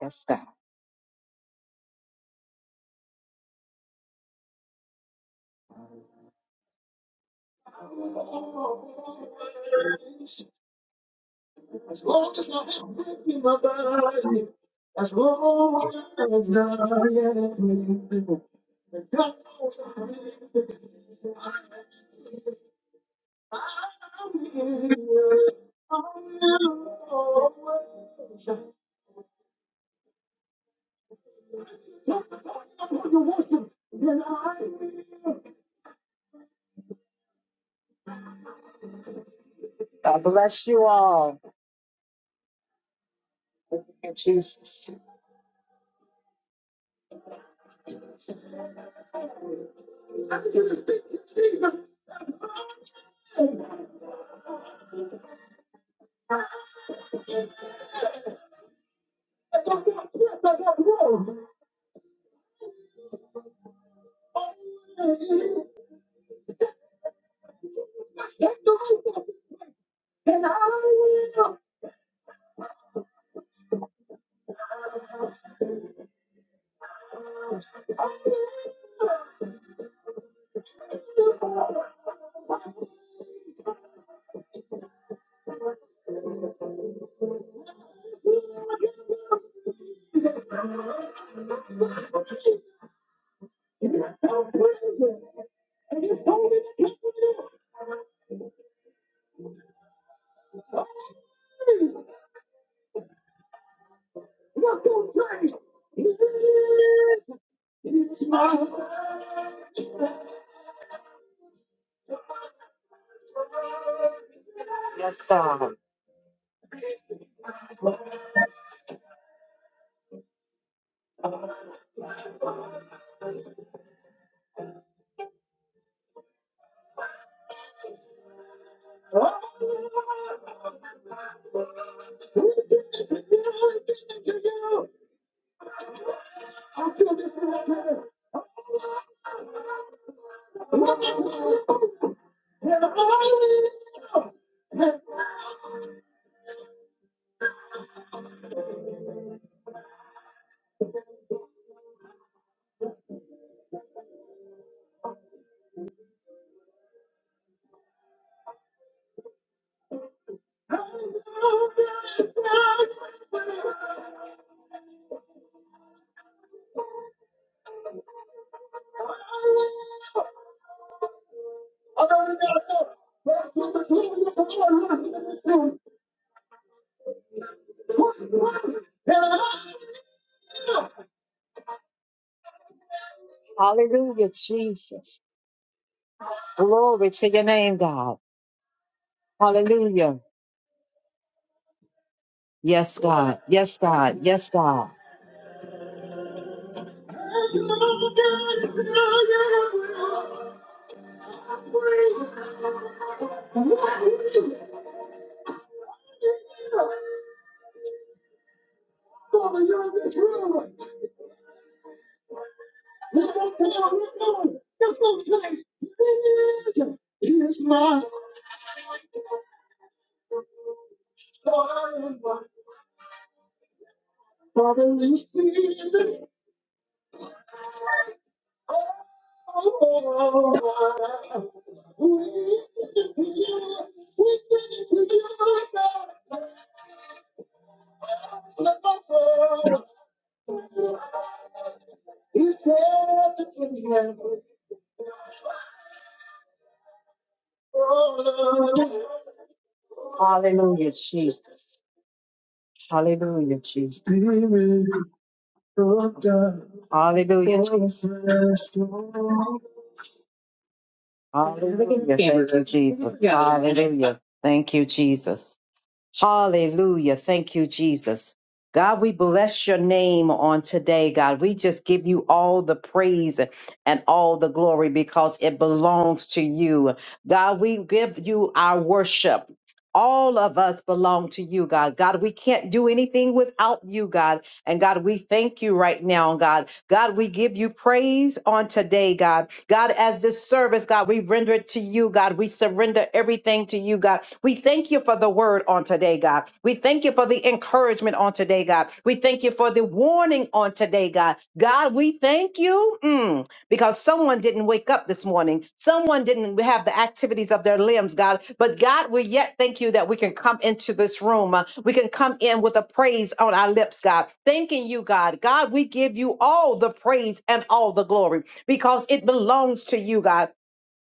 Yes, God. As long as I- as long as God bless you all. Thank you, Jesus. Yes, God. Hallelujah, Jesus. Glory to your name, God. Hallelujah. Yes, God. Yes, God. Yes, God. Hallelujah, Jesus. Hallelujah, Jesus. Hallelujah. Jesus. Hallelujah. Thank you, Jesus. Hallelujah. Thank you, Jesus. Hallelujah. Thank you, Jesus. God, we bless your name on today, God. We just give you all the praise and all the glory because it belongs to you. God, we give you our worship. All of us belong to you, God. God, we can't do anything without you, God. And God, we thank you right now, God. God, we give you praise on today, God. God, as this service, God, we render it to you, God. We surrender everything to you, God. We thank you for the word on today, God. We thank you for the encouragement on today, God. We thank you for the warning on today, God. God, we thank you. mm, because someone didn't wake up this morning. Someone didn't have the activities of their limbs, God. But God, we yet thank you that we can come into this room. Uh, We can come in with a praise on our lips, God. Thanking you, God. God, we give you all the praise and all the glory because it belongs to you, God.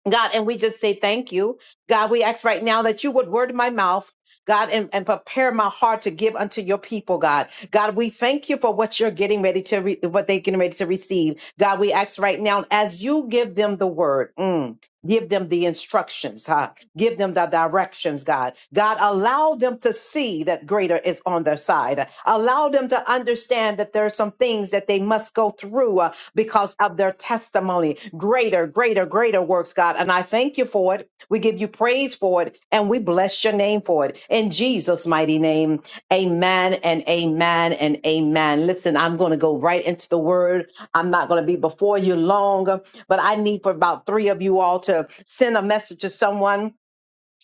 God, and we just say thank you. God, we ask right now that you would word my mouth. God, and, and prepare my heart to give unto your people, God. God, we thank you for what you're getting ready to, re- what they're getting ready to receive. God, we ask right now as you give them the word. mm, Give them the instructions, huh? Give them the directions, God. God, allow them to see that greater is on their side. Allow them to understand that there are some things that they must go through uh, because of their testimony. Greater, greater, greater works, God. And I thank you for for it. We give you praise for it. And we bless your name for it. In Jesus' mighty name, amen and amen and amen. Listen, I'm going to go right into the word. I'm not going to be before you long, but I need for about three of you all to send a message to someone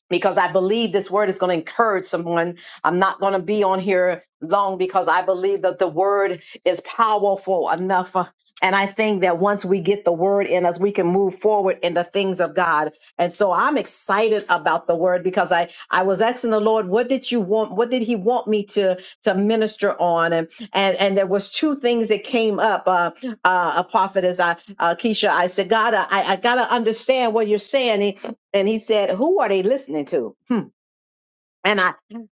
because I believe this word is going to encourage someone. I'm not going to be on here long because I believe that the word is powerful enough. uh, And I think that once we get the word in us, we can move forward in the things of God. And so I'm excited about the word because I, I was asking the Lord, what did you want? What did he want me to, to minister on? And, and, and there was two things that came up, uh, uh, a prophetess, I, uh, Keisha, I said, God, I, I got to understand what you're saying and he said, "Who are they listening to?" Hmm. And I,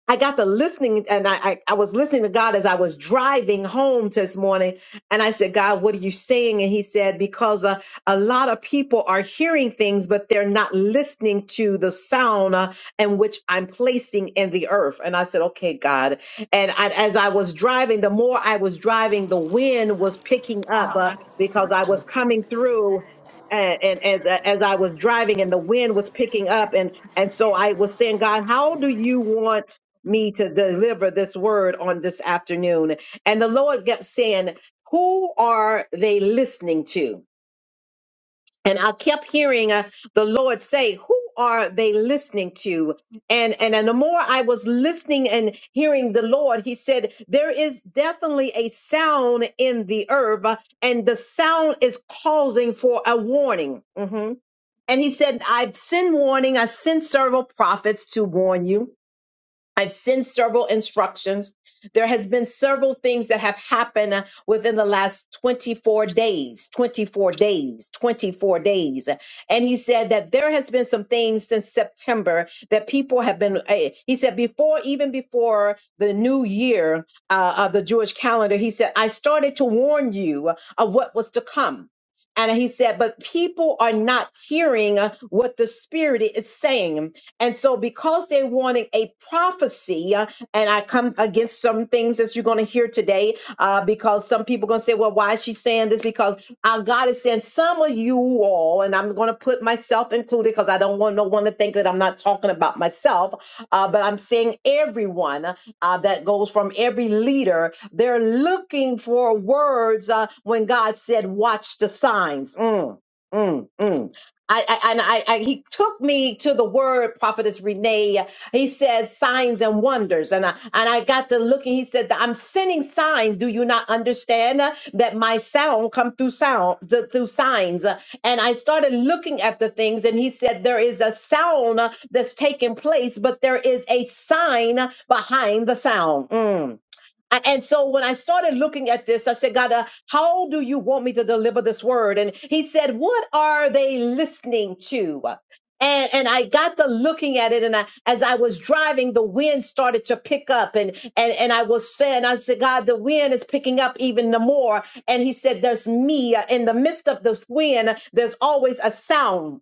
I got the listening, and I, I, I was listening to God as I was driving home this morning, and I said, "God, what are you saying?" And He said, "Because uh, a lot of people are hearing things, but they're not listening to the sound uh, in which I'm placing in the earth." And I said, "Okay, God." And I, as I was driving, the more I was driving, the wind was picking up uh, because I was coming through and, and as as I was driving and the wind was picking up and and so I was saying, God, how do you want me to deliver this word on this afternoon? And the Lord kept saying, who are they listening to? And I kept hearing uh, the Lord say, who are they listening to? And, and and the more I was listening and hearing the Lord, he said, there is definitely a sound in the earth uh, and the sound is causing for a warning. Mm-hmm. And he said, I've sent warning, I sent several prophets to warn you. I've sent several instructions. There has been several things that have happened uh, within the last 24 days, 24 days, 24 days. And he said that there has been some things since September that people have been, eh, he said before, even before the new year uh, of the Jewish calendar, he said, I started to warn you of what was to come. And he said, but people are not hearing uh, what the Spirit is saying. And so, because they're wanting a prophecy, uh, and I come against some things that you're going to hear today, uh, because some people are going to say, well, why is she saying this? Because our God is saying, some of you all, and I'm going to put myself included because I don't want no one to think that I'm not talking about myself, uh, but I'm saying everyone uh, that goes from every leader, they're looking for words uh, when God said, watch the signs. Mm, mm, mm. I, I and I, I he took me to the word prophetess Renee. He said signs and wonders, and I and I got to looking. He said that I'm sending signs. Do you not understand uh, that my sound come through sound th- through signs? Uh, And I started looking at the things, and he said there is a sound uh, that's taking place, but there is a sign behind the sound. Mm. A- And so when I started looking at this, I said, God, uh, how do you want me to deliver this word? And he said, What are they listening to? And, and I got to looking at it, and I, as I was driving, the wind started to pick up, and and and I was saying, I said, God, the wind is picking up even the more. And He said, There's me uh, in the midst of this wind. There's always a sound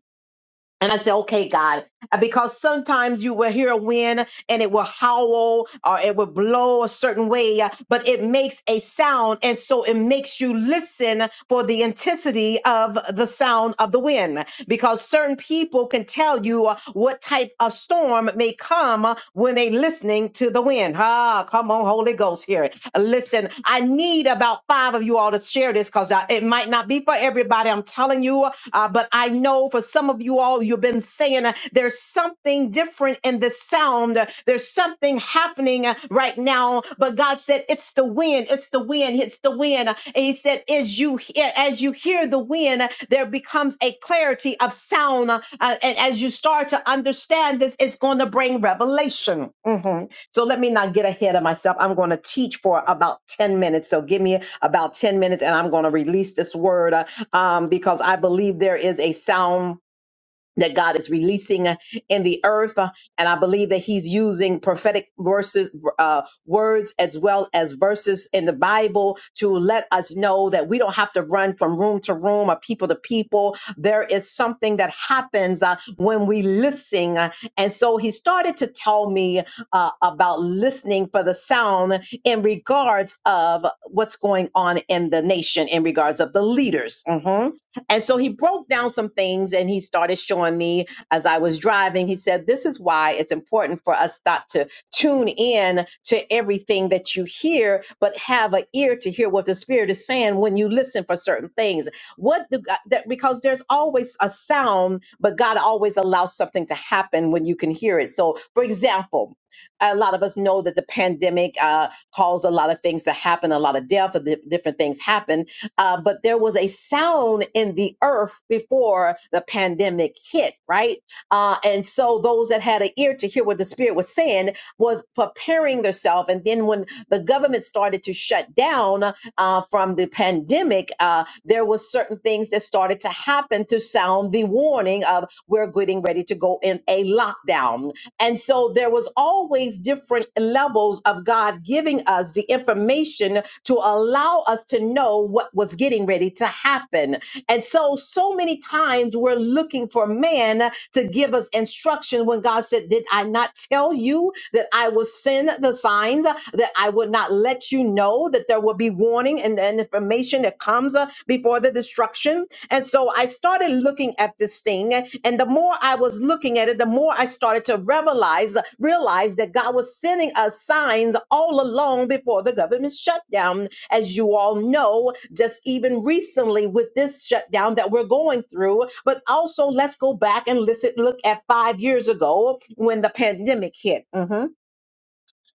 and I said, okay, God, Uh, because sometimes you will hear a wind and it will howl or it will blow a certain way, uh, but it makes a sound. And so it makes you listen for the intensity of the sound of the wind because certain people can tell you uh, what type of storm may come uh, when they listening to the wind. Ah, come on, Holy Ghost here. Listen, I need about five of you all to to share this because it might not be for everybody. I'm telling you, uh, but I know for some of you all, you've been saying uh, there's something different in the sound. Uh, There's something happening uh, right now. But God said, "It's the wind. It's the wind. It's the wind." And He said, "As you hear, as you hear the wind, uh, there becomes a clarity of sound, uh, and as you start to understand this, it's going to bring revelation." Mhm. So let me not get ahead of myself. I'm going to teach for about 10 minutes. So give me about 10 minutes and I'm going to release this word uh, um, because I believe there is a sound that God is releasing uh, in the earth. Uh, And I believe that He's using prophetic verses, uh, words as well as verses in the Bible to let us know that we don't have to run from room to room or people to people. There is something that happens uh, when we listen. Uh, And so He started to tell me uh, about listening for the sound in regards of what's going on in the nation, in regards of the leaders. Mhm. And so he broke down some things and he started showing me as I was driving. He said, This is why it's important for us not to tune in to everything that you hear, but have an ear to hear what the Spirit is saying when you listen for certain things. What do God, that, because there's always a sound, but God always allows something to happen when you can hear it. So, for example, a lot of us know that the pandemic uh, caused a lot of things to happen, a lot of death, or di- different things happen uh, but there was a sound in the earth before the pandemic hit, right? Uh, and so those that had an ear to hear what the Spirit was saying was preparing themselves. And then when the government started to shut down, uh, from the pandemic, uh, there was certain things that started to happen to sound the warning of we're getting ready to go in a lockdown. And so there was always different levels of God giving us the information to allow us to know what was getting ready to happen. And so, so many times we're looking for man to give us was instruction when God said, Did I not tell you that I will send the signs, uh, that I would not let you know that there will be warning and, and information that comes uh, before the destruction? And so I started looking at this thing, and and the more I was looking at it, the more I started to realize, realize that God was sending us signs all along before the government shutdown as you all know, just even recently with this shutdown that we're going through. But also, let's go back and listen, look at five years ago when the pandemic hit. Mhm.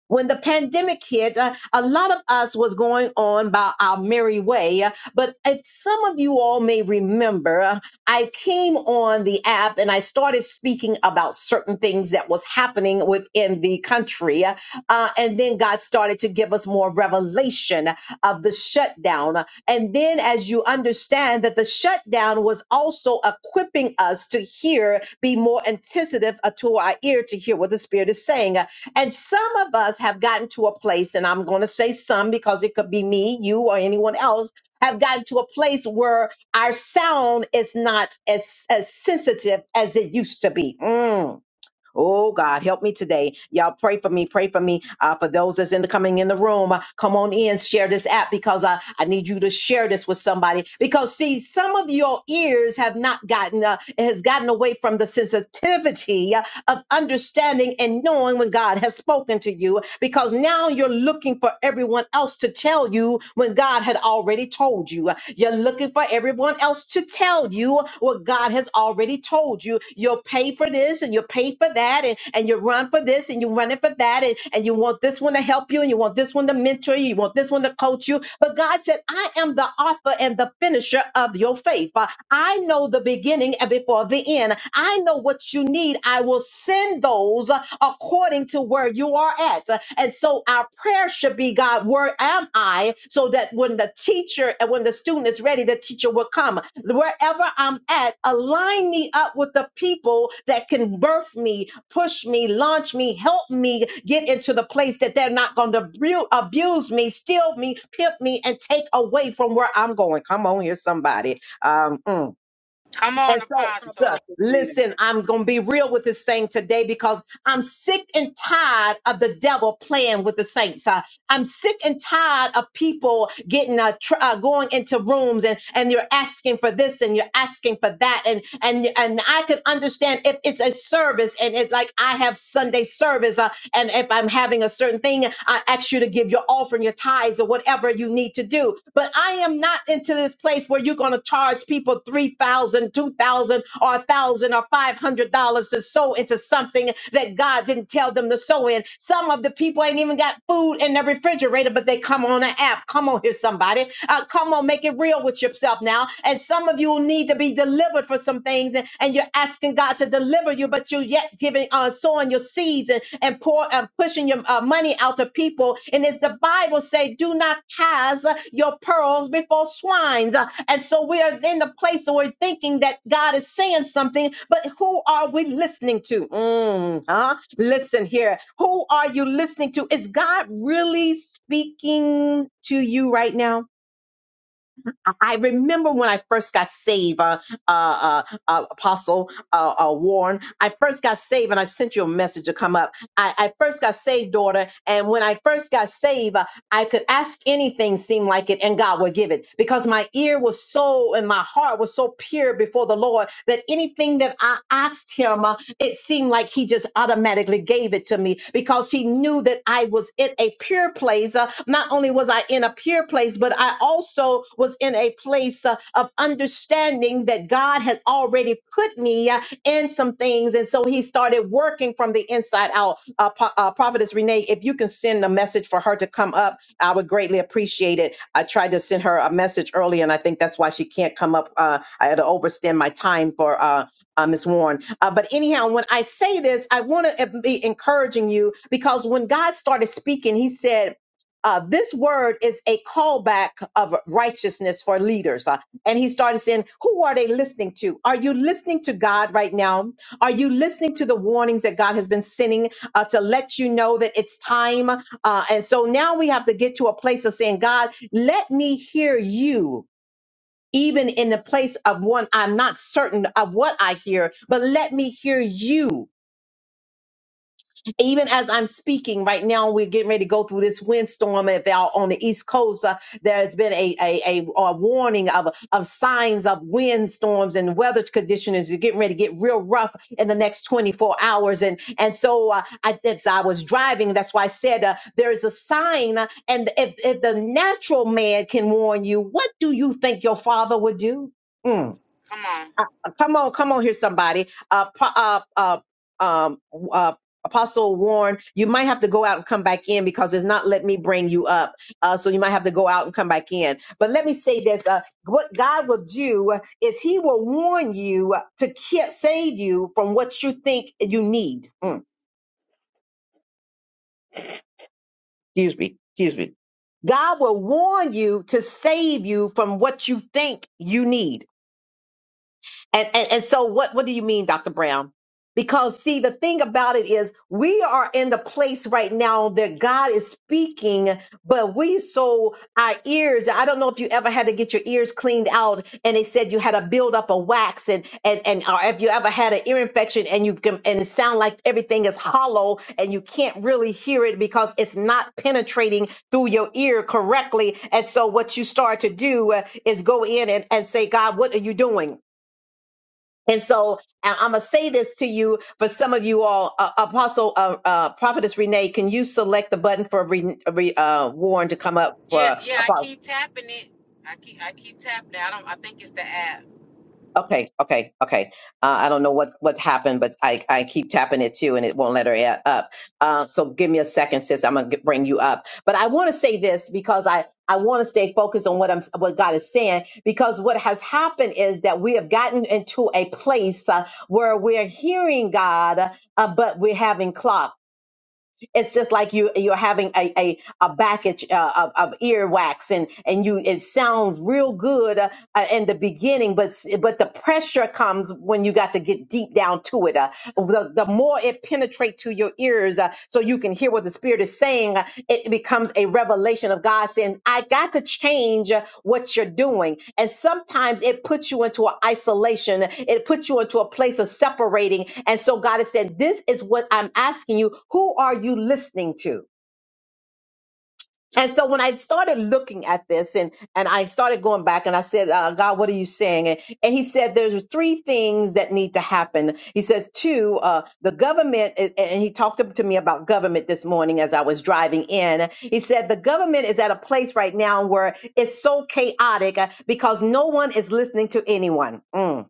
When the pandemic hit, uh, a lot of us was going on by our merry way. But if some of you all may remember, uh, I came on the app and I started speaking about certain things that was happening within the country. Uh, and then God started to give us more revelation revelation of the shutdown. And then, as you understand that the shutdown was also equipping us to hear, be more attentive uh, to our ear to hear what the Spirit is saying. And some of us have gotten to a place, and I'm going to say some because it could be me, you, or anyone else. Have gotten to a place where our sound is not as, as sensitive as it used to be. Mm. Oh God, help me today. Y'all pray for me. Pray for me. Uh, for those that's in the coming in the room, uh, come on in, share this app because I, I need you to share this with somebody. Because see, some of your ears have not gotten uh, it has gotten away from the sensitivity of understanding and knowing when God has spoken to you because now you're looking for everyone else to tell you when God had already told you. You're looking for everyone else to tell you what God has already told you. You'll pay for this and you'll pay for that and, and you run for this and you run it for that and, and you want this one to help you and you want this one to mentor you, you want this one to coach you. But God said, I am the author and the finisher of your faith. Uh, I know the beginning and before before the end. I know what you need. I will send those uh, according to where you are at. And so our prayer should be, God, where am I? So that when the teacher and when the student is ready, the teacher will come. Wherever I'm at, align me up with the people that can birth me, push me, launch me, help me get into the place that they're not going to abu- abuse me, steal me, pimp me, and take away from where I'm going. Come on here, somebody. Um, mm. Come on, And so, on a so, Apostle. pocket, Trina. listen, I'm going to be real with this thing today because I'm sick and tired of the devil playing with the saints. Uh, I'm sick and tired of people getting uh, tr- uh, going into rooms and and you're asking for this and you're asking for that and and and I can understand if it's a service and it's like I have Sunday service uh, and if I'm having a certain thing, I ask you to give your offering, your tithes, or whatever you need to do. But I am not into this place where you're going to charge people people 3000 2000 or 1000 or 500 dollars to sow into something that god didn't tell them to sow in some of the people ain't even got food in their refrigerator but they come on an app come on here somebody uh, come on make it real with yourself now and some of you need to be delivered for some things and, and you're asking god to deliver you but you're yet giving uh, sowing your seeds seeds and, and pour and pushing your uh, money out to people. And as the Bible say, do not cast uh, your pearls before swines. Uh, And so we are in the place where we're thinking that God is saying something, but who are we listening to? Mm, huh? Listen here. Who are you listening to? Is God really speaking to you right now? I remember when I first got saved, uh, uh, uh, uh, Apostle uh, uh, Warren. I first got saved, and I sent you a message to come up. I, I first got saved, daughter, and when I first got saved, uh, I could ask anything, seemed like it, and God would give it because my ear was so and my heart was so pure before the Lord that anything that I asked Him, uh, it seemed like He just automatically gave it to me because He knew that I was in a pure place. Uh, not only was I in a pure place, but but I also was in a place uh, of understanding that God had already put me uh, in some things. And so he started working from the inside out. Uh, Pro- uh, Prophetess Renee, if you can send a message for her to come up, I would greatly appreciate it. I tried to send her a message earlier, and I think that's why she can't come up. Uh, I had to overstand my time for uh, uh, Ms. Warren. Uh, but anyhow, when I say this, I want to be encouraging you because when God started speaking, He said, uh, this word is a callback of righteousness for leaders. Uh, and he started saying, Who are they listening to? Are you listening to God right now? Are you listening to the warnings that God has been sending uh, to let you know that it's time? Uh, and so now we have to get to a place of saying, God, let me hear you. Even in the place of one, I'm not certain of what I hear, but let me hear you even as I'm speaking right now, we're getting ready to go through this windstorm. If out on the East Coast, uh, there's been a, a, a, a warning of, of signs of windstorms and weather conditions are getting ready to get real rough in the next 24 hours. And and so uh, I, as I was driving, that's why I said uh, there is a sign. uh, and if, if the natural man can warn you, what do you think your father would do? Mm. Come on. Come on, come on here, somebody. Uh, pro- uh, uh, um, uh, Apostle Warren, you might have to go out and come back in because it's not letting me bring you up. Uh, so you might have to go out and come back in. But let me say this: uh, what God will do is He will warn you to ki- save you from what you think you need. Mm, excuse me, excuse me. God will warn you to save you from what you think you need. And, and and so what what do you mean, Dr. Brown? Because see, the thing about it is we are in the place right now that God is speaking, but we so our ears, I don't know if you ever had to get your ears cleaned out and they said you had to build up a wax and and and or if you ever had an ear infection and you can and it sound like everything is hollow and you can't really hear it because it's not penetrating through your ear correctly. And so what you start to do uh, is go in and, and say, God, what are you doing? And so I'm going to say this to you for some of you all, uh, Apostle uh, uh, Prophetess Renee, can you select the button for re, re, uh, Warren to come up Yeah, for yeah. I Apostle? keep tapping it. I keep I keep tapping it. I don't. I think it's the app. Okay, okay, okay. Uh, I don't know what what happened, but I I keep tapping it too, and it won't let her a- up. Uh, so give me a second, sis. I'm gonna get, bring you up. But I want to say this because I I want to stay focused on what I'm what God is saying because what has happened is that we have gotten into a place uh, where we're hearing God, uh, but we're having clogs it's just like you you're having a a, a package uh, of, of earwax and and you it sounds real good uh, uh, in the beginning but s- but the pressure comes when you got to get deep down to it uh, the, the more it penetrates to your ears uh, so you can hear what the spirit is saying uh, it becomes a revelation of god saying i got to change uh, what you're doing. And sometimes it puts you into an isolation, it puts you into a place of separating. And so God is saying, This is what I'm asking you. Who are you listening to? And so when I started looking at this and and I started going back and I said, uh, God, what are you saying? And, and he said, there's three things that need to happen. He says, two, uh, the government, is, and he talked to me about government this morning as I was driving in. He said, the government is at a place right now where it's so chaotic uh, because no one is listening to anyone. Mm.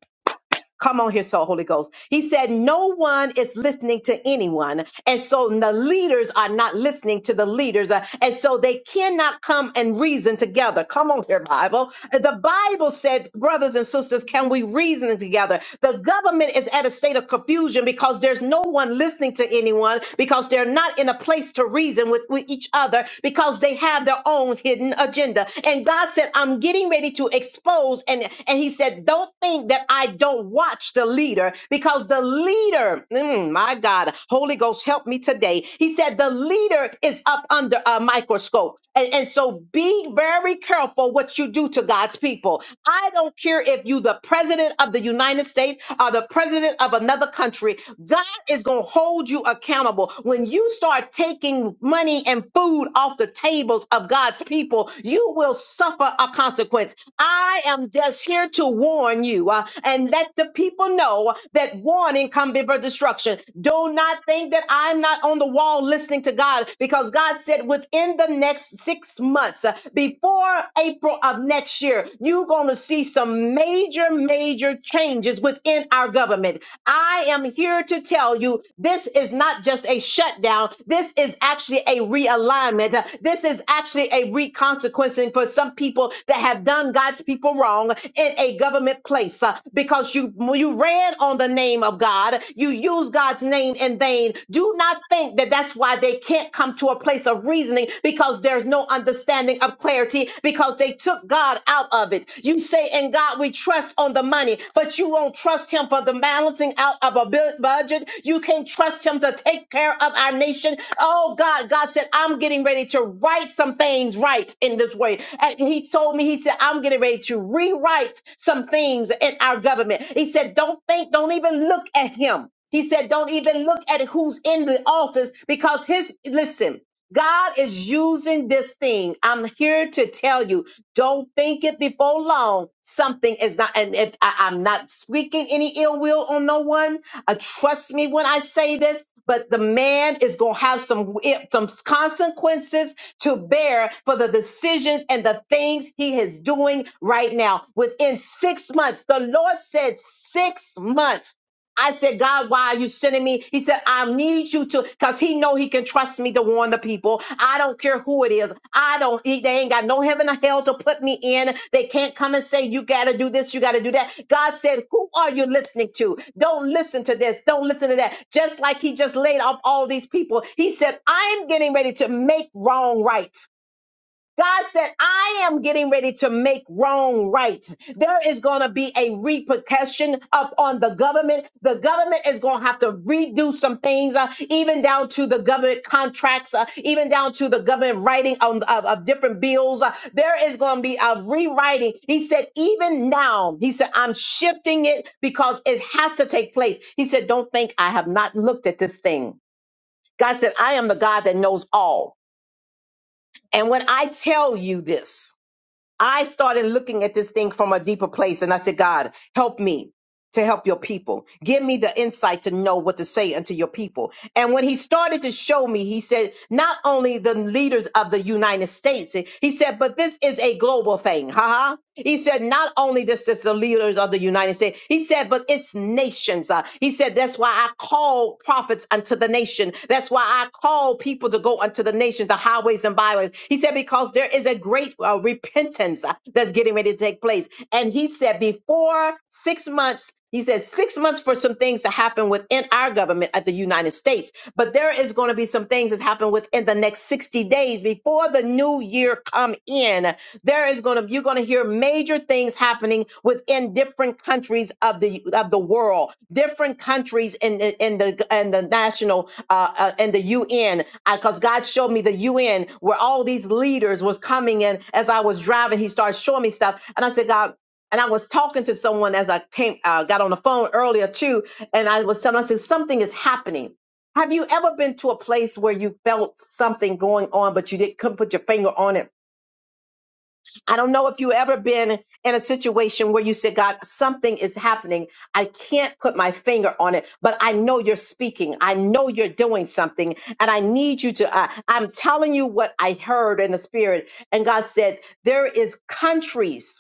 Come on here, so Holy Ghost. He said, No one is listening to anyone. And so the leaders are not listening to the leaders. uh, And so they cannot come and reason together. Come on here, Bible. The Bible said, Brothers and sisters, can we reason together? The government is at a state of confusion because there's no one listening to anyone, because they're not in a place to reason with, with each other, because they have their own hidden agenda. And God God said, I'm getting ready to expose. And, and he said, Don't think that I don't watch the leader because the leader, mm, my God, Holy Ghost, help me today. He said, The leader is up under a microscope. And, and so be very careful what you do to God's people. I don't care if you the president of the United States or the president of another country. God is going to hold you accountable. When you start taking money and food off the tables of God's people, you will suffer a consequence. I am just here to warn you uh, and let the people know that warning come before destruction. Do not think that I'm not on the wall listening to God because God said within the next six months, uh, before April of next year, you're going to see some major, major changes within our government government. I am here to tell you this is not just a shutdown. This is actually a realignment. Uh, This is actually a reconsequencing for some people that have done God's people wrong in a government place uh, because you you ran on the name of God. You use God's name in vain. Do not think that that's why they can't come to a place of reasoning because there's no understanding of clarity because they took God God out of it. You say, "In God, we trust on the money, but you won't trust Him for the balancing out of a bu- budget. You can't trust Him to take care of our nation. Oh, God, God said, I'm getting ready to write some things right in this way. And He told me, He said, I'm getting ready to rewrite some things in our government. He said, Don't think, don't even look at Him. He said, Don't even look at who's in the office because His, listen, God is using this thing. I'm here to tell you, don't think it before long. Something is not, and if I, I'm not speaking any ill will on no one, uh, trust me when I say this. But the man is going to have some eh, some consequences to bear for the decisions and the things he is doing right now. Within six months, the Lord said six months. I said, God, why are you sending me? He said, I need you to, because he know he can trust me to warn the people. I don't care who it is. I don't, he- they ain't got no heaven or hell to put me in. They can't come and say, you got to do this, you got to do that. God said, who are you listening to? Don't listen to this. Don't listen to that. Just like he just laid off all these people. He said, I'm getting ready to make wrong right. God said, I am getting ready to make wrong right. There is going to be a repercussion up on the government. The government is going to have to redo some things, uh, even down to the government contracts, uh, even down to the government writing on, of, of different bills. Uh, there is going to be a rewriting. He said, even now, he said, I'm shifting it because it has to take place. He said, don't think I have not looked at this thing. God said, I am the God that knows all. And when I tell you this, I started looking at this thing from a deeper place and I said, God, help me to help your people. Give me the insight to know what to say unto your people. And when he started to show me, he said, not only the leaders of the United States, he said, but this is a global thing. Haha. He said, not only this is the leaders of the United States, he said, but it's nations. Uh, he said, that's why I call prophets unto the nation. That's why I call people to go unto the nations, the highways and byways. He said, because there is a great uh, repentance uh, that's getting ready to take place. And he said, before six months, he said six months for some things to happen within our government at the United States, but there is going to be some things that happen within the next 60 days before the new year come in. There is going to you're going to hear major things happening within different countries of the of the world, different countries in the in the in the national uh, uh in the UN. Because God showed me the UN where all these leaders was coming in as I was driving. He started showing me stuff, and I said, God. And I was talking to someone as I came, uh, got on the phone earlier too, and I was telling, them, I said, something is happening. Have you ever been to a place where you felt something going on, but you didn't couldn't put your finger on it? I don't know if you ever been in a situation where you said, God, something is happening. I can't put my finger on it, but I know you're speaking. I know you're doing something, and I need you to. Uh, I'm telling you what I heard in the spirit, and God said, there is countries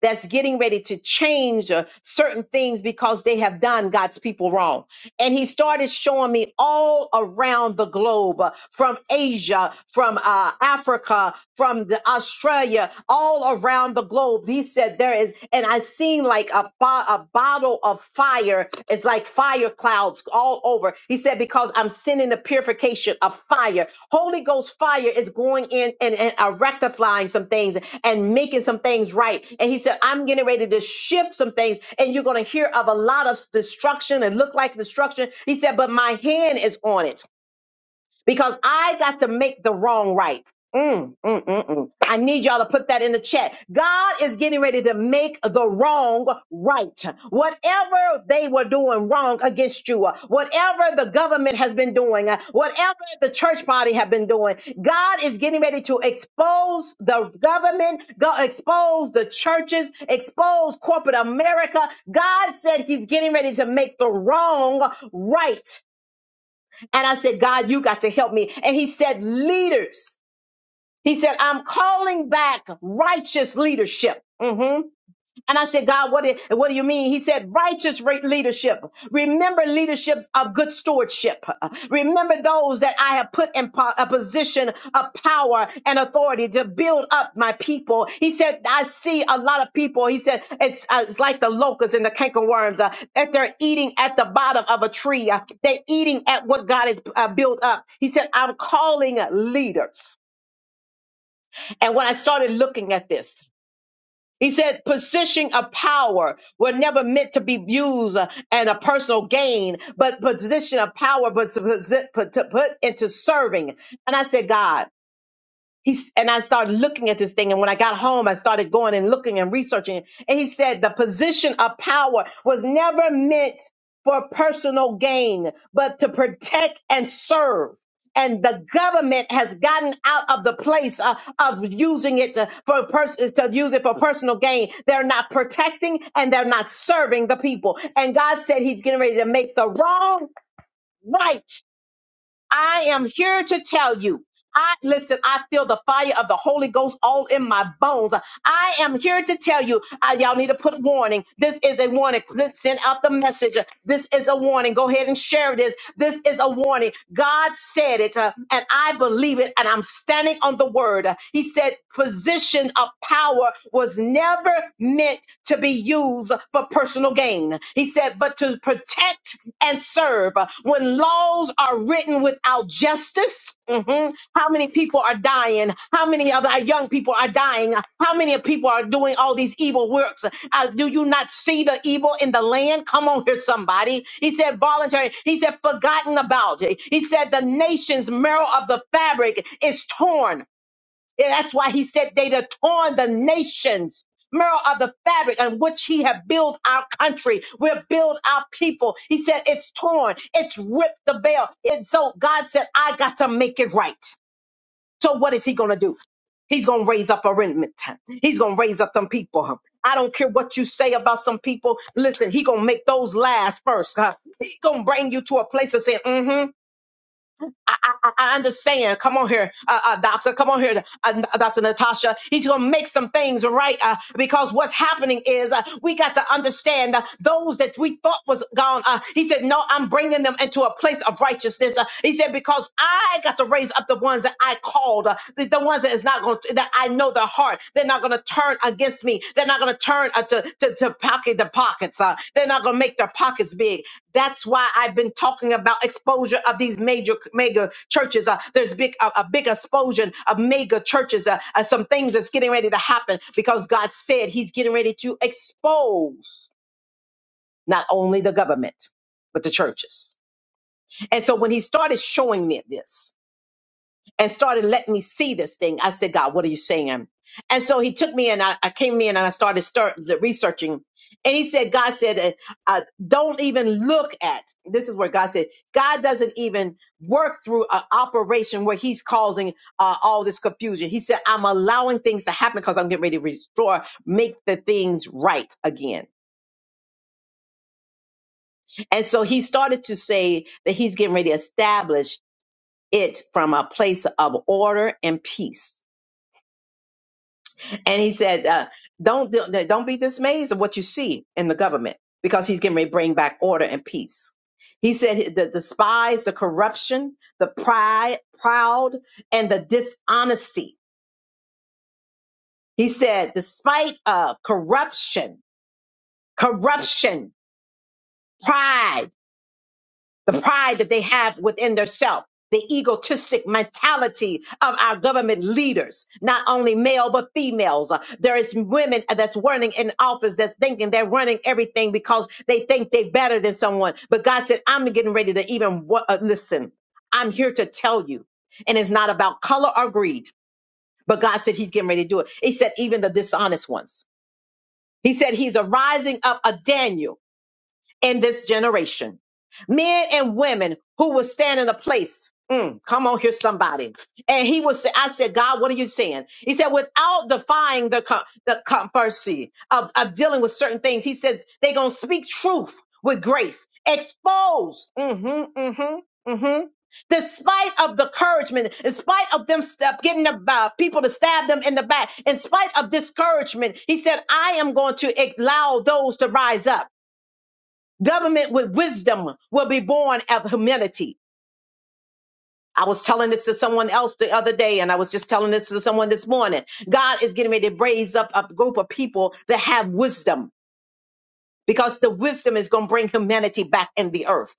that's getting ready to change uh, certain things because they have done God's people wrong. And he started showing me all around the globe uh, from Asia, from uh, Africa, from the Australia, all around the globe. He said there is, and I seen like a, bo- a bottle of fire fire is like fire clouds all over. He said, Because I'm sending the purification of fire. Holy Ghost fire is going in and, and uh, rectifying some things and making some things right. And he said, I'm getting ready to shift some things, and you're going to hear of a lot of destruction and look like destruction. He said, But my hand is on it because I got to make the wrong right. Mm, mm, mm, mm. I need y'all to put that in the chat. God is getting ready to make the wrong right. Whatever they were doing wrong against you, uh, whatever the government has been doing, uh, whatever the church party have been doing, God is getting ready to expose the government, go expose the churches, expose corporate America. God said he's getting ready to make the wrong right. And I said, God, you got to help me. And he said, leaders. He said, I'm calling back righteous leadership. Mhm. And I said, God, what, it, what do you mean? He said, righteous re- leadership. Remember leaderships of good stewardship. Remember those that I have put in po- a position of power and authority to build up my people. He said, I see a lot of people. He said, it's, uh, it's like the locusts and the cankerworms uh, that they're eating at the bottom of a tree. Uh, they're eating at what God has uh, built up. He said, I'm calling leaders. And when I started looking at this, he said, position of power were never meant to be used uh, and a personal gain, but position of power was put, to put into serving. And I said, God, He's, and I started looking at this thing. And when I got home, I started going and looking and researching. it. And he said the position of power was never meant for personal gain, but to protect and serve. And the government has gotten out of the place uh, of using it to, for pers- to use it for personal gain. They're not protecting and they're not serving the people. And God said He's getting ready to make the wrong right I am here to tell you. I listen, I feel the fire of the Holy Ghost all in my bones. I am here to tell you, uh, y'all need to put warning. This is a warning. Send out the message. This is a warning. Go ahead and share this. This is a warning. God said it, uh, and I believe it, and I'm standing on the word. He said, position of power was never meant to be used for personal gain. He said, but to protect and serve. When laws are written without justice, mhm, how many people are dying? How many of our young people are dying? How many people are doing all these evil works? Uh, do you not see the evil in the land? Come on here, somebody. He said, voluntary. He said, forgotten about it. He said, the nation's marrow of the fabric is torn and That's why he said they'd have torn the nations. Mirror of the fabric on which he had built our country, we'll build our people. He said it's torn, it's ripped the veil. And so God said, I got to make it right. So what is he gonna do? He's gonna raise up a remnant. He's gonna raise up some people. I don't care what you say about some people. Listen, he gonna make those last first. huh? He gonna bring you to a place of saying, mm-hmm. I, I, I understand. Come on here, uh, uh, doctor. Come on here, uh, Dr. Natasha. He's going to make some things right uh, because what's happening is uh, we got to understand uh, those that we thought was gone. Uh, he said, No, I'm bringing them into a place of righteousness. Uh, he said, Because I got to raise up the ones that I called, uh, the, the ones that is not going to, that I know their heart. They're not going to turn against me. They're not going to turn uh, to, to, to pocket the pockets. Uh, they're not going to make their pockets big. That's why I've been talking about exposure of these major mega churches. Uh, there's big a, a big explosion of mega churches. Uh, uh, some things that's getting ready to happen because God said He's getting ready to expose not only the government but the churches. And so when He started showing me this, and started letting me see this thing. I said, God, what are you saying? And so he took me and I, I came in and I started start the researching. And he said, God said, uh, uh, don't even look at. This is where God said, God doesn't even work through an operation where He's causing uh, all this confusion. He said, I'm allowing things to happen because I'm getting ready to restore, make the things right again. And so He started to say that He's getting ready to establish it from a place of order and peace. And he said, uh, "Don't don't be dismayed of what you see in the government, because he's getting ready to bring back order and peace." He said, "The the spies, the corruption, the pride, proud, and the dishonesty." He said, "Despite of corruption, corruption, pride." the pride that they have within their self, the egotistic mentality of our government leaders, not only male but females. Uh, There is women that's running in office that's thinking they're running everything because they think they're better than someone. But God said, I'm getting ready to even wa- uh, listen. I'm here to tell you, and it's not about color or greed. But God said He's getting ready to do it. He said even the dishonest ones. He said He's a rising up a Daniel in this generation. Men and women who will stand in a place. Mm, come on here, somebody. And he was, I said, God, what are you saying? He said, without defying the, con- the controversy of, of dealing with certain things, he said they're going to speak truth with grace, expose. Mm-hmm, mm-hmm, mm-hmm. Despite of the encouragement, in spite of them step, getting the uh, people to stab them in the back, in spite of discouragement, he said, I am going to allow those to rise up. Government with wisdom will be born of humility. I was telling this to someone else the other day, and I was just telling this to someone this morning. God is getting ready to raise up a group of people that have wisdom because the wisdom is going to bring humanity back in the earth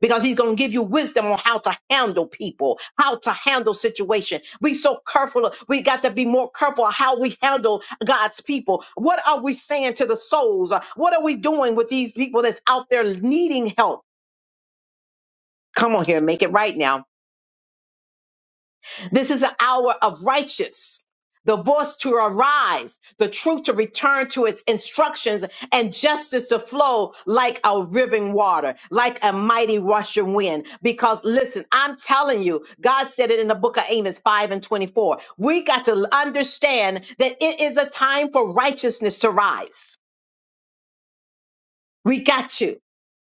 because he's going to give you wisdom on how to handle people, how to handle situation. We so careful. We got to be more careful how we handle God's people. What are we saying to the souls? What are we doing with these people that's out there needing help? Come on here, make it right now. This is an hour of righteous. The voice to arise, the truth to return to its instructions, and justice to flow like a riving water, like a mighty rushing wind. Because listen, I'm telling you, God said it in the book of Amos 5 and 24. We got to understand that it is a time for righteousness to rise. We got you.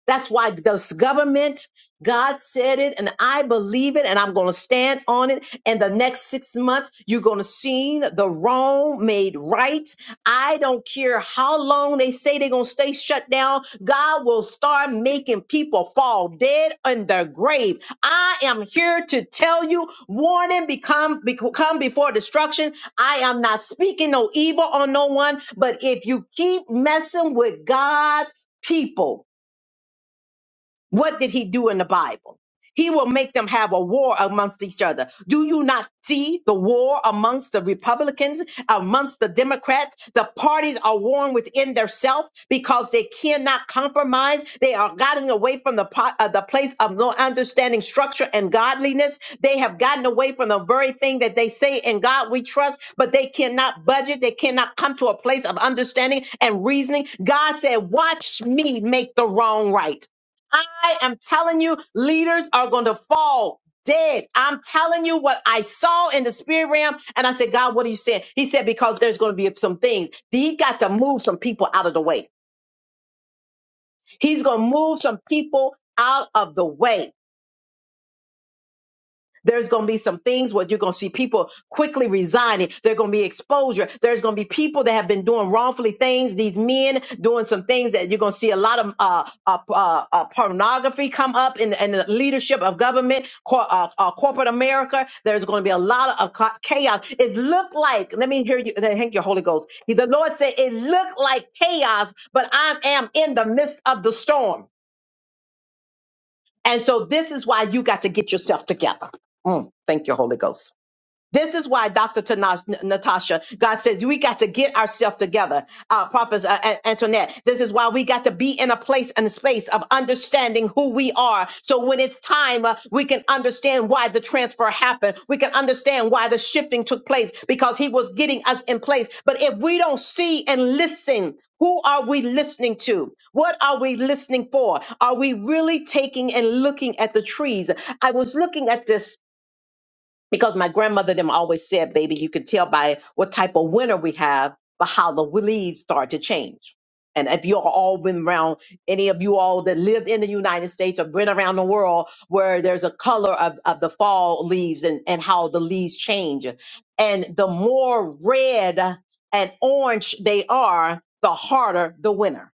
That's why this government, God said it, and I believe it, and I'm going to stand on it. And the next six months, you're going to see the wrong made right. I don't care how long they say they're going to stay shut down. God will start making people fall dead in their grave. I am here to tell you, warning become bec- come before destruction. I am not speaking no evil on no one, but if you keep messing with God's people what did he do in the Bible? He will make them have a war amongst each other. Do you not see the war amongst the Republicans, amongst the Democrats? The parties are warring within themselves because they cannot compromise. They are gotten away from the, po- uh, the place of no understanding structure and godliness. They have gotten away from the very thing that they say in God we trust, but they cannot budget. They cannot come to a place of understanding and reasoning. God said, Watch me make the wrong right. I am telling you, leaders are going to fall dead. I'm telling you what I saw in the spirit realm. And I said, God, what are you saying? He said, because there's going to be some things. He got to move some people out of the way. He's going to move some people out of the way. There's going to be some things where you're going to see people quickly resigning. There's going to be exposure. There's going to be people that have been doing wrongfully things. These men doing some things that you're going to see a lot of uh, uh, uh, uh, pornography come up in, in the leadership of government, cor- uh, uh, corporate America. There's going to be a lot of ca- chaos. It looked like, let me hear you, thank you, Holy Ghost. The Lord said, it looked like chaos, but I am in the midst of the storm. And so this is why you got to get yourself together. Mm, thank you, Holy Ghost. This is why Dr. Tanash, N- Natasha, God said, we got to get ourselves together. Uh, Prophet uh, An- Antoinette, this is why we got to be in a place and a space of understanding who we are. So when it's time, uh, we can understand why the transfer happened. We can understand why the shifting took place because he was getting us in place. But if we don't see and listen, who are we listening to? What are we listening for? Are we really taking and looking at the trees? I was looking at this because my grandmother them always said, baby, you can tell by what type of winter we have, but how the leaves start to change. And if you all been around, any of you all that lived in the United States or been around the world where there's a color of, of the fall leaves and, and how the leaves change. And the more red and orange they are, the harder the winter.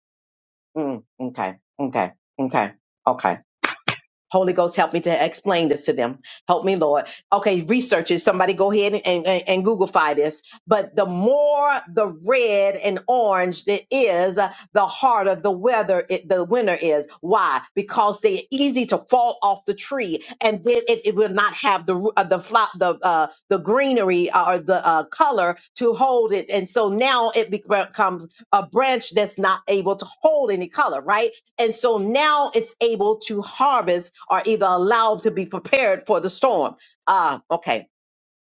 Mm, okay, okay, okay, okay. Holy Ghost, help me to explain this to them. Help me, Lord. Okay, research it. Somebody go ahead and, and, and Googlefy this. But the more the red and orange it is, uh, the harder the weather it, the winter is. Why? Because they're easy to fall off the tree, and then it, it will not have the ru- uh, the flop the uh, the greenery uh, or the uh, color to hold it. And so now it becomes a branch that's not able to hold any color, right? And so now it's able to harvest or either allowed to be prepared for the storm. Ah, okay.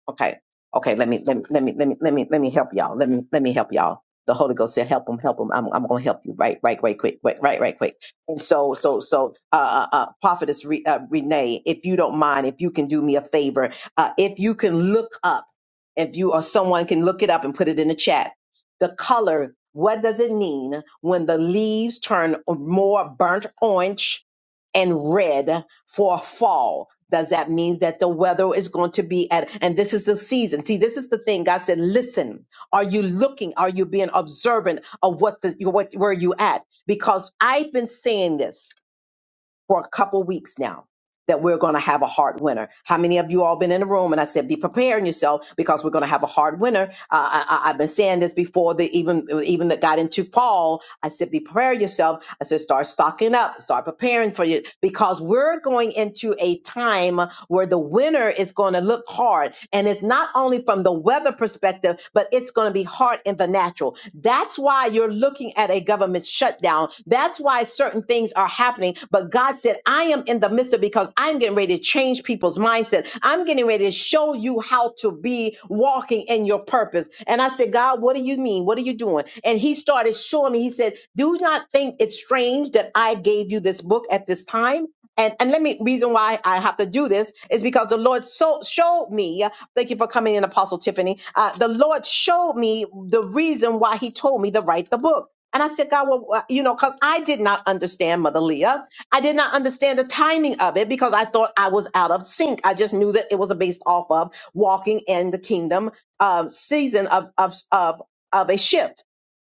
Okay. Okay. Let me let me let me let me let me let me help y'all. Let me let me help y'all. The Holy Ghost said, "Help them, help them." I'm I'm gonna help you. Right, right, right, quick, right, right, right, quick. And so so so uh uh, uh prophetess Re, uh, Renee, if you don't mind, if you can do me a favor, uh, if you can look up, if you or someone can look it up and put it in the chat. The color. What does it mean when the leaves turn more burnt orange and red? for a fall. Does that mean that the weather is going to be at, and this is the season? See, this is the thing. God said, listen, are you looking? Are you being observant of what the, what, where you at? Because I've been saying this for a couple weeks now that we're going to have a hard winter. How many of you all been in the room? And I said, be preparing yourself because we're going to have a hard winter. Uh, I, I- I've been saying this before the even even that got into fall. I said, be prepare yourself. I said, start stocking up, start preparing for you because we're going into a time where the winter is going to look hard. And it's not only from the weather perspective, but it's going to be hard in the natural. That's why you're looking at a government shutdown. That's why certain things are happening. But God said, I am in the midst of because I'm getting ready to change people's mindset. I'm getting ready to show you how to be walking in your purpose. And I said, God, what do you mean? What are you doing? And he started showing me, he said, Do not think it's strange that I gave you this book at this time and and let me reason why I have to do this is because the Lord so showed me. Thank you for coming in, Apostle Tiffany. Uh, the Lord showed me the reason why He told me to write the book. And I said, God, well, uh, you know, because I did not understand Mother Leah. I did not understand the timing of it because I thought I was out of sync. I just knew that it was based off of walking in the kingdom uh, season of, of, of, of a shift.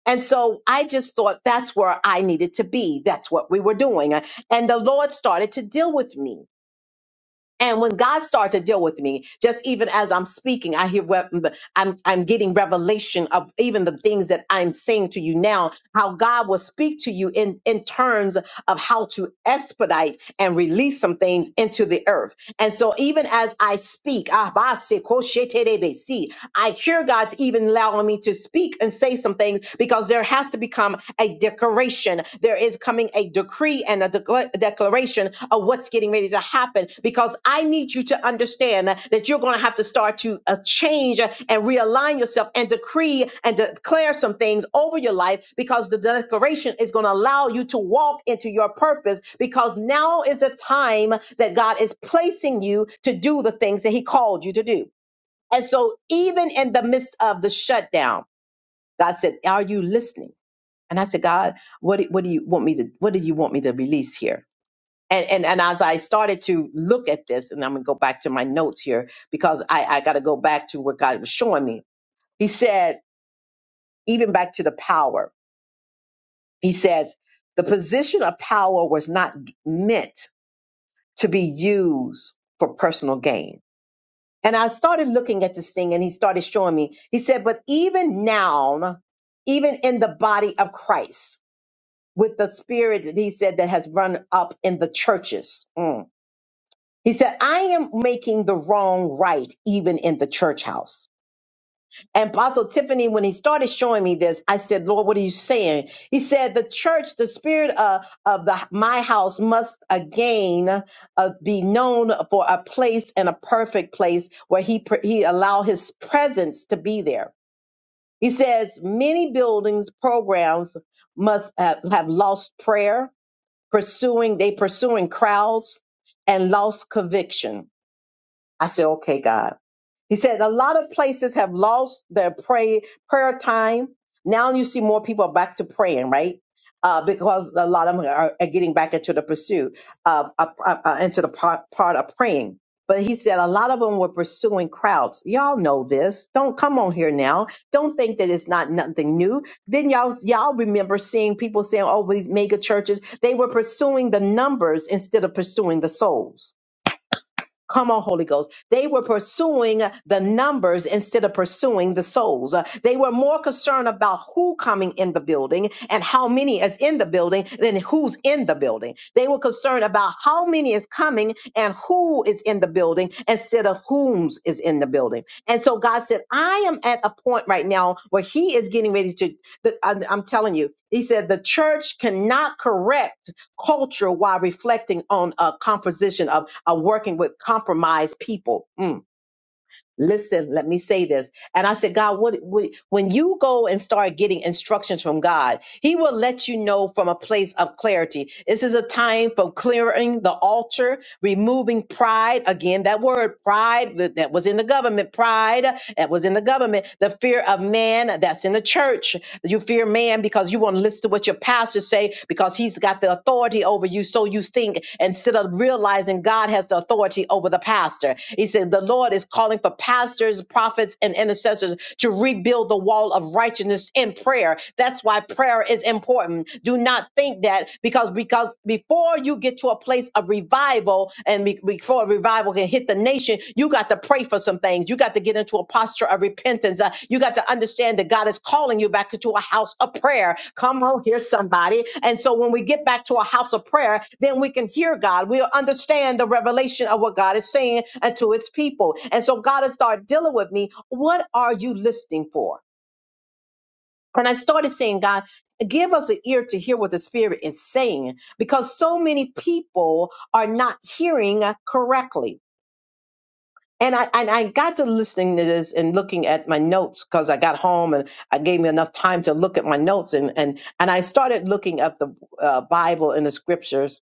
And so I just thought that's where I needed to be. That's what we were doing. And the Lord started to deal with me. And when God started to deal with me, just even as I'm speaking, I hear what- I'm I'm getting revelation of even the things that I'm saying to you now, how God will speak to you in in terms of how to expedite and release some things into the earth. And so even as I speak, ah, ba, se, ko, she, te, de, be, si, I hear God's even allowing me to speak and say some things because there has to become a a declaration. There is coming a decree and a decla- declaration of what's getting ready to happen because I need you to understand that that you're going to have to start to uh, change uh, and realign yourself and decree and declare some things over your life because the declaration is going to allow you to walk into your purpose because now is a time that God is placing you to do the things that He called you to do. And so, even in the midst of the shutdown, God said, Are you listening? And I said, God, what, do- what do you want me to, what do you want me to release here? And, and, and as I started to look at this, and I'm going to go back to my notes here because I, I got to go back to what God was showing me. He said, even back to the power, he says, the position of power was not meant to be used for personal gain. And I started looking at this thing and he started showing me, he said, but even now, even in the body of Christ, with the spirit that he said that has run up in the churches. Mm. He said, I am making the wrong right, even in the church house. And Apostle Tiffany, when he started showing me this, I said, Lord, what are you saying? He said, The church, the spirit of, of the, my house must again uh, be known for a place and a perfect place where he, pr- he allow his presence to be there. He says, Many buildings, programs must have have lost prayer pursuing they pursuing crowds and lost conviction I said, okay, God. He said, a lot of places have lost their pray, prayer time. Now you see more people are back to praying, right? Uh, because a lot of them are, are getting back into the pursuit, of, uh, uh, uh, into the part, part of praying. But he said a lot of them were pursuing crowds. Y'all know this. Don't come on here now. Don't think that it's not nothing new. Then y'all y'all remember seeing people saying, "Oh, these mega churches." They were pursuing the numbers instead of pursuing the souls. Come on, Holy Ghost. They were pursuing the numbers instead of pursuing the souls. Uh, They were more concerned about who coming in the building and how many is in the building than who's in the building. They were concerned about how many is coming and who is in the building instead of whom's is in the building. And so God said, I am at a point right now where He is getting ready to, the- I'm I'm telling you, He said, the church cannot correct culture while reflecting on a composition of, of working with compromised people. Mm. Listen, let me say this. And I said, God, what, what, when you go and start getting instructions from God, he will let you know from a place of clarity. This is a time for clearing the altar, removing pride. Again, that word pride that that was in the government, pride that was in the government, the fear of man that's in the church. You fear man because you want to listen to what your pastor say because he's got the authority over you. So you think instead of realizing God has the authority over the pastor. He said the Lord is calling for pastors, prophets, and intercessors to rebuild the wall of righteousness in prayer. That's why prayer is important. Do not think that because because before you get to a place of revival and be- before revival can hit the nation, you got to pray for some things. You got to get into a posture of repentance. Uh, you got to understand that God is calling you back into a house of prayer. Come on here, somebody. And so when we get back to a house of prayer, then we can hear God. We'll understand the revelation of what God is saying uh, to his people. And so God has started dealing with me. What are you listening for? And I started saying, God, give us an ear to hear what the Spirit is saying, because so many people are not hearing correctly. And I and I got to listening to this and looking at my notes because I got home and I gave me enough time to look at my notes and and and I started looking up the uh, Bible and the scriptures,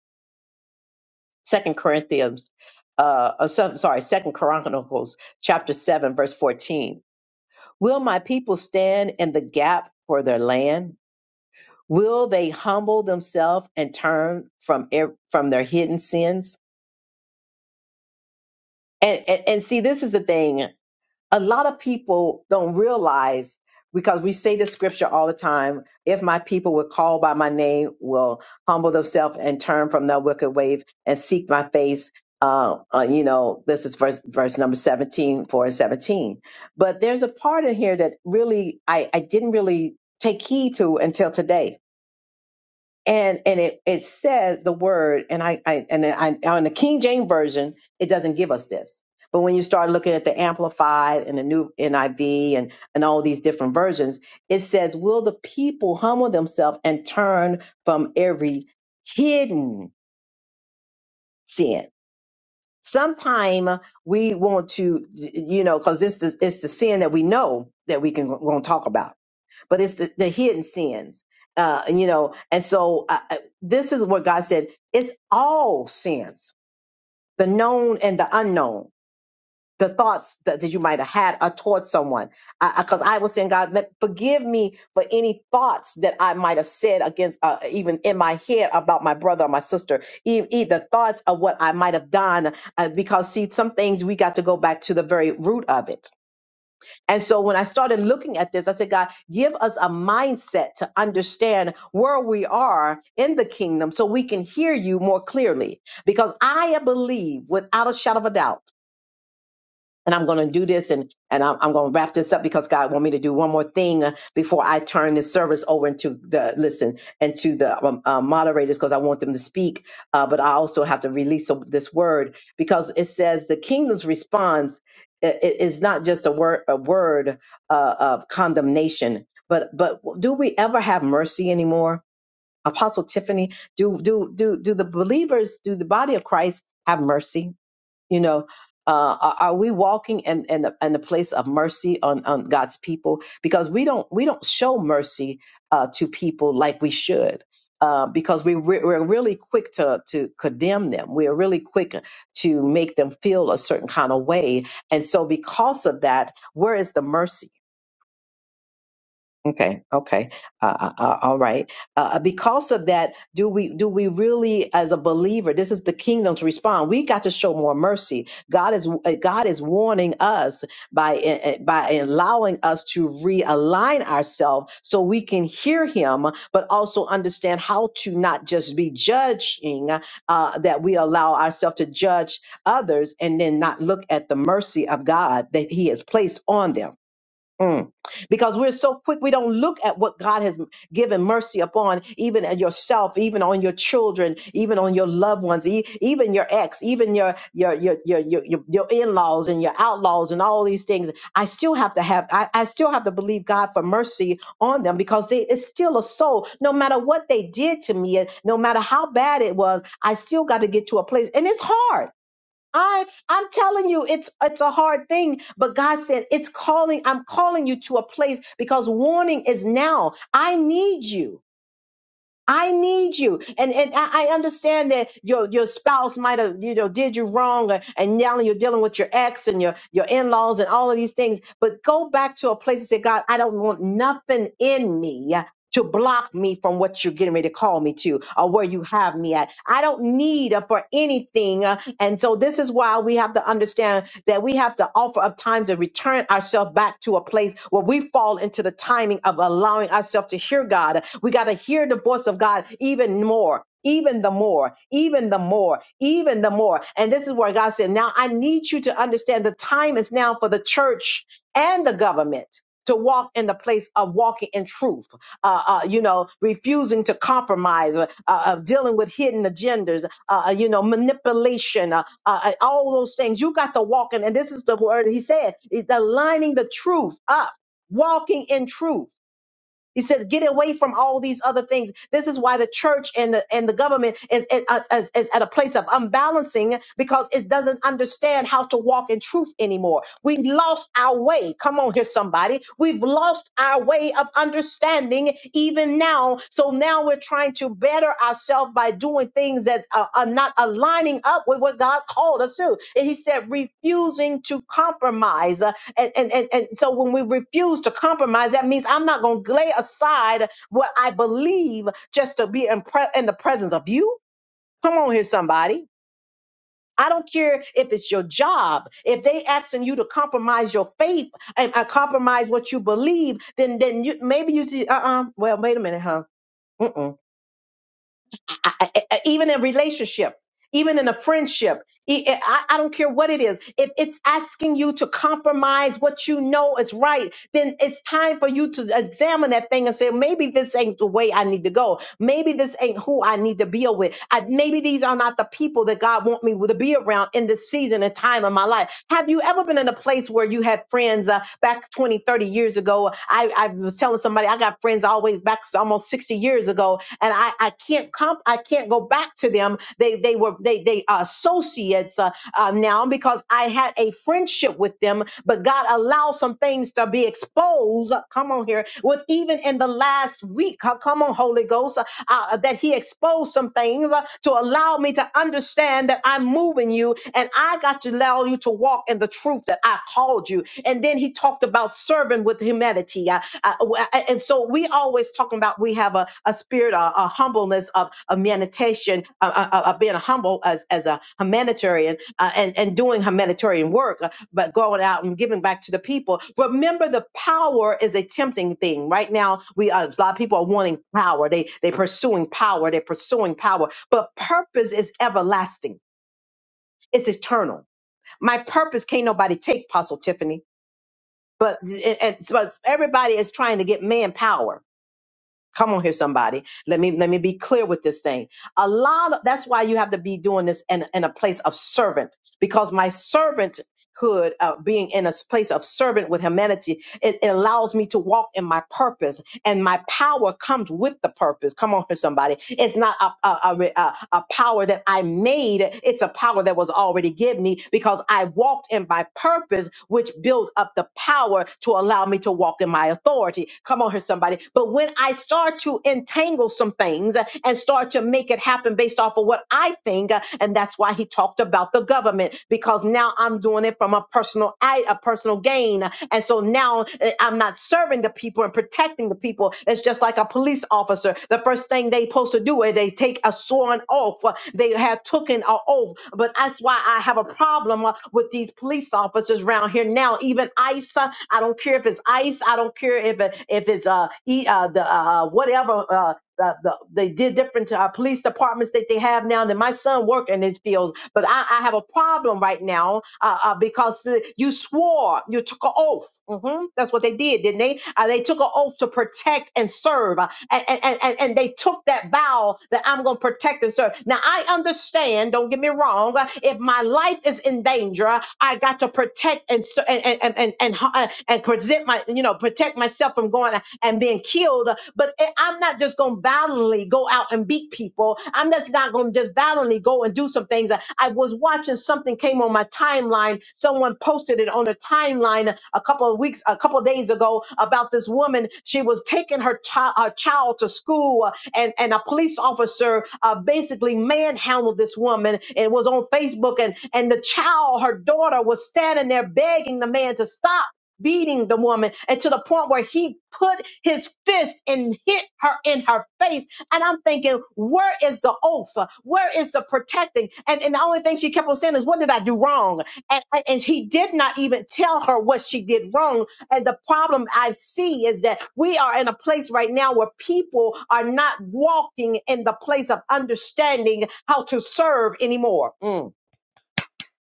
Second Corinthians, uh, uh, so- sorry, Second Chronicles chapter seven verse fourteen. Will my people stand in the gap for their land? Will they humble themselves and turn from ev- from their hidden sins? And, and and see, this is the thing. A lot of people don't realize because we say the scripture all the time. If my people were called by my name, will humble themselves and turn from their wicked ways and seek my face. Uh, uh, you know, this is verse verse number 17, 4 and 17. But there's a part in here that really I, I didn't really take heed to until today and and it it says the word and I, I and I on the King James version it doesn't give us this. But when you start looking at the Amplified and the New NIV and and all these different versions, it says, "Will the people humble themselves and turn from every hidden sin?" Sometime we want to, you know, because this is- it's the sin that we know that we can going to talk about but it's the, the hidden sins. Uh, and, you know, and so uh, uh, this is what God said. It's all sins, the known and the unknown, the thoughts that, that you might have had uh, towards someone. Because I, I was saying, God, let, forgive me for any thoughts that I might have said against, uh, even in my head about my brother or my sister, even, even the thoughts of what I might have done. Uh, because, see, some things we got to go back to the very root of it and so when I started looking at this, I said, God, give us a mindset to understand where we are in the kingdom so we can hear you more clearly. Because I believe without a shadow of a doubt and I'm going to do this and and I'm, I'm going to wrap this up because God want me to do one more thing uh, before I turn this service over into the listen and to the um, uh, moderators because I want them to speak, uh, but I also have to release some- this word because it says the kingdom's response i- i- is not just a word a word uh, of condemnation, but but do we ever have mercy anymore? Apostle Tiffany, do do do do the believers, do the body of Christ have mercy? You know, uh, are, are we walking in in the, in the place of mercy on on God's people? Because we don't we don't show mercy uh, to people like we should. Uh, because we re- we're really quick to to condemn them, we are really quick to make them feel a certain kind of way, and so because of that, where is the mercy? Okay. Okay. Uh, uh, uh, all right. Uh, uh, because of that, do we do we really, as a believer, this is the kingdom's response? We got to show more mercy. God is uh, God is warning us by uh, uh, by allowing us to realign ourselves so we can hear Him, but also understand how to not just be judging uh, that we allow ourselves to judge others and then not look at the mercy of God that He has placed on them Mm. Because we're so quick, we don't look at what God has given mercy upon, even at yourself, even on your children, even on your loved ones, e- even your ex, even your your your your your, your, your in-laws and your outlaws and all these things. I still have to have, I, I still have to believe God for mercy on them because they, it's still a soul. No matter what they did to me, and no matter how bad it was, I still got to get to a place, and it's hard I I'm telling you, it's it's a hard thing, but God said it's calling. I'm calling you to a place because warning is now. I need you. I need you, and and I, I understand that your your spouse might have you know did you wrong, or, and now you're dealing with your ex and your your in laws and all of these things. But go back to a place and say, God, I don't want nothing in me to block me from what you're getting ready to call me to or where you have me at. I don't need uh, for anything. uh, and so this is why we have to understand that we have to offer up times and return ourselves back to a place where we fall into the timing of allowing ourselves to hear God. We got to hear the voice of God even more. Even the more, even the more, even the more. And this is where God said, Now I need you to understand the time is now for the church and the government to walk in the place of walking in truth uh, uh, you know, refusing to compromise, uh, uh, dealing with hidden agendas, uh, uh, you know, manipulation, uh, uh, uh, all those things. You got to walk in, and this is the word he said, it- aligning the truth up, walking in truth. He says, get away from all these other things. This is why the church and the and the government is, is, is is at a place of unbalancing because it doesn't understand how to walk in truth anymore. We lost our way. Come on here, somebody. We've lost our way of understanding even now. So now we're trying to better ourselves by doing things that are, are not aligning up with what God called us to. And He said, refusing to compromise. Uh, And, and, and, and so when we refuse to compromise, that means I'm not going to lay aside what I believe just to be in, pre- in the presence of you. Come on here, somebody. I don't care if it's your job. If they asking you to compromise your faith and uh, compromise what you believe, then then you maybe you see, uh uh well wait a minute huh Mm-mm. I, I, I- even in relationship, even in a friendship, e- e, I, I don't care what it is. If it's asking you to compromise what you know is right, then it's time for you to examine that thing and say, maybe this ain't the way I need to go. Maybe this ain't who I need to be with. I, maybe these are not the people that God want me to be around in this season and time of my life. Have you ever been in a place where you had friends uh, back 20, 30 years ago? I, I was telling somebody I got friends always back almost 60 years ago years ago, and I, I can't comp I can't go back to them. They they were they they are associates uh, uh, now because I had a friendship with them, but God allowed some things to be exposed. uh, Come on here, with even in the last week, uh, come on Holy Ghost, uh, uh, that He exposed some things uh, to allow me to understand that I'm moving you, and I got to allow you to walk in the truth that I called you. And then He talked about serving with humanity. Uh, uh, uh, and so we always talking about we have a, a spirit, a, a humbleness of, of meditation, of, of of being humble as, as a humanitarian uh, and, and doing humanitarian work, uh, but going out and giving back to the people. Remember, the power is a tempting thing. Right now, we uh, a lot of people are wanting power. They they pursuing power. They're pursuing power. But purpose is everlasting. It's eternal. My purpose can't nobody take, Apostle Tiffany but it, it's- but everybody is trying to get manpower. Come on here, somebody. Let me let me be clear with this thing. A lot of that's why you have to be doing this in, in a place of servant, because my servant servanthood, uh, being in a place of servant with humanity, it, it allows me to walk in my purpose, and my power comes with the purpose. Come on here, somebody. It's not a, a, a, re- a, a power that I made, it's a power that was already given me because I walked in my purpose, which built up the power to allow me to walk in my authority. Come on here, somebody. But when I start to entangle some things, and start to make it happen based off of what I think. Uh, And that's why he talked about the government because now I'm doing it from a personal I, a personal gain. And so now eh, I'm not serving the people and protecting the people. It's just like a police officer. The first thing they supposed to do is they take a sworn oath. Uh, They have taken an oath. But that's why I have a problem uh, with these police officers around here now. Even ICE, uh, I don't care if it's ICE. I don't care if it, if it's uh, e, uh the uh, whatever. Uh, the, the, they did different uh, police departments that they have now. And my son work in these fields, but I, I have a problem right now uh, uh, because you swore, you took an oath. hmm That's what they did, didn't they? Uh, they took an oath to protect and serve and, and, and, and they took that vow that I'm going to protect and serve. Now, I understand, don't get me wrong, uh, if my life is in danger, I got to protect and, ser- and, and, and, and, and, uh, and present my, you know, protect myself from going and being killed. But I- I'm not just going to violently go out and beat people. I'm just not going to just violently go and do something things. I was watching something came on my timeline. Someone posted it on a timeline a couple of weeks, a couple of days ago about this woman. She was taking her, chi- her child to school uh, and, and a police officer uh, basically manhandled this woman. It was on Facebook and, and the child, her daughter was standing there begging the man to stop beating the woman and to the point where he put his fist and hit her in her face and i'm thinking where is the oath where is the protecting and, and the only thing she kept on saying is what did i do wrong and, and, and he did not even tell her what she did wrong and the problem i see is that we are in a place right now where people are not walking in the place of understanding how to serve anymore Mm.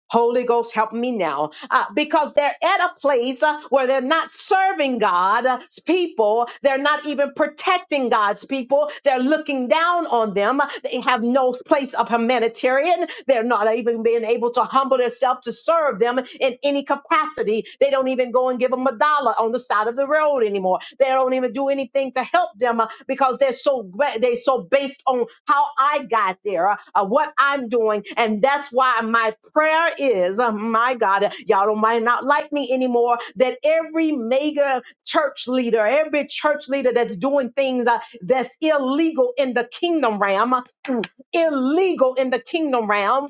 Holy Ghost, help me now. Uh, because they're at a place uh, where they're not serving God's people. They're not even protecting God's people. They're looking down on them. They have no place of humanitarian. They're not even being able to humble themselves to serve them in any capacity. They don't even go and give them a dollar on the side of the road anymore. They don't even do anything to help them uh, because they're so gra- they so based on how I got there, uh, uh, what I'm doing, and that's why my prayer is, uh, my God, uh, y'all don't might not like me anymore. That every mega church leader, every church leader that's doing things uh, that's illegal in the kingdom realm, uh, illegal in the kingdom realm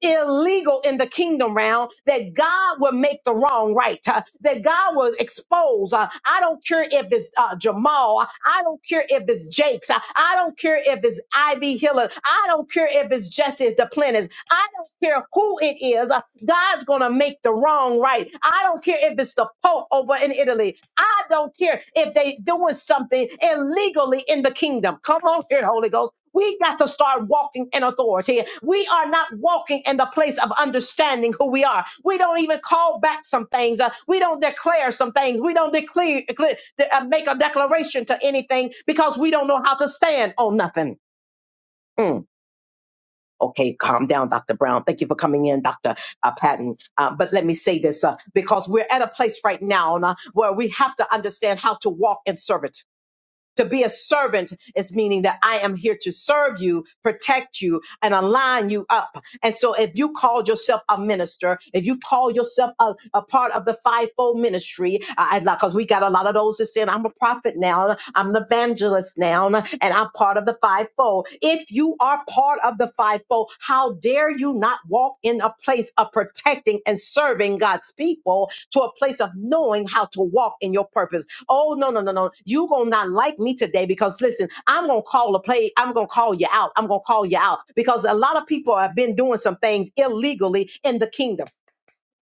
illegal in the kingdom realm that God will make the wrong right, uh, that God will expose. uh, I don't care if it's uh, Jamal, I don't care if it's Jake's, uh, I don't care if it's Ivy Hiller, I don't care if it's Jesse the Planners, I don't care who it is, uh, God's gonna make the wrong right. I don't care if it's the Pope over in Italy, I don't care if they doing something illegally in the kingdom. Come on here, Holy Ghost. We got to start walking in authority. We are not walking in the place of understanding who we are. We don't even call back some things. Uh, we don't declare some things. We don't declare, declare- de- uh, make a declaration to anything because we don't know how to stand on nothing. Mm. Okay, calm down, Dr. Brown. Thank you for coming in, Dr. Uh, Patton. Uh, but let me say this uh, because we're at a place right now uh, where we have to understand how to walk in servant. To be a servant is meaning that I am here to serve you, protect you, and align you up. And so, if you called yourself a minister, if you call yourself a, a part of the fivefold ministry, because we got a lot of those that saying, I'm a prophet now, I'm an evangelist now, and I'm part of the fivefold. If you are part part of the fivefold. How dare you not walk in a place of protecting and serving God's people to a place of knowing how to walk in your purpose? Oh no, no, no, no. You gonna not like me today because listen, I'm gonna call a play, I'm gonna call you out. I'm gonna call you out because a lot of people have been doing some things illegally in the kingdom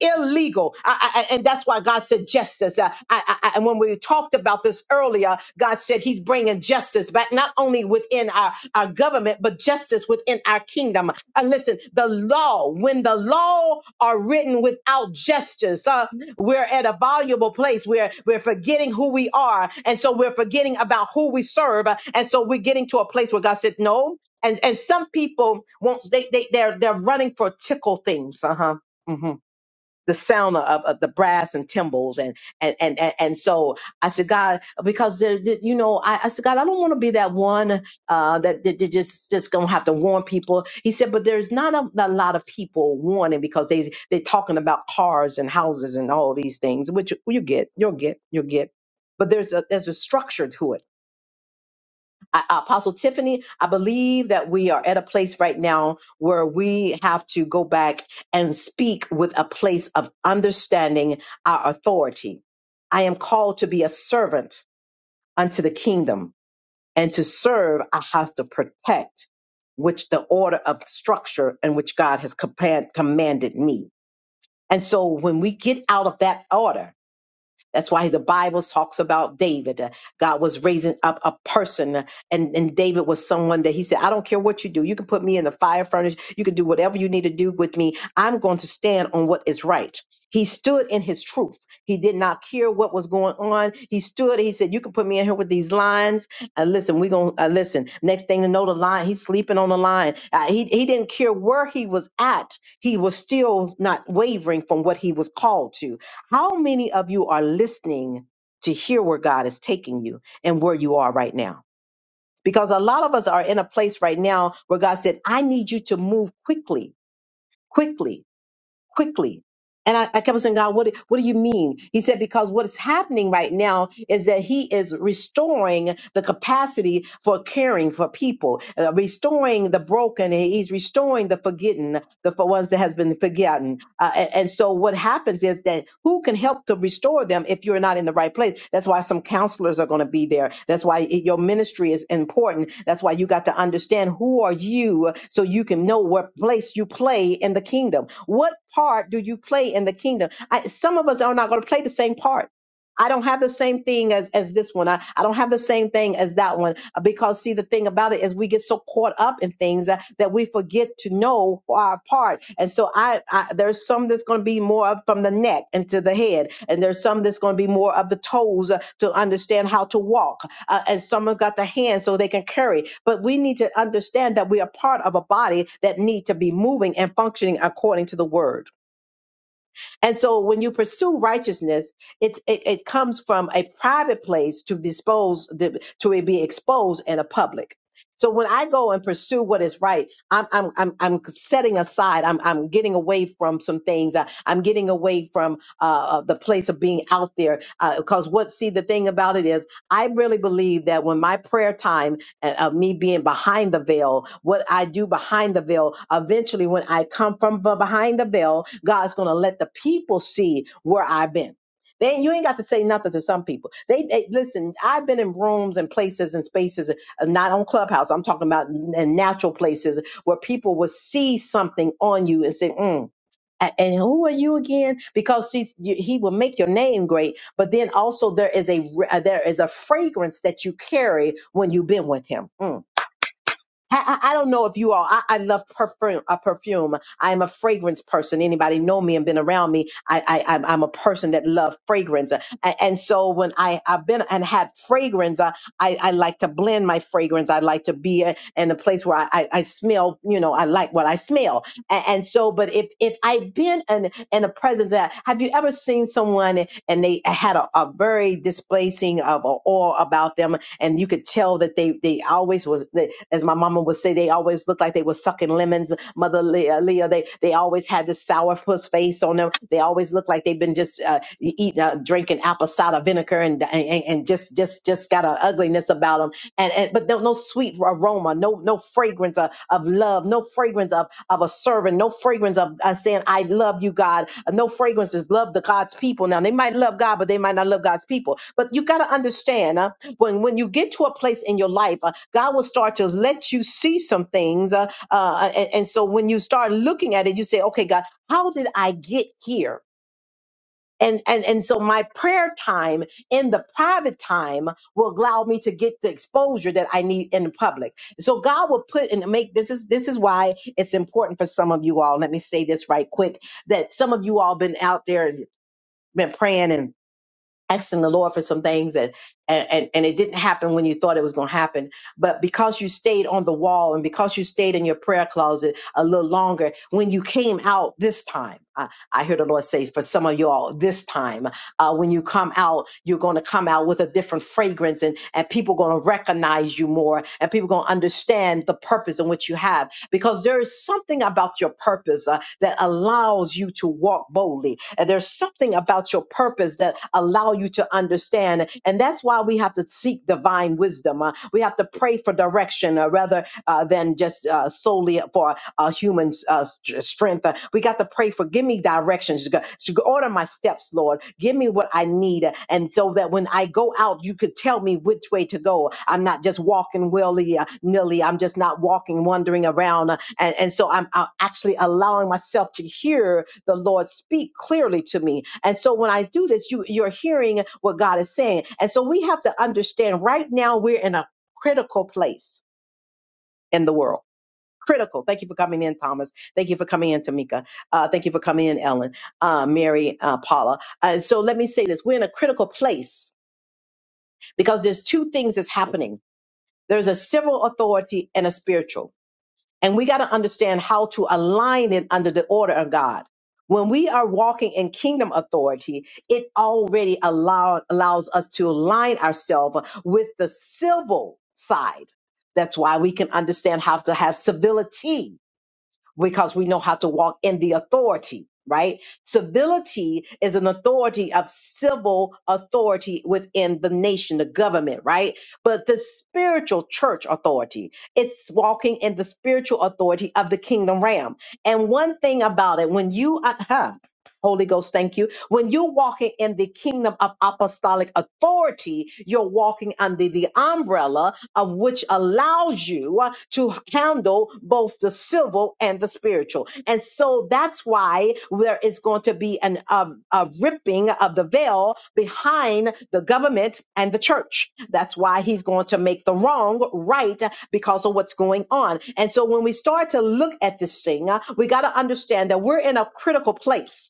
illegal. I- I- I- and that's why God said justice. Uh, I, I, I- and when we talked about this earlier, God said He's bringing justice back, not only within our, our government, but justice within our kingdom. And listen, the law, when the law are written without justice, uh, we're at a valuable place. We're, we're forgetting who we are. And so we're forgetting about who we serve. Uh, And so we're getting to a place where God said, no. And, and some people won't, they, they, they're, they're running for tickle things. Uh huh the sound of, of the brass and timbrels and and and and, and so I said, God, because there, there- you know, I, I said, God, I don't want to be that one uh, that, that, that just just gonna have to warn people. He said, but there's not a, a lot of people warning because they they talking about cars and houses and all these things, which you you get, you'll get, you'll get. But there's a there's a structure to it I, uh, Apostle Tiffany, I believe that we are at a place right now where we have to go back and speak with a place of understanding our authority. I am called to be a servant unto the kingdom, and to serve, I have to protect, which the order of structure in which God has compa- commanded me. And so when we get out of that order, that's why the Bible talks about David. Uh, God was raising up a person, uh, and, and David was someone that he said, I don't care what you do. You can put me in the fire furnace. You can do whatever you need to do with me. I'm going to stand on what is right. He stood in his truth. He did not care what was going on. He stood. He said, "You can put me in here with these lions. Uh, listen, we're gonna uh, listen." Next thing to know, the lion He's sleeping on the line. Uh, he he didn't care where he was at. He was still not wavering from what he was called to how many of you are listening to hear where God is taking you and where you are right now? Because a lot of us are in a place right now where God said, I need you to move quickly, quickly quickly. And I, I kept saying, God, what, do- what do you mean? He said, because what is happening right now is that He is restoring the capacity for caring for people, uh, restoring the broken. He's restoring the forgotten, the for ones that has been forgotten. Uh, a- and, so what happens is that who can help to restore them if you're not in the right place? That's why some counselors are going to be there. That's why i- your ministry is important. That's why you got to understand who are you so you can know what place you play in the kingdom. What part do you play in the kingdom? I, some of us are not going to play the same part. I don't have the same thing as, as this one. I, I don't have the same thing as that one. Uh, Because, see, the thing about it is we get so caught up in things that, that we forget to know our part. And so I, I there's some that's going to be more of from the neck and to the head. And there's some that's going to be more of the toes uh, to understand how to walk uh, and someone got the hand so they can carry. But we need to understand that we are part of a body that need to be moving and functioning according to the word. And so when you pursue righteousness, it's, it, it comes from a private place to dispose, the, to be exposed in a public. So when I go and pursue what is right, I'm, I'm, I'm, I'm setting aside, I'm, I'm getting away from some things. I, I'm getting away from uh, uh, the place of being out there. Because what, see, the thing about it is, I really believe that when my prayer time uh, uh, me being behind the veil, what I do behind the veil. Eventually, when I come from be- behind the veil, God's going to let the people see where I've been. They, you ain't got to say nothing to some people. They, they listen. I've been in rooms and places and spaces, uh, not on Clubhouse. I'm talking about in natural places where people will see something on you and say, mm, a- and who are you again because see you, he will make your name great but then also there is a re- uh, there is a fragrance that you carry when you've been with him Mm. I, I I don't know if you all. I, I love perfume. A perfume. I am a fragrance person. Anybody know me and been around me? I, I I'm, I'm a person that love fragrance. And, and so when I I've been and had fragrance, I, I I like to blend my fragrance. I like to be uh, in a place where I I, I smell. You know, I like what I smell. A- And, so, but if if I've been in in a presence that have you ever seen someone and they had a, a very displacing of a awe about them, and you could tell that they they always was they, as my mama would say they always looked like they were sucking lemons. Mother Leah, Leah they they always had this sourpuss face on them. They always looked like they've been just uh, eating uh, drinking apple cider vinegar moniker and and, and just just just got an ugliness about them and, and but no, no sweet aroma no no fragrance of, of love no fragrance of of a servant no fragrance of uh, saying i love you god Uh, no fragrance is love to god's people now they might love god but they might not love god's people but you got to understand uh, when when you get to a place in your life uh, god will start to let you see some things uh, uh, and, and so when you start looking at it you say okay god how did i get here and and and so my prayer time in the private time will allow me to get the exposure that I need in the public. So God will put and make this is this is why it's important for some of you all. Let me say this right quick that some of you all been out there and been praying and asking the Lord for some things and and and, and it didn't happen when you thought it was going to happen. But because you stayed on the wall and because you stayed in your prayer closet a little longer, when you came out this time, I, I hear the Lord say for some of y'all this time, uh, when you come out, you're going to come out with a different fragrance and and people going to recognize you more and people going to understand the purpose in which you have because there is something about your purpose uh, that allows you to walk boldly and there's something about your purpose that allow you to understand and that's why we have to seek divine wisdom uh, we have to pray for direction uh, rather uh, than just uh, solely for uh, human uh, st- strength. Uh, we got to pray for, give me directions. God. So order my steps, Lord. Give me what I need. uh, And so that when I go out, you could tell me which way to go. I'm not just walking willy uh, nilly. I'm just not walking, wandering around. uh, And, and so I'm, I'm actually allowing myself to hear the Lord speak clearly to me. And so when I do this, you, you're hearing what God is saying. And so we have to understand right now we're in a critical place in the world critical. Thank you for coming in, Thomas. Thank you for coming in, Tamika. Uh, thank you for coming in, Ellen, uh, Mary, uh, Paula. Uh, so let me say this: we're in a critical place because there's two things that's happening. There's a civil authority and a spiritual, and we got to understand how to align it under the order of God. When we are walking in kingdom authority, it already allow, allows us to align ourselves with the civil side. That's why we can understand how to have civility because we know how to walk in the authority, right? Civility is an authority of civil authority within the nation, the government, right? But the spiritual church authority, it's walking in the spiritual authority of the kingdom realm. And one thing about it, when you, uh, huh, Holy Ghost, thank you. When you're walking in the kingdom of apostolic authority, you're walking under the umbrella of which allows you uh, to handle both the civil and the spiritual. And so that's why there is going to be an a, a ripping of the veil behind the government and the church. That's why he's going to make the wrong right uh, because of what's going on. And so when we start to look at this thing, uh, we got to understand that we're in a critical place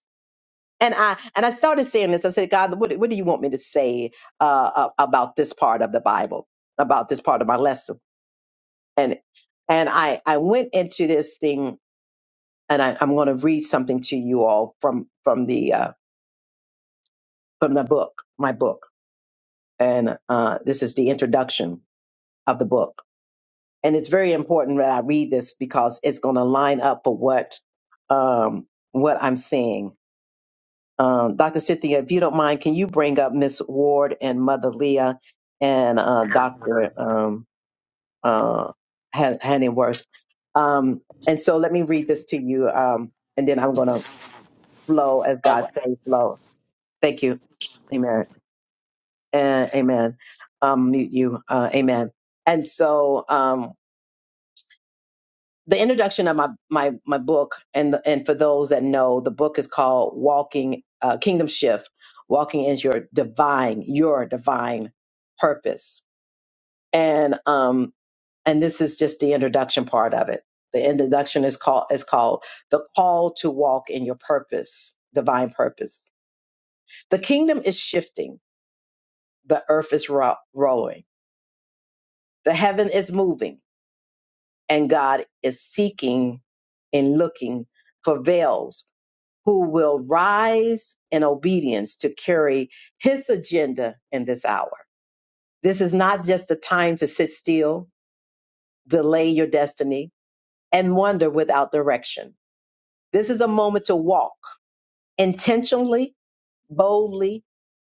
and I and I started saying this. I said, God, what, what do you want me to say uh, a- about this part of the Bible, about this part of my lesson? And and I I went into this thing, and I, I'm going to read something to you all from from the uh, from the book, my book, and uh, this is the introduction of the book, and it's very important that I read this because it's going to line up for what um, what I'm saying Um, Dr. Cynthia, if you don't mind, can you bring up Miss Ward and Mother Leah and uh, Dr. Um, uh, Han- Hanningworth? Um, and so let me read this to you, um, and then I'm going to flow as Oh, God says flow. Thank you. Amen. And amen. Um, mute you. Uh, amen. And so, um, the introduction of my my my book and and for those that know the book is called walking uh, kingdom shift walking is your divine your divine purpose and um and this is just the introduction part of it the introduction is called is called the call to walk in your purpose divine purpose the kingdom is shifting the earth is ro- rolling the heaven is moving and god is seeking and looking for veils who will rise in obedience to carry his agenda in this hour. This is not just a time to sit still, delay your destiny, and wander without direction. This is a moment to walk intentionally, boldly,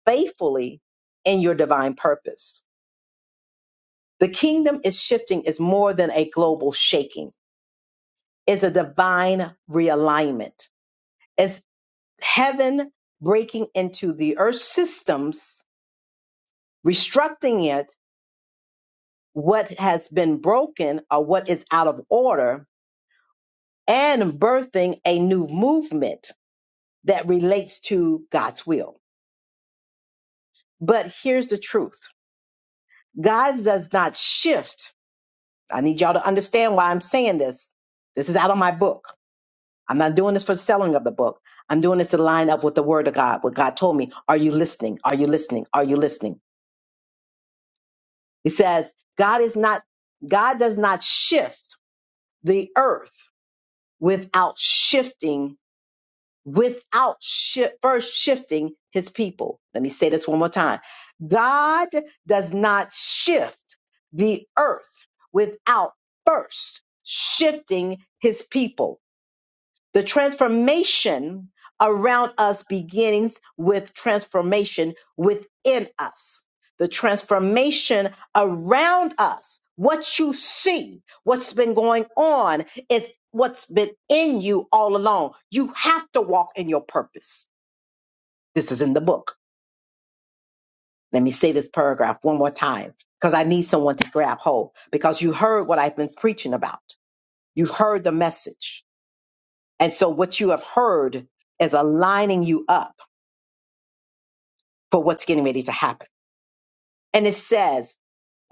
faithfully in your divine purpose. The kingdom is shifting is more than a global shaking. It's a divine realignment. It's heaven breaking into the earth systems, restructuring it what has been broken or what is out of order and birthing a new movement that relates to God's will. But here's the truth God does not shift. I need y'all to understand why I'm saying this. This is out of my book. I'm not doing this for the selling of the book. I'm doing this to line up with the word of God, what God told me. Are you listening? Are you listening? Are you listening? He says, God is not, God does not shift the earth without shifting without shi first shifting his people. Let me say this one more time. God does not shift the earth without first shifting his people. The transformation around us begins with transformation within us. The transformation around us, what you see, what's been going on, is what's been in you all along. You have to walk in your purpose. This is in the book. Let me say this paragraph one more time because I need someone to grab hold because you heard what I've been preaching about. You've heard the message. And so what you have heard is aligning you up for what's getting ready to happen. And it says,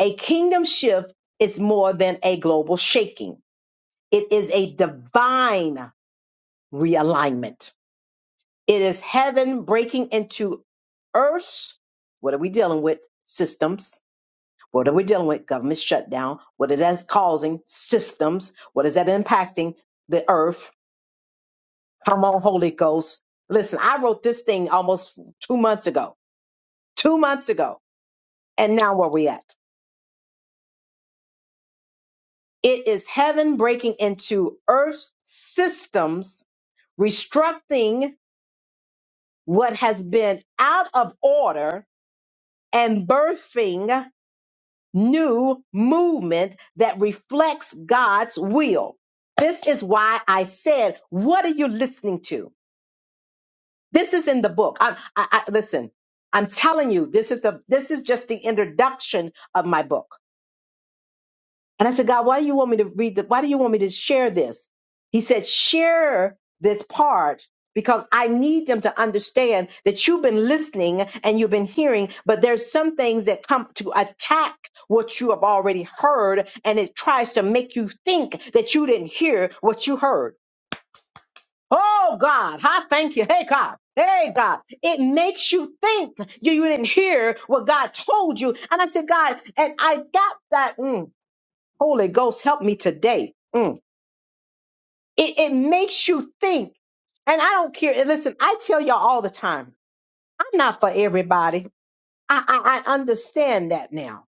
a kingdom shift is more than a global shaking. It is a divine realignment. It is heaven breaking into earth. What are we dealing with? Systems. What are we dealing with? Government shutdown. What is that causing? Systems. What is that impacting? The earth. Come on, Holy Ghost. Listen, I wrote this thing almost two months ago. Two months ago. And now where we at? It is heaven breaking into earth's systems, restructuring what has been out of order and birthing new movement that reflects God's will. This is why I said, what are you listening to? This is in the book. I, I, I listen. I'm telling you, this is the this is just the introduction of my book. And I said, God, why do you want me to read the, why do you want me to share this? He said, share this part because I need them to understand that you've been listening and you've been hearing, but there's some things that come to attack what you have already heard. And it tries to make you think that you didn't hear what you heard. Oh God, I thank you. Hey God. Hey God, it makes you think you, you didn't hear what God told you. And I said, God, and I got that. mm, Holy Ghost, help me today. Mm. It, it makes you think. And I don't care. and Listen, I tell y'all all the time, I'm not for everybody. I, I, I understand that now,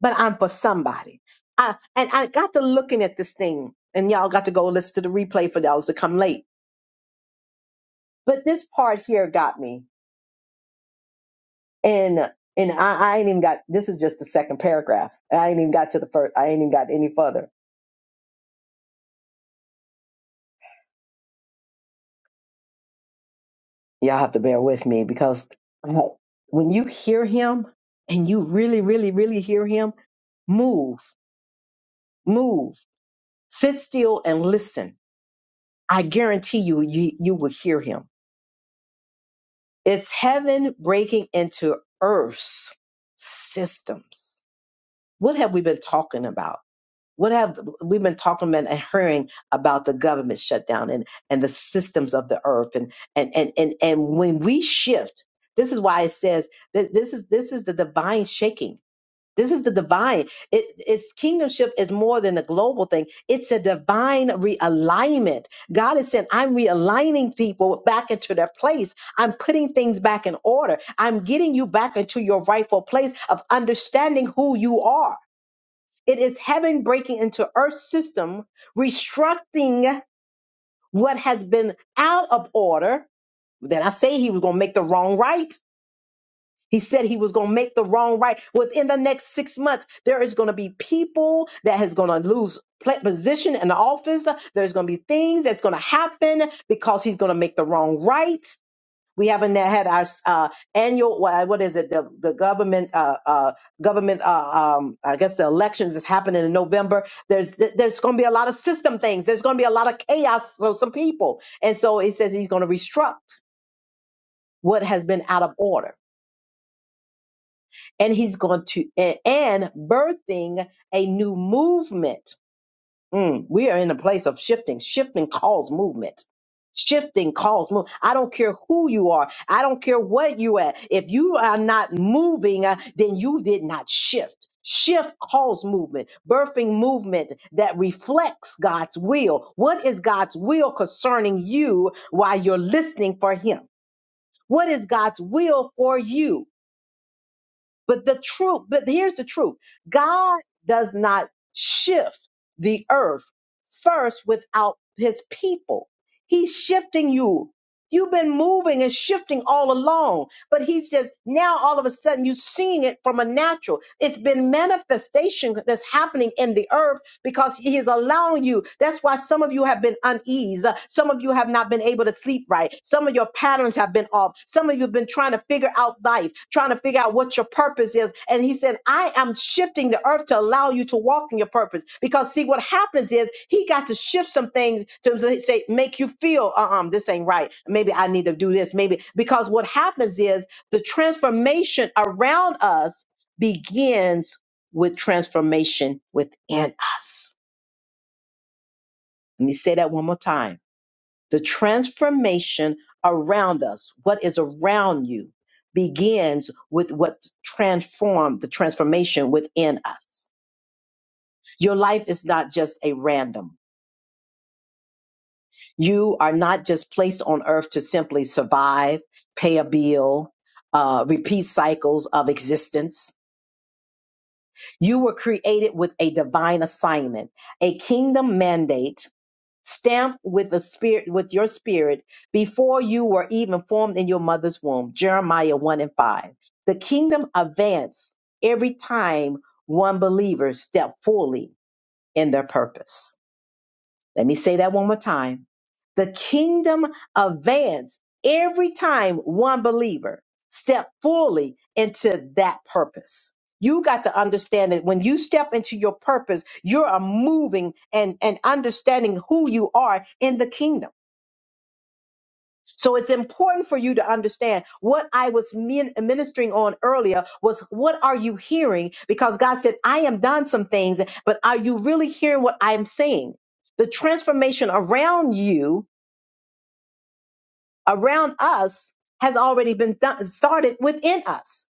but I'm for somebody. I, and I got to looking at this thing, and y'all got to go listen to the replay for those that come late. But this part here got me. And and I, I ain't even got this is just the second paragraph. I ain't even got to the first I ain't even got any further Y'all have to bear with me because I- when you hear him and you really, really, really hear him, move, move, sit still and listen. I guarantee you, you, you will hear him. It's heaven breaking into earth's systems. What have we been talking about? What have we've been talking about and hearing about the government shutdown and, and the systems of the earth and and and and and when we shift, this is why it says that this is this is the divine shaking. This is the divine. It, it's kingdomship is more than a global thing. It's a divine realignment. God is saying, I'm realigning people back into their place. I'm putting things back in order. I'm getting you back into your rightful place of understanding who you are. It is heaven breaking into earth's system, restructuring what has been out of order. Then I say he was going to make the wrong right. He said he was going to make the wrong right. Within the next six months, there is going to be people that is going to lose pla- position in the office. There's going to be things that's going to happen because he's going to make the wrong right. We haven't had our uh, annual wha- what is it the the government uh, uh, government uh, um, I guess the elections is happening in November. There's there's going to be a lot of system things. There's going to be a lot of chaos for some people, and so he says he's going to restruct what has been out of order, and he's going to a- and birthing a new movement Mm, we are in a place of shifting. Shifting calls movement. Shifting calls move. I don't care who you are. I don't care what you at. If you are not moving, uh, then you did not shift. Shift calls movement, birthing movement that reflects God's will. What is God's will concerning you while you're listening for Him? What is God's will for you? But the truth, but here's the truth God does not shift the earth first without his people. He's shifting you. You've been moving and shifting all along, but he says now all of a sudden you're seeing it from a natural. It's been manifestation that's happening in the earth because he is allowing you. That's why some of you have been uneasy. Some of you have not been able to sleep right. Some of your patterns have been off of. Some of you have been trying to figure out life, trying to figure out what your purpose is. And he said, I am shifting the earth to allow you to walk in your purpose. Because see, what happens is he got to shift some things to say, make you feel, uh-uh, this ain't right. Maybe I need to do this. Maybe because what happens is the transformation around us begins with transformation within us. Let me say that one more time the transformation around us, what is around you, begins with what transformed the transformation within us. Your life is not just a random. You are not just placed on earth to simply survive, pay a bill, uh, repeat cycles of existence. You were created with a divine assignment, a kingdom mandate stamped with the spirit with your spirit before you were even formed in your mother's womb jeremiah 1 and 5 the kingdom advanced every time one believer stepped fully in their purpose let me say that one more time. The kingdom advances every time one believer step fully into that purpose. You got to understand that when you step into your purpose, you're a moving and, and understanding who you are in the kingdom. So it's important for you to understand what I was min- ministering on earlier was what are you hearing? Because God said, I am done some things, but are you really hearing what I'm saying? The transformation around you, around us, has already been done, started within us.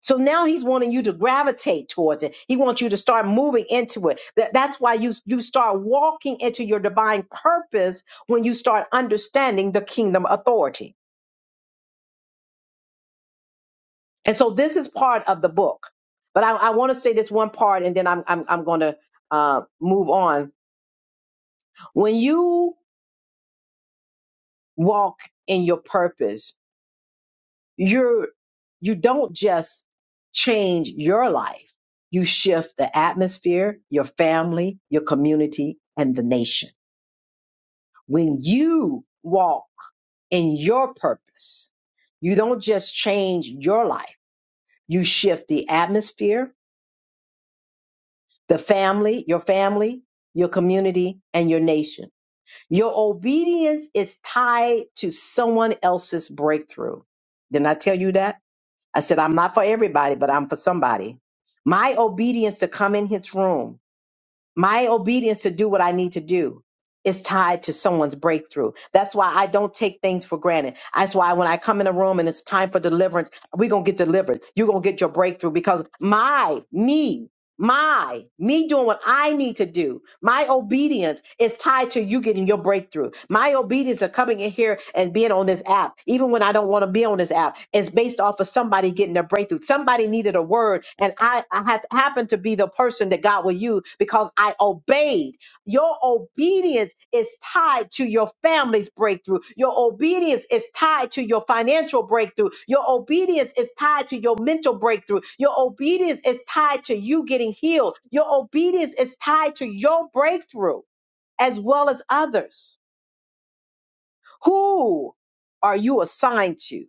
So now he's wanting you to gravitate towards it. He wants you to start moving into it. That- that's why you, you start walking into your divine purpose when you start understanding the kingdom authority. And so this is part of the book. But I, I want to say this one part and then I'm, I'm, I'm going to uh, move on. When you walk in your purpose, you're, you don't just change your life. You shift the atmosphere, your family, your community, and the nation. When you walk in your purpose, you don't just change your life. You shift the atmosphere, the family, your family, your community, and your nation. Your obedience is tied to someone else's breakthrough. Didn't I tell you that? I said, I'm not for everybody, but I'm for somebody. My obedience to come in his room, my obedience to do what I need to do is tied to someone's breakthrough. That's why I don't take things for granted. That's why when I come in a room and it's time for deliverance, we're going to get delivered. You're going to get your breakthrough because my, me, my, me doing what I need to do, my obedience is tied to you getting your breakthrough. My obedience of coming in here and being on this app, even when I don't want to be on this app, is based off of somebody getting their breakthrough. Somebody needed a word, and I, I had happened to be the person that God will use because I obeyed your obedience is tied to your family's breakthrough. Your obedience is tied to your financial breakthrough. Your obedience is tied to your mental breakthrough. Your obedience is tied to you getting healed. Your obedience is tied to your breakthrough as well as others. Who are you assigned to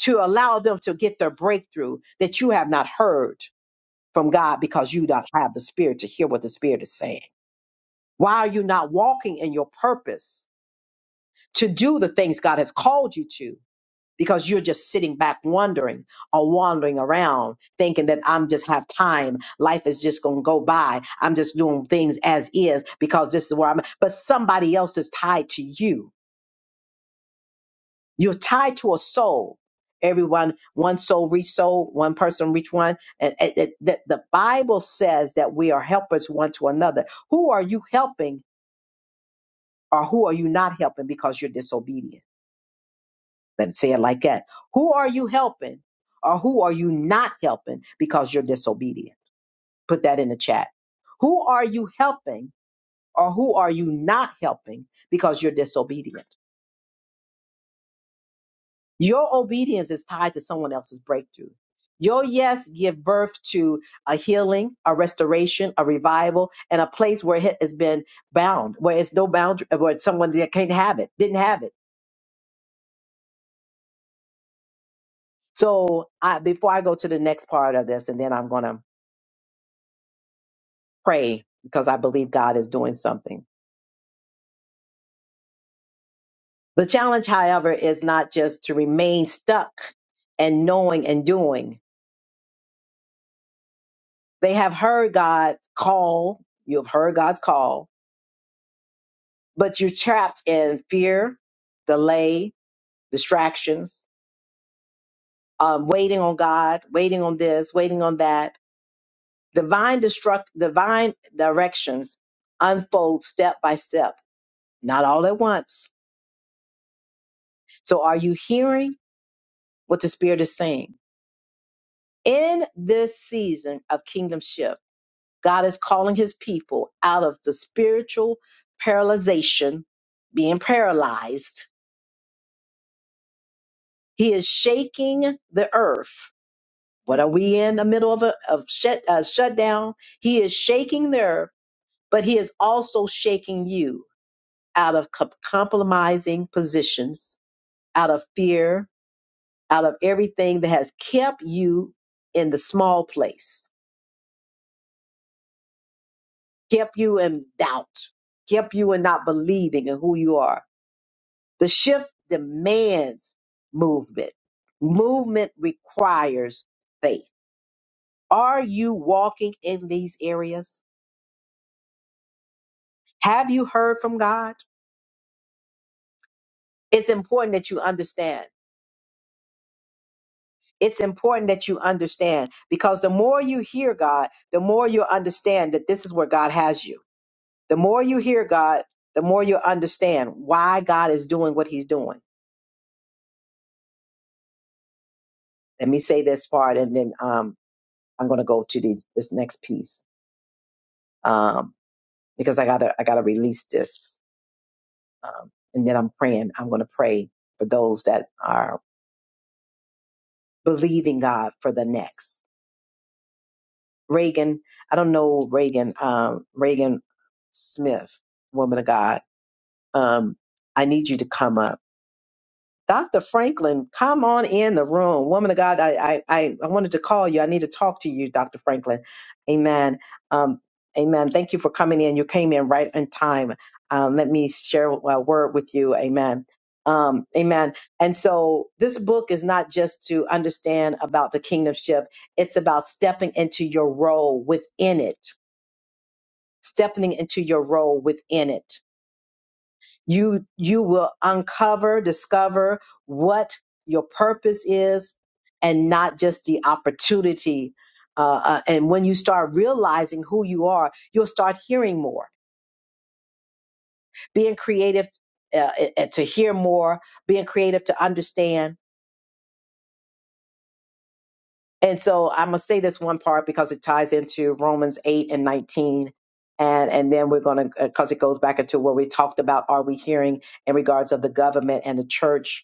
to allow them to get their breakthrough that you have not heard from God because you don't have the spirit to hear what the spirit is saying? Why are you not walking in your purpose? to do the things God has called you to because you're just sitting back wondering or wandering around thinking that I'm just have time. Life is just going to go by. I'm just doing things as is because this is where I'm. But somebody else is tied to you. You're tied to a soul. Everyone, one soul reach soul, one person reach one. And, and, and the, the Bible says that we are helpers one to another. Who are you helping or who are you not helping because you're disobedient? Let's say it like that. Who are you helping or who are you not helping because you're disobedient? Put that in the chat. Who are you helping or who are you not helping because you're disobedient? Your obedience is tied to someone else's breakthrough. Your yes give birth to a healing, a restoration, a revival, and a place where it has been bound, where it's no boundary, where someone that can't have it, didn't have it. So I, before I go to the next part of this, and then I'm gonna pray because I believe God is doing something. The challenge, however, is not just to remain stuck and knowing and doing. They have heard God call, you have heard God's call, but you're trapped in fear, delay, distractions, um, waiting on God, waiting on this, waiting on that. Divine destruct, divine directions unfold step by step, not all at once. So, are you hearing what the Spirit is saying? in this season of kingdom shift, God is calling his people out of the spiritual paralyzation, being paralyzed. He is shaking the earth. What are we in the middle of a of shut, uh, shutdown? He is shaking the earth, but he is also shaking you out of co- compromising positions, out of fear, out of everything that has kept you in the small place kept you in doubt, kept you in not believing in who you are. The shift demands movement. Movement requires faith. Are you walking in these areas? Have you heard from God? It's important that you understand. It's important that you understand because the more you hear God, the more you'll understand that this is where God has you. The more you hear God, the more you'll understand why God is doing what he's doing. Let me say this part and then um, I'm going to go to the, this next piece um, because I gotta I gotta release this, um, and then I'm praying. I'm going to pray for those that are believing God for the next. Reagan, I don't know Reagan, um, Reagan Smith, woman of God. Um, I need you to come up Dr. Franklin, come on in the room. Woman of God, I, I, I I wanted to call you. I need to talk to you, Dr. Franklin. Amen. Um, amen. Thank you for coming in. You came in right in time. Um, let me share a word with you. Amen. Um, amen. And so this book is not just to understand about the kingdom ship, it's about stepping into your role within it, stepping into your role within it you you will uncover, discover what your purpose is, and not just the opportunity. Uh, uh, and when you start realizing who you are, you'll start hearing more, being creative uh, uh, to hear more, being creative to understand. And so I'm gonna say this one part because it ties into Romans eight and nineteen, and and then we're gonna because it goes back into what we talked about. Are we hearing in regards of the government and the church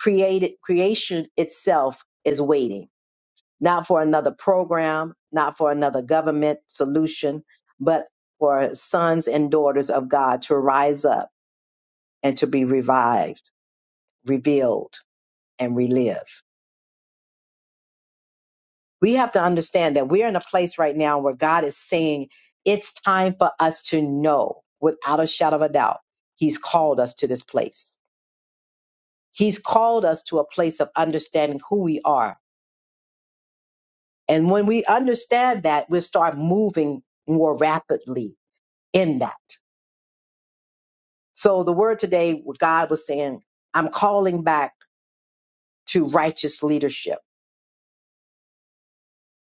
created creation itself is waiting not for another program not for another government solution but for sons and daughters of god to rise up and to be revived revealed and relive we have to understand that we are in a place right now where god is saying it's time for us to know without a shadow of a doubt he's called us to this place he's called us to a place of understanding who we are And when we understand that, we'll start moving more rapidly in that. So the word today, God was saying, I'm calling back to righteous leadership,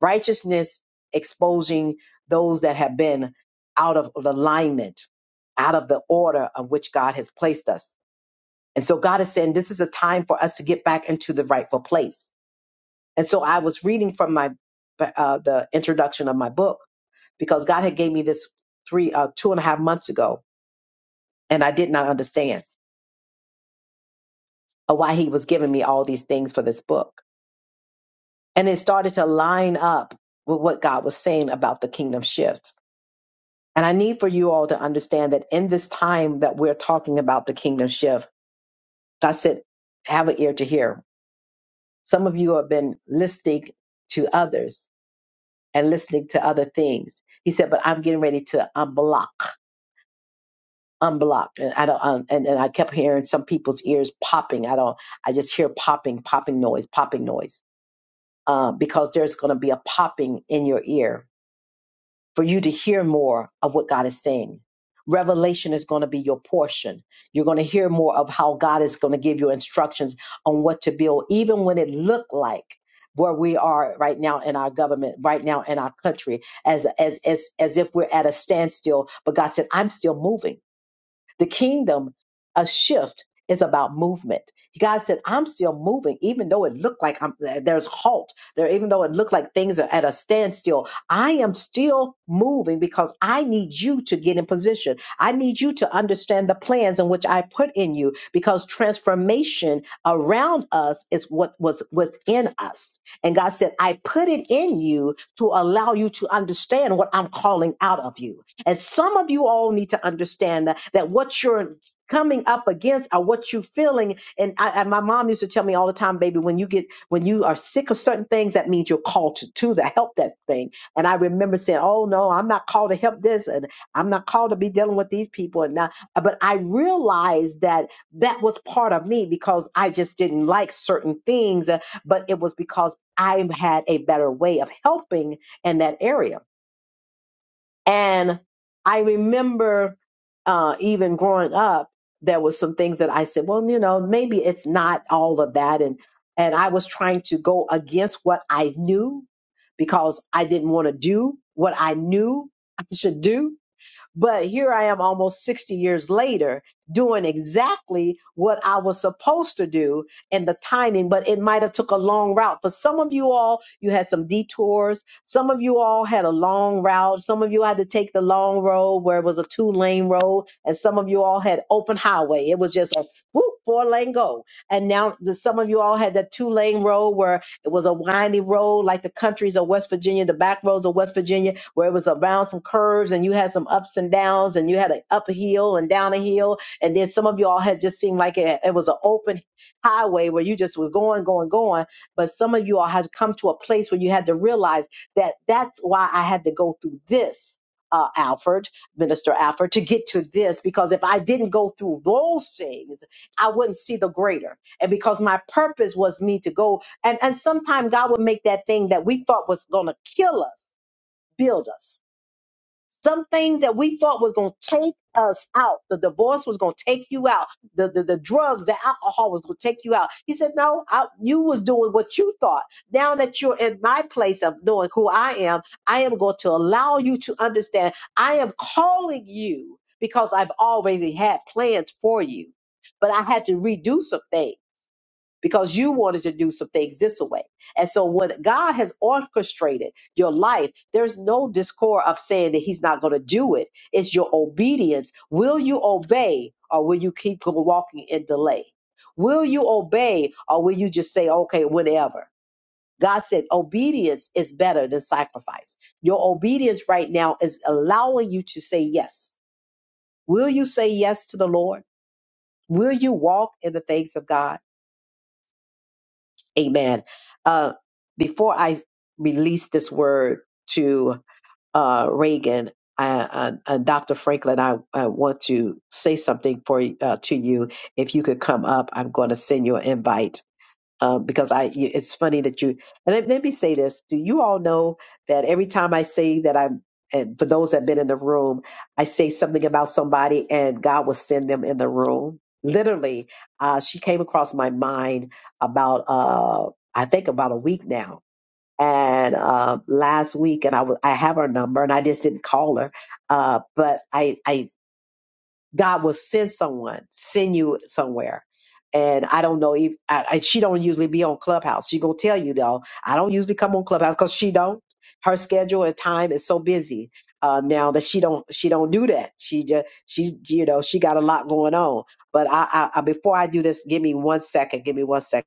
righteousness exposing those that have been out of alignment, out of the order of which God has placed us. And so God is saying this is a time for us to get back into the rightful place. And so I was reading from my uh, the introduction of my book because God had gave me this three uh, two and a half months ago and I did not understand uh, why he was giving me all these things for this book. And it started to line up with what God was saying about the kingdom shift. And I need for you all to understand that in this time that we're talking about the kingdom shift, God said, have an ear to hear. Some of you have been listening to others and listening to other things. He said, but I'm getting ready to unblock, unblock. And I don't, um, and, and I kept hearing some people's ears popping. I don't, I just hear popping, popping noise, popping noise uh, because there's going to be a popping in your ear for you to hear more of what God is saying. Revelation is going to be your portion. You're going to hear more of how God is going to give you instructions on what to build, even when it looked like where we are right now in our government, right now in our country, as as as as if we're at a standstill. But God said, "I'm still moving." The kingdom, a shift is about movement. God said, I'm still moving, even though it looked like I'm, there's halt. There, even though it looked like things are at a standstill, I am still moving because I need you to get in position. I need you to understand the plans in which I put in you because transformation around us is what was within us. And God said, I put it in you to allow you to understand what I'm calling out of you. And some of you all need to understand that that what you're coming up against are what you're feeling. And I, and my mom used to tell me all the time, baby, when you get when you are sick of certain things, that means you're called to, to the help that thing. And I remember saying, Oh no, I'm not called to help this, and I'm not called to be dealing with these people. And now, but I realized that that was part of me because I just didn't like certain things, uh, but it was because I had a better way of helping in that area and I remember uh, even growing up, there was some things that I said, well, you know, maybe it's not all of that. And and I was trying to go against what I knew because I didn't want to do what I knew I should do. But here I am almost 60 years later doing exactly what I was supposed to do and the timing, but it might have took a long route. For some of you all, you had some detours. Some of you all had a long route. Some of you had to take the long road where it was a two lane road. And some of you all had open highway. It was just a whoop, four lane go. And now the, some of you all had that two lane road where it was a windy road like the countries of West Virginia, the back roads of West Virginia where it was around some curves and you had some ups and downs and you had an up a hill and down a hill and then some of y'all had just seemed like it, it was an open highway where you just was going going going but some of you all had come to a place where you had to realize that that's why i had to go through this uh, Alfred, Minister Alfred, to get to this, because if I didn't go through those things, I wouldn't see the greater. And because my purpose was me to go, and and sometimes God would make that thing that we thought was going to kill us build us some things that we thought was going to take us out the divorce was going to take you out the, the the drugs the alcohol was going to take you out he said no I, you was doing what you thought now that you're in my place of knowing who i am i am going to allow you to understand i am calling you because i've already had plans for you but i had to redo something because you wanted to do some things this way. And so when God has orchestrated your life, there's no discord of saying that he's not going to do it. It's your obedience. Will you obey or will you keep walking in delay? Will you obey or will you just say, okay, whenever? God said obedience is better than sacrifice. Your obedience right now is allowing you to say yes. Will you say yes to the Lord? Will you walk in the things of God? Amen. Uh, before I release this word to uh, Reagan, uh, uh, uh, Dr. Franklin, I, I want to say something for uh, to you. If you could come up, I'm going to send you an invite um, because I you- it's funny that you and let, let me say this: Do you all know that every time I say that I'm and for those that've been in the room, I say something about somebody, and God will send them in the room. Literally, uh, she came across my mind about uh, I think about a week now, and uh, last week, and I w- I have her number, and I just didn't call her, uh, but I I God will send someone, send you somewhere. And I don't know if I, I, she don't usually be on Clubhouse. She gonna tell you though. I don't usually come on Clubhouse because she don't. Her schedule and time is so busy uh, now that she don't she don't do that. She just she's you know she got a lot going on. But I, I, I before I do this, give me one second. Give me one second.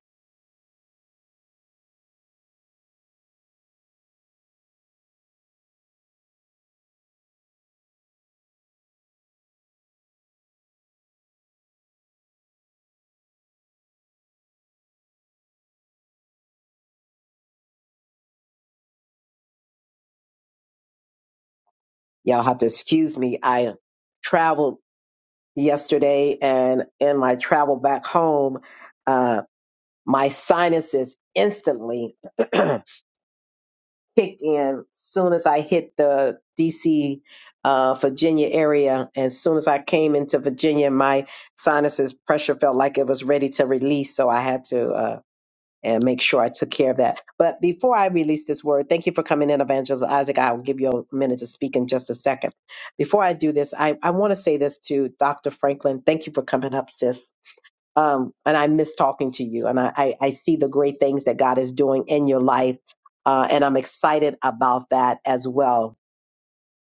Y'all have to excuse me. I traveled yesterday, and in my travel back home, uh, my sinuses instantly. kicked in soon as I hit the DC, uh, Virginia area. As soon as I came into Virginia, my sinuses pressure felt like it was ready to release. So I had to uh, and make sure I took care of that. But before I release this word, thank you for coming in, Evangelist Isaac. I'll give you a minute to speak in just a second. Before I do this, I, I want to say this to Dr. Franklin. Thank you for coming up, sis um, and I miss talking to you. And I, I, I see the great things that God is doing in your life, uh, and I'm excited about that as well.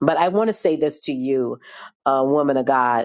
But I want to say this to you, uh, woman of God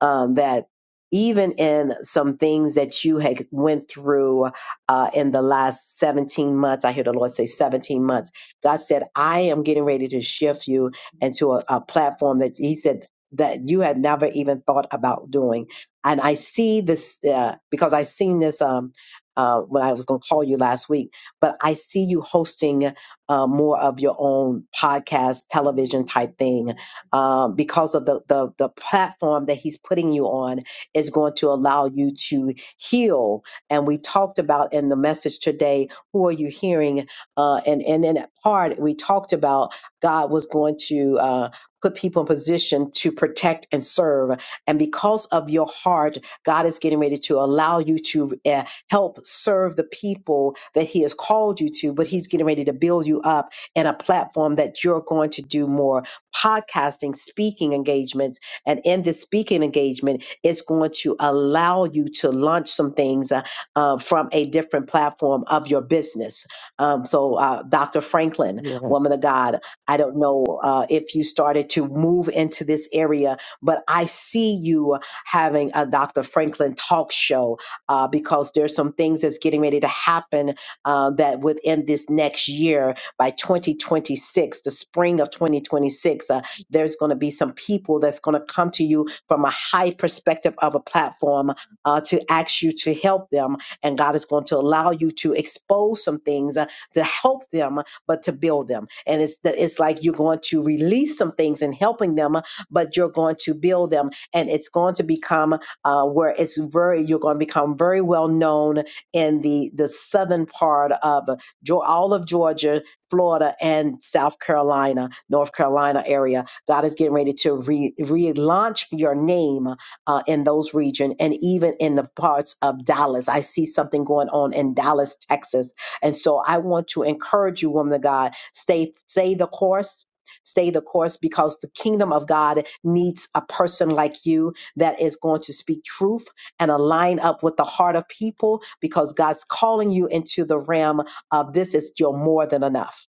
um, that even in some things that you had went through uh, in the last 17 months i hear the lord say 17 months god said i am getting ready to shift you into a, a platform that he said that you had never even thought about doing and i see this uh, because i seen this um, uh, when i was going to call you last week but i see you hosting uh, more of your own podcast television type thing um, because of the, the the platform that he's putting you on is going to allow you to heal. And we talked about in the message today, who are you hearing? Uh, and and in that part, we talked about God was going to. Uh, Put people in position to protect and serve. And because of your heart, God is getting ready to allow you to uh, help serve the people that He has called you to, but He's getting ready to build you up in a platform that you're going to do more podcasting, speaking engagements. And in this speaking engagement, it's going to allow you to launch some things uh, uh, from a different platform of your business. Um, so, uh, Dr. Franklin, woman of Yes. God, I don't know uh, if you started to move into this area, but I see you having a Dr. Franklin talk show uh, because there's some things that's getting ready to happen uh, that within this next year by 2026, the spring of 2026. Uh, there's going to be some people that's going to come to you from a high perspective of a platform uh, to ask you to help them. And God is going to allow you to expose some things uh, to help them, but to build them. And it's, the, it's like you're going to release some things and helping them, but you're going to build them. And it's going to become uh, where it's very, you're going to become very well known in the, the southern part of Geo- all of Georgia, Florida and South Carolina, North Carolina area. God is getting ready to re- relaunch your name uh, in those regions and even in the parts of Dallas. I see something going on in Dallas, Texas. And so I want to encourage you, woman of God, stay, stay the course. Stay the course because the kingdom of God needs a person like you that is going to speak truth and align up with the heart of people because God's calling you into the realm uh, this is your more than enough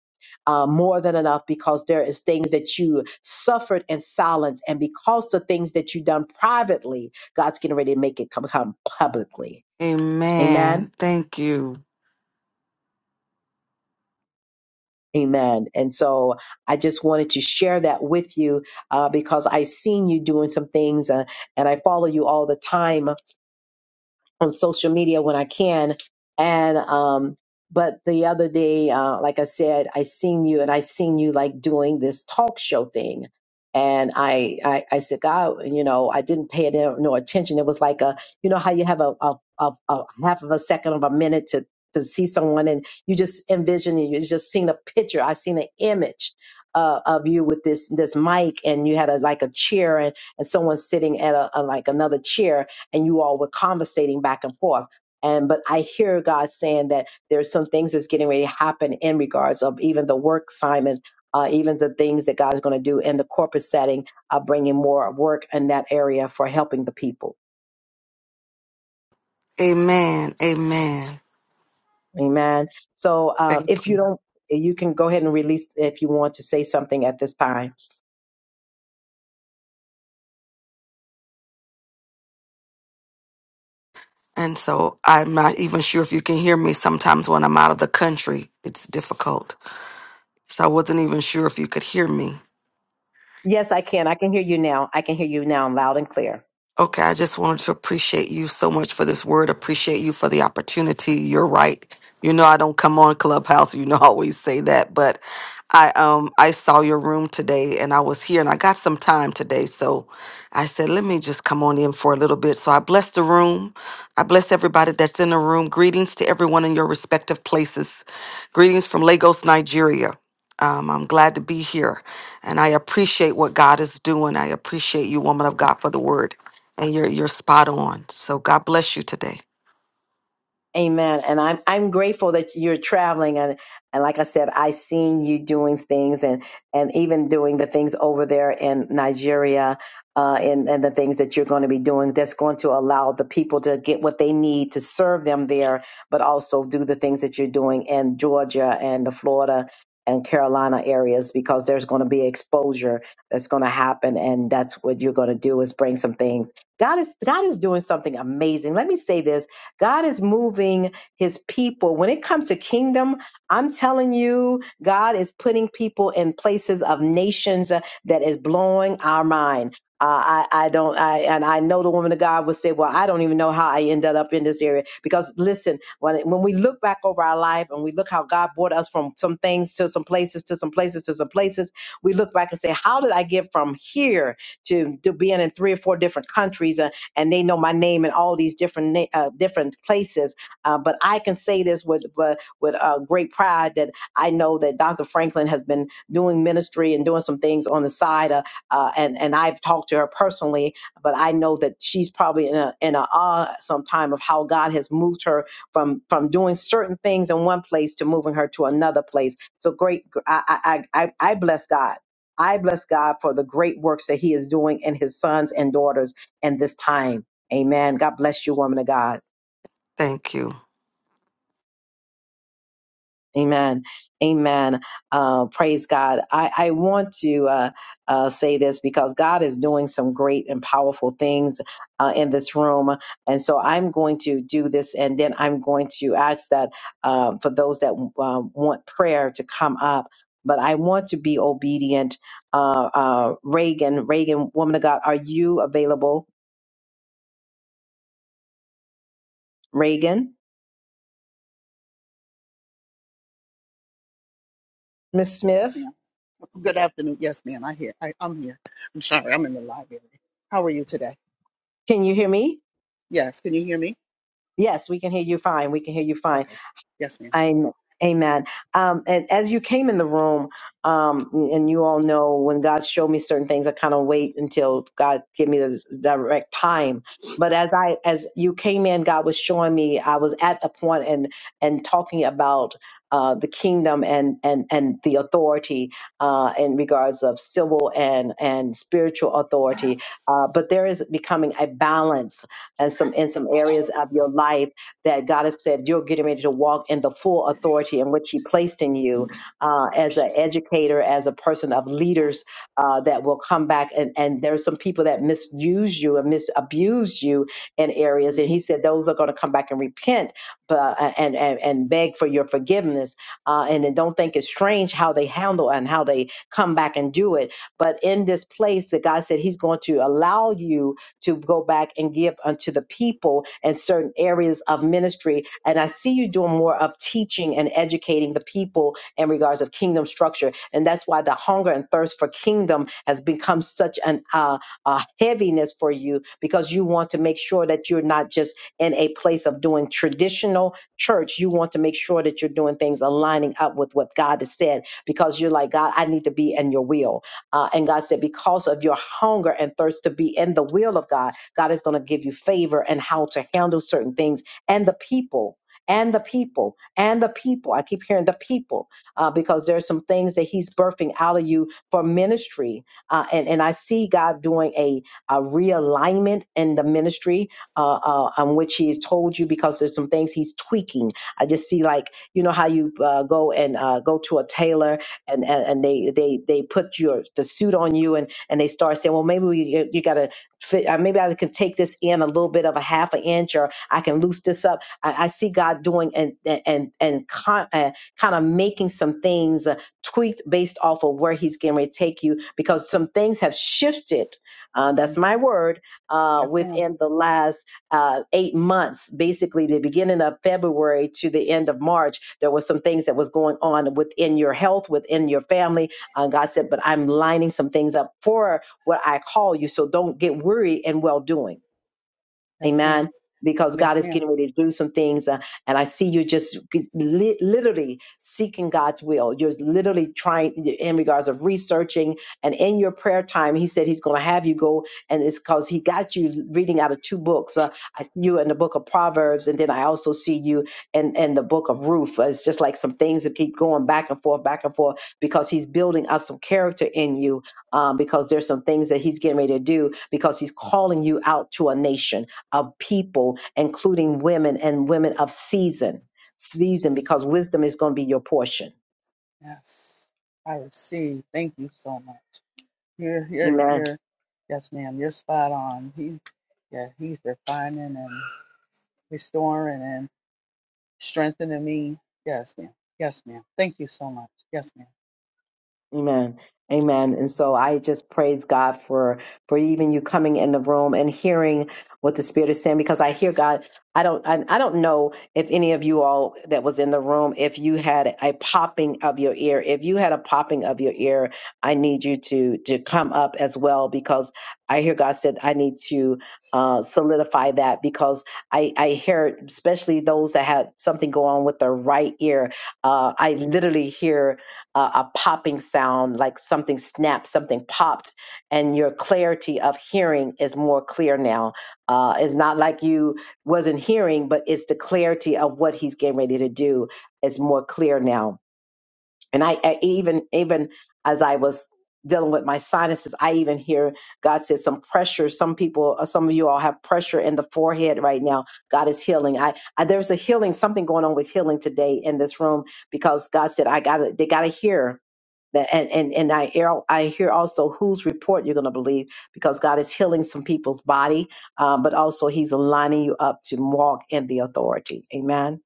uh, more than enough because there is things that you suffered in silence and because of things that you done privately god's getting ready to make it come, come publicly amen Amen. Thank you. amen and so i just wanted to share that with you uh, because i seen you doing some things uh, and i follow you all the time on social media when I can. And um, but the other day, uh, like I said, I seen you and I seen you like doing this talk show thing. And I, I, I said, God, you know, I didn't pay it no no attention. It was like a, you know, how you have a, a, a, a half of a second of a minute to, to see someone and you just envision and you just seen a picture. I seen an image uh, of you with this, this mic and you had a, like a chair and, and someone sitting at a, a like another chair and you all were conversating back and forth. And but I hear God saying that there's some things that's getting ready to happen in regards of even the work Simon, uh, even the things that God's going to do in the corporate setting, uh, bringing more work in that area for helping the people. Amen. Amen. Amen. So uh, Thank if you you. don't, you can go ahead and release if you want to say something at this time. And so I'm not even sure if you can hear me sometimes when I'm out of the country. It's difficult. So I wasn't even sure if you could hear me. Yes, I can. I can hear you now. I can hear you now loud and clear. Okay, I just wanted to appreciate you so much for this word. Appreciate you for the opportunity. You're right. You know I don't come on Clubhouse. You know I always say that, but I um I saw your room today and I was here and I got some time today, so I said let me just come on in for a little bit. So I bless the room. I bless everybody that's in the room. Greetings to everyone in your respective places. Greetings from Lagos, Nigeria. Um, I'm glad to be here and I appreciate what God is doing. I appreciate you, woman of God, for the word. And you're you're spot on. So God bless you today. Amen. And I'm I'm grateful that you're traveling and and like I said, I seen you doing things and and even doing the things over there in Nigeria, uh, and and the things that you're going to be doing that's going to allow the people to get what they need to serve them there, but also do the things that you're doing in Georgia and the Florida and Carolina areas because there's going to be exposure that's going to happen, and that's what you're going to do is bring some things. God is God is doing something amazing. Let me say this God is moving his people. When it comes to kingdom, I'm telling you, God is putting people in places of nations uh, that is blowing our mind. Uh, I, I don't, I, and I know the woman of God would say, well, I don't even know how I ended up in this area. Because listen, when, when we look back over our life and we look how God brought us from some things to some places, to some places, to some places, we look back and say, how did I get from here to, to being in three or four different countries? and they know my name in all these different na- uh, different places. Uh, but I can say this with with, with uh, great pride that I know that Dr. Franklin has been doing ministry and doing some things on the side, uh, uh, and and I've talked to her personally. But I know that she's probably in a in a awe sometime of how God has moved her from from doing certain things in one place to moving her to another place. So great, I I I, I I bless God. I bless God for the great works that He is doing in His sons and daughters and this time. Amen. God bless you, woman of God. Thank you. Amen. Amen. Uh, praise God. I, I want to uh, uh, say this because God is doing some great and powerful things uh, in this room. And so I'm going to do this and then I'm going to ask that uh, for those that uh, want prayer to come up. But I want to be obedient. Uh, uh, Reagan, Reagan, woman of God, are you available? Reagan, Miss Smith, ma'am. Good afternoon. Yes, ma'am. I hear. I, I'm here. I'm sorry. I'm in the library. How are you today? can you hear me? Yes. Can you hear me? Yes, we can hear you fine. We can hear you fine. Okay. Yes, ma'am. I'm amen. Um, and as you came in the room, um, and you all know when God showed me certain things, I kind of wait until God give me the direct time. But as I as you came in, God was showing me I was at the point and and talking about uh, the kingdom and and and the authority uh, in regards of civil and and spiritual authority. Uh, but there is becoming a balance and some in some areas of your life that God has said you're getting ready to walk in the full authority in which He placed in you uh, as an educator, as a person of leaders uh, that will come back. And, and there's some people that misuse you and misabuse you in areas. And He said those are going to come back and repent but, uh, and, and, and beg for your forgiveness. Uh, and then don't think it's strange how they handle and how they come back and do it. But in this place that God said He's going to allow you to go back and give unto the people and certain areas of ministry. And I see you doing more of teaching and educating the people in regards of kingdom structure. And that's why the hunger and thirst for kingdom has become such an uh, a heaviness for you because you want to make sure that you're not just in a place of doing traditional church. You want to make sure that you're doing things aligning up with what God has said because you're like, God, I need to be in your will. Uh, and God said, because of your hunger and thirst to be in the will of God, God is going to give you favor and how to handle certain things and the people. And the people, and the people. I keep hearing the people uh, because there are some things that He's birthing out of you for ministry, uh, and and I see God doing a, a realignment in the ministry uh, uh, on which He has told you because there's some things He's tweaking. I just see like you know how you uh, go and uh, go to a tailor and and, and they they they put your the suit on you and and they start saying well maybe we, you, you gotta fit uh, maybe i can take this in a little bit of a half an inch or i can loose this up i, I see god doing and and and con, uh, kind of making some things uh, tweaked based off of where he's getting ready to take you because some things have shifted uh, that's Mm-hmm. my word uh, Yes, ma'am. within the last uh, eight months, basically the beginning of February to the end of March, there was some things that was going on within your health, within your family. Uh, God said, but I'm lining some things up for what I call you. So don't get worried and well doing. Yes, ma'am. Amen. Because God Yes, is ma'am. getting ready to do some things. uh, and I see you just li- literally seeking God's will. You're literally trying in regards of researching. And in your prayer time, he said he's going to have you go. And it's because he got you reading out of two books. Uh, I see you in the book of Proverbs. And then I also see you in, in the book of Ruth. Uh, It's just like some things that keep going back and forth, back and forth, because he's building up some character in you um, because there's some things that he's getting ready to do because he's calling you out to a nation of people, including women and women of season, season, Jesus. because wisdom is going to be your portion. Yes. I receive. Thank you so much. You're, you're, Amen. you're, yes, ma'am. You're spot on. He, yeah, he's refining and restoring and strengthening me. Yes, ma'am. Yes, ma'am. Thank you so much. Yes, ma'am. Amen. Amen. And so I just praise God for for even you coming in the room and hearing what the Spirit is saying because I hear God. I don't I, I don't know if any of you all that was in the room if you had a popping of your ear. If you had a popping of your ear, I need you to to come up as well because I hear God said I need to uh, solidify that because I I hear especially those that had something go on with their right ear. Uh, I literally hear a, a popping sound, like something snapped, something popped, and your clarity of hearing is more clear now. Uh, it's not like you wasn't hearing, but it's the clarity of what he's getting ready to do is more clear now and I, I even even as I was dealing with my sinuses, I even hear God said some pressure. Some people, uh, some of you all have pressure in the forehead right now. God is healing. I, I there's a healing, something going on with healing today in this room because God said I got to they got to hear. That, and, and and I hear I hear also whose report you're going to believe because God is healing some people's body, um, but also He's lining you up to walk in the authority. Amen.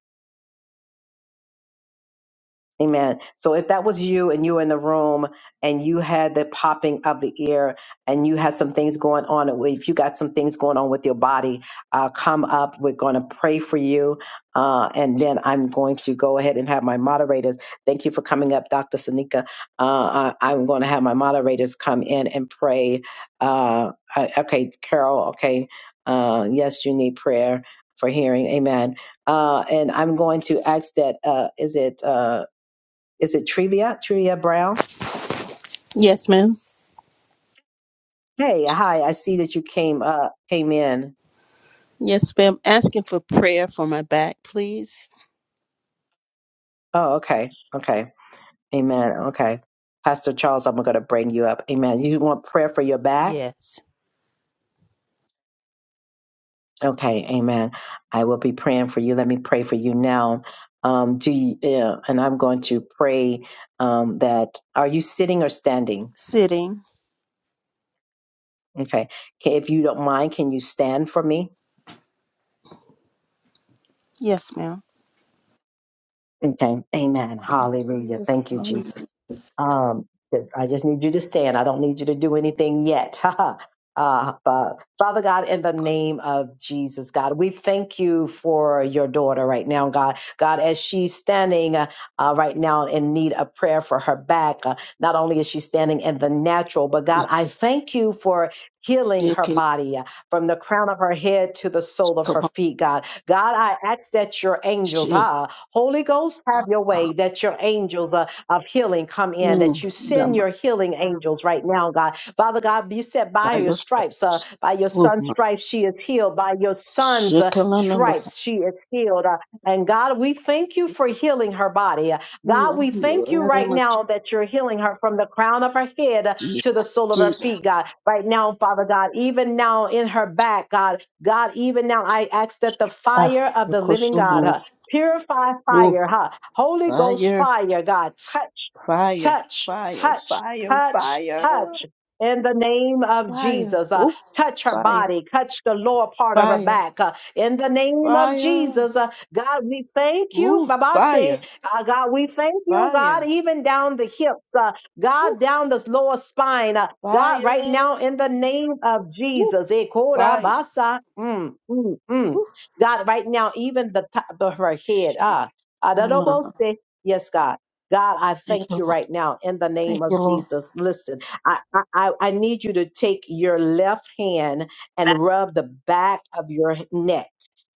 Amen. So if that was you and you were in the room and you had the popping of the ear and you had some things going on, if you got some things going on with your body, uh, come up. We're going to pray for you. Uh, and then I'm going to go ahead and have my moderators. Thank you for coming up, Dr. Sanika. Uh, I- I'm going to have my moderators come in and pray. Uh, I- okay, Carol, okay. Uh, yes, you need prayer for hearing. Amen. Uh, and I'm going to ask that, uh, is it, uh, is it Trivia? Trivia Brown? Yes, ma'am. Hey, hi. I see that you came up, came in. Yes, ma'am. Asking for prayer for my back, please. Oh, okay. Okay. Amen. Okay. Pastor Charles, I'm going to bring you up. Amen. You want prayer for your back? Yes. Okay. Amen. I will be praying for you. Let me pray for you now. Um, do you, yeah, and I'm going to pray um, that are you sitting or standing? Sitting. Okay. Can, if you don't mind, can you stand for me? Yes, ma'am. Okay. Amen. Hallelujah. Jesus, Thank you, hallelujah. Jesus. Um, yes, I just need you to stand. I don't need you to do anything yet. uh, but Father God, in the name of Jesus, God, we thank you for your daughter right now, God. God, as she's standing uh, uh, right now in need of prayer for her back, uh, not only is she standing in the natural, but God, I thank you for healing her Yeke, body uh, from the crown of her head to the sole of her kaba, feet, God. God, I ask that your angels, she, huh? Holy Ghost, have ah, your ah, way that your angels uh, of healing come in, mm, that you da send your ma- healing angels right now, God. Father God, you said by by your your stripes, uh, stripes. by your oh, son's my. stripes, she is healed. By your she, son's urma, uh, shekela, namba, stripes, she is healed. Uh, and God, we thank you for healing her body. Uh, God, heal, we heal, thank in you the right name of now that you're healing her from the crown of her head uh, Jesus, to the sole of her feet, Jesus, God. Right now, Father God, even now in her back, God, God, even now I ask that the ah, fire of the living God, uh, yokoso, Purify oh, fire, huh? Holy Ghost fire, fire, God. Touch, fire, touch, fire, touch, fire, touch, fire, touch. In the name of fire, Jesus, uh, oh, touch her fire, body, touch the lower part of her fire. back. uh, in the name of Fire. Jesus, uh, God, we thank you. Ooh, Baba say, fire. uh, God, we thank you, God, Fire. even down the hips, uh, Ooh, God, down this lower spine. uh, God, right now, fire. in the name of Ooh, Jesus. Eh, fire. Korabasa. Mm, mm, mm. Ooh, God, right now, even the top of her head, shit. ah, Come Adadobose, on. yes, God. God, I Thank thank you, you Lord. right now in the Thank name you, of Lord. Jesus. Listen, I, I, I I need you to take your left hand and rub the back of your neck,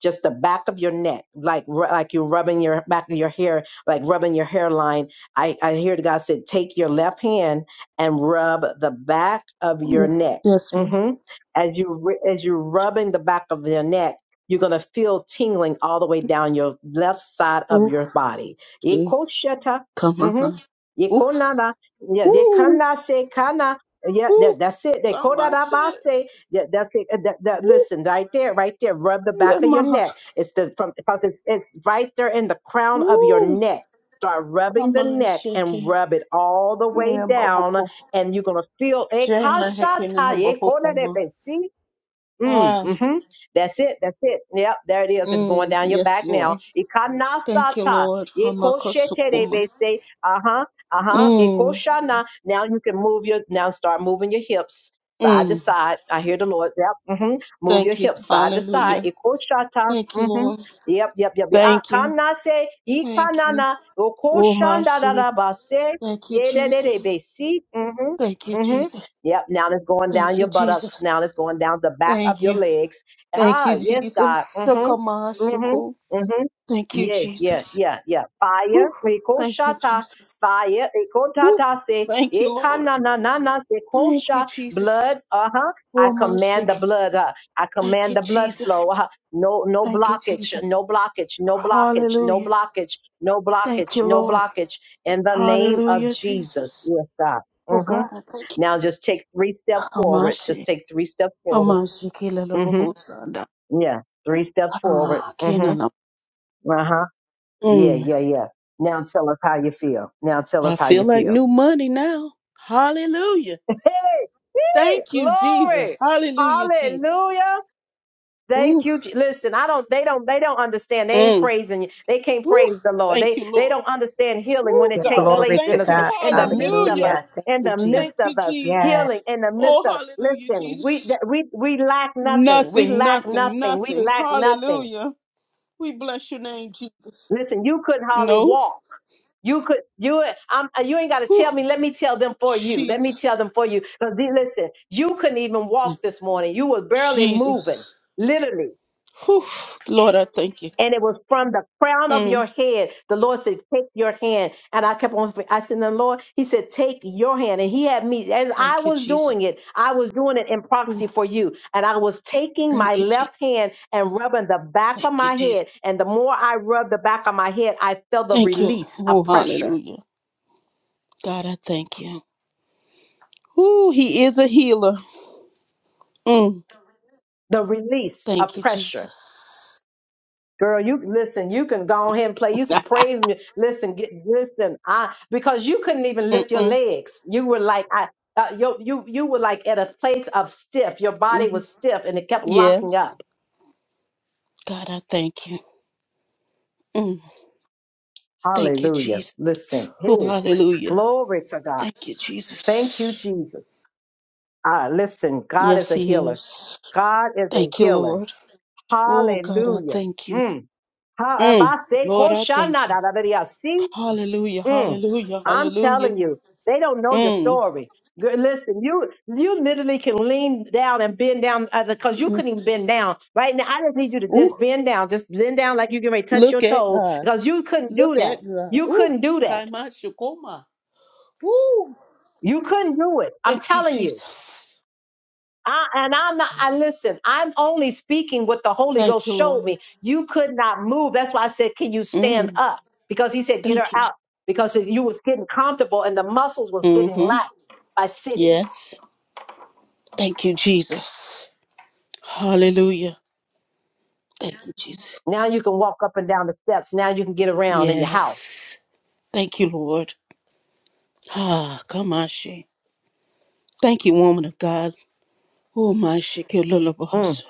just the back of your neck, like ru- like you're rubbing your back of your hair, like rubbing your hairline. I, I hear God said, take your left hand and rub the back of your Yes, neck. yes, ma'am. hmm As you ru- as you're rubbing the back of your neck you're going to feel tingling all the way down your left side of Ooh, your body. shit. Ikosheta. Come on. Mm-hmm. Ooh, Ikonana. Yeah, they ooh, kana se kana. Yeah, ooh. that, that's it. They Come on, shit. kodarabase. Yeah, that's it. Uh, That, that, Ooh, listen, right there, right there. Rub the yeah, back of your ma. neck. It's the from because it's, it's right there in the crown of your Ooh. neck. Start rubbing Come the on, neck shake and it. rub it all the way Yeah, down, bahoko. and you're gonna feel a Shame and kashata hikin in the bahoko, ma. Mm, Ah. hmm That's it. That's it. Yep, there it is. It's going Mm, down your yes, back now. Lord. Thank you, Ikanasata. Lord. Hamakosukuma. Ikosheterebese. Uh-huh. Uh-huh. Mm, Ikoshana. Now you can move your now start moving your hips side to mm. side. I hear the Lord. Yep. hmm Move your Thank you. hips side to side. Hallelujah. Ikoshata. Thank you, Mm-hmm. Lord. Yep, yep, yep, yep. Thank you. Akanase. Thank you. Ikanana. Oh, my shit. Okoshandarabase. Thank you, Jesus. Yederebesi. Mm-hmm. Thank you, mm-hmm. Jesus. Yep, now it's going down Thank you, your buttocks. Jesus. Now it's going down the back of Thank your you. legs. Thank Ah, you, yes, God. Jesus. Mm-hmm. Mm-hmm. Shakamashuku. Mm-hmm. Thank you, Yeah, yeah, Jesus. yeah, yeah. Whew. Fire, Thank you, rikoshata, Jesus. fire, Whew. rikotata, se, Thank you, Lord. ekananana, se, Thank you, kosha, Jesus. blood, uh-huh. I Oh, my command the shit. blood, uh, I Thank command you, the blood Jesus. flow. Uh, no, no Thank you, blockage, Jesus. no blockage, no blockage, no Hallelujah. blockage, no Thank blockage, you, no Lord. blockage. In the name of Hallelujah, Jesus, Jesus. yes, God. Oh Mm-hmm. God, I thank you. Now just take three steps forward. Amashi, Just take three steps forward. Amashi, Kila Laboho Mm-hmm. Sanda. Yeah. Three steps forward. Ah, Kena Mm-hmm. Lab- Uh-huh. Yeah, Mm. yeah, yeah. Now tell us how you feel. Now tell I us how feel you like feel. new money now. Hallelujah. Hey, hey, Thank you, Jesus. glory. Hallelujah, Jesus. Hallelujah. Thank Ooh. you. Je- Listen, I don't. They don't. They don't understand. They ain't Mm. praising you. They can't Ooh. praise the Lord. Thank They you, they Lord. don't understand healing when Ooh, it Hallelujah. take God, I Glory place to in thank us you. God. in the midst of Hallelujah. us. Hallelujah. Thank In you, the midst Thank Jesus. you, of us, Yes. healing Jesus. in the midst Oh, of. hallelujah, Listen, we Jesus. that- we we lack nothing. We Nothing, lack nothing, nothing. We nothing. lack nothing. Hallelujah. We bless your name, Jesus. Listen, you couldn't hardly No. walk. You could. You. I'm, you ain't got to tell Ooh, me. Let me tell them for you. Let me Jesus. tell them for you. Because listen, you couldn't even walk this morning. You were barely moving. Jesus. Literally. Whew. Lord, I thank you. and it was from the crown of your Mm. head. The Lord said, Take your hand. And I kept on asking the Lord, He said, Take your hand. And He had me, as I Thank you, was Jesus. doing it, I was doing it in Ooh. proxy for you. And I was taking my Thank you, Jesus. left hand and rubbing the back Thank of you, my Jesus. head. And the more I rubbed the back of my head, I felt the Thank you. release of Oh, pressure. hallelujah. God, I thank you. Ooh, he is a healer. Mm. The release of Thank you, pressure Jesus. Girl, you listen, you can go ahead and play you some praise music. Listen, get listen, I because you couldn't even lift your Mm-mm. legs. You were like I uh, you you you were like at a place of stiff. Your body Mm-hmm. was stiff and it kept locking Yes. up. God, I thank you. Mm. Thank you, Hallelujah. Jesus. Listen. Hey, Oh, hallelujah. glory to God. Thank you, Thank you, Jesus. Jesus. Ah, listen, God is Yes, a he healer. is. God is a Thank you, healer. Lord. Oh, God, I Hallelujah. thank you. Mm. Ha- Mm. abase, Lord, I kosha, thank na, you. da, da, da, da, See? Hallelujah, Mm. hallelujah, I'm hallelujah. telling you, they don't know your Mm. story. Good- Listen, you you literally can lean down and bend down because you mm. couldn't even bend down right now. I just need you to just Ooh, bend down, just bend down like you can ready to touch your look at toe God. because you couldn't do Look that. at God. You Ooh, couldn't do that. Kaima Shukoma. Ooh, You couldn't do it. I'm thank you, telling you. Jesus. I, and I'm not, I listen, I'm only speaking what the Holy Thank Ghost you, showed Lord. me. You could not move. That's why I said, Can you stand Mm. up? Because he said, Get her Thank you. out. Because if you was getting comfortable and the muscles was getting Mm-hmm. lax by sitting. Yes. Thank you, Jesus. Hallelujah. Thank you, Jesus. Now you can walk up and down the steps. Now you can get around in your house. Yes. Thank you, Lord. Ah, Kamashi. Thank you, woman of God. Oh, my Mm. Shikilulabahasa.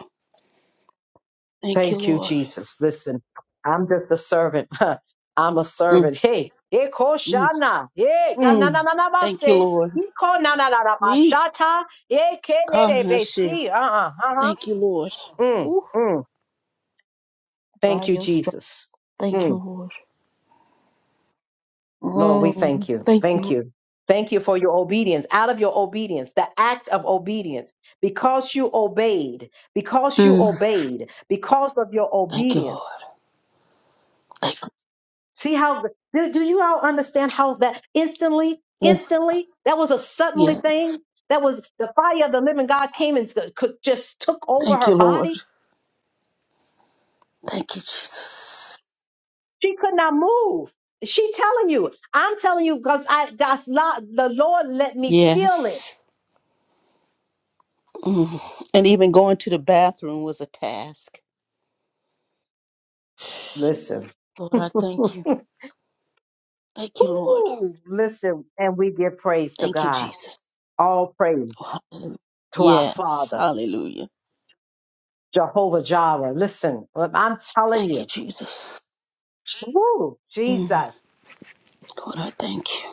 Thank you, Thank you, Lord. Jesus. Listen, I'm just a servant. I'm a Mm. servant. Hey, hey, mm. Koshana. Hey, Mm. Thank you, Ganananabase. Lord. Iko Eeh, nananabashata. Hey, Come, my shit. Kenebesi. Uh uh uh uh. Thank you, Lord. Mm, Ooh, mm. by Thank you, your strength. Jesus. Thank you, Mm. Lord. Lord, we Mm. thank you. Thank you. Thank you. Thank you for your obedience. Out of your obedience, the act of obedience, because you obeyed, because you Mm. obeyed, because of your Thank you, obedience. Lord. Thank you. See how do, do you all understand how that instantly, Yes. instantly, that was a suddenly Yes. thing? That was the fire of the living God came and could, just took over Thank her you, Lord. body. Thank you, Jesus. She could not move. She telling you, I'm telling you because I that's not the Lord let me feel it. Yes. Mm. And even going to the bathroom was a task. Listen. Lord, I thank you. Thank you, Lord. Ooh, listen, and we give praise to Thank you, God. Jesus. All praise Oh, hallelujah. to our Yes. Father, Hallelujah. Jehovah Jireh. Listen, I'm telling Thank you, you. Jesus. Woo, Mm. Jesus. Lord, I thank you.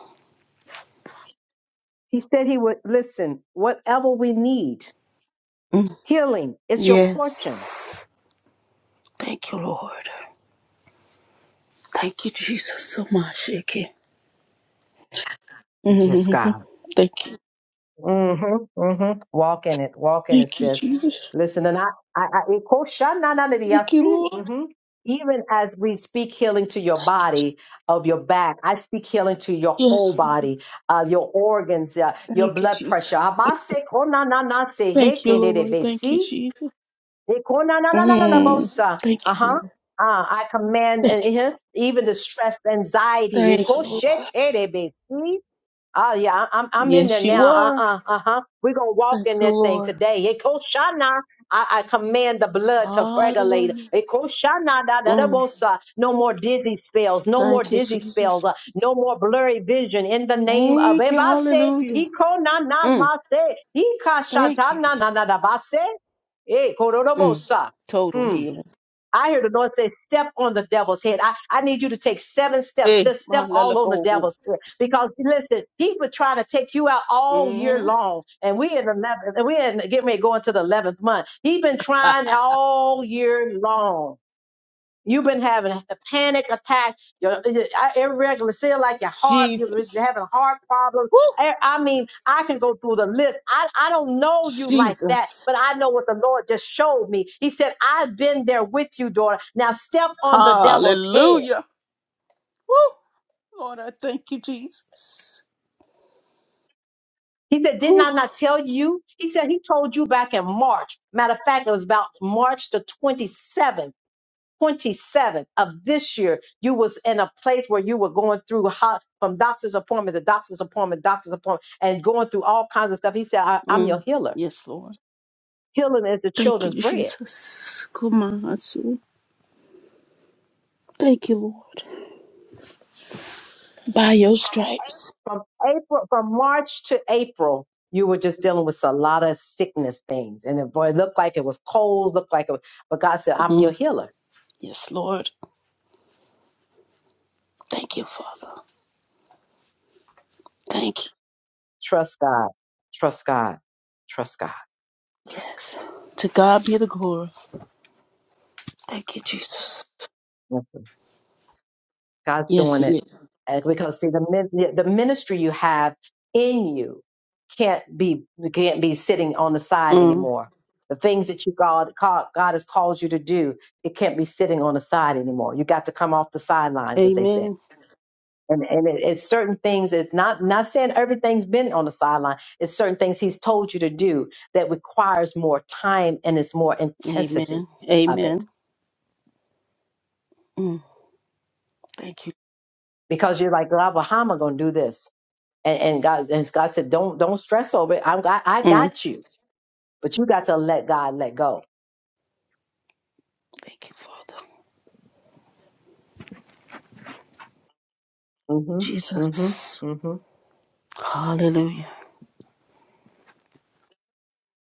He said he would listen, whatever we need, Mm. healing, it's your portion. Yes. Thank you, Lord. Thank you, Jesus, so much, Ike. Yes, Mhm. God. Thank you. Mm-hmm. Mm-hmm. Walk in it. Walk in it, Thank you, sis. Jesus. Listen, and I, I, I it goes shananadidi, I Thank you, see. Lord. Mm-hmm. Even as we speak healing to your Thank you, Jesus. body, of your back, I speak healing to your whole Yes, Lord. body, uh, your organs, uh, your Thank you, blood Jesus. pressure. Abase konananase Thank you, Lord. Thank you, hekenedebesi. Jesus. Mm. Ikonananananabosa. Thank you, Uh-huh. Lord. Uh, I command uh, Thank you. uh-huh, even the stress, anxiety. Thank you, Lord. Ikosheterebesi. Oh yeah, I- I'm I'm in there Yes, you now. Uh are. uh uh huh. We're gonna walk Thank in you, that thing Lord. today. Ekoshana, I, I command the blood to regulate. Hallelujah. Ekoshana, da da da Mm. bosa. No more dizzy spells. No more Thank you, dizzy spells. Jesus. Uh, no more blurry vision. In the name of Thank you, Ebase, hallelujah. Ikona na na Mm. mase, Thank Ikashatana you. na na na da base, E Mm. kororobosa. Total healing. I hear the Lord say, step on the devil's head. I, I need you to take seven steps. Hey, Just my step all on the lalago. devil's head. Because listen, he was trying to take you out all year hmm long. And we in eleven and we in getting ready to go into the eleventh month. He's been trying all year long. You've been having a panic attack. Your your- I- irregular feel like your heart. You're Jesus. having heart problems. Woo. I, I mean, I can go through the list. I I don't know you like that, Jesus. but I know what the Lord just showed me. He said, "I've been there with you, daughter. Now step on the devil's head." Hallelujah. Woo. Lord, I thank you, Jesus. He said, Didn't Woo. I not tell you? He said, He told you back in March. Matter of fact, it was about March the 27th. 27th of this year, you was in a place where you were going through hot, from doctor's appointment to doctor's appointment, doctor's appointment, and going through all kinds of stuff. He said, I, I'm your Mm. healer. Yes, Lord. Healing is the Thank you, children's bread. Jesus. Come on, Hatsu. Thank you, Lord. By your stripes. From April, from March to April, you were just dealing with a lot of sickness things. And it, boy, it looked like it was cold, looked like it was, but God said, I'm your Mm. healer. Yes, Lord. Thank you, Father. Thank you. Trust God. Trust God. Trust God. Trust Yes. To God be the glory. Thank you, Jesus. God. God's Yes, doing He it. is. And because see the min- the ministry you have in you can't be can't be sitting on the side Mm. anymore. The things that you God call- God has called you to do, it can't be sitting on the side anymore. You got to come off the sidelines, as they said. Amen. And and it, it's certain things. It's not not saying everything's been on the sideline. It's certain things He's told you to do that requires more time and it's more intensity Amen. of it Amen. Mm. Thank you. because you're like, God, well, how am I going to do this? and, and God and God said, "Don't don't stress over it. I'm got I Mm. got you, but you got to let God let go." Thank you, Father. hmm hmm Jesus. hmm Hallelujah.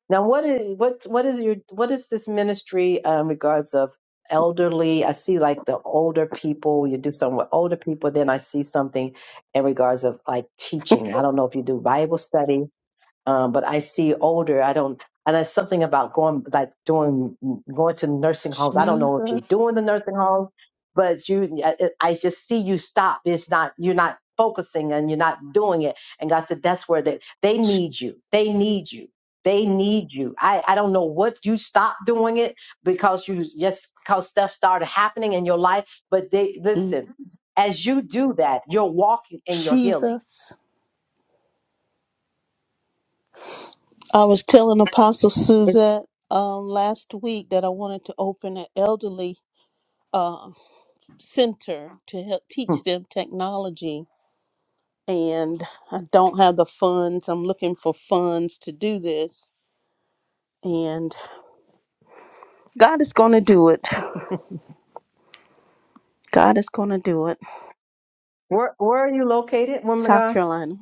Now, what is what what is your what is this ministry uh, in regards of elderly? I see like the older people. You do something with older people. Then I see something in regards of like teaching. I don't know if you do Bible study um, but I see older. I don't, and it's something about going like doing going to nursing homes. I don't know if you're Jesus. doing the nursing home, but you, I, I just see you stop. It's not you're not focusing and you're not doing it. And God said that's where they they need you. They need you. They need you. I, I don't know what you stopped doing it because you just because stuff started happening in your life. But they Mm. listen, as you do that, you're walking in your healing. Jesus. I was telling Apostle It's Suzette um, last week that I wanted to open an elderly uh, center to help hmm, teach them technology. And I don't have the funds. I'm looking for funds to do this. And God is going to do it. God is going to do it. where where are you located, woman of South God? Carolina.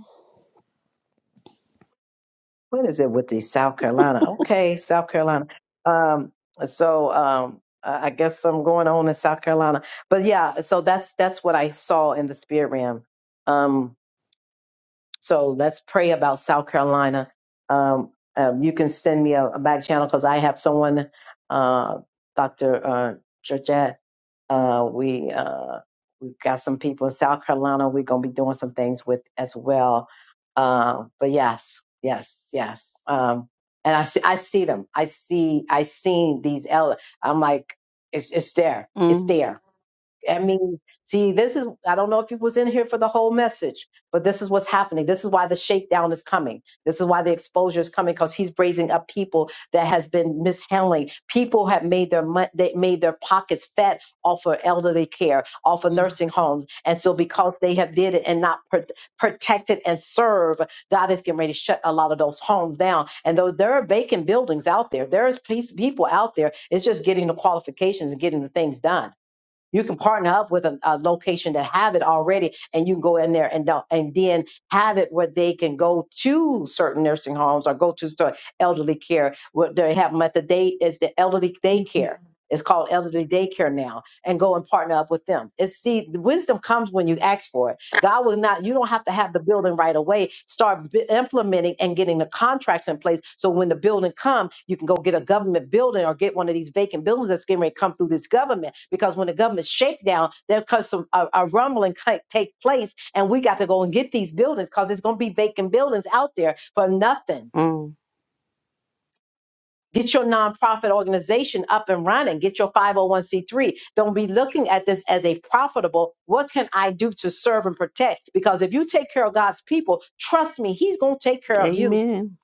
what is it with the South Carolina? Okay, South Carolina. Um, so um, I I guess some going on in South Carolina, but yeah. So that's that's what I saw in the spirit realm. Um, so let's pray about South Carolina. Um, um, you can send me a, a back channel because I have someone, uh, Doctor uh, Georgette. Uh, we uh, we've got some people in South Carolina. We're gonna be doing some things with as well. Uh, but yes, yes, yes. Um, and I see, I see them. I see, I seen these. Ele- I'm like, it's it's there. It's Mm. there that means, see, this is, I don't know if it was in here for the whole message, but this is what's happening. This is why the shakedown is coming. This is why the exposure is coming because he's raising up people that has been mishandling. People have made their mon- they made their pockets fat off of elderly care, off of Mm. nursing homes. And so because they have did it and not pro- protected and serve, God is getting ready to shut a lot of those homes down. And though there are vacant buildings out there, there is peace, people out there. It's just getting the qualifications and getting the things done you can partner up with a, a location that have it already, and you can go in there and don't- and then have it where they can go to certain nursing homes or go to certain elderly care. What they have them at the day is the elderly Mhm. daycare. It's called elderly daycare now, and go and partner up with them. It's see, the wisdom comes when you ask for it God was not, you don't have to have the building right away. Start b- implementing and getting the contracts in place. So when the building come, you can go get a government building or get one of these vacant buildings that's getting ready to come through this government. Because when the government shakedown, there comes some a, a rumbling ki- take place, and we got to go and get these buildings because it's going to be vacant buildings out there for nothing Mm. Get your nonprofit organization up and running. Get your 501c3. Don't be looking at this as a profitable. What can I do to serve and protect? Because if you take care of God's people, trust me, He's going to take care of you Amen.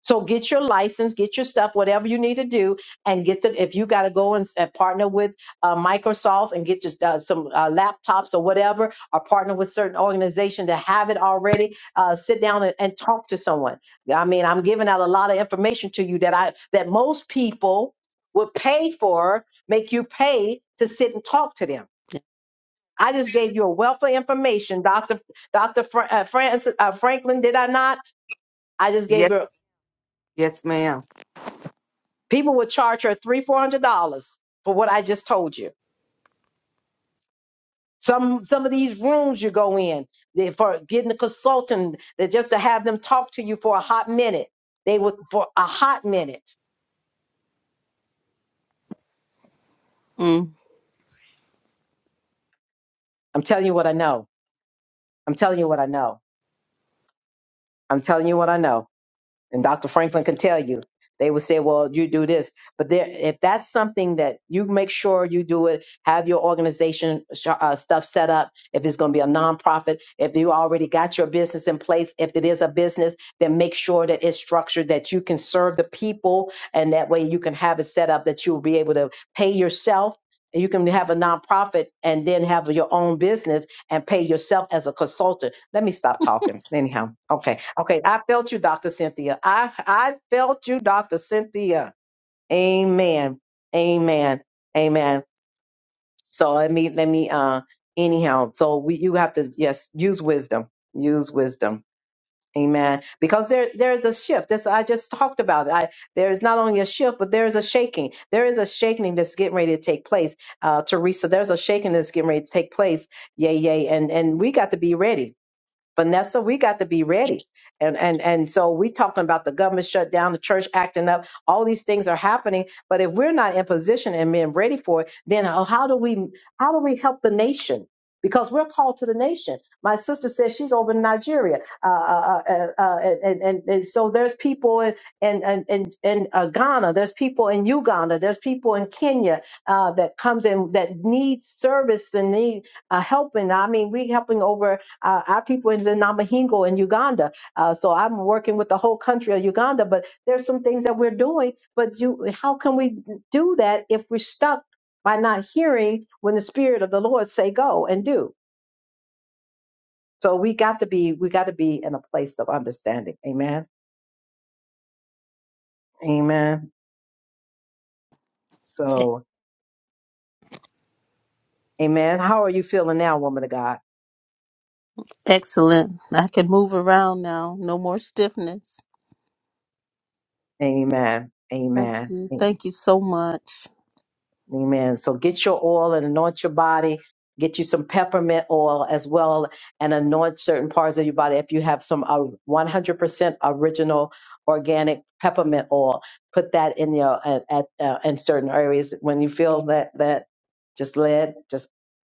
so get your license, get your stuff, whatever you need to do, and get the. If you got to go and, s- and partner with uh, Microsoft and get just uh, some uh, laptops or whatever, or partner with certain organization to have it already, uh, sit down and, and talk to someone. I mean, I'm giving out a lot of information to you that I that most people would pay for, make you pay to sit and talk to them. I just gave you a wealth of information, Doctor Doctor Fr- uh, Francis uh, Franklin. Did I not? I just gave Yes, you. yes, ma'am. People would charge her three, four hundred dollars for what I just told you. Some some of these rooms you go in they- for getting a consultant that just to have them talk to you for a hot minute. They would for a hot minute. Mm. I'm telling you what I know. I'm telling you what I know. I'm telling you what I know. and Dr. Franklin can tell you. They would say, "Well, you do this," but there, if that's something that you make sure you do it, have your organization sh- uh, stuff set up. If it's going to be a nonprofit, if you already got your business in place, if it is a business, then make sure that it's structured that you can serve the people, and that way you can have it set up that you'll be able to pay yourself. You can have a nonprofit and then have your own business and pay yourself as a consultant let me stop talking. Anyhow, okay, okay. I felt you, Doctor Cynthia. I I felt you, Doctor Cynthia. Amen. Amen. Amen. So let me let me uh anyhow. So we you have to yes use wisdom. Use wisdom. Amen. Because there there is a shift. This I just talked about. it. I there is not only a shift, but there is a shaking. There is a shaking that's getting ready to take place. Uh, Teresa, there's a shaking that's getting ready to take place. Yay, yay. And and we got to be ready Vanessa, we got to be ready. And and and so we talking about the government shutdown, the church acting up, all these things are happening. But if we're not in position and being ready for it, then how how do we how do we help the nation? Because we're called to the nation. My sister says she's over in Nigeria, uh, uh, uh, uh, uh, and, and, and and so there's people in in in, in, in uh, Ghana, there's people in Uganda, there's people in Kenya uh, that comes in that need service and need uh, helping. I mean, we helping over uh, our people is in Namahingo in Uganda. Uh, so I'm working with the whole country of Uganda, but there's some things that we're doing. But you, how can we do that if we're stuck by not hearing when the Spirit of the Lord say go and do? So we got to be, we got to be in a place of understanding. Amen. Amen. So, amen. How are you feeling now, woman of God? Excellent. I can move around now. No more stiffness. Amen. Thank Amen. you. Amen. Thank you so much. Amen. So get your oil and anoint your body. Get you some peppermint oil as well and anoint certain parts of your body. If you have some uh, 100% original organic peppermint oil, put that in your at, at uh, in certain areas when you feel that that just let just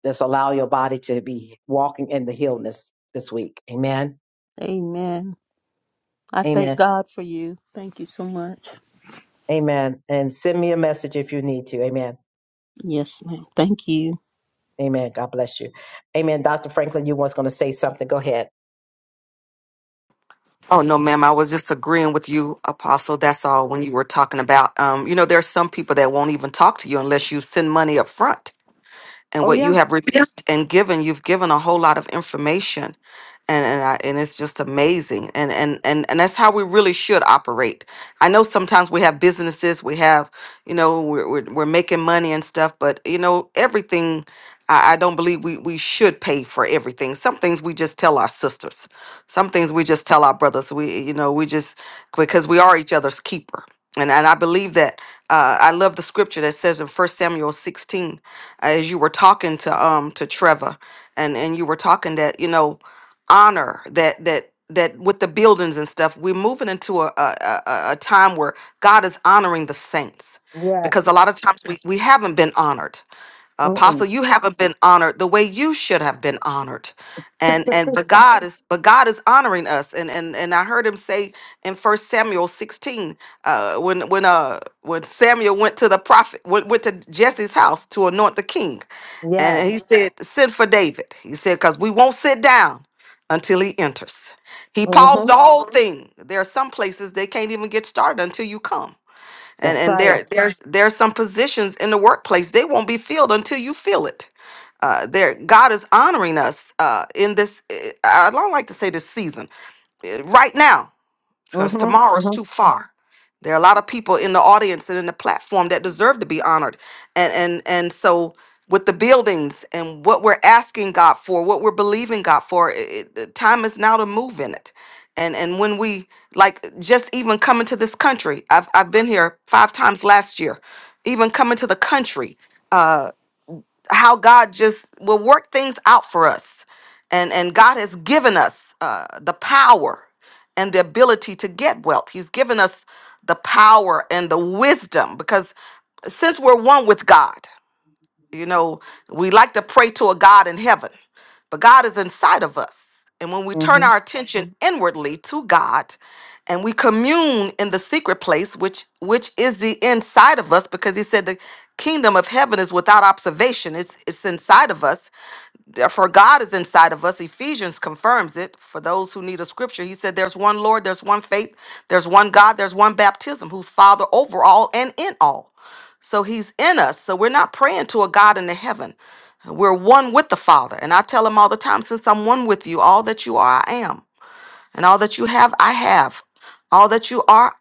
just allow your body to be walking in the healness this week. Amen. Amen. I thank Amen. God for you. Thank you so much. Amen. And send me a message if you need to. Amen. Yes, ma'am. Thank you. Amen. God bless you. Amen. Dr. Franklin, you was going to say something. Go ahead. Oh no, ma'am. I was just agreeing with you, Apostle. That's all. When you were talking about, um, you know, there are some people that won't even talk to you unless you send money up front. and Oh what you yeah. have Yeah. released and given you've given a whole lot of information and and, I, and it's just amazing and, and and and that's how we really should operate i know sometimes we have businesses we have you know we're, we're, we're making money and stuff but you know everything I, I don't believe we we should pay for everything some things we just tell our sisters some things we just tell our brothers we you know we just because we are each other's keeper and and i believe that uh, i love the scripture that says in First samuel 16 as you were talking to um to Trevor and and you were talking that you know honor that that that with the buildings and stuff we're moving into a a, a, a a time where God is honoring the saints Yes. because a lot of times we, we haven't been honored Mm-mm. apostle you haven't been honored the way you should have been honored and and but god is but god is honoring us and and and i heard him say in first samuel 16 uh when when uh when samuel went to the prophet went, went to jesse's house to anoint the king and he Yes. said send for david he said because we won't sit down until he enters he paused Mm-hmm. the whole Mhm. thing there are some places they can't even get started until you come and That's and there right. Right. there's there's some positions in the workplace they won't be filled until you feel it uh there god is honoring us uh in this eh, i don't like to say this season eh, right now because Mm-hmm. tomorrow's too Mm-hmm. far. There are a lot of people in the audience and in the platform that deserve to be honored. And and and so with the buildings and what we're asking God for, what we're believing God for, it, it- the time is now to move in it. And and when we like just even coming to this country, I've I've been here five times last year. Even coming to the country. uh, how God just will work things out for us. And, and God has given us uh, the power and the ability to get wealth. He's given us the power and the wisdom because since we're one with God. You know, we like to pray to a God in heaven, but God is inside of us. And when we turn Mm-hmm. our attention Mhm. inwardly to God and we commune in the secret place, which which is the inside of us, because he said the kingdom of heaven is without observation. It's it's inside of us Therefore, God is inside of us. Ephesians confirms it. For those who need a scripture, he said, There's one Lord, there's one faith, there's one God, there's one baptism, who's Father over all and in all. So he's in us. So we're not praying to a God in the heaven. We're one with the Father. And I tell him all the time, Since I'm one with you, all that you are, I am. And all that you have, I have. All that you are,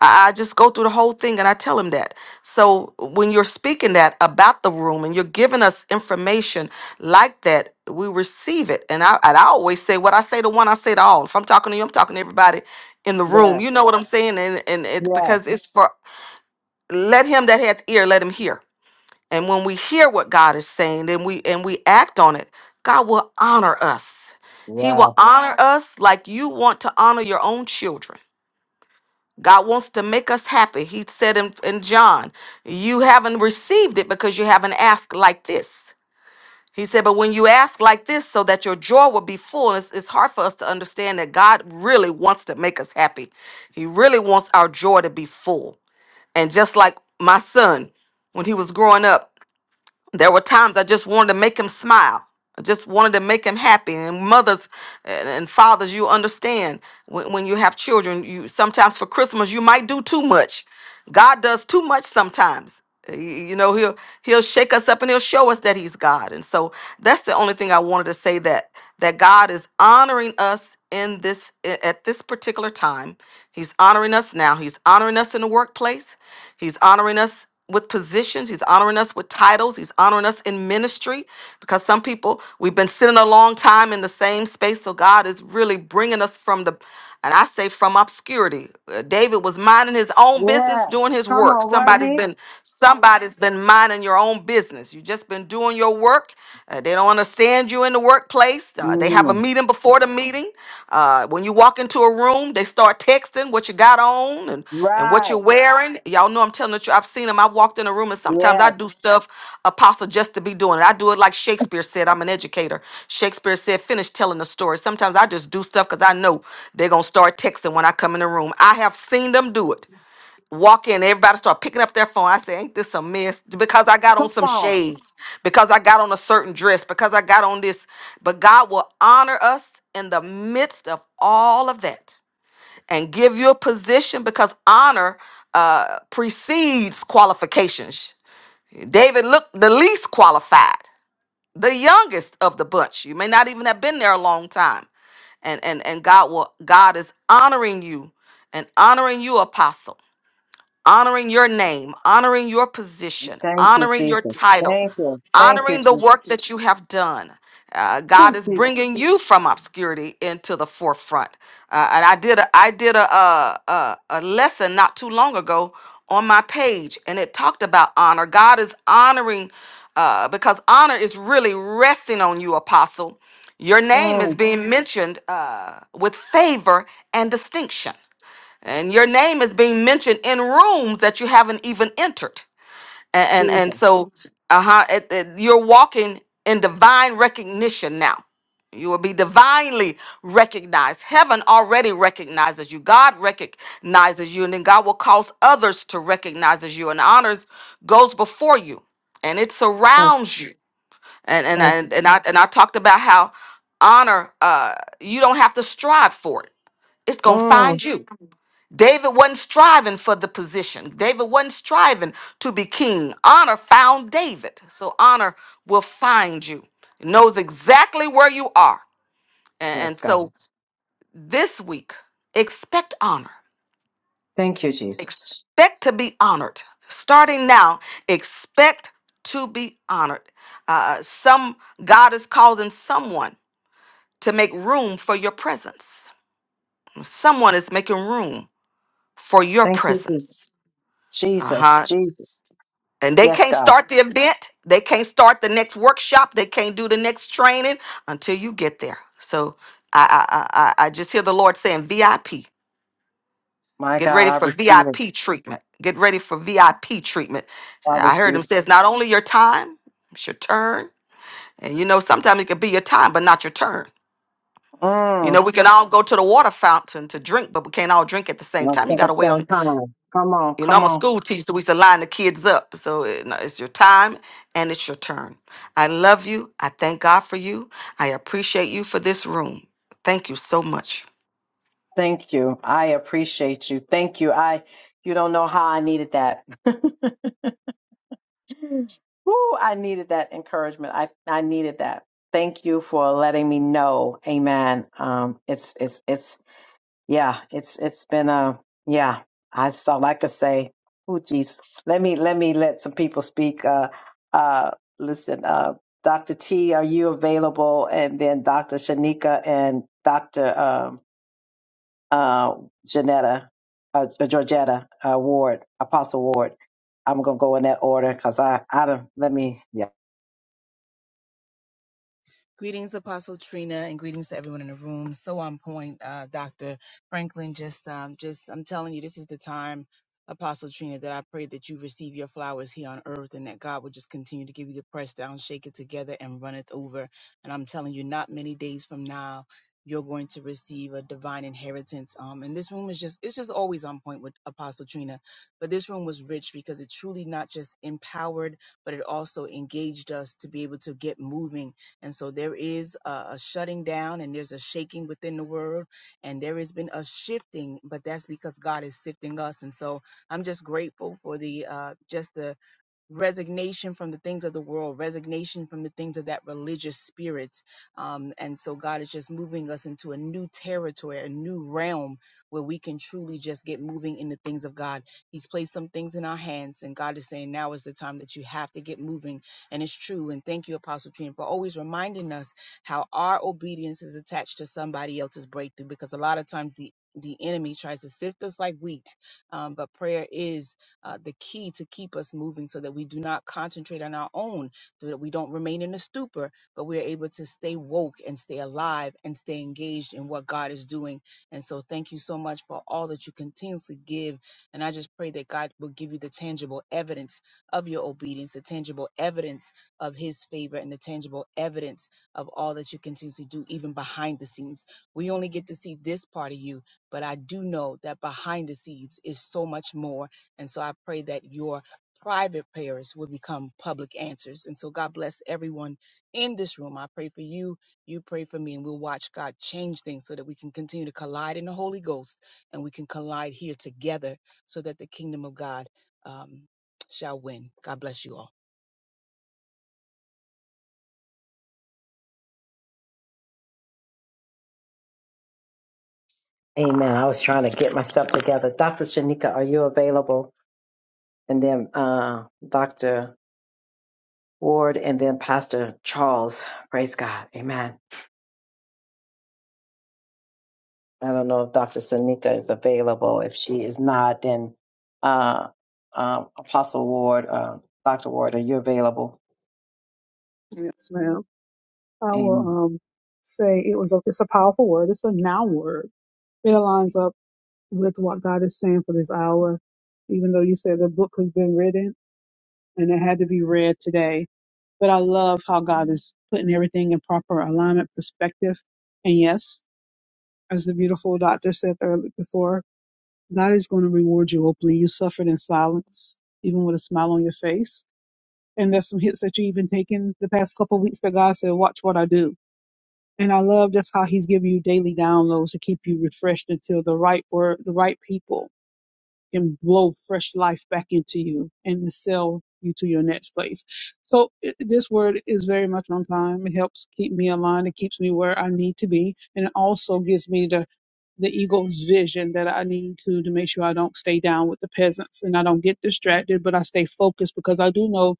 I, I just go through the whole thing and I tell him that. So when you're speaking that about the room and you're giving us information like that, we receive it. And I, and I always say what I say to one, I say to all. If I'm talking to you, I'm talking to everybody in the room. Yes. You know what I'm saying? And, and it, Yes. because it's for let him that hath ear, let him hear and when we hear what God is saying, then we and we act on it, God will honor us. He will Yes. honor Wow. us like you want to honor your own children. God wants to make us happy. He said in, in John, You haven't received it because you haven't asked like this. He said, But when you ask like this, so that your joy will be full, it's, it's hard for us to understand that God really wants to make us happy. He really wants our joy to be full. And just like my son, when he was growing up, there were times I just wanted to make him smile. I just wanted to make him happy. And mothers and, and fathers, you understand when, when you have children, you sometimes for Christmas you might do too much. God does too much sometimes. Y- You know, he'll he'll shake us up and he'll show us that he's God. And so that's the only thing I wanted to say that that God is honoring us in this a- at this particular time. He's honoring us now. He's honoring us in the workplace. He's honoring us with positions. He's honoring us with titles. He's honoring us in ministry because some people, we've been sitting a long time in the same space. So God is really bringing us from the, and I say from obscurity. Uh, David was minding his own business, Yes. doing his Come work. on, Somebody's Rodney. been Somebody's been minding your own business. You've just been doing your work. Uh, they don't understand you in the workplace. Uh, they have a Mm. meeting before the meeting. Uh, when you walk into a room, they start texting what you got on and, and what Right. you're wearing. Y'all know I'm telling the truth. I've seen them. I walked in a room and sometimes I Yes. do stuff, Apostle, just to be doing it. I do it like Shakespeare said. I'm an educator. Shakespeare said, finish telling the story. Sometimes I just do stuff because I know they're going to start texting when I come in the room. I have seen them do it walk in, everybody start picking up their phone. I say, ain't this a mess? Because I got on Come some on. shades, because I got on a certain dress, because I got on this. But God will honor us in the midst of all of that and give you a position because honor uh, precedes qualifications. David looked the least qualified, the youngest of the bunch. You may not even have been there a long time. And and and God will God is honoring you and honoring you, apostle honoring your name, honoring your position, Thank you, honoring your Jesus. title, Thank you. Thank you, honoring the Jesus. work that you have done. Uh, Oh, God is Jesus. bringing you from obscurity into the forefront. Uh, and I did a, I did a, a a a lesson not too long ago on my page, and it talked about honor. God is honoring uh, because honor is really resting on you, Apostle. Your name is Mm. being Mhm. mentioned uh, with favor and distinction and your name is being mentioned in rooms that you haven't even entered and and, and Jesus. so uh-huh it- it- you're walking in divine recognition now you will be divinely recognized heaven already recognizes you god recognizes you and then god will cause others to recognize as you and honors goes before you and it Thank surrounds you and and Thank you. and, and i and i talked about how honor uh you don't have to strive for it it's gonna Mm. find you David wasn't striving for the position. David wasn't striving to be king. Honor found David. So honor will find you. It knows exactly where you are. A- And, Yes, God. so this week, expect honor. Thank you, Jesus. Expect to be honored. Starting now, expect to be honored. Uh, some God is causing someone to make room for your presence. Someone is making room for your Thank you, Jesus. presence. Jesus. Uh-huh. Jesus. And they Yes, can't God. start the event. They can't start the next workshop. They can't do the next training until you get there. So I I I, I I just hear the Lord saying VIP. My Get God, ready I for receive it. VIP treatment. Get ready for VIP treatment. I I heard receive him say it's not only your time, it's your turn. And you know, sometimes it could be your time, but not your turn. it. Mm. You know, we can all go to the water fountain to drink, but we can't all drink at the same Let's time. You take the gotta wait on same time. Come on, You know, come I'm a on. school teacher, so we used to line the kids up. So it- no, it's your time and it's your turn. I love you. I thank God for you. I appreciate you for this room. Thank you so much. Thank you. I appreciate you. Thank you. I you don't know how I needed that. Woo, I needed that encouragement. I I needed that. Thank you for letting me know. Amen. Um it's it's it's yeah, it's it's been a yeah. I saw like I could say, oh geez, let me let me let some people speak. Uh, uh, listen, uh, Doctor T, are you available? And then Doctor Shanika and Doctor um, uh, Janetta, uh, uh, Georgetta uh, Ward, Apostle Ward. I'm gonna go in that order because I I don't let me. Yeah, Greetings, Apostle Trina, and greetings to everyone in the room. So on point, uh, Dr. Franklin. Just, um, just, I'm telling you, this is the time, Apostle Trina, that I pray that you receive your flowers here on earth and that God will just continue to give you the press down, shake it together, and run it over. And I'm telling you, not many days from now, you're going to receive a divine inheritance. Um, and this room is just, it's just always on point with Apostle Trina. But this room was rich because it truly not just empowered, but it also engaged us to be able to get moving and so there is a, a shutting down and there's a shaking within the world and there has been a shifting, but that's because God is sifting us. And so I'm just grateful for the uh, just the resignation from the things of the world, resignation from the things of that religious spirit. Um, and so God is just moving us into a new territory, a new realm where we can truly just get moving in the things of God. He's placed some things in our hands, and God is saying, now is the time that you have to get moving. And it's true. And thank you, Apostle Trina, for always reminding us how our obedience is attached to somebody else's breakthrough, because a lot of times the the enemy tries to sift us like wheat, um, but prayer is uh, the key to keep us moving so that we do not concentrate on our own, so that we don't remain in a stupor, but we're able to stay woke and stay alive and stay engaged in what God is doing. And so, thank you so much for all that you continuously give. And I just pray that God will give you the tangible evidence of your obedience, the tangible evidence of His favor, and the tangible evidence of all that you continuously do, even behind the scenes. We only get to see this part of you, but I do know that behind the scenes is so much more and so I pray that your private prayers will become public answers. And so God bless everyone in this room. I pray for you. You pray for me, and we'll watch God change things so that we can continue to collide in the Holy Ghost and we can collide here together so that the kingdom of God um, shall win. God bless you all. Amen. I was trying to get myself together. Doctor Shanika, are you available? And then uh, Doctor. Ward and then Pastor Charles. Praise God. Amen. I don't know if Dr. Sonika is available. If she is not, then uh, uh, Apostle Ward, uh, Dr. Ward, are you available? Yes, ma'am. I will Amen. um say it was a it's a powerful word. It's a now word. It aligns up with what God is saying for this hour, even though you said the book has been written and it had to be read today. But I love how God is putting everything in proper alignment perspective. And yes, as the beautiful doctor said earlier before, God is going to reward you openly. You suffered in silence, even with a smile on your face. And there's some hits that you even taken the past couple of weeks that God said, watch what I do And I love just how he's giving you daily downloads to keep you refreshed until the right word, the right people can blow fresh life back into you and to sell you to your next place. So i- this word is very much on time. It helps keep me aligned. It keeps me where I need to be. And it also gives me the, the ego's vision that I need to, to make sure I don't stay down with the peasants and I don't get distracted, but I stay focused because I do know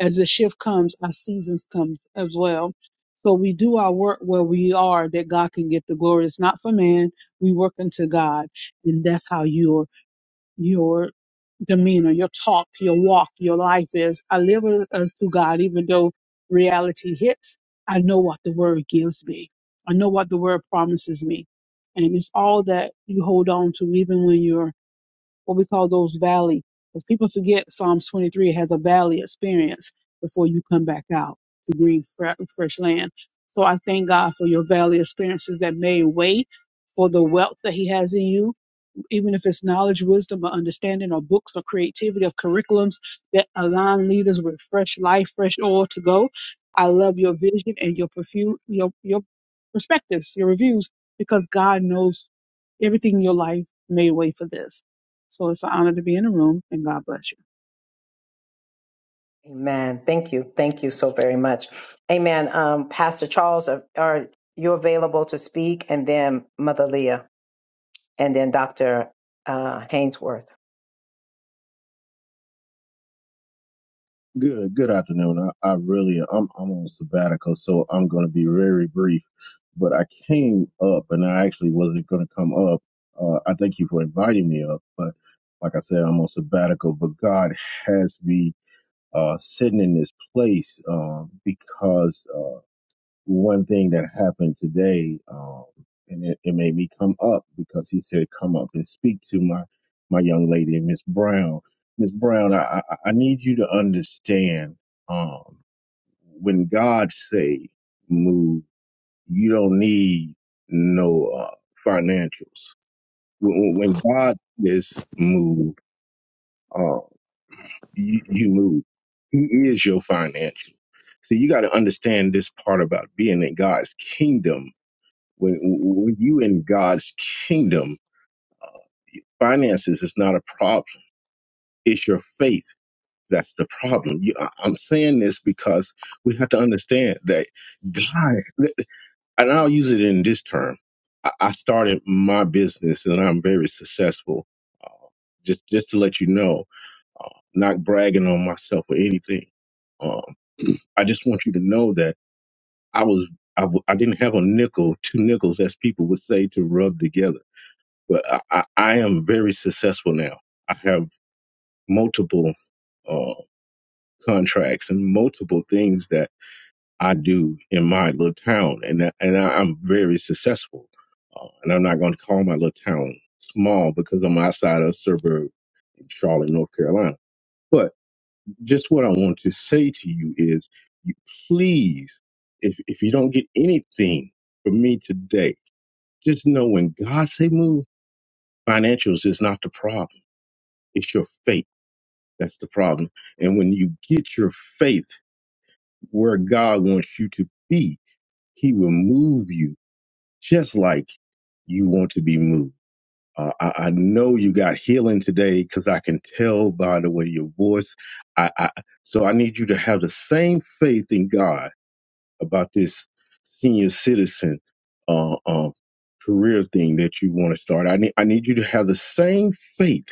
as the shift comes, our seasons come as well. So we do our work where we are that God can get the glory. It's not for man. We work unto God. And that's how your your demeanor, your talk, your walk, your life is. I live as to God, even though reality hits, I know what the word gives me. I know what the word promises me. And it's all that you hold on to even when you're what we call those valley. Because people forget Psalms 23 has a valley experience before you come back out to green, fre- fresh land. So I thank God for your valley experiences that made way for the wealth that He has in you even if it's knowledge, wisdom, or understanding, or books, or creativity of curriculums that align leaders with fresh life, fresh oil to go. I love your vision and your perfume, your your perspectives, your reviews, because God knows everything in your life made way for this. So it's an honor to be in the room, and God bless you. Amen. Thank you. Thank you so very much. Amen. Um, Pastor Charles, are, are you available to speak? And then Mother Leah, and then Dr. Uh, Hainsworth. Good good afternoon. I, I really I'm I'm on sabbatical, so I'm gonna be very brief. But I came up and I actually wasn't gonna come up. Uh, I thank you for inviting me up, but like I said, I'm on sabbatical. But God has me uh, sitting in this place uh, because uh, one thing that happened today, um, and it, it made me come up because he said, "Come up and speak to my my young lady, Miss Brown." Miss Brown, I, I I need you to understand um, when God say move, you don't need no uh, financials. When, when God says move, uh, you, you move. He is your financial. So you got to understand this part about being in God's kingdom when, when you in God's kingdom, finances is not a problem. It's your faith that's the problem. You, I- I'm saying this because we have to understand that God, and I'll use it in this term. I, I started my business and I'm very successful. Uh, just, just to let you know, uh, not bragging on myself or anything. Um, I just want you to know that I was I, w- I didn't have a nickel, two nickels, as people would say, to rub together. but I, I, I am very successful now. I have multiple uh, contracts and multiple things that I do in my little town, and that, and I, I'm very successful. Uh, and I'm not going to call my little town small because I'm outside of a suburb in Charlotte, North Carolina. But just what I want to say to you is, you please, if if you don't get anything from me today, just know when God say move, financials is not the problem. It's your faith That's the problem. And when you get your faith where God wants you to be, He will move you just like you want to be moved. Uh, I, I know you got healing today because I can tell by the way your voice. I, I so I need you to have the same faith in God about this senior citizen uh, uh, career thing that you want to start. I need I need you to have the same faith,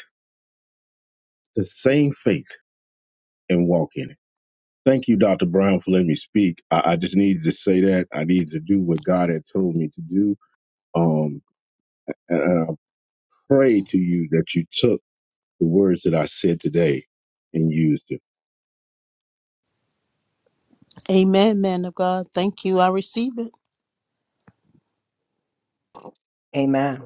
the same faith, and walk in it. Thank you, Dr. Brown, for letting me speak. I, I just needed to say that. I needed to do what God had told me to do. Um, and, and I pray to you that you took the words that I said today and used them. Amen, man of God. Thank you. I receive it. Amen.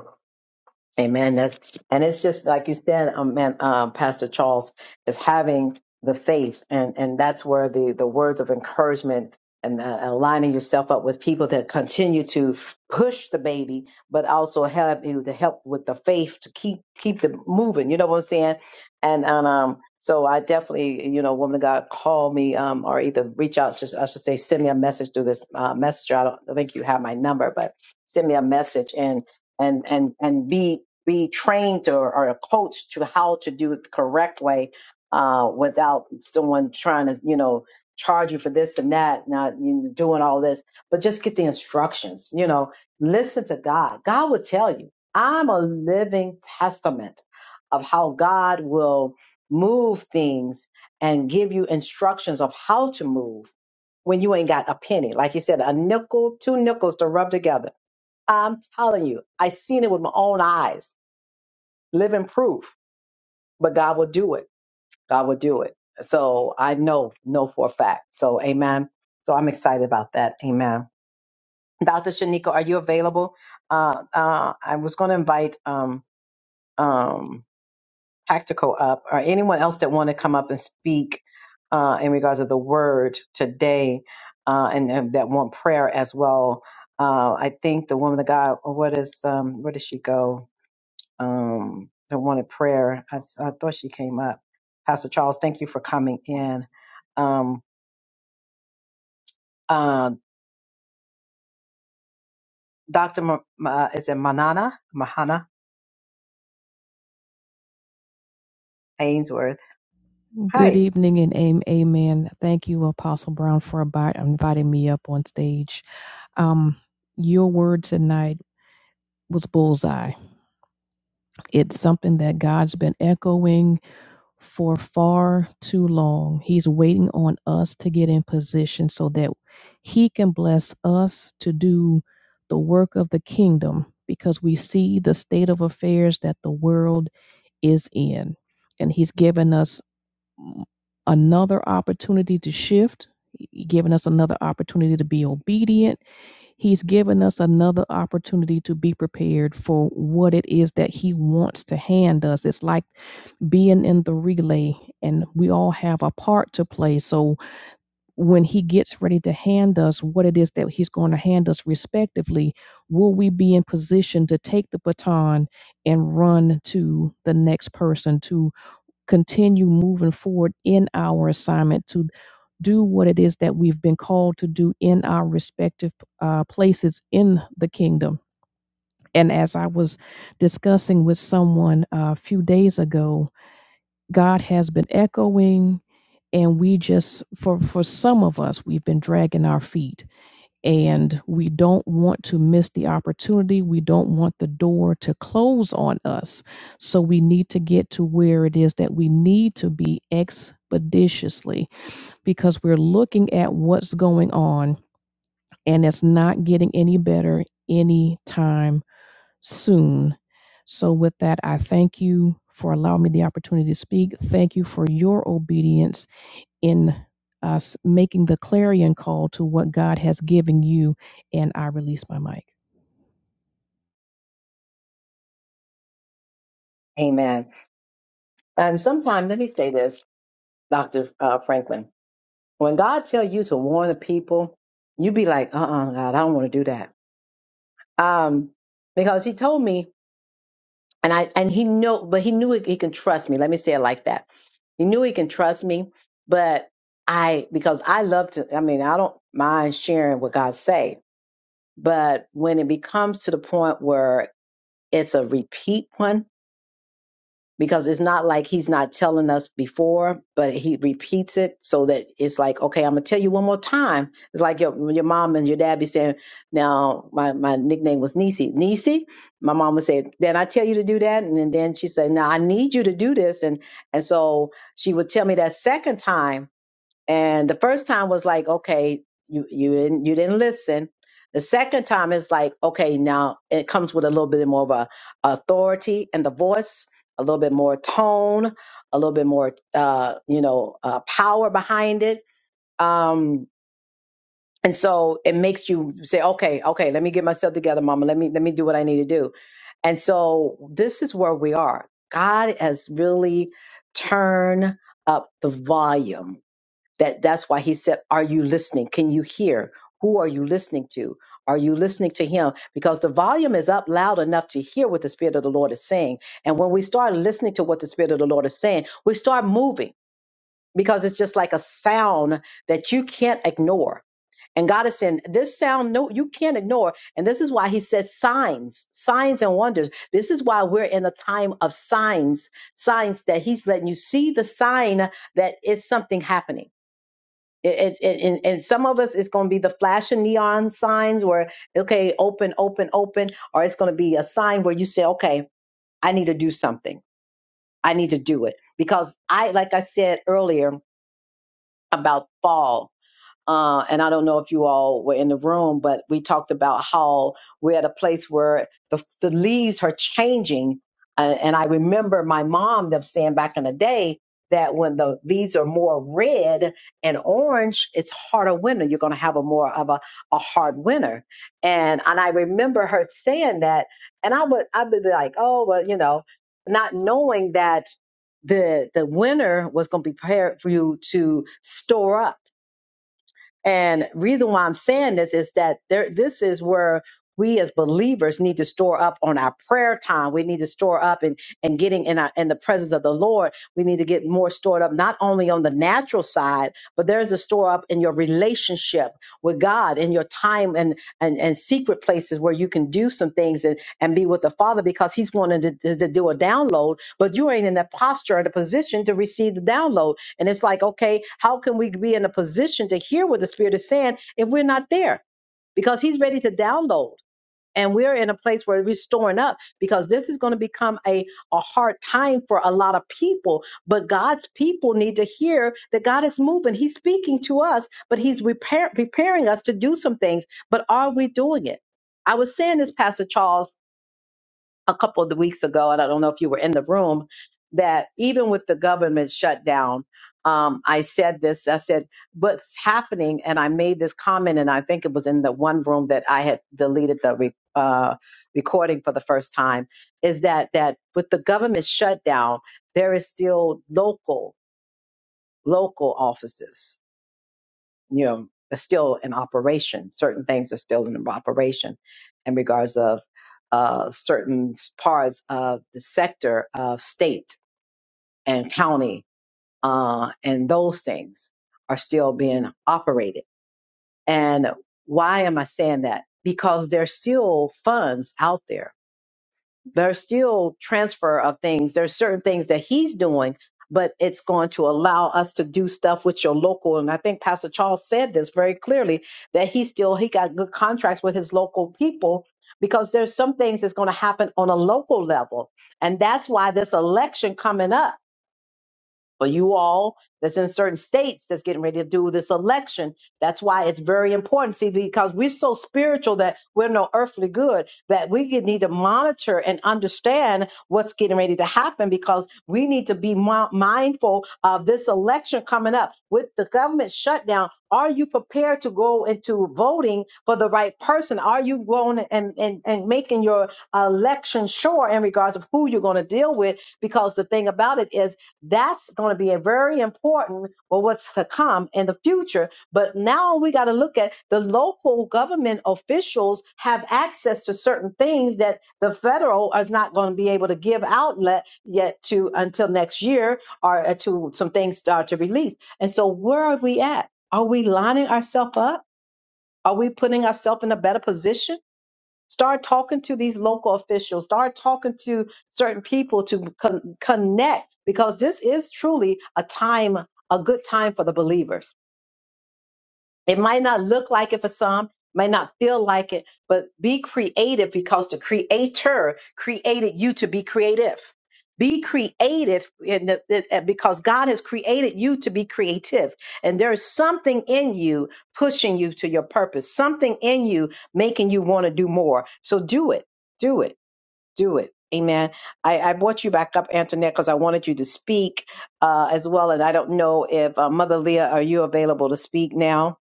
Amen. That's and it's just like you said, um, man, uh, Pastor Charles is having the faith, and and that's where the the words of encouragement and uh, aligning yourself up with people that continue to push the baby, but also help you to help with the faith to keep keep it moving. You know what I'm saying? And and um, so I definitely, you know, woman of God, call me um, or either reach out. Just I should say, send me a message through this uh, messenger. I don't think you have my number, but send me a message and and and and be be trained or, or coached to how to do it the correct way uh, without someone trying to, you know, charge you for this and that, not you know, doing all this, but just get the instructions, you know, listen to God. God will tell you. I'm a living testament of how God will move things and give you instructions of how to move when you ain't got a penny. Like you said, a nickel, two nickels to rub together. I'm telling you, I seen it with my own eyes live in proof, but God will do it. God will do it. So I know, know for a fact. So amen. So I'm excited about that. Amen. Dr. Shanika, are you available? Uh, uh, I was going to invite um, um, Tactical up or anyone else that want to come up and speak uh, in regards of the word today uh, and, and that want prayer as well. Uh, I think the woman, the guy, what is, um, where does she go? um, that wanted prayer. I, I thought she came up. Pastor Charles, thank you for coming in. Um, uh, Dr. Ma Ma- is it Manana? Mahana Ainsworth. Good Hi. evening and amen. Thank you, Apostle Brown, for abi- inviting me up on stage. Um, your word tonight was bullseye. It's something that God's been echoing for far too long. He's waiting on us to get in position so that He can bless us to do the work of the kingdom because we see the state of affairs that the world is in. And He's given us another opportunity to shift, He given us another opportunity to be obedient. He's given us another opportunity to be prepared for what it is that He wants to hand us. It's like being in the relay, and we all have a part to play. So when He gets ready to hand us what it is that He's going to hand us, respectively, will we be in position to take the baton and run to the next person, to? continue moving forward in our assignment to do what it is that we've been called to do in our respective uh, places in the kingdom. And as I was discussing with someone uh, a few days ago, God has been echoing, and we just, for, for some of us, we've been dragging our feet and we don't want to miss the opportunity. We don't want the door to close on us. So we need to get to where it is that we need to be expeditiously because we're looking at what's going on and it's not getting any better anytime soon. So, with that, I thank you for allowing me the opportunity to speak. Thank you for your obedience in us making the clarion call to what God has given you. And I release my mic. Amen. And sometimes, let me say this, Dr. Uh, Franklin. When God tell you to warn the people, you be like, uh-uh, God, I don't want to do that. Um, because he told me and I and he know, but he knew he, he can trust me. Let me say it like that. He knew he can trust me, but I because I love to. I mean, I don't mind sharing what God say, but when it becomes to the point where it's a repeat one, because it's not like he's not telling us before, but he repeats it so that it's like, okay, I'm gonna tell you one more time. It's like your your mom and your dad be saying, now my, my nickname was Nisi. Nisi, my mom would say, then I tell you to do that, and then then she said, now I need you to do this, and and so she would tell me that second time and the first time was like, okay, you you didn't you didn't listen. The second time is like, okay, now it comes with a little bit more of a authority and the voice, a little bit more tone, a little bit more uh, you know, uh, power behind it. Um and so it makes you say, okay, okay, let me get myself together, mama. Let me let me do what I need to do. And so this is where we are. God has really turned up the volume that that's why he said are you listening can you hear who are you listening to are you listening to him because the volume is up loud enough to hear what the spirit of the lord is saying and when we start listening to what the spirit of the lord is saying we start moving because it's just like a sound that you can't ignore and god is saying this sound no you can't ignore and this is why he says signs signs and wonders this is why we're in a time of signs signs that he's letting you see the sign that it's something happening it, it, it, and, and some of us, it's going to be the flashing neon signs where, okay, open, open, open, or it's going to be a sign where you say, okay, I need to do something. I need to do it. Because I, like I said earlier about fall, uh, and I don't know if you all were in the room, but we talked about how we're at a place where the, the leaves are changing. Uh, and I remember my mom them saying back in the day that when the leaves are more red and orange, it's harder winter. You're going to have a more of a, a hard winter. And and I remember her saying that, and I would I'd be like, oh well, you know, not knowing that the the winter was going to be prepared for you to store up and reason why I'm saying this is that there, this is where we as believers need to store up on our prayer time. We need to store up and and getting in our in the presence of the Lord. We need to get more stored up, not only on the natural side, but there's a store up in your relationship with God, in your time and and, and secret places where you can do some things and, and be with the Father because He's wanting to, to to do a download, but you ain't in the posture or the position to receive the download and it's like, okay, how can we be in a position to hear what the Spirit is saying if we're not there? Because He's ready to download. And we're in a place where we're storing up because this is going to become a, a hard time for a lot of people. But God's people need to hear that God is moving. He's speaking to us, but He's repair, preparing us to do some things. But are we doing it? I was saying this, Pastor Charles, a couple of weeks ago, and I don't know if you were in the room, that even with the government shutdown, um, I said this. I said, what's happening? And I made this comment, and I think it was in the one room that I had deleted the re- uh, recording for the first time. Is that that with the government shutdown, there is still local local offices you know is still in operation certain things are still in operation in regards of uh, certain parts of the sector of state and county uh, and those things are still being operated and why am i saying that because there's still funds out there there's still transfer of things. There's certain things that he's doing, but it's going to allow us to do stuff with your local. And I think Pastor Charles said this very clearly that he still he got good contracts with his local people because there's some things that's going to happen on a local level, and that's why this election coming up for you all that's in certain states that's getting ready to do this election. That's why it's very important. See, because we're so spiritual that we're no earthly good, that we need to monitor and understand what's getting ready to happen because we need to be mi- mindful of this election coming up. With the government shutdown, are you prepared to go into voting for the right person? Are you going and, and, and making your election sure in regards of who you're going to deal with? Because the thing about it is, that's going to be a very important for what's to come in the future. But now we got to look at the local government officials have access to certain things that the federal is not going to be able to give outlet yet to until next year or uh, to some things start to release. And so where are we at? Are we lining ourselves up? Are we putting ourselves in a better position? Start talking to these local officials. Start talking to certain people to con- connect because this is truly a time, a good time for the believers. It might not look like it for some, might not feel like it, but be creative because the creator created you to be creative. Be creative in the, the- uh, because God has created you to be creative. And there is something in you pushing you to your purpose, something in you making you want to do more. So do it, do it, do it. Amen. I, I brought you back up, Antoinette, because I wanted you to speak uh, as well. And I don't know if uh, Mother Leah, are you available to speak now?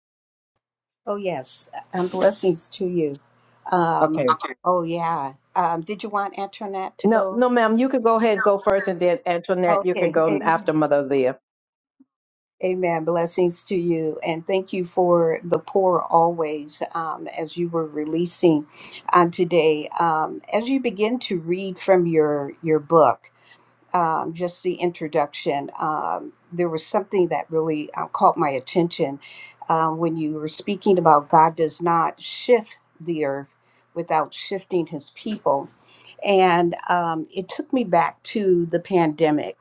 Oh, yes. And blessings to you. Um, Okay. Oh, yeah. Um, did you want Antoinette to No, go? no, ma'am. You can go ahead and go first, and then Antoinette, you can Okay. go Amen. after Mother Leah. Amen. Blessings to you. And thank you for the poor always um, as you were releasing on today. Um, as you begin to read from your, your book, um, just the introduction, um, there was something that really uh, caught my attention um, when you were speaking about God does not shift the earth without shifting his people. And um, it took me back to the pandemic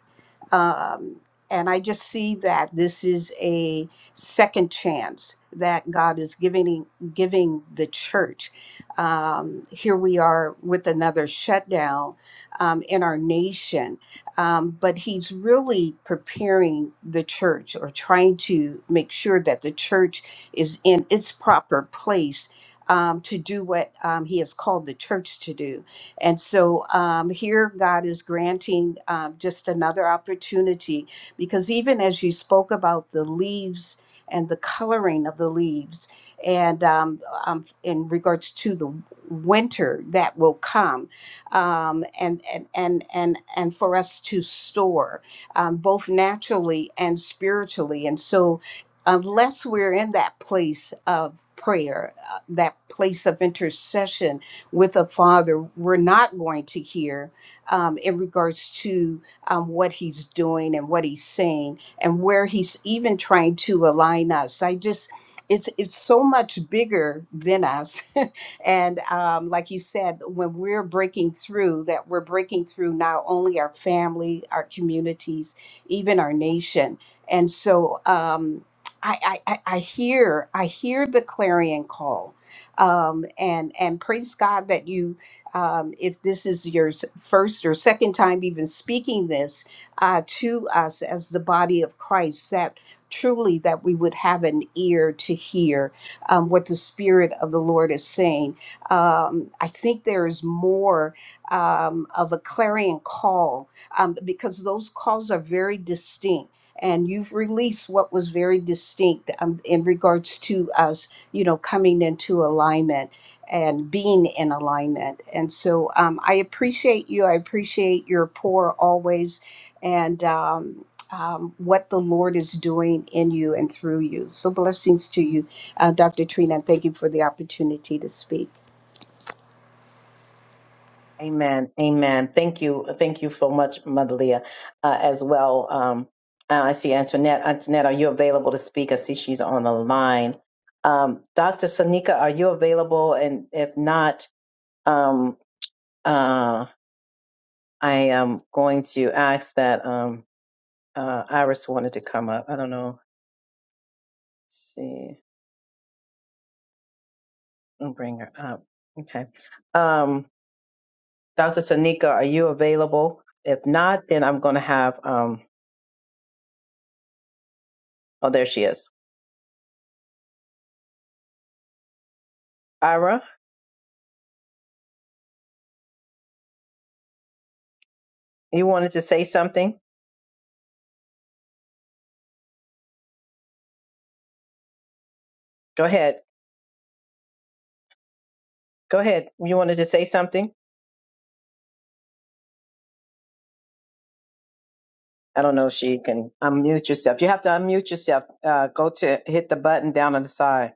um, and I just see that this is a second chance that God is giving giving the church. Um, here we are with another shutdown um, in our nation, um, but He's really preparing the church or trying to make sure that the church is in its proper place um, to do what um, He has called the church to do. And so um, here, God is granting um, just another opportunity because even as you spoke about the leaves and the coloring of the leaves, and um, um, in regards to the winter that will come, um, and, and and and and for us to store um, both naturally and spiritually, and so unless we're in that place of prayer, uh, that place of intercession with a father we're not going to hear um, in regards to um, what he's doing and what he's saying and where he's even trying to align us. I just it's it's so much bigger than us, and um, like you said, when we're breaking through, that we're breaking through not only our family, our communities, even our nation, and so um, I, I I I hear I hear the clarion call um, and and praise God that you. Um, if this is your s- first or second time even speaking this uh, to us as the body of Christ, that truly that we would have an ear to hear um, what the Spirit of the Lord is saying. Um, I think there is more um, of a clarion call um, because those calls are very distinct and you've released what was very distinct um, in regards to us you know, coming into alignment and being in alignment. And so um, I appreciate you. I appreciate your pour always and um, um, what the Lord is doing in you and through you. So blessings to you, uh, Dr. Trina, and thank you for the opportunity to speak. Amen. Amen. Thank you. Thank you so much, Mother Leah, uh, as well. Um, uh, I see Antoinette. Antoinette, are you available to speak? I see she's on the line. Um, Dr. Sonika, are you available? And if not, um, uh, I am going to ask that um, uh, Iris wanted to come up. I don't know. Let's see. I'll bring her up. Okay. Um, Dr. Sanika, are you available? If not, then I'm going to have, um, oh, there she is. Ira, you wanted to say something? Go ahead. Go ahead. You wanted to say something? I don't know if she can unmute yourself. You have to unmute yourself. Uh, go to hit the button down on the side.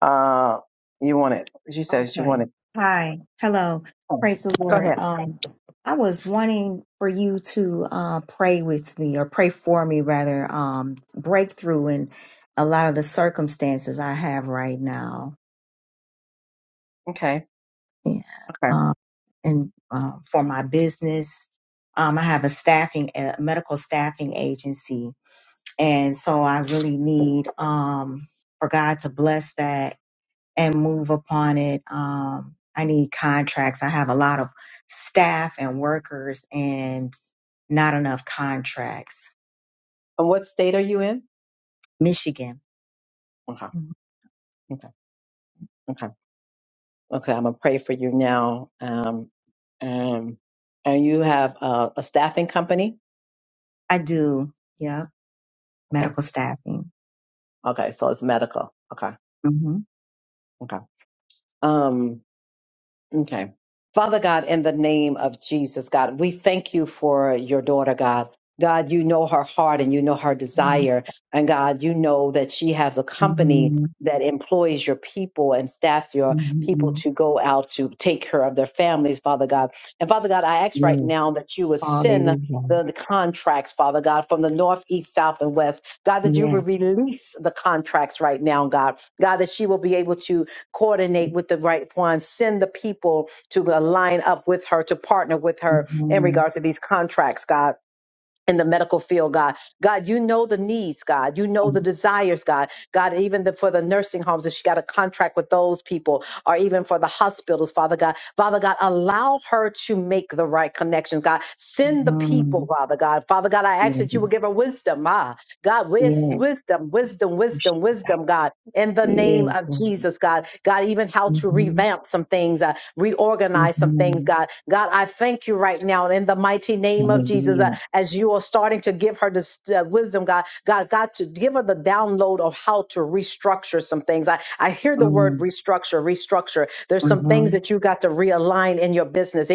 Uh, you want it. She says you Okay. want it. Hi. Hello. Oh, Praise the Go Lord. ahead. Um, I was wanting for you to uh, pray with me or pray for me rather, um, breakthrough in a lot of the circumstances I have right now. Okay. Yeah. Okay. Um, and uh, for my business, um, I have a staffing, a medical staffing agency. And so I really need um, for God to bless that and move upon it. Um, I need contracts. I have a lot of staff and workers and not enough contracts. And what state are you in? Michigan. Okay. Mhm. Okay. Okay. Okay. I'm going to pray for you now. Um, um, and you have uh, a staffing company? I do. Yep. Okay. Medical staffing. Okay, so it's medical. Okay, hmm okay. Um, Okay. Father God, in the name of Jesus, God, we thank you for your daughter, God. God, you know her heart and you know her hmm desire. And God, you know that she has a company hmm that employs your people and staff your people to go out to take care of their families, Father God. And Father God, I ask right Yes. now that you would send Hallelujah. the, the contracts, Father God, from the north, east, south, and west. God, that you Yes. would release the contracts right now, God. God, that she will be able to coordinate with the right ones, send the people to align up with her, to partner with hmm her in hmm regards to these contracts, God. In the medical field, God, God, you know the needs, God, you know the desires, God, God, even the, for the nursing homes, if she got a contract with those people, or even for the hospitals, Father God, Father God, allow her to make the right connections, God, send the people, Father God, Father God, I ask that you will Yes. give her wisdom, Ah, God, wis- wisdom, wisdom, wisdom, wisdom, God, in Yes. the Yeah. name of Jesus, God. God, even how to hmm revamp some things, uh, reorganize some things, hmm God. God, I thank you right now in the mighty name of Jesus uh, Hallelujah. as you are starting to give her this uh, wisdom, God. God, God, to give her the download of how to restructure some things. I, I hear the word Mm-hmm. restructure, restructure. There's some things that you got to realign in your business.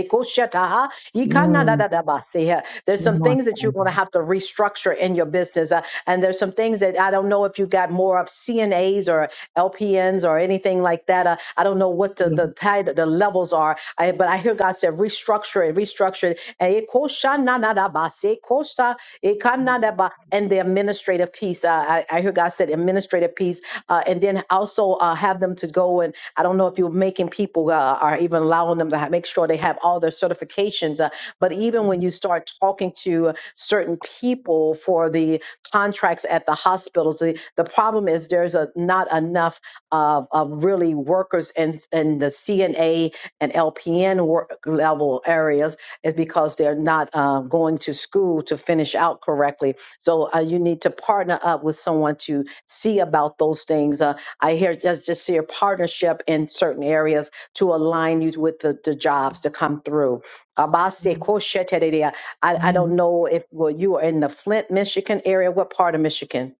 Mm-hmm. Yikandadadabase. There's Um, some things that you're going to have to restructure in your business. uh, and there's some things that I don't know if you got more of CNAs or LPNs or anything like that. Uh, I don't know what the the, title, the levels are, I, but I hear God said restructure it, restructure it. And it quotes. Koshanadaba, Sekosa, Ekanadaba, and the administrative piece. Uh, I, I hear God said administrative piece, uh, and then also uh, have them to go and I don't know if you're making people uh, or even allowing them to ha make sure they have all their certifications. Uh, but even when you start talking to certain people for the contracts at the hospitals, the, the problem is there's a, not enough of, of really workers in, in the CNA and LPN work level areas is because they're not uh, going to school to finish out correctly. So uh, you need to partner up with someone to see about those things. Uh, I hear just, just see a partnership in certain areas to align you with the, the jobs to come through. Abase koshetereya. I, I don't know if well you are in the Flint, Michigan area. What part of Michigan?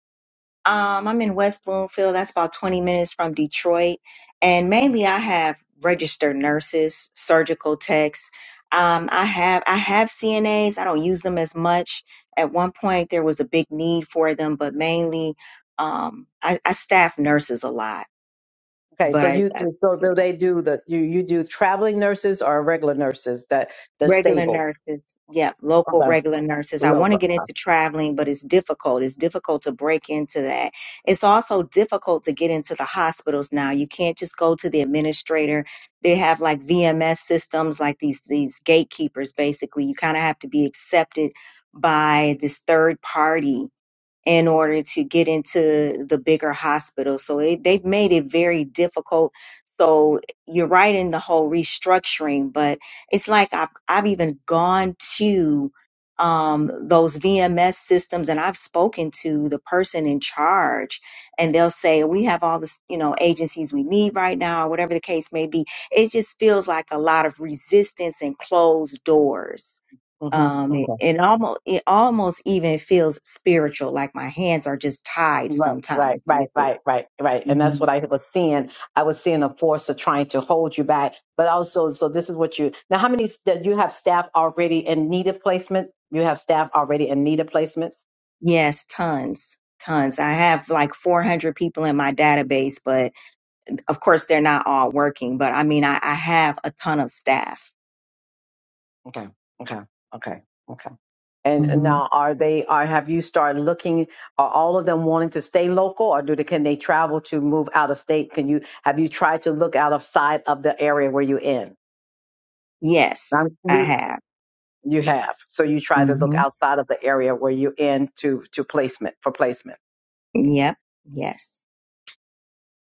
I'm in West Bloomfield. That's about 20 minutes from Detroit. And mainly I have registered nurses, surgical techs. Um, I have I have CNAs. I don't use them as much. At one point there was a big need for them, but mainly um, I, I staff nurses a lot. Okay, But so I, you I do, so do they do the you you do traveling nurses or regular nurses that the Regular stable? nurses. Yep, local Okay, regular nurses. I want to local. get uh, into traveling, but it's difficult. It's difficult to break into that. It's also difficult to get into the hospitals now. You can't just go to the administrator. They have like VMS systems, like these these gatekeepers basically. You kind of have to be accepted by this third party in order to get into the bigger hospital. So it, they've made it very difficult. So you're right in the whole restructuring, but it's like I've, I've even gone to um, those VMS systems and I've spoken to the person in charge and they'll say, we have all this, you know, agencies we need right now, or whatever the case may be. It just feels like a lot of resistance and closed doors Mm-hmm, um mm-hmm. it, it almost it almost even feels spiritual like my hands are just tied Right, right, sometimes right, with it right, right, right. And that's what Mhm. I was seeing. I was seeing a force of trying to hold you back, but also, so this is what you, now how many that you have staff already in need of placement? You have staff already in need of placements? yes tons tons i have like 400 people in my database but of course they're not all working but i mean i, I have a ton of staff Okay. And and hmm now are they, are, have you started looking, are all of them wanting to stay local or do they, can they travel to move out of state? Can you, have you tried to look outside of side of the area where you're in? yes I'm, i we, have you have. So you try to look hmm outside of the area where you're in to, to placement, for placement. yep yes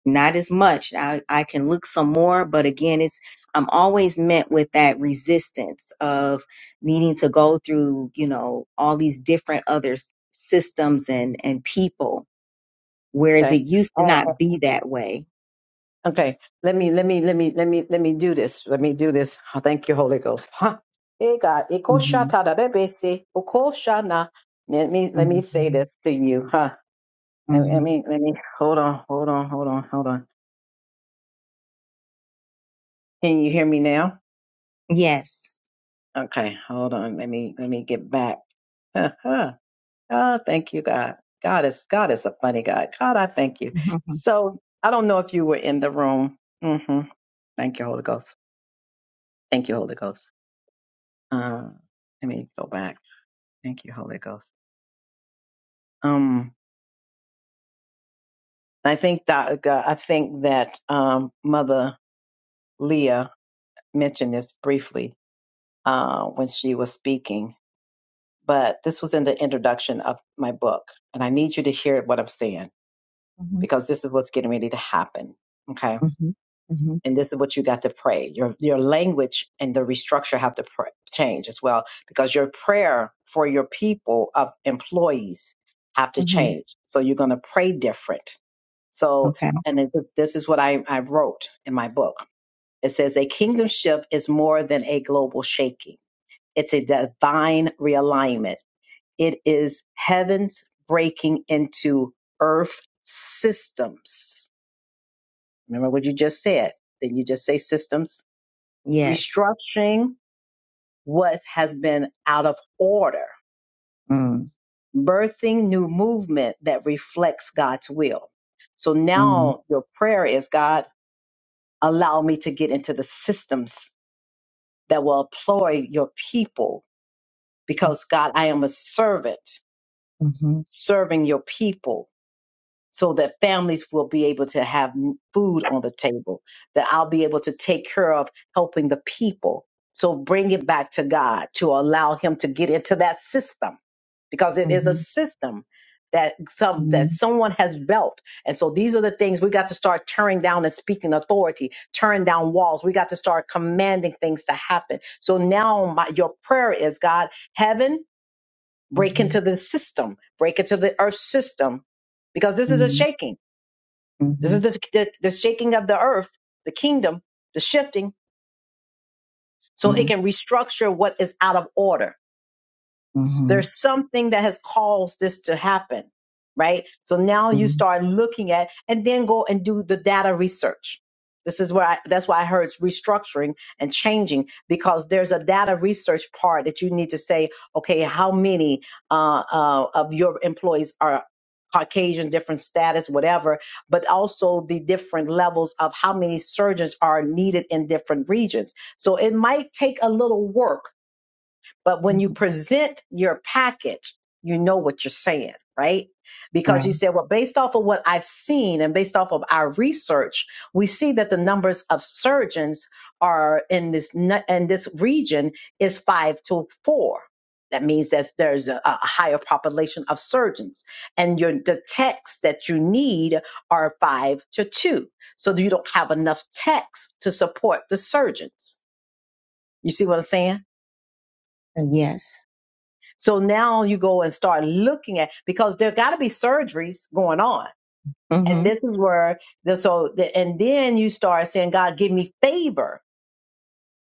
not as much. I, I can look some more, but again, it's I'm always met with that resistance of needing to go through, you know, all these different other s- systems and and people, whereas it Okay. used to Uh, not be that way. okay. Let me let me let me let me let me do this. Let me do this. Oh, thank you, Holy Ghost. Huh. Eh, God. Eh, ko sha hmm ta da da be se. O ko sha na. Let me let hmm me say this to you, huh? Let me let hmm me let me- hold on, hold on, hold on, hold on. Can you hear me now? Yes. Okay, hold on. Let me let me get back. oh, thank you, God. God is God is a funny God. God, I thank you. hmm So I don't know if you were in the room. hmm Thank you, Holy Ghost. Thank you, Holy Ghost. Uh, let me go back. Thank you, Holy Ghost. Um, I think that uh, I think that um, Mother Leah mentioned this briefly uh, when she was speaking, but this was in the introduction of my book, and I need you to hear what I'm saying hmm because this is what's getting ready to happen. Okay hmm hmm and this is what you got to pray. Your your language and the restructure have to pr- change as well because your prayer for your people of employees have to hmm change. So you're going to pray different. So Okay. and this is this is what I, I wrote in my book. It says a kingdom shift is more than a global shaking. It's a divine realignment. It is heaven's breaking into earth systems. Remember what you just said. Did you just say systems? Yes. restructuring what has been out of order, Mm, birthing new movement that reflects God's will. So mm, now your prayer is God, allow me to get into the systems that will employ your people because God, I am a servant Mhm, serving your people so that families will be able to have m- food on the table, that I'll be able to take care of helping the people. So bring it back to God to allow him to get into that system because it is a mhm, system that some that mm, someone has built. And so these are the things we got to start tearing down and speaking authority, tearing down walls. We got to start commanding things to happen. So now my your prayer is God, heaven, break into the system, break into the earth system because this is a mhm, shaking mm, this is mhm, the, the, the shaking of the earth, the kingdom, the shifting, so it can restructure what is out of order mm, there's something that has caused this to happen, right? So now you mhm, start looking at and then go and do the data research. This is where I, that's why I heard it's restructuring and changing because there's a data research part that you need to say, okay, how many uh, uh, of your employees are Caucasian, different status, whatever, but also the different levels of how many surgeons are needed in different regions. So it might take a little work but hmm when you present your package, you know what you're saying, right? Because Right. you said, well, based off of what I've seen and based off of our research, we see that the numbers of surgeons are in this nu- in this region is five to four. That means that there's a, a higher population of surgeons, and your the texts that you need are five to two. So you don't have enough text to support the surgeons. You see what I'm saying? Uh, yes. So now you go and start looking at because there got to be surgeries going on, Mm-hmm. and this is where the so the, and then you start saying, God, give me favor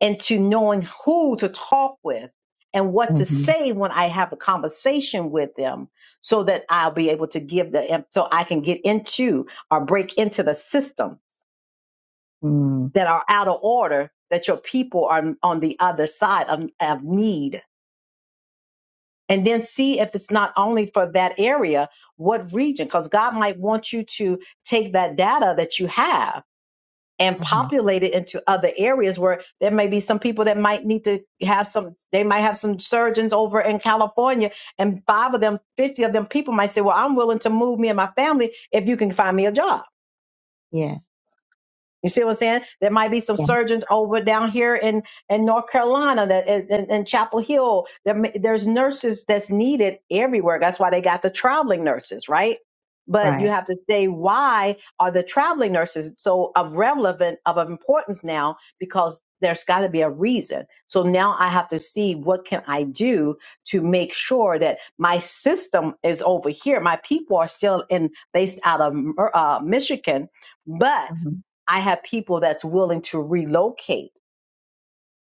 into knowing who to talk with and what to Mm-hmm. say when I have a conversation with them, so that I'll be able to give the so I can get into or break into the systems Mm-hmm. that are out of order that your people are on the other side of, of need and then see if it's not only for that area, what region, because God might want you to take that data that you have and Mm-hmm. populate it into other areas where there may be some people that might need to have some, they might have some surgeons over in California, and five of them, 50 of them people might say, Well, I'm willing to move me and my family if you can find me a job Yeah. you see what I'm saying? There might be some Yeah. surgeons over down here in, in North Carolina, that in, in in Chapel Hill. There, may- there's nurses that's needed everywhere. That's why they got the traveling nurses, right? But you Right. have to say why are the traveling nurses so of relevant of importance now? Because there's got to be a reason. So now I have to see what can I do to make sure that my system is over here. My people are still in based out of uh, Michigan, but Mm-hmm. I have people that's willing to relocate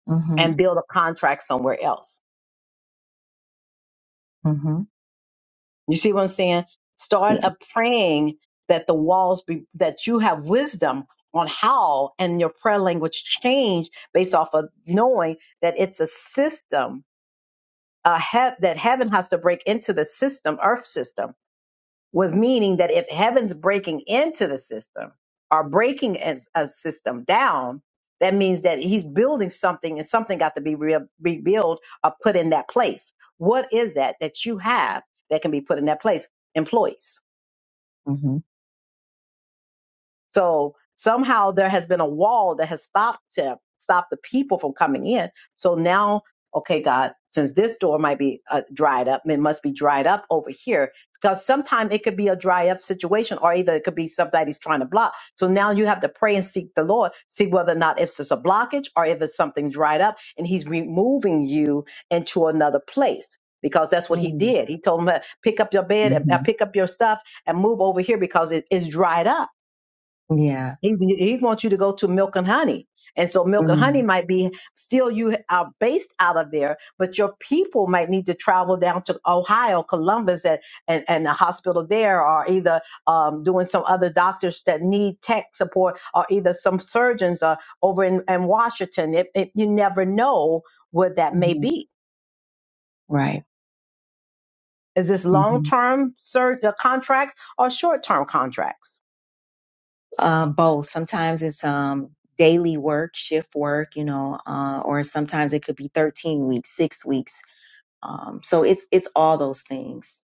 Mm-hmm. and build a contract somewhere else. Mm-hmm. You see what I'm saying? Start Yes. a praying that the walls be, that you have wisdom on how and your prayer language change based off of knowing that it's a system uh, hea- that heaven has to break into the system, earth system with meaning that if heaven's breaking into the system or breaking a, a system down, that means that he's building something and something got to be re- rebuilt or put in that place. What is that that you have that can be put in that place? Employees Mm-hmm. so somehow there has been a wall that has stopped him, stopped the people from coming in. So now, okay, God, since this door might be uh, dried up, it must be dried up over here because sometimes it could be a dry up situation, or either it could be somebody he's trying to block. So now you have to pray and seek the Lord, see whether or not if it's a blockage or if it's something dried up, and He's removing you into another place. Because that's what he Mm-hmm. did. He told him, "Pick up your bed and uh, Mm-hmm. pick up your stuff and move over here because it is dried up." Yeah. He he wants you to go to milk and honey. And so milk and Mm-hmm. honey might be still you are based out of there, but your people might need to travel down to Ohio, Columbus, and and, and the hospital there, or either um, doing some other doctors that need tech support, or either some surgeons uh, over in, in Washington. It, it, you never know what that may Mm-hmm. be. Right. Is this long Mm-hmm. term sur- uh, contracts or short term contracts? Uh, both. Sometimes it's um daily work, shift work, you know, uh, or sometimes it could be 13 weeks, six weeks. Um, so it's it's all those things.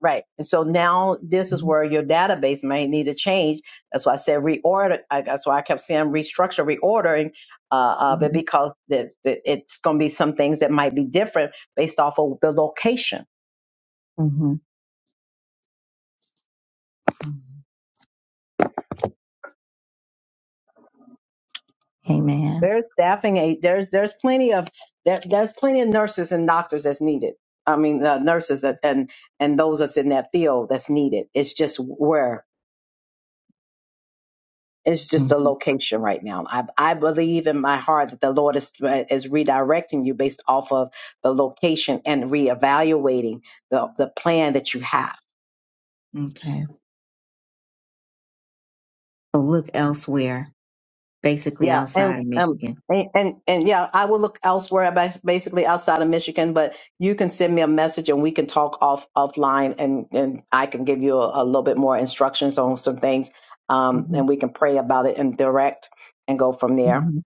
Right. And so now this is Mm-hmm. where your database may need to change. That's why I said reorder. I- That's why I kept saying restructure, reordering uh, of it Mm-hmm. because that that it's going to be some things that might be different based off of the location. Mm-hmm. Amen. There's staffing. A, there's there's plenty of there, there's plenty of nurses and doctors that's needed. I mean, uh, nurses that, and and those that's in that field that's needed. It's just where. it's just a hmm location right now. I, I believe in my heart that the Lord is, is redirecting you based off of the location and reevaluating the, the plan that you have. Okay. So look elsewhere basically Yeah. And, outside of um, Michigan. and, and, and yeah, I will look elsewhere, bas- basically outside of Michigan, but you can send me a message and we can talk off offline and, and I can give you a, a little bit more instructions on some things. Um, hmm and we can pray about it and direct and go from there. hmm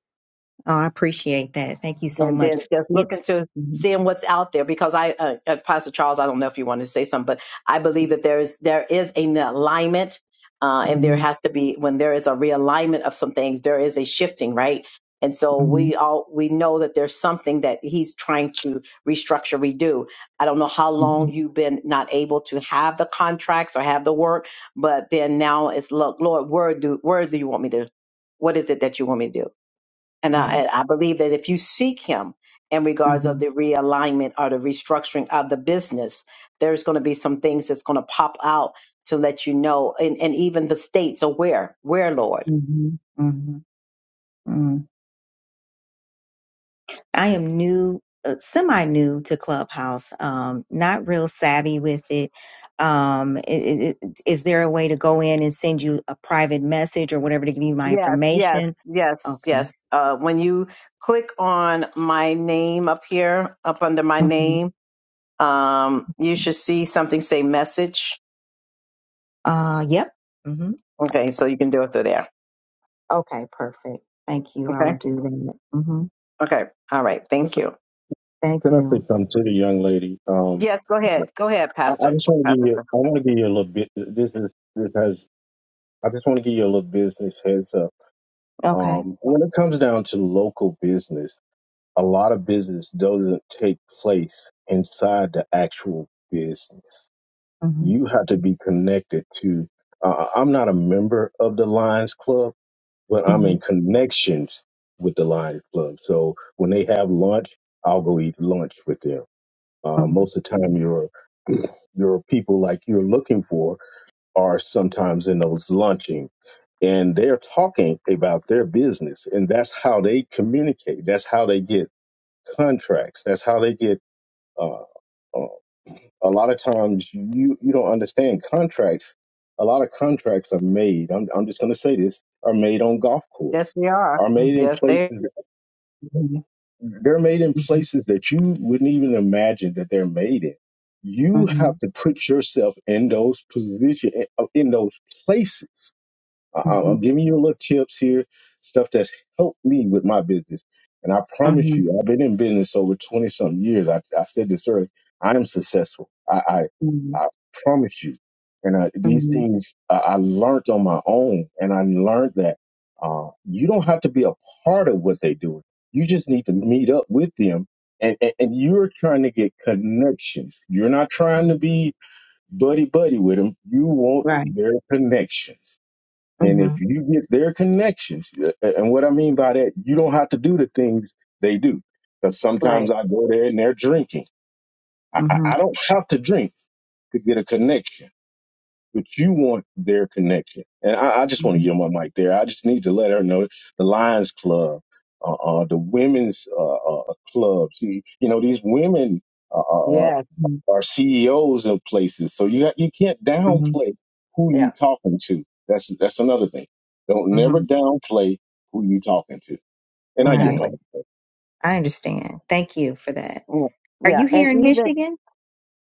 Oh, I appreciate that. Thank you so and much. then just It, looking to hmm seeing what's out there because i uh, uh, pastor charles i don't know if you want to say something but i believe that there is there is an alignment uh, and there hmm has to be when there is a realignment of some things there is a shifting right and so hmm we all we know that there's something that he's trying to restructure redo i don't know how hmm long you've been not able to have the contracts or have the work but then now it's look lord where do where do you want me to what is it that you want me to do and I, Right. and I believe that if you seek him in regards of hmm the realignment or the restructuring of the business, there's going to be some things that's going to pop out to let you know, and, and even the states are where, where, Lord. hmm hmm hmm I am new, uh, semi new to Clubhouse. Um, not real savvy with it. Um, i- i- i- is there a way to go in and send you a private message or whatever to give you my Yes, yes, information? yes, Okay. yes. Uh, when you click on my name up here, up under my hmm name, um, you should see something say message. Uh, yep. hmm Okay, so you can do it through there. Okay. Perfect. Thank you. I Okay, will do that. Mm-hmm. okay, all right. Thank Listen, you. Thank Can I you. say something to the young lady? Um, Yes, go ahead, go ahead, I, I Pastor. just want to give Pastor. you. I want to give you a little bit. This is this has. I just want to give you a little business heads up. Okay. Um, when it comes down to local business, a lot of business doesn't take place inside the actual business. Mm-hmm. you have to be connected to. Uh, I'm not a member of the Lions Club, but I'm Mm-hmm. in connections with the Lions Club. So when they have lunch, I'll go eat lunch with them. Uh, Mm-hmm. most of the time, your your people like you're looking for are sometimes in those lunching, and they're talking about their business, and that's how they communicate. That's how they get contracts. That's how they get. Uh, uh, a lot of times you you don't understand contracts. A lot of contracts are made. I'm I'm just going to say this are made on golf Yes, course, they are. are made in Mm-hmm. Yes, they. places. They're made in Mm-hmm. Mm-hmm. places that you wouldn't even imagine that they're made in. You Mm-hmm. have to put yourself in those position in those places I, I- I'm Mm-hmm. giving you little tips here, stuff that's helped me with my business. And I promise you, I've been in business over 20 something years. I, I said this earlier. I am successful. I, I, Mm-hmm. I promise you. And I, these things I, I learned on my own. And I learned that uh, you don't have to be a part of what they do. You just need to meet up with them. And, and, and you're trying to get connections. You're not trying to Mm-hmm. be buddy buddy with them. You want Right. their connections and Mm-hmm. if you get their connections, uh, uh, and what I mean by that, you don't have to do the things they do. Because sometimes Right. I go there and they're drinking. I, I Mm-hmm. I don't have to drink to get a connection, but you want their connection. And I, I just want to Mm-hmm. yield my mic there. I just need to let her know the Lions Club, uh, uh, the women's uh, uh, clubs. You, you know, these women. uh, uh, uh, Yes. are CEOs in places. So you got, you can't Mm-hmm. downplay who you Yeah. talking to. That's that's another thing. Don't never Mm-hmm. downplay who you talking to. And I yield Right. my Exactly. mic. I understand. Thank you for that. Mm. Are Yeah. you And here in even Michigan?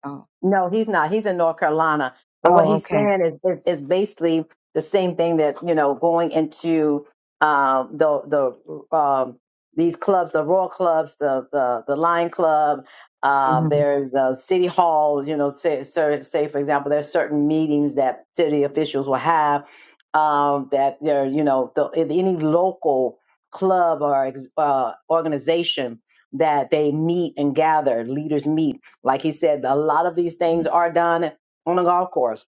Oh. No, he's not. He's in North Carolina. But what Oh, he's okay. saying is is, is basically the same thing that you know going into um, the the um, these clubs, the Royal clubs, the the the Lion Club. Uh, Mm-hmm. there's uh, city hall. You know, say, say say, for example, there's certain meetings that city officials will have um, that they're you know the, any local club or ex- uh, organization that they meet and gather, leaders meet like he said, a lot of these things are done on a golf course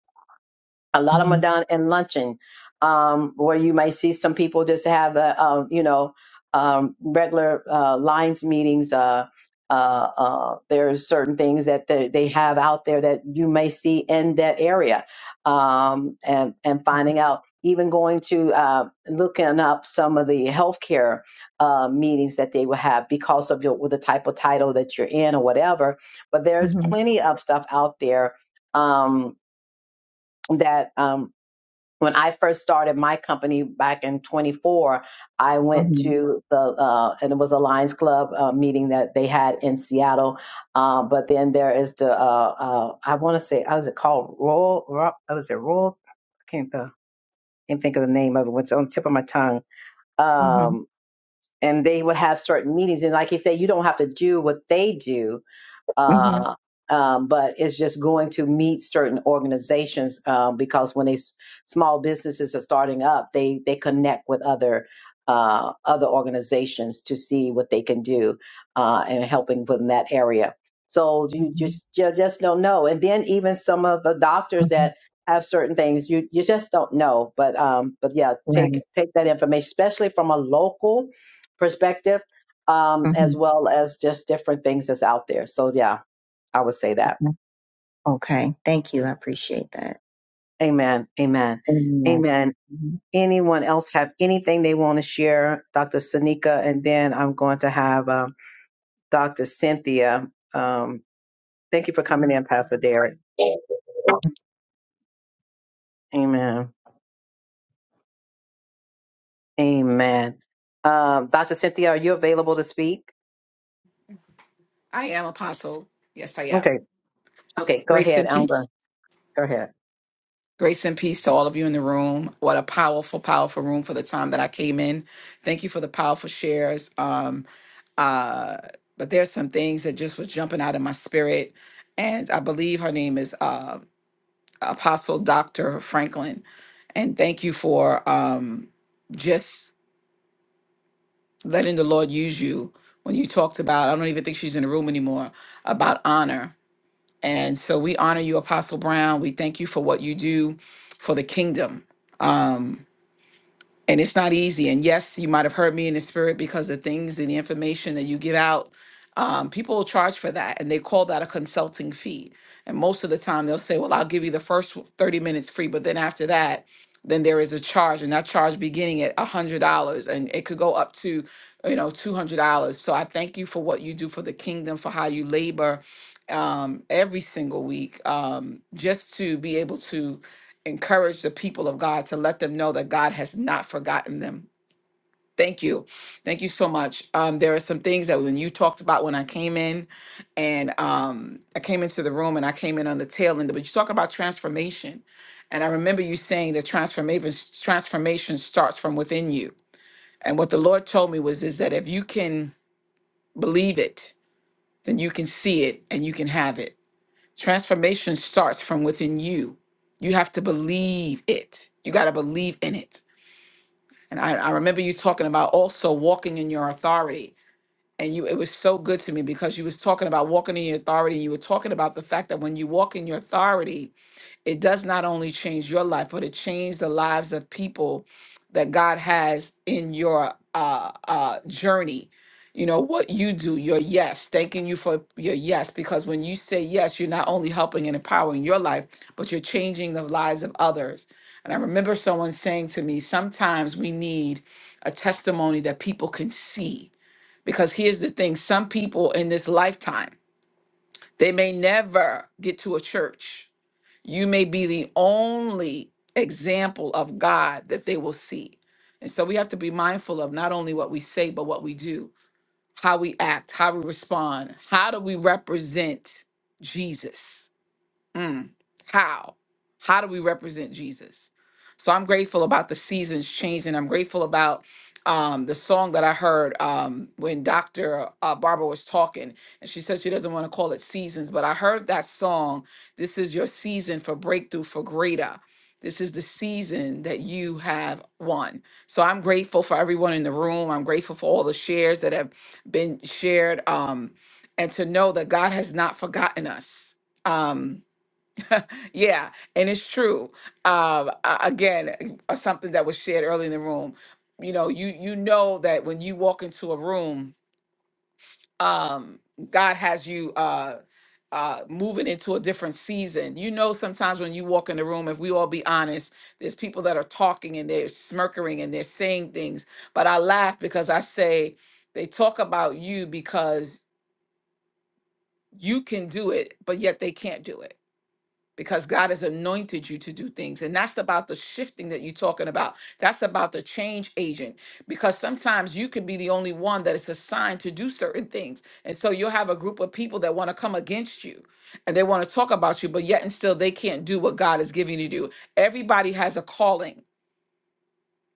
a lot of them Mm-hmm. are done in luncheon, um, where you might see some people just have a, um, you know, um, regular uh, lines meetings. Uh, uh, uh, there are certain things that they, they have out there that you may see in that area, um, and and finding out. Even going to uh, looking up some of the healthcare uh, meetings that they will have because of your with the type of title that you're in or whatever. But there's Mm-hmm. plenty of stuff out there um, that um, when I first started my company back in 24, I went Mm-hmm. to the, uh, and it was a Lions Club uh, meeting that they had in Seattle. Uh, but then there is the, uh, uh, I want to say, how is it called? Royal, Royal was it Royal? I can't, uh, can't think of the name of it. It's on the tip of my tongue. Mm-hmm. Um, and they would have certain meetings. And like you said, you don't have to do what they do Mm-hmm. uh, um, but it's just going to meet certain organizations uh, because when they s- small businesses are starting up, they they connect with other uh, other organizations to see what they can do uh, and helping within that area. So you just you just don't know. And then even some of the doctors Mm-hmm. that have certain things, you you just don't know. But um, but yeah, take Right. take that information, especially from a local perspective um, Mm-hmm. as well as just different things that's out there. So yeah, I would say that. Okay. Thank you. I appreciate that. Amen. Amen. Amen. Amen. Mm-hmm. Anyone else have anything they want to share, Dr. Sanika? And then I'm going to have um, Dr. Cynthia. Um, thank you for coming in, Pastor Derek. Amen. Amen. Um, Dr. Cynthia, are you available to speak? I am apostle. Yes, I am. Okay. Okay. Go Grace ahead. and I'm going. peace. Go ahead. Grace and peace to all of you in the room. What a powerful, powerful room for the time that I came in. Thank you for the powerful shares. Um, uh, but there's some things that just was jumping out of my spirit, and I believe her name is uh, Apostle Doctor Franklin. And thank you for um, just letting the Lord use you when you talked about. I don't even think she's in the room anymore about honor And so we honor you, Apostle Brown. We thank you for what you do for the kingdom. Um, and it's not easy. And yes, you might have heard me in the spirit because the things and the information that you give out, um, people will charge for that, and they call that a consulting fee. And most of the time, they'll say, "Well, I'll give you the first thirty minutes free," but then after that, then there is a charge, and that charge beginning at one hundred dollars, and it could go up to, you know, two hundred dollars. So I thank you for what you do for the kingdom, for how you labor um every single week um just to be able to encourage the people of God to let them know that God has not forgotten them. Thank you. Thank you so much. Um, there are some things that when you talked about when I came in and um, I came into the room and I came in on the tail end, but you talk about transformation. And I remember you saying that transformation transformation starts from within you. And what the Lord told me was is that if you can believe it, then you can see it and you can have it. Transformation starts from within you. You have to believe it. You got to believe in it. And I, I remember you talking about also walking in your authority. And you it was so good to me because you was talking about walking in your authority. You were talking about the fact that when you walk in your authority, it does not only change your life, but it changed the lives of people that God has in your uh, uh, journey. You know, what you do, your yes, thanking you for your yes, because when you say yes, you're not only helping and empowering your life, but you're changing the lives of others. And I remember someone saying to me, sometimes we need a testimony that people can see. Because here's the thing some people in this lifetime, they may never get to a church you may be the only example of God that they will see. And so we have to be mindful of not only what we say, but what we do, how we act, how we respond, how do we represent Jesus? Mm, how? How do we represent Jesus? So I'm grateful about the seasons changing. I'm grateful about um, the song that I heard um, when Dr. Uh, Barbara was talking, and she said she doesn't want to call it seasons, but I heard that song. This is your season for breakthrough, for greater. This is the season that you have won. So I'm grateful for everyone in the room. I'm grateful for all the shares that have been shared, um, and to know that God has not forgotten us. Um, yeah, and it's true. Um, a- again, uh, something that was shared early in the room. You know, you you know that when you walk into a room, um, God has you uh, uh, moving into a different season. You know, sometimes when you walk in the room, if we all be honest, there's people that are talking and they're smirking and they're saying things. But I laugh because I say they talk about you because you can do it, but yet they can't do it because God has anointed you to do things. And that's about the shifting that you're talking about. That's about the change agent, because sometimes you could be the only one that is assigned to do certain things. And so you'll have a group of people that want to come against you and they want to talk about you, but yet and still they can't do what God is giving you to do. Everybody has a calling.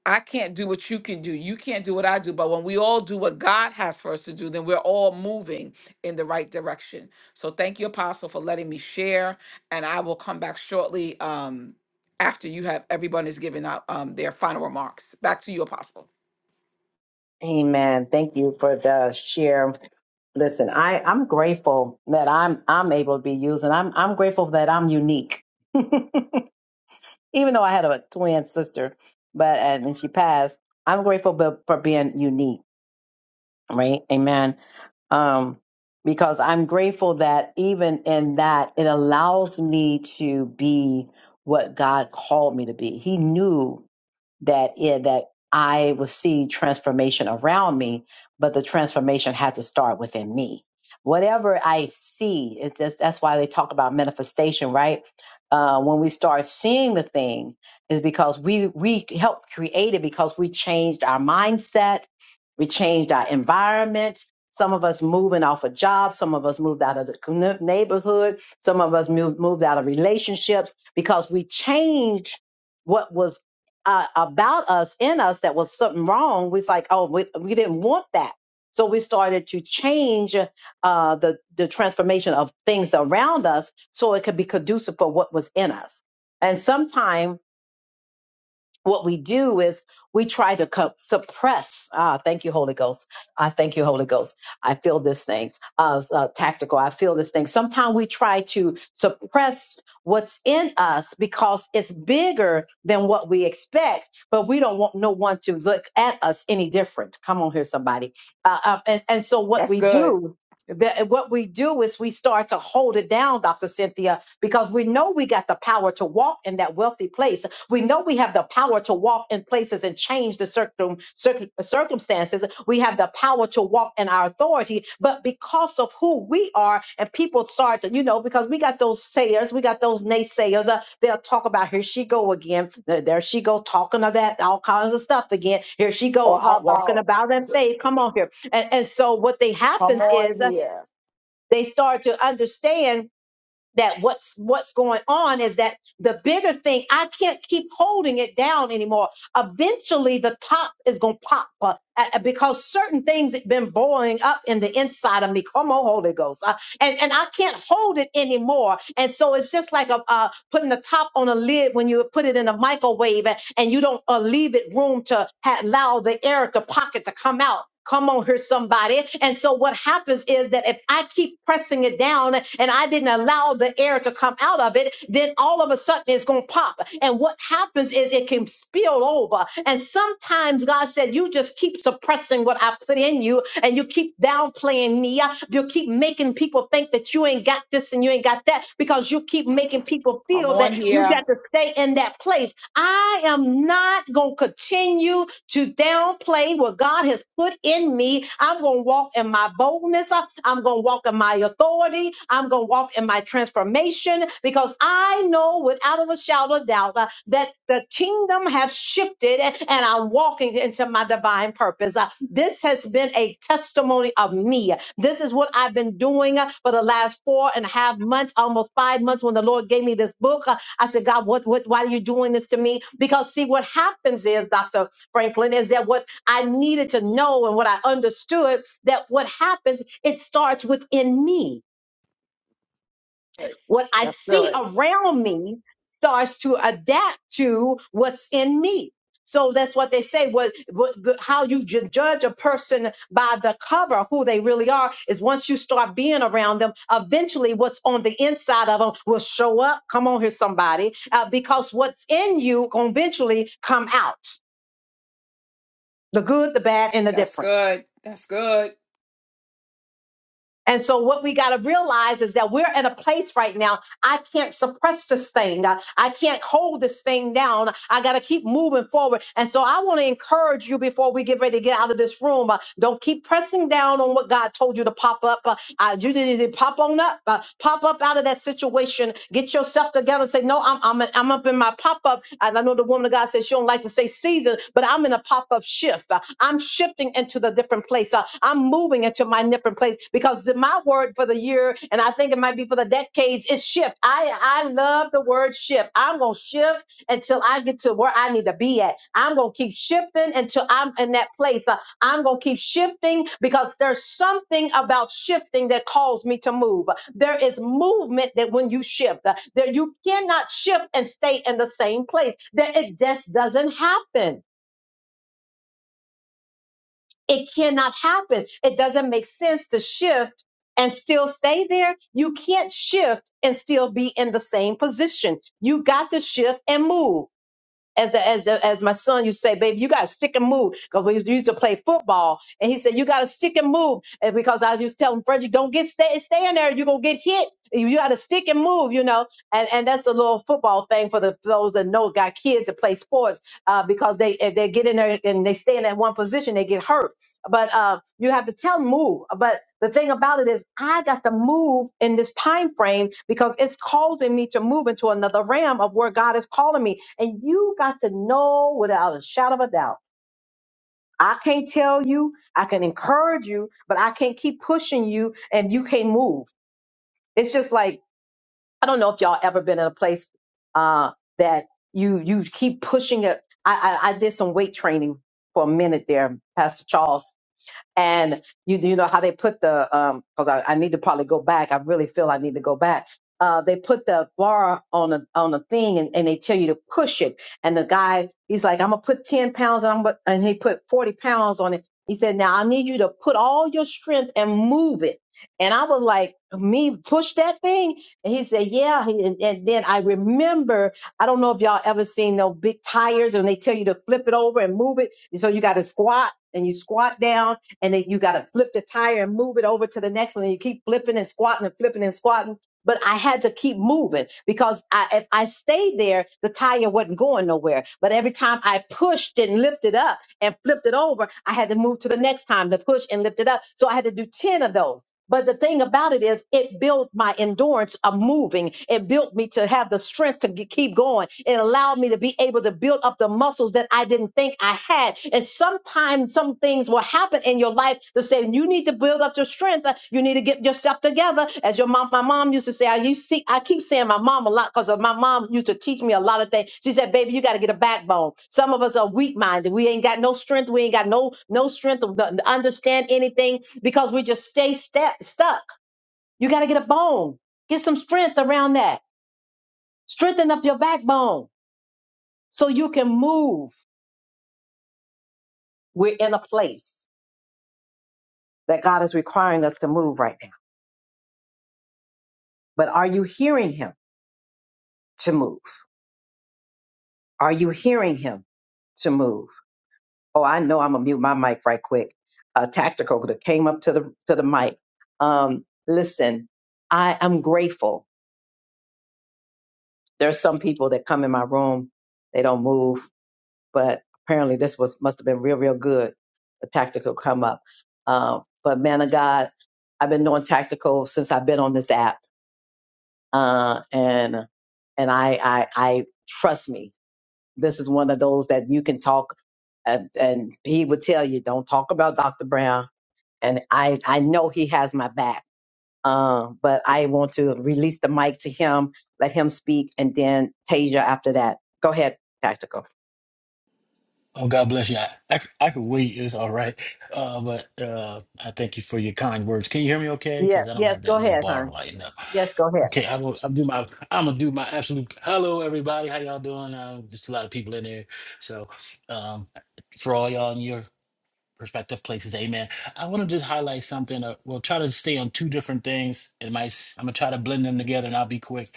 I can't do what you can do. You can't do what I do. But when we all do what God has for us to do, then we're all moving in the right direction. So thank you, Apostle, for letting me share. And I will come back shortly um, after you have everyone is giving out um, their final remarks. Back to you, Apostle. Amen. Thank you for the share. Listen, I, I'm grateful that I'm I'm able to be used, and I'm I'm grateful that I'm unique. even though I had a twin sister, but and then she passed. I'm grateful be- for being unique, right? Amen. Um, because I'm grateful that even in that, it allows me to be what God called me to be. He knew that it, that I would see transformation around me, but the transformation had to start within me. Whatever I see, it, that's, that's why they talk about manifestation, right? Uh, when we start seeing the thing, is because we we helped create it because we changed our mindset, we changed our environment. Some of us moving off a job, some of us moved out of the commu- neighborhood, some of us moved, moved out of relationships because we changed what was uh, about us in us that was something wrong we was like oh we, we didn't want that so we started to change uh, the the transformation of things around us so it could be conducive for what was in us and sometimes what we do is we try to co- suppress. Ah, thank you, Holy Ghost. I thank you, Holy Ghost. I feel this thing uh, uh, tactical. I feel this thing. Sometimes we try to suppress what's in us because it's bigger than what we expect, but we don't want no one to look at us any different. Come on here, somebody. Uh, uh, and, and so what That's we good. do. That what we do is we start to hold it down, Dr. Cynthia, because we know we got the power to walk in that wealthy place we know we have the power to walk in places and change the circum, circum, circumstances. We have the power to walk in our authority, but because of who we are, and people start to, you know, because we got those sayers, we got those naysayers. Uh, they'll talk about here she go again, there there she go talking of that, all kinds of stuff again. Here she go Oh, out walking come about in faith. Come on here, and, and so what they happens on. is uh, they start to understand that what's what's going on is that the bigger thing i can't keep holding it down anymore eventually the top is going to pop uh, uh, because certain things have been boiling up in the inside of me come on holy ghost Uh, and and i can't hold it anymore and so it's just like a, a, putting the top on a lid when you put it in a microwave and, and you don't uh, leave it room to ha- allow the air to pocket to come out. Come on here, somebody. And so what happens is that if I keep pressing it down and I didn't allow the air to come out of it, then all of a sudden it's going to can pop. And what happens is it can spill over. And sometimes God said, You just keep suppressing what I put in you, and you keep downplaying me. You keep making people think that you ain't got this and you ain't got that because you keep making people Come feel that on you here. got to stay in that place. I am not going to continue to downplay what God has put in me. I'm going to walk in my boldness. I'm going to walk in my authority. I'm going to walk in my transformation because I know without a shadow of doubt uh, that the kingdom has shifted and I'm walking into my divine purpose. Uh, This has been a testimony of me. This is what I've been doing uh, for the last four and a half months, almost five months when the Lord gave me this book. Uh, I said, God, what, what, why are you doing this to me? Because see, what happens is, Dr. Franklin, is that what I needed to know and what I understood that what happens, it starts within me what I That's see good. around me starts to adapt to what's in me. So that's what they say. What, what the- how you ju- judge a person by the cover, who they really are, is once you start being around them. Eventually, what's on the inside of them will show up. Come on here, somebody, uh, because what's in you gonna eventually come out. The good, the bad, and the That's difference. good. That's good. And so, what we got to realize is that we're in a place right now. I can't suppress this thing. I, I can't hold this thing down. I got to keep moving forward. And so, I want to encourage you before we get ready to get out of this room. uh, don't keep pressing down on what God told you to pop up. Uh, uh, you need to pop on up, uh, pop up out of that situation. Get yourself together. and say say, no, I'm I'm I'm up in my pop up. And I know the woman of God says she don't like to say season, but I'm in a pop up shift. Uh, I'm shifting into the different place. Uh, I'm moving into my different place because the, my word for the year, and I think it might be for the decades, is shift. I I love the word shift. I'm gonna shift until I get to where I need to be at. I'm gonna keep shifting until I'm in that place. Uh, I'm going to keep shifting because there's something about shifting that calls me to move. There is movement that when you shift, uh, that you cannot shift and stay in the same place. That it just doesn't happen. It cannot happen. It doesn't make sense to shift and still stay there. You can't shift and still be in the same position. You got to shift and move. as the as the as my son used to say, baby, you gotta stick and move. Because we used to play football. And he said, You gotta stick and move. And because I used to tell him, Frederick, don't get stay stay in there, you're gonna get hit. You you gotta stick and move, you know. And and that's the little football thing for the for those that know got kids that play sports, uh, because they if they get in there and they stay in that one position, they get hurt but uh, you have to tell move. But the thing about it is, I got to move in this time frame because it's causing me to move into another realm of where God is calling me. And you got to know without a shadow of a doubt. I can't tell you, I can encourage you, but I can't keep pushing you and you can't move. It's just like I don't know if y'all ever been in a place uh, that you you keep pushing it. I, I I did some weight training for a minute there, Pastor Charles and you you know how they put the um because I, I need to probably go back. I really feel I need to go back. Uh, they put the bar on a on a thing and, and they tell you to push it. And the guy he's like, I'm gonna put ten pounds and I'm gonna, and he put forty pounds on it. He said, Now I need you to put all your strength and move it. And I was like, me push that thing? And he said, yeah. He- And, and then I remember, I don't know if y'all ever seen those big tires and they tell you to flip it over and move it. So you got to squat and you squat down and then you got to flip the tire and move it over to the next one and you keep flipping and squatting and flipping and squatting but i had to keep moving because I, if i stayed there the tire wasn't going nowhere but every time i pushed and lifted up and flipped it over i had to move to the next time to push and lift it up so i had to do 10 of those but the thing about it is, it built my endurance of moving. It built me to have the strength to g- keep going. It allowed me to be able to build up the muscles that I didn't think I had. And sometimes some things will happen in your life to say, you need to build up your strength. Uh, You need to get get yourself together. As your mom, my mom used to say, I you see, I keep saying my mom a lot because my mom used to teach me a lot of things. She said, baby, you got to get a backbone. Some of us are weak minded. We ain't got no strength. We ain't got no no strength to to understand anything because we just stay sta- stuck. You got to get a bone. Get some strength around that. Strengthen up your backbone so you can move. We're in a place that God is requiring us to move right now. But are you hearing Him to move? Are you hearing Him to move? oh, I know I'm gonna mute my mic right quick. Uh, tactical that came up to the to the mic. Um, listen, I am grateful. There are some people that come in my room, they don't move, but apparently this was must have been real, real good. The tactical come up. Uh, but man of God, I've been doing tactical since I've been on this app, uh, and and I, I I trust me. This is one of those that you can talk, and, and he would tell you, don't talk about Dr. Brown and I I know he has my back. Um, but I want to release the mic to him, let him speak, and then Tasia after that. Go ahead, tactical. Oh, God bless you. I, I, I could wait. It's all right. Uh, but uh, I thank you for your kind words. Can you hear me okay? Yeah, Because I don't yes, have go that little ahead, bar hon. lighting up. Yes, go ahead. Okay, I will. I'll do my. I'm gonna do my absolute. Hello, everybody. How y'all doing? Um, just a lot of people in there. So, um, for all y'all in your Perspective places, amen. I want to just highlight something. Uh, we'll try to stay on two different things. It might. s- I'm gonna try to blend them together, and I'll be quick.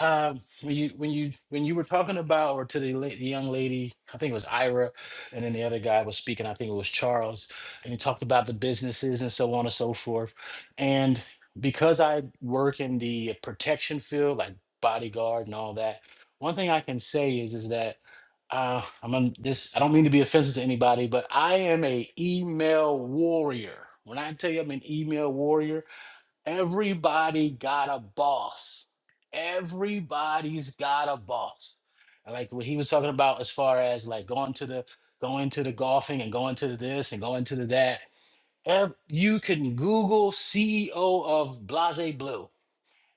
Um, when you when you when you were talking about, or to the, la- the young lady, I think it was Ira, and then the other guy was speaking. I think it was Charles, and he talked about the businesses and so on and so forth. And because I work in the protection field, like bodyguard and all that, one thing I can say is is that uh, I'm on this. I don't mean to be offensive to anybody, but I am a email warrior. When I tell you I'm an email warrior, everybody got a boss. Everybody's got a boss. And Like what he was talking about as far as like going to the going to the golfing and going to the this and going to the that. Ev- You can Google CEO of Blase Blue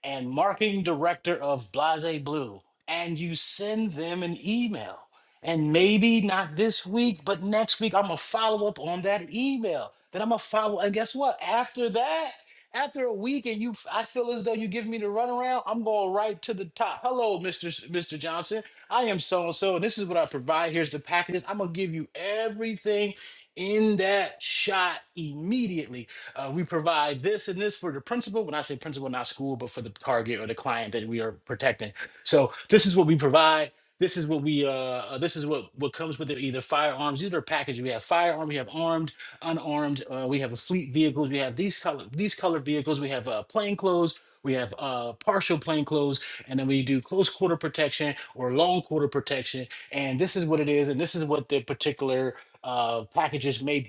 and marketing director of Blase Blue, and you send them an email. And maybe not this week, but next week, I'm gonna follow up on that email. Then I'm gonna follow. And guess what? After that, after a week, and you, f- I feel as though you give me the runaround. I'm going right to the top. Hello, Mr. S- Mr. Johnson. I am so and so, and this is what I provide. Here's the packages. I'm gonna give you everything in that shot immediately uh, we provide this and this for the principal. When I say principal, not school, but for the target or the client that we are protecting. So this is what we provide. This is what we uh uh, this is what what comes with it. Either firearms, either package. We have firearm. we have armed, unarmed. Uh, we have a fleet vehicles. We have these color these color vehicles. We have uh, plain clothes. We have uh, partial plain clothes, and then we do close quarter protection or long quarter protection. And this is what it is, and this is what the particular uh, packages may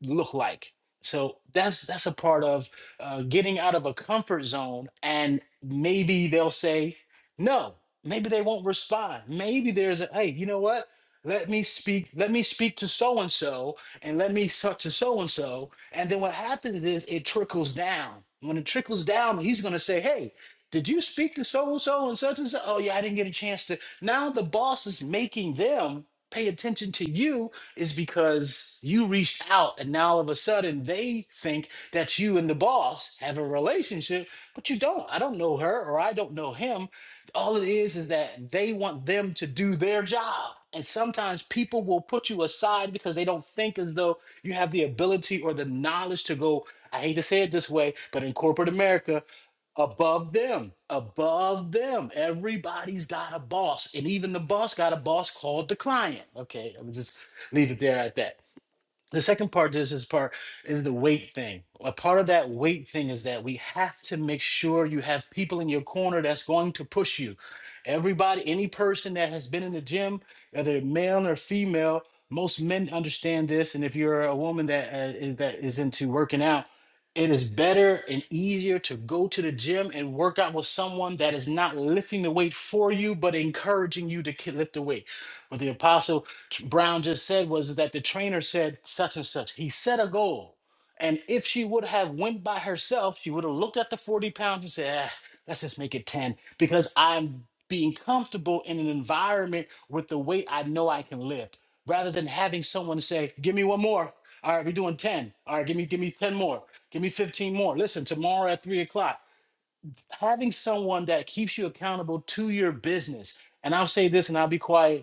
look like. So that's that's a part of uh, getting out of a comfort zone, and maybe they'll say no. Maybe they won't respond. Maybe there's a hey, you know what? Let me speak. Let me speak to so and so, and let me talk to so and so. And then what happens is it trickles down. When it trickles down, he's going to say, hey. Did you speak to so and so and such and such? Oh yeah, I didn't get a chance to. Now the boss is making them pay attention to you is because you reached out and now all of a sudden they think that you and the boss have a relationship, but you don't. I don't know her or I don't know him. All it is is that they want them to do their job. And sometimes people will put you aside because they don't think as though you have the ability or the knowledge to go, I hate to say it this way, but in corporate America, above them, above them. Everybody's got a boss, and even the boss got a boss called the client. Okay, I'm just leave it there at that. The second part is this is part is the weight thing. A part of that weight thing is that we have to make sure you have people in your corner that's going to push you. Everybody, any person that has been in the gym, whether male or female, most men understand this. And if you're a woman that uh, is, that is into working out, it is better and easier to go to the gym and work out with someone that is not lifting the weight for you, but encouraging you to ki- lift the weight. But the apostle Brown just said was that the trainer said such and such. He set a goal. And if she would have went by herself, she would have looked at the 40 pounds and said, "Ah, let's just make it 10 because I'm being comfortable in an environment with the weight I know I can lift rather than having someone say, give me one more. All right, we're doing 10. All right, give me, give me 10 more. Give me 15 more. Listen, tomorrow at three o'clock, having someone that keeps you accountable to your business. And I'll say this and I'll be quiet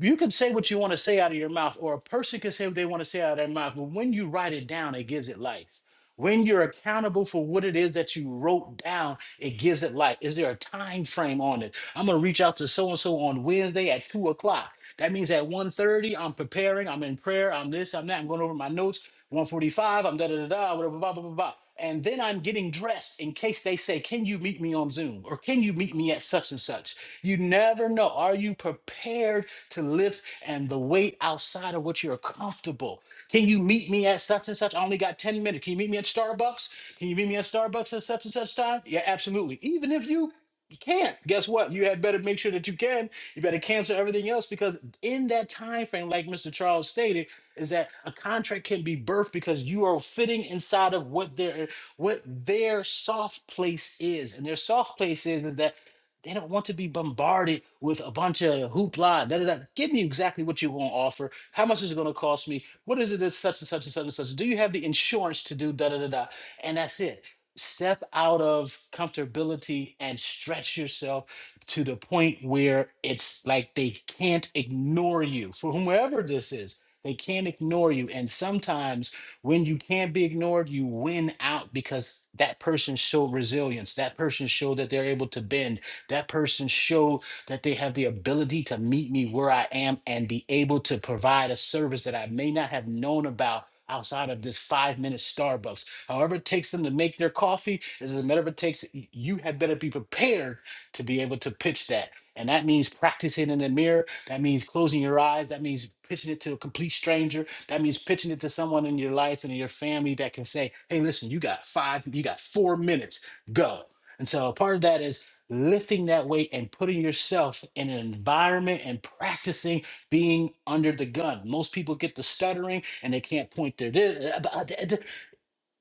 you can say what you want to say out of your mouth, or a person can say what they want to say out of their mouth, but when you write it down, it gives it life. When you're accountable for what it is that you wrote down, it gives it life. Is there a time frame on it? I'm gonna reach out to so and so on Wednesday at two o'clock. That means at one i I'm preparing, I'm in prayer, I'm this, I'm that, I'm going over my notes. 145, I'm da da da da, whatever, blah blah blah blah. And then I'm getting dressed in case they say, "Can you meet me on Zoom?" or "Can you meet me at such and such?" You never know. Are you prepared? to lift and the weight outside of what you're comfortable. Can you meet me at such and such? I only got 10 minutes. Can you meet me at Starbucks? Can you meet me at Starbucks at such and such time? Yeah, absolutely. Even if you you can't, guess what? You had better make sure that you can. You better cancel everything else because in that time frame, like Mr. Charles stated, is that a contract can be birthed because you are fitting inside of what their what their soft place is. And their soft place is, is that they don't want to be bombarded with a bunch of hoopla. Da, da, da. Give me exactly what you want to offer. How much is it going to cost me? What is it that's such and such and such and such? Do you have the insurance to do da da da da? And that's it. Step out of comfortability and stretch yourself to the point where it's like they can't ignore you. For whomever this is, they can't ignore you. And sometimes when you can't be ignored, you win out because that person showed resilience. That person showed that they're able to bend that person showed that they have the ability to meet me where I am and be able to provide a service that I may not have known about outside of this five minute Starbucks. However, it takes them to make their coffee, this is a matter of it takes, you had better be prepared to be able to pitch that. And that means practicing in the mirror. That means closing your eyes. That means pitching it to a complete stranger. That means pitching it to someone in your life and in your family that can say, hey, listen, you got five, you got four minutes, go. And so part of that is lifting that weight and putting yourself in an environment and practicing being under the gun. Most people get the stuttering and they can't point their. Th- th- th- th-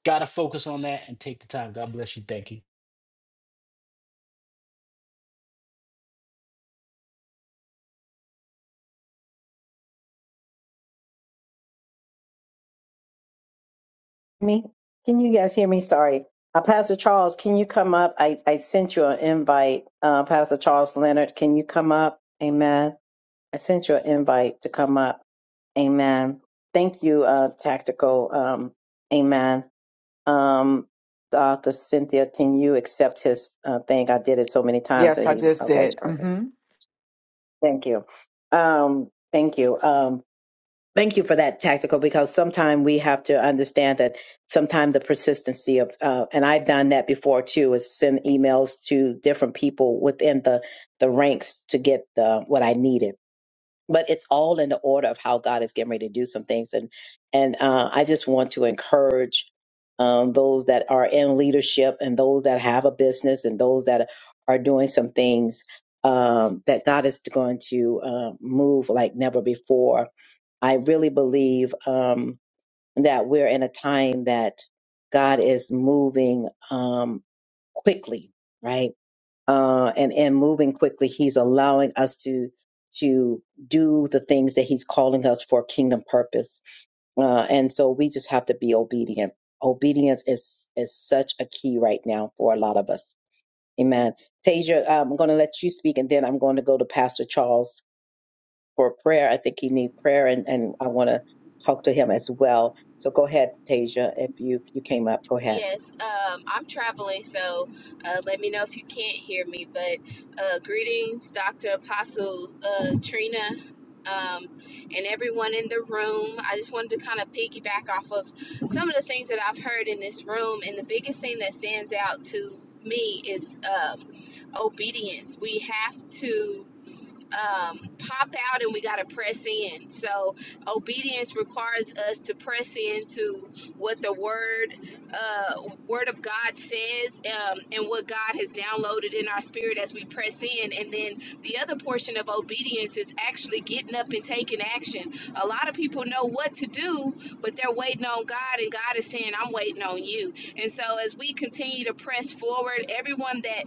Gotta focus on that and take the time. God bless you. Thank you. me? Can you guys hear me? Sorry. Uh, Pastor Charles, can you come up? I, I sent you an invite. Uh, Pastor Charles Leonard, can you come up? Amen. I sent you an invite to come up. Amen. Thank you, uh, Tactical. Um, amen. Um, Dr. Cynthia, can you accept his uh, thing? I did it so many times Yes, that I he, just okay, did. perfect. hmm Thank you. Um, thank you. Um, thank you for that tactical because sometimes we have to understand that sometimes the persistency of, uh, and I've done that before too, is send emails to different people within the, the ranks to get the, what I needed but it's all in the order of how God is getting ready to do some things. And and uh, I just want to encourage um, those that are in leadership and those that have a business and those that are doing some things um, that God is going to uh, move like never before. I really believe um, that we're in a time that God is moving um, quickly, right? uh, and and moving quickly. He's allowing us to to do the things that He's calling us for kingdom purpose, uh, and so we just have to be obedient. Obedience is is such a key right now for a lot of us. Amen. Tasia, I'm going to let you speak, and then I'm going to go to Pastor Charles for prayer. I think he needs prayer, and and I want to talk to him as well. So go ahead, Tasia. If you you came up, go ahead. Yes, um, I'm traveling, so uh, let me know if you can't hear me. But uh, greetings, Dr. Apostle uh, Trina, um, and everyone in the room. I just wanted to kind of piggyback off of some of the things that I've heard in this room, and the biggest thing that stands out to me is um, obedience. We have to um, pop out and we got to press in. So, obedience requires us to press into what the word uh, word of God says um, and what God has downloaded in our spirit as we press in. And then the other portion of obedience is actually getting up and taking action. A lot of people know what to do, but they're waiting on God, and God is saying, I'm waiting on you. And so, as we continue to press forward, everyone that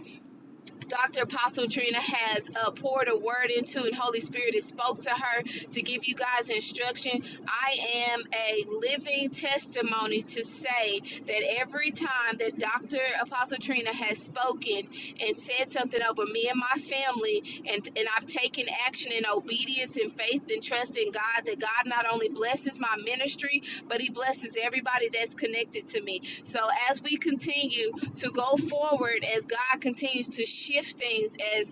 Dr. Apostle Trina has uh, poured a word into, and Holy Spirit has spoke to her to give you guys instruction. I am a living testimony to say that every time that Dr. Apostle Trina has spoken and said something over me and my family and and I've taken action in obedience and faith and trust in God that God not only blesses my ministry but he blesses everybody that's connected to me so as we continue to go forward as God continues to shift things as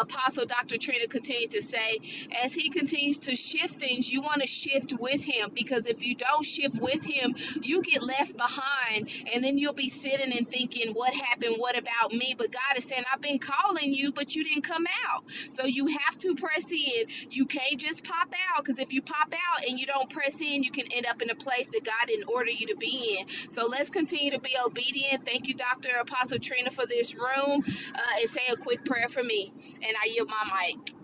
Apostle Dr. Trina continues to say, as he continues to shift things, you want to shift with him because if you don't shift with him, you get left behind and then you'll be sitting and thinking, What happened? What about me? But God is saying, I've been calling you, but you didn't come out. So you have to press in. You can't just pop out because if you pop out and you don't press in, you can end up in a place that God didn't order you to be in. So let's continue to be obedient. Thank you, Dr. Apostle Trina, for this room. Uh, and say a quick prayer for me. And I yield my mic.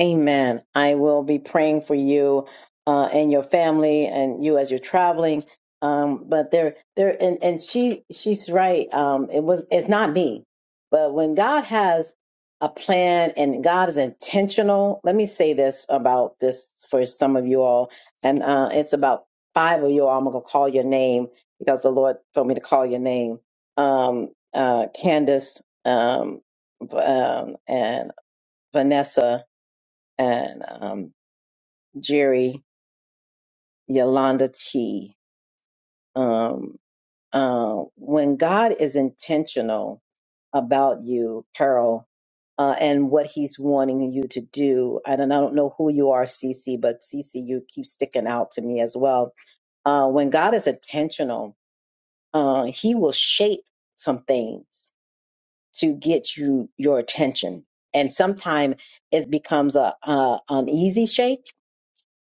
Amen. I will be praying for you uh, and your family and you as you're traveling. Um, but there, there, and, and she, she's right. Um, it was, it's not me, but when God has a plan and God is intentional, let me say this about this for some of you all. And, uh, it's about five of you all. I'm going to call your name because the Lord told me to call your name. Um, uh, Candace, um, um, and Vanessa, and um, Jerry Yolanda T. Um, uh, when God is intentional about you, Carol, uh, and what He's wanting you to do, I don't, I don't know who you are, Cece, but Cece, you keep sticking out to me as well. Uh, when God is intentional, uh, He will shape some things to get you your attention, and sometimes it becomes a, a an easy shape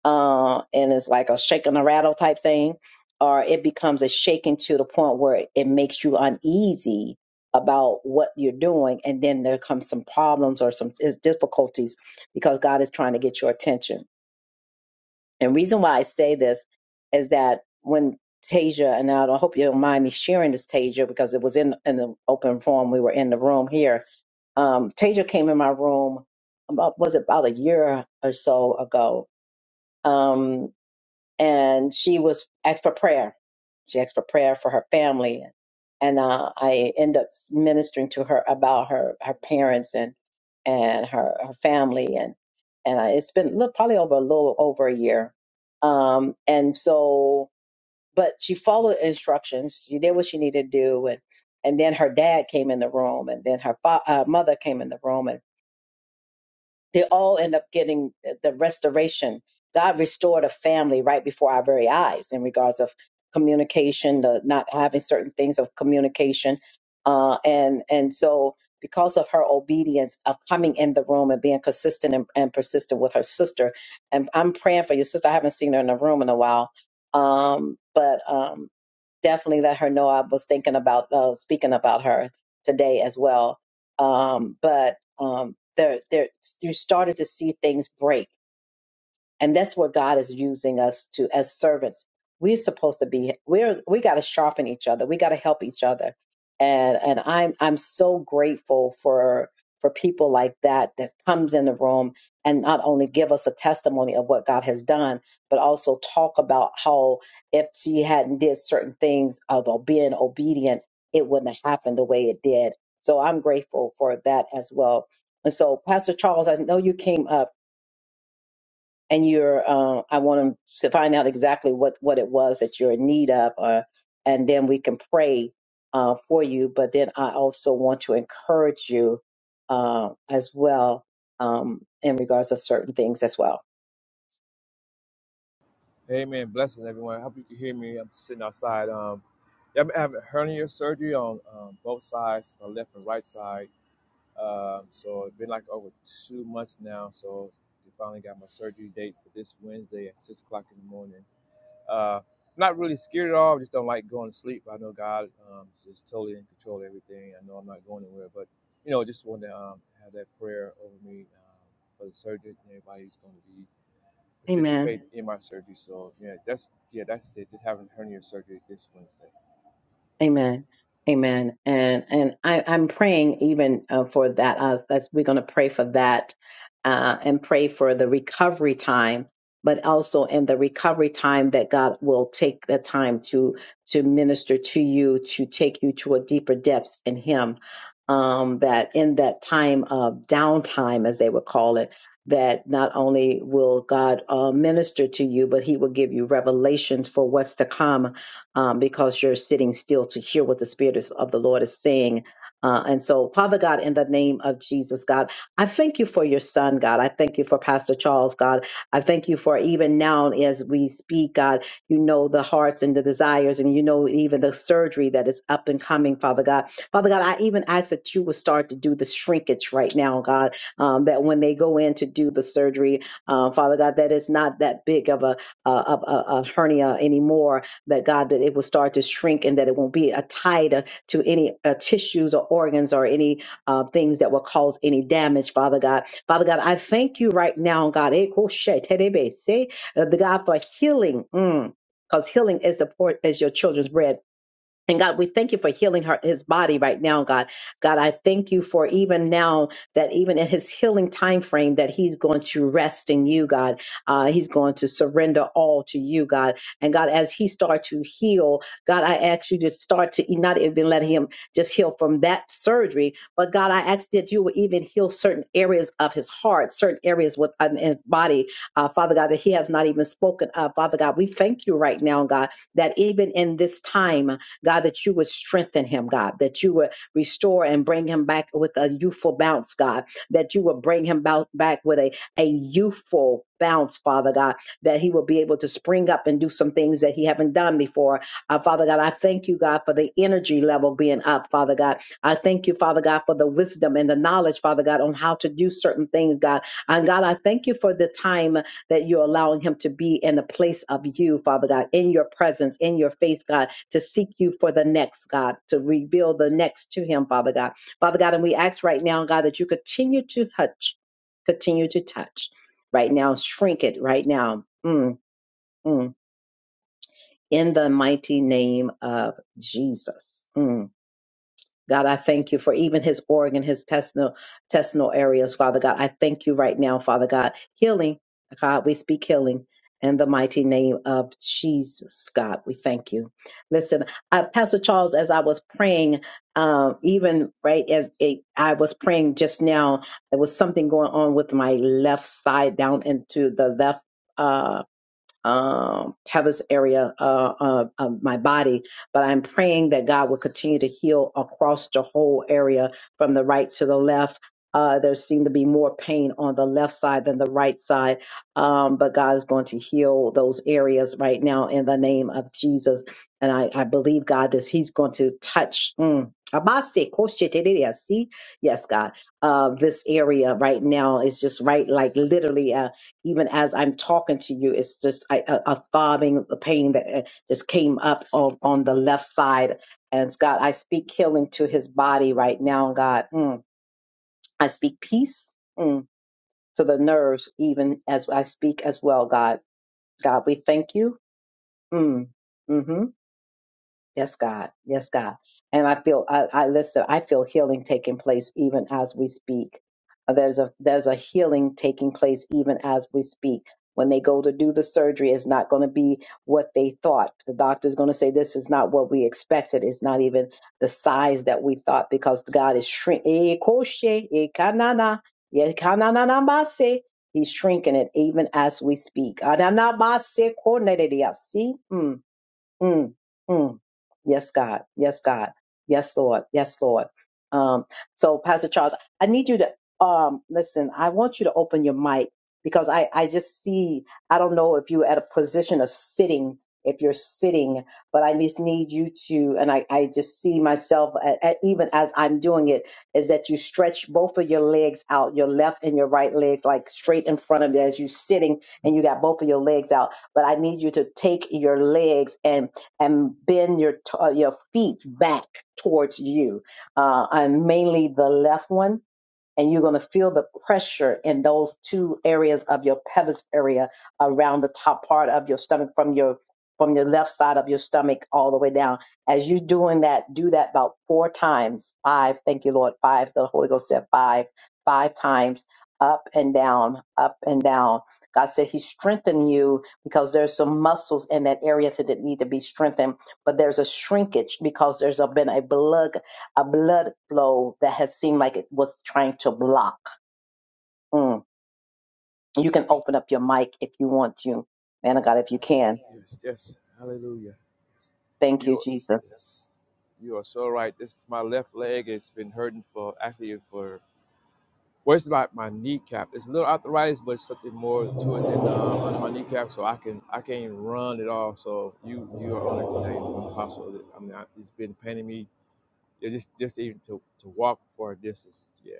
uh, and it's like a shake and a rattle type thing, or it becomes a shaking to the point where it makes you uneasy about what you're doing, and then there comes some problems or some difficulties because God is trying to get your attention. And reason why I say this is that when Tasia and I I hope you don't mind me sharing this, Tasia, because it was in in the open forum. We were in the room here. Um, Tasia came in my room about was it about a year or so ago, um, and she was asked for prayer. She asked for prayer for her family, and uh, I end up ministering to her about her her parents and and her her family, and and I, it's been look, probably over a little over a year, um, and so but she followed instructions. She did what she needed to do, and and then her dad came in the room, and then her fa- uh, mother came in the room, and they all end up getting the restoration. God restored a family right before our very eyes in regards of communication, the not having certain things of communication, uh, and and so because of her obedience of coming in the room and being consistent and, and persistent with her sister, and I'm praying for your sister. I haven't seen her in the room in a while, um, but um, definitely let her know I was thinking about uh, speaking about her today as well um, but um, there, there, you started to see things break and that's where god is using us to as servants we're supposed to be we're we got to sharpen each other we got to help each other and and i'm i'm so grateful for for people like that that comes in the room and not only give us a testimony of what god has done but also talk about how if she hadn't did certain things of being obedient it wouldn't have happened the way it did so i'm grateful for that as well and so pastor charles i know you came up and you're uh, i want to find out exactly what what it was that you're in need of or and then we can pray uh, for you but then i also want to encourage you uh, as well um, in regards of certain things as well Amen. Blessings, everyone. I hope you can hear me. I'm sitting outside. Um, yeah, I've been having hernia surgery on um, both sides, my left and right side. Um, so it's been like over two months now. So they finally got my surgery date for this Wednesday at six o'clock in the morning. Uh, not really scared at all. I just don't like going to sleep. I know God um, is totally in control of everything. I know I'm not going anywhere, but you know, just want to um, have that prayer over me um, for the surgeon and everybody who's going to be amen participate in my surgery. So yeah, that's yeah, that's it. Just having hernia surgery this Wednesday. Amen. Amen. And and I, I'm praying even uh, for that. Uh, that's we're going to pray for that uh, and pray for the recovery time, but also in the recovery time that God will take the time to to minister to you, to take you to a deeper depths in Him. Um, that in that time of downtime, as they would call it, that not only will God uh, minister to you, but He will give you revelations for what's to come um, because you're sitting still to hear what the Spirit is, of the Lord is saying. Uh, and so, Father God, in the name of Jesus, God, I thank you for your son, God. I thank you for Pastor Charles, God. I thank you for even now as we speak, God, you know the hearts and the desires, and you know even the surgery that is up and coming, Father God. Father God, I even ask that you would start to do the shrinkage right now, God, um, that when they go in to do the surgery, uh, Father God, that it's not that big of a, a, a, a a hernia anymore, that God, that it will start to shrink and that it won't be a tied uh, to any uh, tissues or organs or any uh, things that will cause any damage, Father God. Father God, I thank you right now, God, eh, ko she te de be se, uh, the God for healing. Mm. Because healing is the port as your children's bread. And God, we thank you for healing her, his body right now, God. God, I thank you for even now that even in his healing time frame that he's going to rest in you, God. Uh, he's going to surrender all to you, God. And God, as he start to heal, God, I ask you to start to e, not even let him just heal from that surgery, but God, I ask that you would even heal certain areas of his heart, certain areas within his body, uh, Father God, that he has not even spoken of. Father God, we thank you right now, God, that even in this time. God, that you would strengthen him, God, that you would restore and bring him back with a youthful bounce, God, that you would bring him bou- back with a, a youthful bounce, Father God, that he will be able to spring up and do some things that he haven't done before. Uh, Father God, I thank you, God, for the energy level being up, Father God. I thank you, Father God, for the wisdom and the knowledge, Father God, on how to do certain things, God. And God, I thank you for the time that you're allowing him to be in the place of you, Father God, in your presence, in your face, God, to seek you for the next, God, to reveal the next to him, Father God. Father God, and we ask right now, God, that you continue to touch, continue to touch right now, shrink it right now. Mm, mm. in the mighty name of Jesus. Mm. God, I thank you for even his organ, his intestinal, intestinal areas, Father God. I thank you right now, Father God. Healing, God, we speak healing in the mighty name of Jesus, God. We thank you. Listen, uh, Pastor Charles, as I was praying, um, even right as it, I was praying just now, there was something going on with my left side down into the left. Uh, um, Heather's area uh, uh, of my body, but I'm praying that God will continue to heal across the whole area from the right to the left. Uh, there seemed to be more pain on the left side than the right side, um, but God is going to heal those areas right now in the name of Jesus. And I, I believe God that He's going to touch. Mm, Abase, koshe, see, yes, God, uh, this area right now is just right, like literally. uh, even as I'm talking to you, it's just I- a, a throbbing pain that uh, just came up on, on the left side. And God, I speak healing to his body right now, God. Mm. I speak peace mm, to the nerves, even as I speak as well, God. God, we thank you. Mm. Mm-hmm. Yes, God. Yes, God. And I feel, I, I listen, I feel healing taking place even as we speak. Uh, There's a, there's a healing taking place even as we speak. When they go to do the surgery, it's not going to be what they thought. The doctor's going to say, this is not what we expected. It's not even the size that we thought because God is shrinking. He's shrinking it even as we speak. Mm, mm, mm. Yes, God. Yes, God. Yes, Lord. Yes, Lord. Um, so, Pastor Charles, I need you to um, listen. I want you to open your mic because I, I just see, I don't know if you're at a position of sitting, if you're sitting, but I just need you to, and I, I just see myself, a a- even as I'm doing it, is that you stretch both of your legs out, your left and your right legs, like straight in front of you as you're sitting, and you got both of your legs out. But I need you to take your legs and and bend your t- uh, your feet back towards you, uh, and mainly the left one and you're going to feel the pressure in those two areas of your pelvis area around the top part of your stomach from your from your left side of your stomach all the way down as you're doing that do that about four times five thank you lord five the holy ghost said five five times up and down up and down god said he strengthened you because there's some muscles in that area that need to be strengthened but there's a shrinkage because there's a, been a blood a blood flow that has seemed like it was trying to block. Mm. You can open up your mic if you want to. Man of God, if you can. Yes, yes, hallelujah. Yes. Thank you, You, Jesus. yes, you are so right. This my left leg has been hurting for actually for well, it's about my kneecap. It's a little arthritis, but it's something more to it than um, under my kneecap. So I can I can't even run at all. So you you are on it today, Apostle. I mean, I, it's been paining me yeah, just just even to to walk for a distance. Yeah,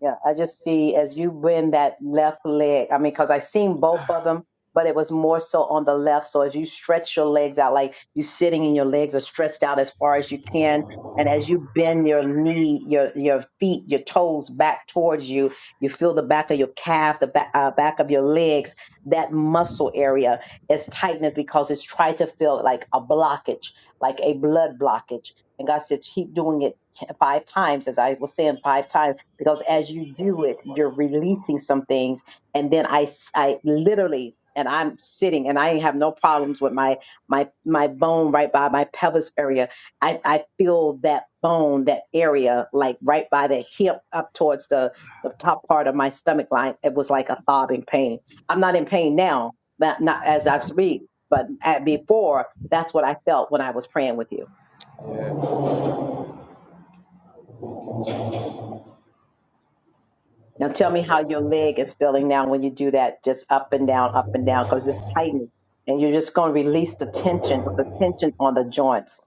Yeah, I just see as you bend that left leg. I mean, because I seen both of them, but it was more so on the left. So as you stretch your legs out, like you sitting and your legs are stretched out as far as you can, and as you bend your knee, your your feet, your toes back towards you, you feel the back of your calf, the back uh, back of your legs. That muscle area is tightness because it's trying to feel like a blockage, like a blood blockage. And God said, keep doing it t- five times, as I was saying, five times because as you do it you're releasing some things and then i s- i literally and i'm sitting and i have no problems with my my my bone right by my pelvis area i i feel that bone that area like right by the hip up towards the the top part of my stomach line it was like a throbbing pain i'm not in pain now not, not as i speak but at, before that's what i felt when i was praying with you yeah, yeah. Now tell me how your leg is feeling now when you do that, just up and down, up and down, because it's tightens And you're just going to release the tension. It's a tension on the joints.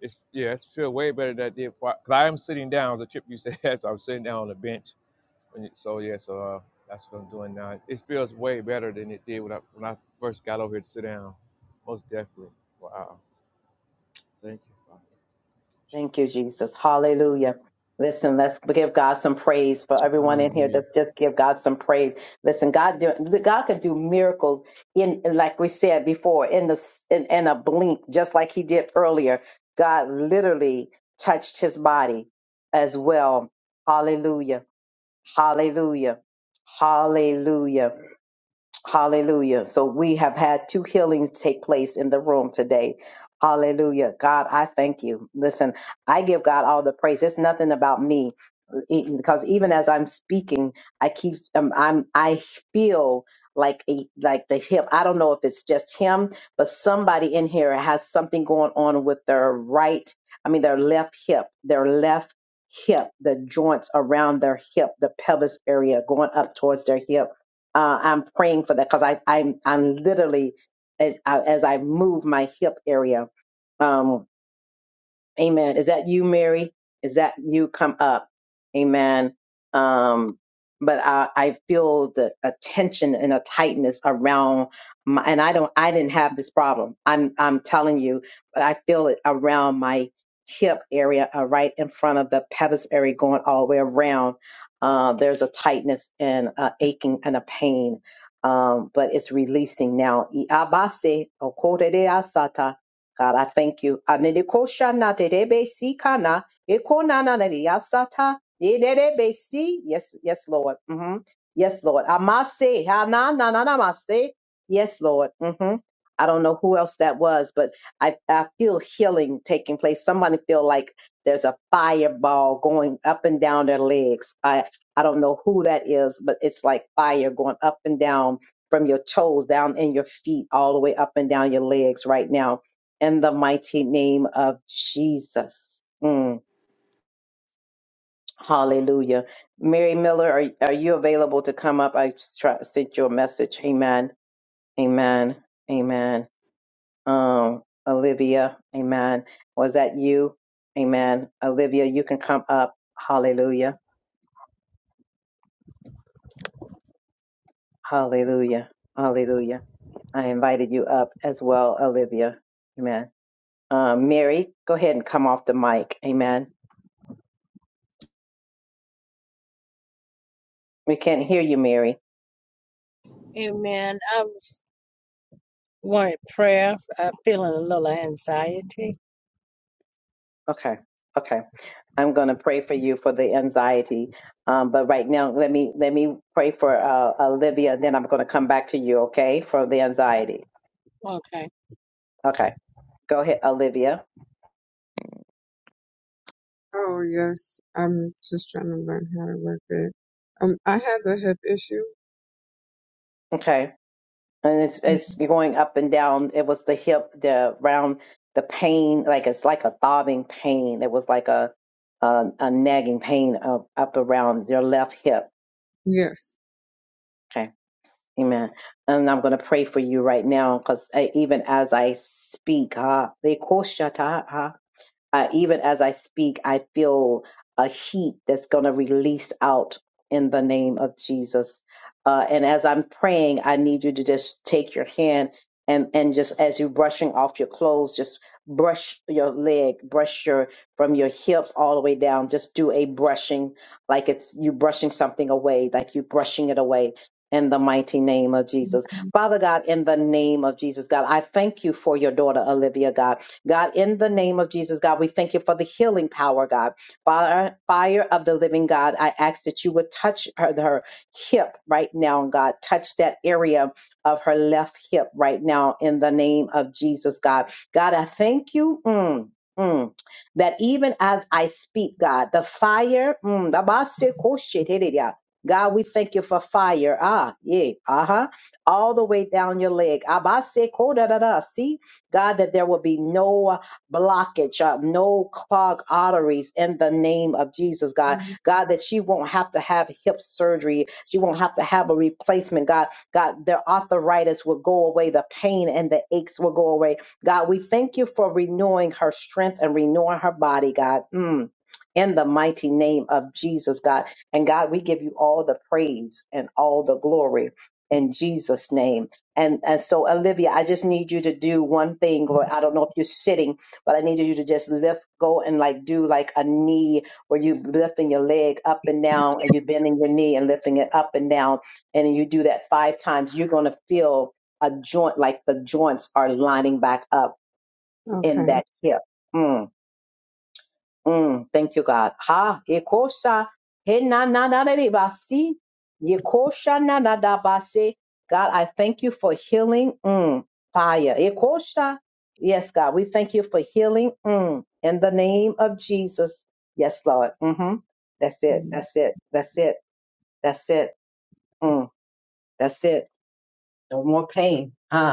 It's yeah, it's feel way better than I did. Because I am sitting down, as a chip you said, so I'm sitting down on the bench. And it- so yeah, so uh, that's what I'm doing now. It feels way better than it did when I when I first got over here to sit down. Most definitely. Wow. Thank you, Father. Thank you, Jesus. Jesus. Hallelujah. Listen, let's give God some praise for everyone in here. Hallelujah. Let's just give God some praise. Listen, God, do, God can do miracles in, like we said before, in the in, in a blink, just like He did earlier. God literally touched His body as well. Hallelujah. Hallelujah. Hallelujah. Hallelujah. So we have had two healings take place in the room today. Hallelujah. God, I thank you. Listen, I give God all the praise. It's nothing about me e- because even as I'm speaking, I keep um, I'm I feel like a like the hip. I don't know if it's just him, but somebody in here has something going on with their right. I mean, their left hip, their left hip, the joints around their hip, the pelvis area going up towards their hip. Uh, I'm praying for that because I I'm I'm literally as I, as I move my hip area. Um, Amen. Is that you, Mary? Is that you come up? Amen. Um, but I, I feel the a tension and a tightness around my, and I don't, I didn't have this problem. I'm, I'm telling you, but I feel it around my hip area, uh, right in front of the pelvis area going all the way around. Uh, there's a tightness and a aching and a pain. Um, but it's releasing now. God, I thank you. Anerikoshana terebe sikana, ekonana nereyasata, yerebe si. Yes, yes, Lord. hmm Yes, Lord. Amase, hana, Na na na hanananamase. Yes, Lord. hmm I don't know who else that was, but I, I feel healing taking place. Somebody feel like there's a fireball going up and down their legs. I, I don't know who that is, but it's like fire going up and down from your toes down in your feet all the way up and down your legs right now in the mighty name of Jesus. Mm, hallelujah. Mary Miller, are, are you available to come up? I just try, sent you a message. Amen. Amen. Amen. Um, Olivia, amen. Was that you? Amen. Olivia, you can come up. Hallelujah. Hallelujah. Hallelujah. I invited you up as well, Olivia. Amen. Um, Mary, go ahead and come off the mic. Amen. We can't hear you, Mary. Amen. I was wanted prayer. I'm feeling a little anxiety. Okay. Okay. I'm going to pray for you for the anxiety. Um, but right now, let me let me pray for uh, Olivia. Then I'm going to come back to you, okay, for the anxiety. Okay. Okay, go ahead, Olivia. Oh yes, I'm just trying to learn how to work it. Um, I had the hip issue. Okay, and it's it's going up and down. It was the hip, the round, the pain, like it's like a throbbing pain. It was like a a, a nagging pain up, up around your left hip. Yes. Okay, Amen. And I'm going to pray for you right now because even as I speak, ah, uh, even as I speak, I feel a heat that's going to release out in the name of Jesus. Uh, and as I'm praying, I need you to just take your hand and, and just as you're brushing off your clothes, just brush your leg, brush your from your hips all the way down. Just do a brushing, like it's you brushing something away, like you brushing it away. In the mighty name of Jesus. Father God, in the name of Jesus, God, I thank you for your daughter, Olivia, God. God, in the name of Jesus, God, we thank you for the healing power, God. Fire, fire of the living God, I ask that you would touch her, her hip right now, God. Touch that area of her left hip right now in the name of Jesus, God. God, I thank you. Mm, mm, That even as I speak, God, the fire, mm, the basi- koshetereya. God, we thank you for fire. Ah, yeah, uh huh all the way down your leg. Abase koda da kodadada. God, that there will be no blockage, uh, no clogged arteries in the name of Jesus, God. Okay. God, that she won't have to have hip surgery. She won't have to have a replacement, God. God, their arthritis will go away. The pain and the aches will go away. God, we thank you for renewing her strength and renewing her body, God. Mm. In the mighty name of Jesus, God. And God, we give you all the praise and all the glory in Jesus' name. And, and so, Olivia, I just need you to do one thing, or I don't know if you're sitting, but I need you to just lift, go and like do like a knee where you lifting your leg up and down, and you're bending your knee and lifting it up and down. And then you do that five times, you're going to feel a joint, like the joints are lining back up in that hip. Mm. Mm, thank you, God. Ha, ekosha, he na na na na de basi, yekosha na na da basi. God, I thank you for healing. Mm, fire. Ekosha. Yes, God, we thank you for healing. Mm, in the name of Jesus. Yes, Lord. Mm-hmm. That's it. Okay. That's it. That's it. That's it. Mm, that's it. No more pain. Huh?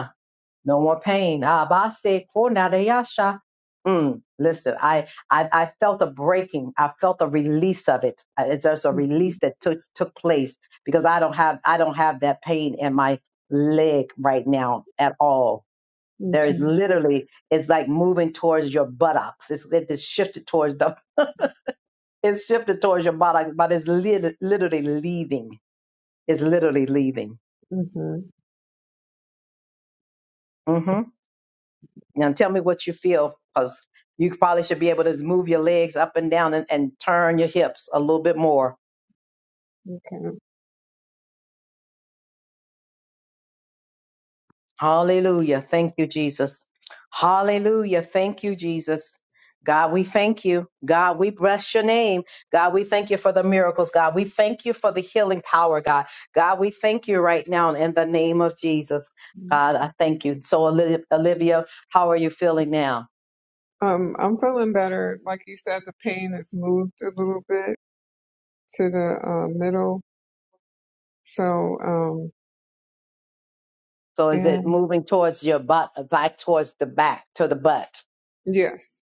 No more pain. Ah, Abase konadayasha. Mm, listen, I, I I felt a breaking. I felt a release of it. Uh, It's there's a release that took took place because I don't have I don't have that pain in my leg right now at all. There is literally it's like moving towards your buttocks. It's it is shifted towards the it's shifted towards your buttocks, but it's lit- literally leaving. It's literally leaving. hmm Okay. Mm-hmm. Now tell me what you feel, because you probably should be able to move your legs up and down and, and turn your hips a little bit more. Hallelujah. Thank you, Jesus. Hallelujah. Thank you, Jesus. God, we thank you. God, we bless your name. God, we thank you for the miracles. God, we thank you for the healing power, God. God, we thank you right now in the name of Jesus. God, I thank you. So, Oli- Olivia, how are you feeling now? Um, I'm feeling better. Like you said, the pain has moved a little bit to the uh, middle. So, um, So, is it and moving towards your butt, back towards the back, to the butt? yes,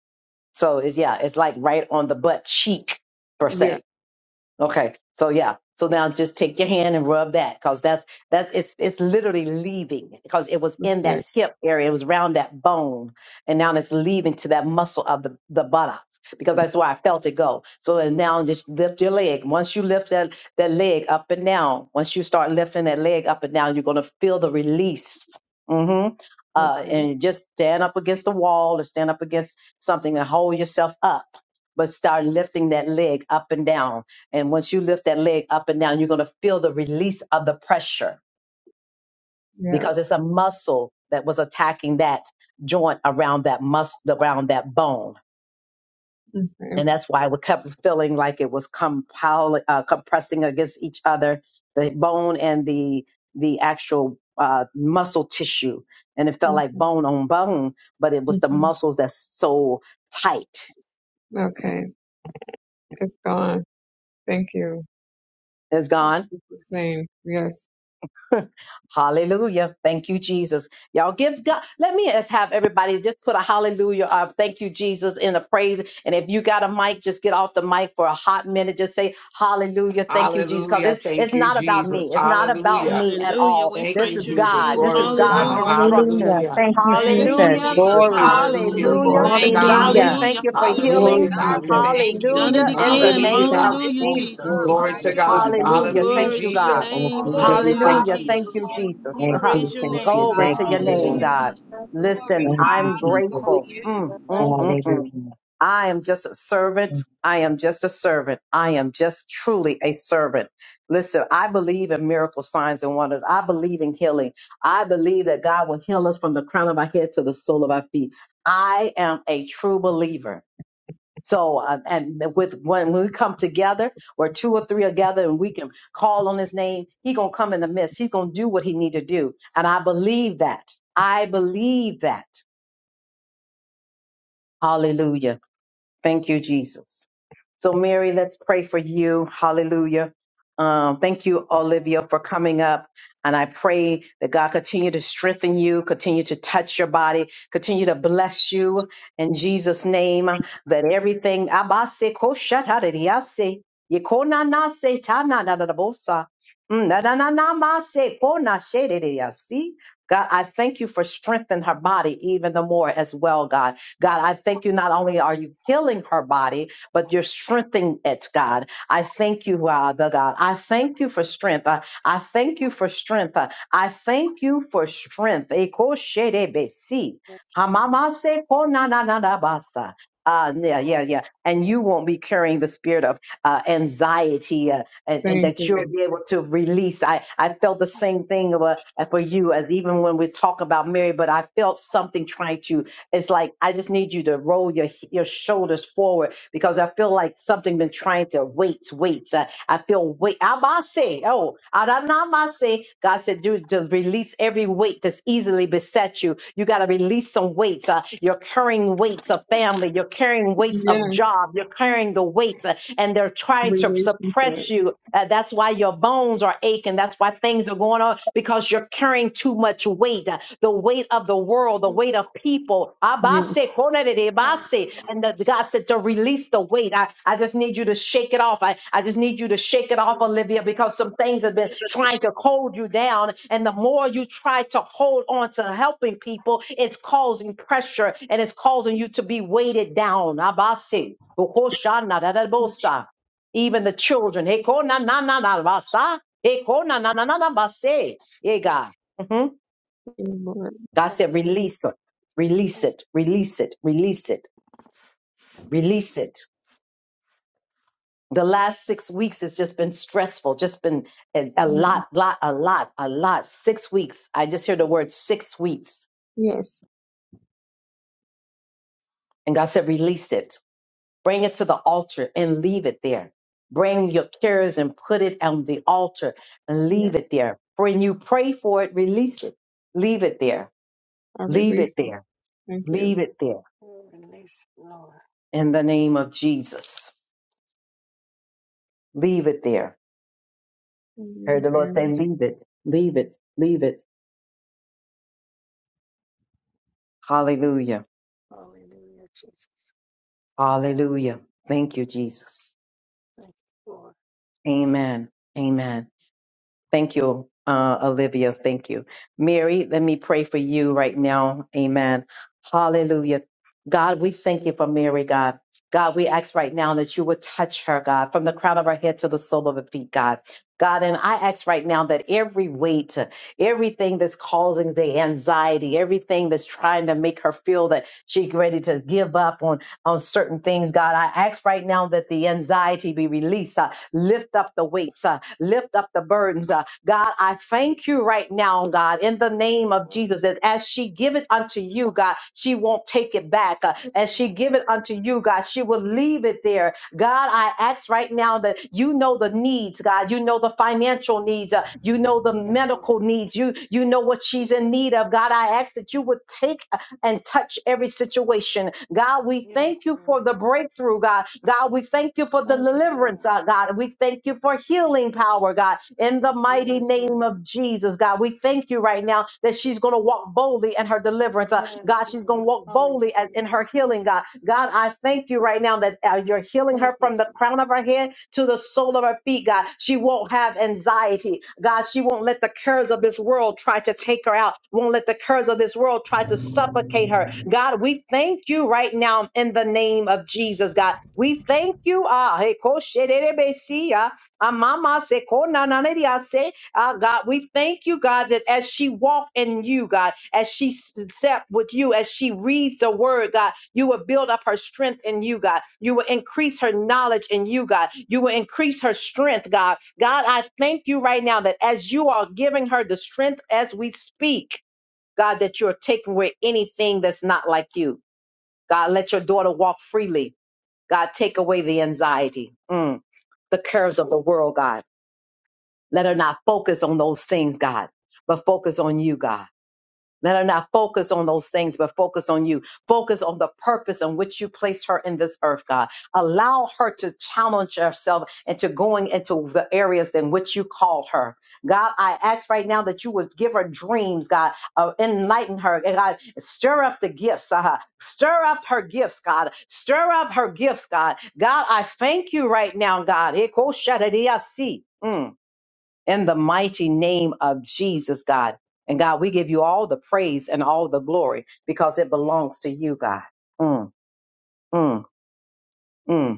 So it's yeah, it's like right on the butt cheek per yeah, se. Okay. So yeah. So now just take your hand and rub that because that's that's it's it's literally leaving because it was in okay, that hip area. It was around that bone. And now it's leaving to that muscle of the, the buttocks because that's where I felt it go. So and now just lift your leg. Once you lift that, that leg up and down, once you start lifting that leg up and down, you're gonna feel the release. Mm-hmm. Uh, okay, and just stand up against the wall or stand up against something and hold yourself up, but start lifting that leg up and down and once you lift that leg up and down, you're going to feel the release of the pressure yeah, because it's a muscle that was attacking that joint around that muscle, around that bone. okay, And that's why it kept feeling like it was compile, uh, compressing against each other, the bone and the the actual uh, muscle tissue. And it felt hmm like bone on bone, but it was the muscles that's so tight. okay. It's gone. Thank you. It's gone It's name. Yes. Hallelujah. Thank you, Jesus. Y'all give God. Let me just have everybody just put a hallelujah up. Thank you, Jesus, in a praise. And if you got a mic, just get off the mic for a hot minute. Just say hallelujah. Thank you, Jesus. Because Hallelujah. it's Thank it's you, not about Jesus. me. It's not about Hallelujah. me at Hallelujah. all. We Thank This you, praise is your Jesus. God. name. This Glory is to God's God. Hallelujah. instructions. Hallelujah. Hallelujah. Thank you, Thank Thank you, Jesus. you, Hallelujah. Jesus. Glory, Jesus. Glory. Hallelujah. hallelujah. Hallelujah. Glory to Thank Thank you. you, God, God. we Hallelujah. thank Hallelujah. you for Jesus. Thank Hallelujah. healing. Hallelujah, Glory, you, Lord God. God, We we God, Jesus. in thank you, thank You've you, Jesus' we done it Jesus. Hallelujah. I name. In glory the give again. in you Hallelujah, you, name we of that God. Hallelujah, lift God you Jesus. Thank Jesus. up. glory. Glory God, Your to you are first God. Hallelujah. so you. family. Hallelujah. Hallelujah, Thank Glory good. you, to your God. Jesus. Oh, name. Father, Thank you. Glory, we Hallelujah, thank Hallelujah. Father. you. Thank you, Jesus. hallelujah. Jesus. We Thank Glory, Hallelujah. praise you, your thank glory, you, name. Glory thank to you, your name, Thank hallelujah. Lord. God. Hallelujah. you, Jesus. Glory, Listen, Thank you, I'm Jesus. grateful. Hallelujah. hallelujah. Mm, mm, Thank you, mm, Jesus. mm. Hallelujah. I am just a servant. I am just a servant. I am just truly a servant. Listen, I believe in miracle signs and wonders. I believe in healing. I believe that God will heal us from the crown of our head to the sole of our feet. I am a true believer. So, uh, and with when we come together, where two or three are gathered, and we can call on His name, He gonna come in the midst. He's gonna do what He need to do, and I believe that. I believe that. Hallelujah. Thank you, Jesus. So, Mary, let's pray for you. Hallelujah. Um, thank you, Oh, Olivia, for coming up. And I pray that God continue to strengthen you, continue to touch your body, continue to bless you in Jesus' name. That everything, Abase ko shatadiyase, yekonanase tanadadadabosa, mm, nadananamase konashedidiyasi. God, I thank you for strengthening her body even the more as well, God. God, I thank you. Not only are you healing her body, but you're strengthening it, God. I thank you, uh, the God. I thank you for strength. I, I thank you for strength. I, I thank you for strength. Ekoshedebesi. yes, Hamamase konananabasa. Uh, yeah, yeah, yeah. And you won't be carrying the spirit of uh, anxiety uh, and, and Thank that you'll you. be able to release. I, I felt the Oh, same thing of, uh, for you Jesus. as even when we talk about Mary, but I felt something trying to it's like I just need you to roll your your shoulders forward because I feel like something been trying to weights weights. I, I feel weight. I must say, oh, I say. God said, dude, to release every weight that's easily beset you. You got to release some weights. Uh, you're carrying weights of family. You're carrying weights of Yes, job. You're carrying the weights. Uh, and they're trying to suppress relationship. you. Uh, that's why your bones are aching. That's why things are going on because you're carrying too much weight uh, the weight of the world, the weight of Jesus. people. Yes, Abase, konere, abase. Hallelujah. And the, God said to release the weight. I, I just need you to shake it off. I, I just need you to shake it off, Olivia, because some things have been trying to hold you down. And the more you try to hold on to helping people, it's causing pressure and it's causing you to be weighted down. Abase. thank Ukoshanadadabosa. Even the children. heko heko na na na basa. Heko na na na na Ekonananabase. Yeah, God. Mhm. you, Lord. God Thank said, you, release it, release Lord. it, release it, release it, release it. The last six weeks has just been stressful, just been a, a lot, Yes, lot, a lot, a lot. Six weeks. I just hear the word six weeks. yes, And God said, release it Bring it to the altar and leave it there. Bring your cares and put it on the altar and yes. leave it there. When you pray for it, release it. Leave it there. I Leave release it it. there. Thank you. Leave it there. Oh, Release, Lord. In the name of Jesus. Leave it there. Thank you, Heard the Lord Lord. say, leave it. Leave it. Leave it. Hallelujah. Hallelujah, Jesus. Hallelujah. Thank you, Jesus. Thank you, Lord. Amen. Amen. Thank you, uh, Olivia. Thank you. Mary, let me pray for you right now. Amen. Hallelujah. God, we thank you for Mary, God. God, we ask right now that you would touch her, God, from the crown of her head to the sole of her feet, God. God, and I ask right now that every weight, everything that's causing the anxiety, everything that's trying to make her feel that she's ready to give up on, on certain things, God, I ask right now that the anxiety be released. uh, Lift up the weights, uh, lift up the burdens. uh. God, I thank you right now, God, in the Thank you, name of Lord. Jesus, that as she give it unto you, God, she won't take it back. uh. as she give it unto you, God, she will leave it there. God, I ask right now that you know the needs, God. You know the financial needs. uh, you know the Yes, Lord. medical needs. You you know what Yes, she's in need of. God, I ask that you would take and touch every situation. God, we thank yes, you Lord. for the breakthrough, God. God, we thank you for the Thank you, God. deliverance, uh, God. We thank you for healing power, God, in the mighty Yes, name Lord. of Jesus, God. We thank you right now that she's going to walk boldly in her deliverance. Uh, Yes, God, she's going Lord. to walk boldly as Hallelujah, in her Jesus. healing, God. God, I thank you right right now that uh, you're healing Thank her you, from the crown of Jesus. her head to the sole of her feet, God. She won't have anxiety. God, she won't let the cares of this world try to take her out, won't let the cares of this world try to suffocate her. God, we thank you right now in the name of Jesus, God. We thank you. Ah, hey, ko she de de be si, ah, ah, mama se ko na na na di, ah, se Ah, God, we thank you, God, that as she walked in you, God, as she s- sat with you, as she reads the word, God, you will build up her strength in you, God. You will increase her knowledge in you, God. You will increase her strength, God. God, I thank you right now that as you are giving her the strength as we speak, God, that you're taking away anything that's not like you. God, let your daughter walk freely. God, take away the anxiety, mm, the cares of the world, God. Let her not focus on those things, God, but focus on you, God. Let her not focus on those things, but focus on you. Focus on the purpose on which you placed her in this earth, God. Allow her to challenge herself into going into the areas in which you called her. God, I ask right now that you would give her dreams, God, uh, enlighten her, and God, stir up the gifts, uh, stir up her gifts, God, stir up her gifts, God. God, I thank you right now, God. Ekoshadadiasi. Mm in the mighty name of Jesus, God. And God, we give you all the praise and all the glory because it belongs to you, God. Mm, mm, mm.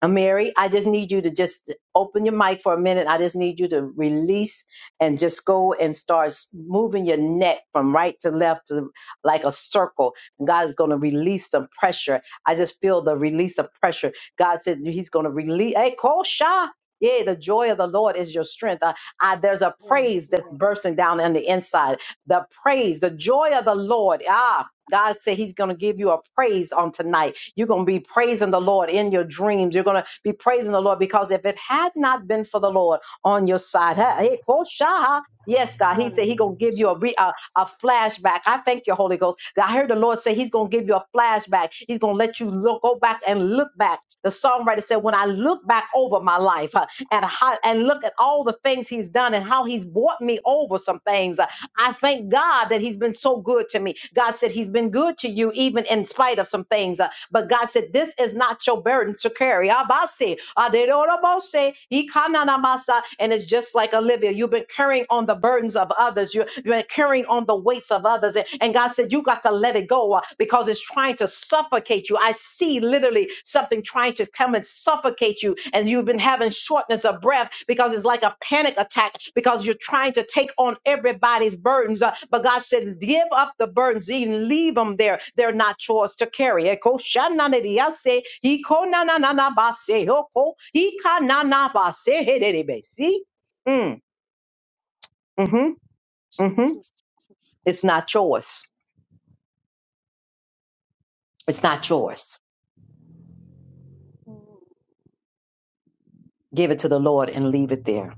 Uh, Mary, I just need you to just open your mic for a minute. I just need you to release and just go and start moving your neck from right to left to like a circle. And God is going to release some pressure. I just feel the release of pressure. God said He's going to release. Hey, Kosha. Yeah, the joy of the Lord is your strength. I, I, there's a praise Yes, that's Lord. bursting down on the inside. The praise, the joy of the Lord. Ah, God said He's going to give you a praise on tonight. You're going to be praising the Lord in your dreams. You're going to be praising the Lord because if it had not been for the Lord on your side, hey, Kosha, yes, God, He said He going to Hallelujah, give you a, re, a Jesus. a flashback. I thank you, Holy Ghost. I heard the Lord say He's going to give you a flashback. He's going to let you look, go back and look back. The songwriter said, "When I look back over my life uh, and how, and look at all the things He's done and how He's brought me over some things, uh, I thank God that He's been so good to me. God said He's been good to you, even in spite of some things. Uh, but God said, This is not your burden to carry. Abase, aderobose, ikananamasa. And it's just like Olivia, you've been carrying on the burdens of others, You- you've been carrying on the weights of others. And and God said, You got to let it go uh, because it's trying to suffocate you. I see literally something trying to come and suffocate you and you've been having shortness of breath because it's like a panic attack because you're trying to take on everybody's burdens Uh, but god said give up the burdens even leave them there they're not yours to carry Eko shananediase, hiko nananabase, hoko, hikananabase, hedebe. see So- mm, hmm hmm Jesus, Jesus. it's not yours it's not yours Mm. give it to the lord and leave it there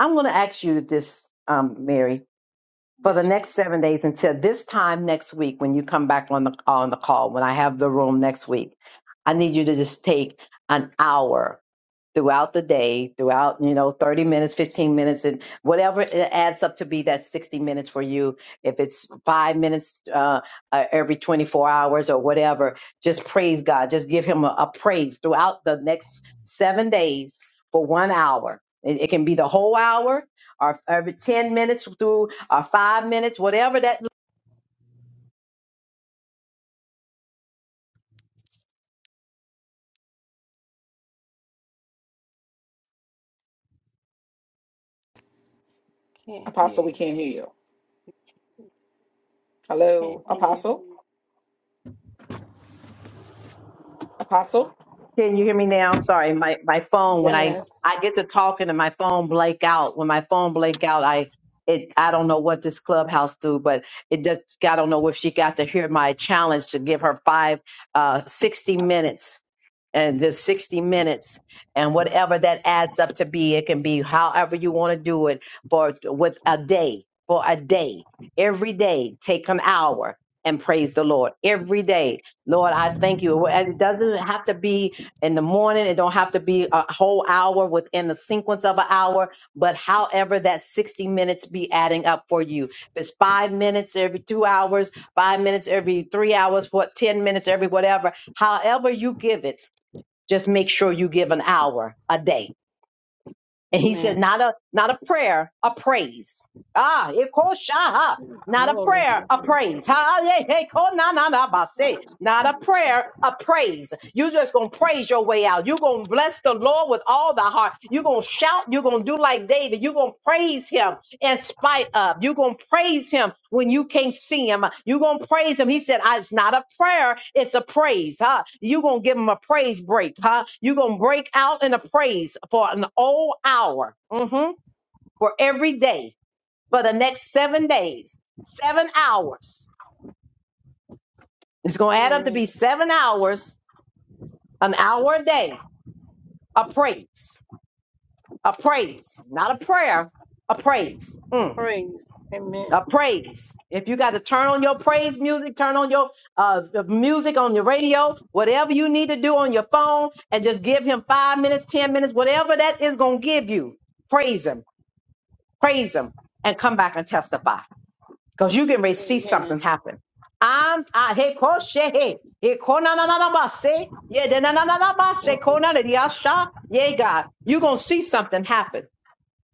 i'm going to ask you this um, mary for the Yes, next ma'am. seven days until this time next week when you come back on the on the call when i have the room next week i need you to just take an hour throughout the day, throughout, you know, 30 minutes, 15 minutes, and whatever it adds up to be that 60 minutes for you. If it's five minutes uh, uh, every 24 hours or whatever, just praise God. Just give Him a, a praise throughout the next seven days for one hour. It, it can be the whole hour or every 10 minutes through or five minutes, whatever that Can't hear Apostle, we you. can't hear you. Can't Hello, hear you. Apostle? Apostle? Can you hear me now? Sorry, my, my phone. When I Yes. Yes. I get to talking and my phone blank out. When my phone blank out, I it I don't know what this clubhouse do, but it just I don't know if she got to hear my challenge to give her five uh sixty minutes and just 60 minutes and whatever that adds up to be it can be however you want to do it for with a day for a day every day take an hour and praise the lord every day lord i thank you Well, and it doesn't have to be in the morning it don't have to be a whole hour within the sequence of an hour but however that 60 minutes be adding up for you if it's five minutes every two hours five minutes every three hours what ten minutes every whatever however you give it just make sure you give an hour a day. And he said, Amen. not a not a prayer, a praise. Ah, it calls Shaha. Not a Glory to prayer, a the Lord. praise. Ha, hey, hey, ko, na, na, na, ba, say. Not a Hallelujah, prayer, a Jesus. praise. you just going to praise your way out. You're going to bless the Lord with all thy heart. You're going to shout. You're going to do like David. You're going to praise him in spite of. You're going to praise him when you can't see him. You're going to praise him. He said, "I- It's not a prayer, it's a praise, huh? You're going to give him a praise break, huh? You're going to break out in a praise for an whole hour mhm, for every day for the next seven days, seven hours. It's going to add up to Amen. be seven hours, an hour a day, a praise, a praise, not a prayer, a praise. Mm. Praise. Amen. a praise. If you got to turn on your praise music, turn on your uh, the music on your radio, whatever you need to do on your phone, and just give him five minutes, 10 minutes, whatever that is going to give you. Praise him, praise him, and come back and testify because you can really see Amen. something happen. I'm, I, hey, ko she, hey, hey, ko na na na na ba se, yeah, da na na na na ba se, Thank ko you, na na di asha, Jesus. yeah, God, you going to see something happen.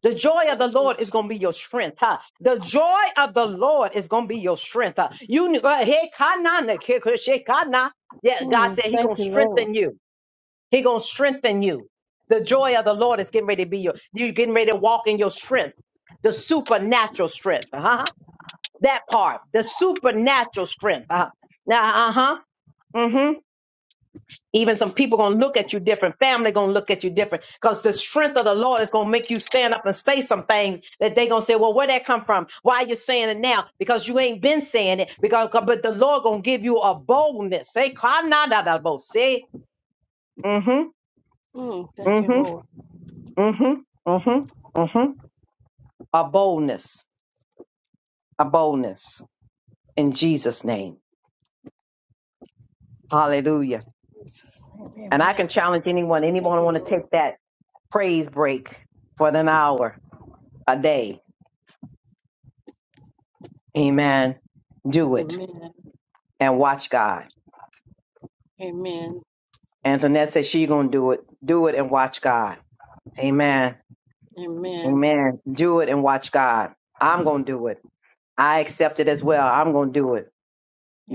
The joy of Thank the you, Lord is going to be your Jesus. strength. Huh? The joy of the Lord is going to be your strength. Huh? You uh, hey, kana na ke- ke- she kana. yeah, God Mm, said He thank going to you, Lord strengthen you. He going to strengthen you. The joy of the Lord is getting ready to be your. You getting ready to walk in your strength, the supernatural strength. Uh huh. That part, the supernatural strength. Uh huh. Now, uh huh. Even some people gonna look at you Jesus. different. Family gonna look at you different because the strength of the Lord is gonna make you stand up and say some things that they gonna say, "Well, where that come from? Why you saying it now? Because you ain't been saying it. Because but the Lord gonna give you a boldness. Say, "Kanadadabo." say, mm-hmm, Mm, thank you, mm-hmm, Lord mm-hmm, mm-hmm, mm-hmm, a boldness, a boldness in Jesus' name. Hallelujah. Jesus. And I Amen. can challenge anyone. Thank Anyone you, want to Lord. take that praise break for an hour a day? Amen. Do it Amen. and watch God. Amen. Antoinette said she gonna do it. Do it and watch God. Amen. Amen. Amen. Do it and watch God. I'm gonna do it. I accept it as well. I'm gonna do it.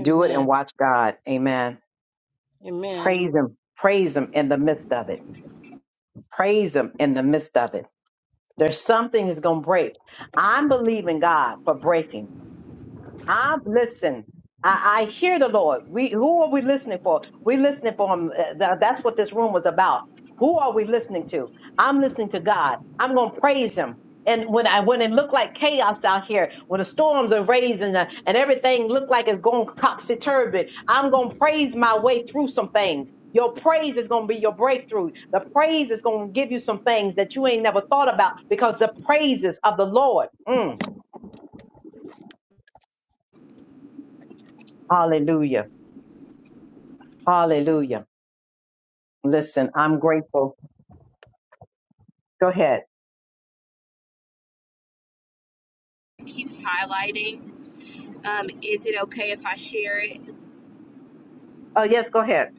Do it and watch God. Amen. Amen. Praise Him. Praise Him in the midst of it. Praise Him in the midst of it. There's something that's gonna break. I'm believing God for breaking. I'm listen. I, I hear the Lord. We who are we listening for? We listening for him. Uh, th- That's what this room was about. Who are we listening to? I'm listening to God. I'm gonna praise Him. And when I when it looked like chaos out here, when the storms are raising uh, and everything looked like it's going topsy turvy, I'm gonna praise my way through some things. Your praise is gonna be your breakthrough. The praise is gonna give you some things that you ain't never thought about because the praises of the Lord. Mm, hallelujah. Hallelujah. Listen, I'm grateful. Go ahead. It keeps highlighting. Um, is it okay if I share it? Oh, yes, go ahead.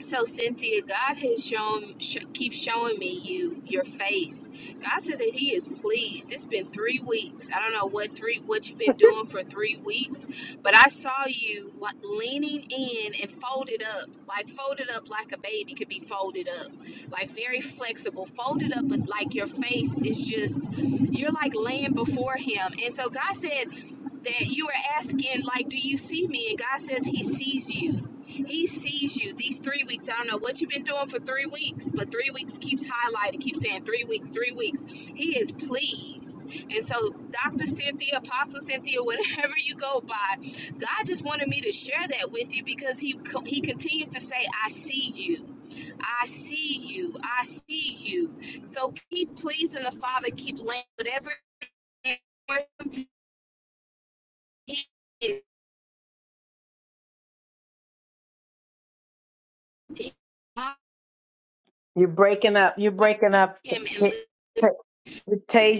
So Cynthia, God has shown sh- keep showing me you your face. God said that He is pleased. It's been three weeks. I don't know what three what you've been doing for three weeks, but I saw you like leaning in and folded up, like folded up like a baby could be folded up, like very flexible, folded up, but like your face is just you're like laying before Him. And so God said that you were asking like, "Do you see me?" And God says He sees you. He sees you these three weeks. I don't know what you've been doing for three weeks, but three weeks keeps highlighting, keeps saying three weeks, three weeks. He is pleased. And so, Dr. Cynthia, Apostle Cynthia, whatever you go by, God just wanted me to share that with you because He He continues to say, I see you. I see you. I see you. So keep pleasing the Father. Keep laying whatever He is. You're breaking up. You're breaking up. T- Him and T- live, T-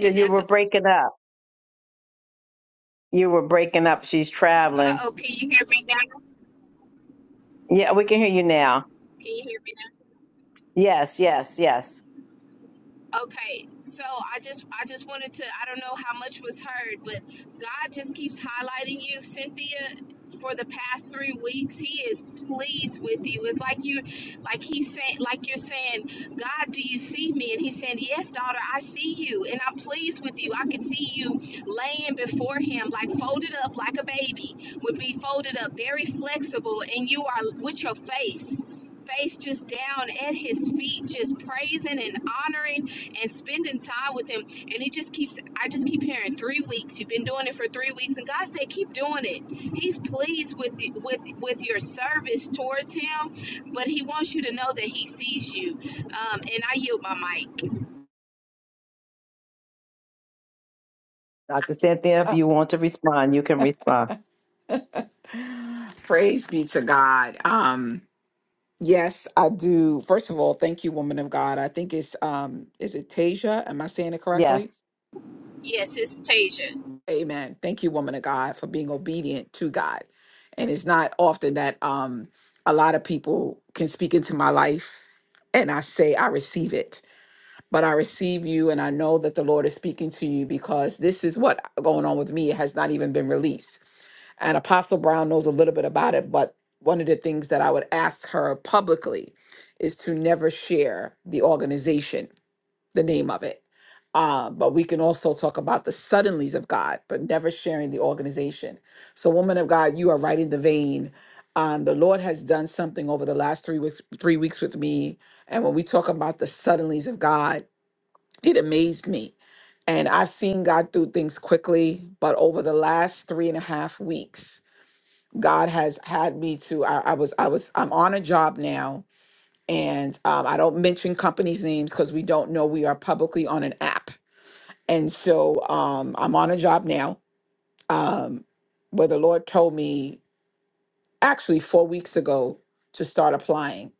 and you that's were breaking up. You were breaking up. She's Uh traveling. oh, can you hear me now? Yeah, we can hear you now. Can you hear me Yes, yes, yes. now? Okay, so I just I just wanted to I don't know how much was heard, but God just keeps highlighting you, Cynthia. For the past three weeks, He is pleased with you. It's like you, like He's saying, like you're saying, God, do you see me? And He's saying, Yes, daughter, I see you, and I'm pleased with you. I can see you laying before Him, like folded up, like a baby would be folded up, very flexible, and you are with your face. face just down at his feet, just praising and honoring and spending time with him. And it just keeps, I just keep hearing three weeks. You've been doing it for three weeks, and God said, keep doing it. He's pleased with the, with with your service towards him, but He wants you to know that He sees you. Um, and I yield my mic. Dr. Cynthia, if you Us. want to respond, you can respond. Praise be to God. Um, yes, I do. First of all, thank you, woman of God. I think it's um, is it Tasia? Am I saying it Yes. correctly? Yes, it's Tasia. Amen. Thank you, woman of God, for being obedient to God. And it's not often that um a lot of people can speak into my life and I say I receive it. But I receive you and I know that the Lord is speaking to you because this is what going on with me. It has not even been released. And Apostle Brown knows a little bit about it, but one of the things that I would ask her publicly is to never share the organization the name of it. Uh, but we can also talk about the suddenlies of God, but never sharing the organization. So, woman of God, you are right in the vein. Um, the Lord has done something over the last three weeks, three weeks with me. And when we talk about the suddenlies of God, it amazed me. And I've seen God do things quickly, but over the last three and a half weeks, God has had me to. I, I was, I was, I'm on a job now, and um, I don't mention companies' names because we don't know we are publicly on an app and so um, I'm on a job now um, where the Lord told me actually four weeks ago to start applying.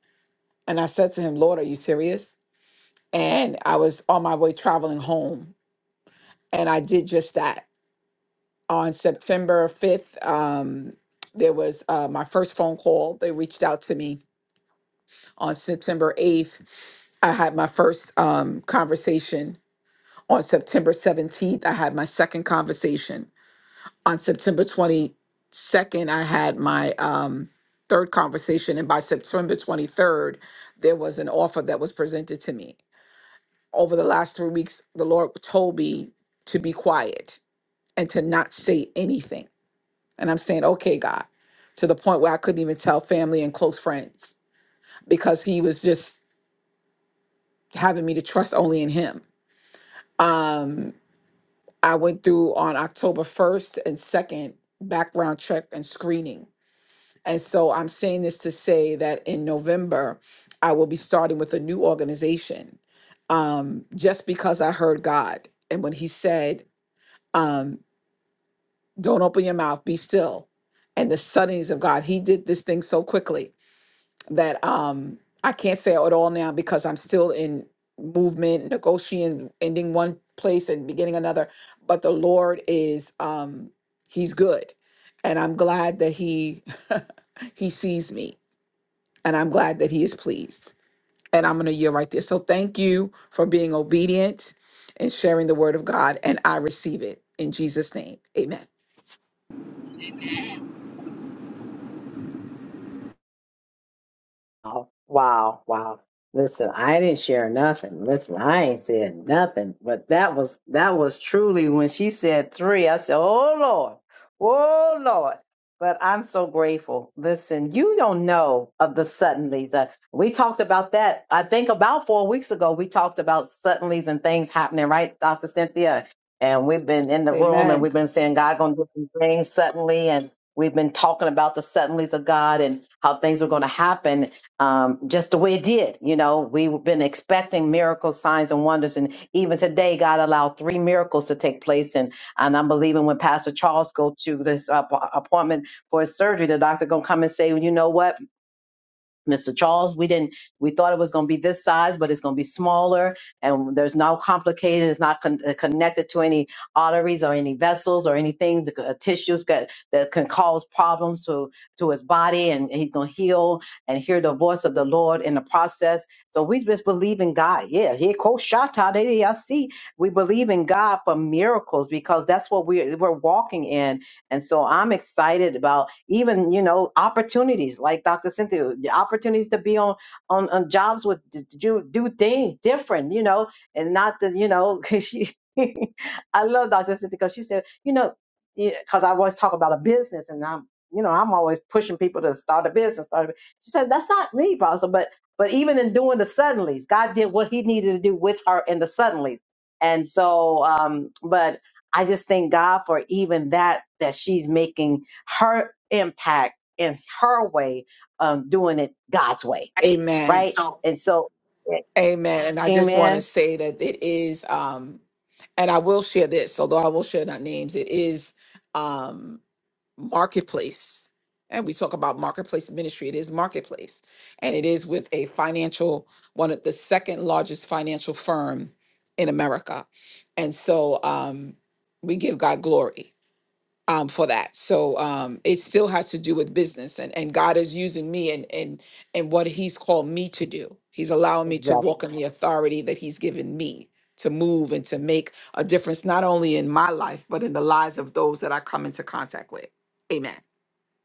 And I said to him, Lord, are you serious? And I was on my way traveling home. And I did just that. On September 5th, um, there was uh, my first phone call. They reached out to me on September 8th. I had my first um, conversation. On September 17th, I had my second conversation. on September 22nd, I had my um, third conversation, and by September 23rd, there was an offer that was presented to me. Over the last three weeks, the Lord told me to be quiet and to not say anything. And I'm saying, okay, God, to the point where I couldn't even tell family and close friends because He was just having me to trust only in Him. Um, I went through on October 1st and 2nd background check and screening And so I'm saying this to say that in November, I will be starting with a new organization um, just because I heard God. And when He said, um, Don't open your mouth, be still. And the suddenness of God, He did this thing so quickly that um, I can't say it all now because I'm still in movement, negotiating, ending one place and beginning another. But the Lord is, um, He's good. And I'm glad that He. he sees me and I'm glad that he is pleased. And I'm going to yield right there. So thank you for being obedient and sharing the word of God. And I receive it in Jesus' name. Amen. Wow, wow. wow. Listen, I didn't share nothing. Listen, I ain't said nothing. But that was that was truly when she said three. I said, Oh Lord, oh Lord. But I'm so grateful. Listen, you don't know of the suddenlies. Uh, we talked about that, I think about four weeks ago. We talked about suddenlies and things happening, right, Dr. Cynthia? And we've been in the room and Amen. we've been saying God gonna do some things suddenly and we've been talking about the suddenlies of God and how things are going to happen um, just the way it did. You know, we've been expecting miracles, signs, and wonders, and even today, God allowed three miracles to take place. And and I'm believing when Pastor Charles go to this uh, appointment for his surgery, the doctor gonna come and say, well, you know what? Mr. Charles. We didn't. We thought it was going to be this size, but it's going to be smaller, and there's no complicated. It's not con- uh, connected to any arteries or any vessels or anything. The uh, tissues that that can cause problems to to his body, and he's going to heal and hear the voice of the Lord in the process. So we just believe in God. Yeah, he quote shata. They see. We believe in God for miracles because that's what we we're walking in and so I'm excited about even, you know, opportunities like Dr. Cynthia, the opportunities to be on on, on jobs with to do, do things different, you know, and not the, you know, she, I love Dr. Cynthia because she said, you know, because I always talk about a business and I'm, you know, I'm always pushing people to start a business. Start a, bu-" she said, that's not me, Pastor. But but even in doing the suddenlies, God did what He needed to do with her in the suddenlies. And so, um, but I just thank God for even that that she's making her impact in her way, um, doing it God's way, Amen. And right? so- And so, Amen. And I just want to Amen. say that it is, um, and I will share this, although I will share not names, it is. Um, marketplace. And we talk about marketplace ministry. It is marketplace. And it is with a financial, one of the second largest financial firm in America. And so um, we give God glory um, for that. So um, it still has to do with business, and, and God is using me and and and what He's called me to do. He's allowing me to Exactly. walk in the authority that He's given me to move and to make a difference, not only in my life but in the lives of those that I come into contact with. Amen.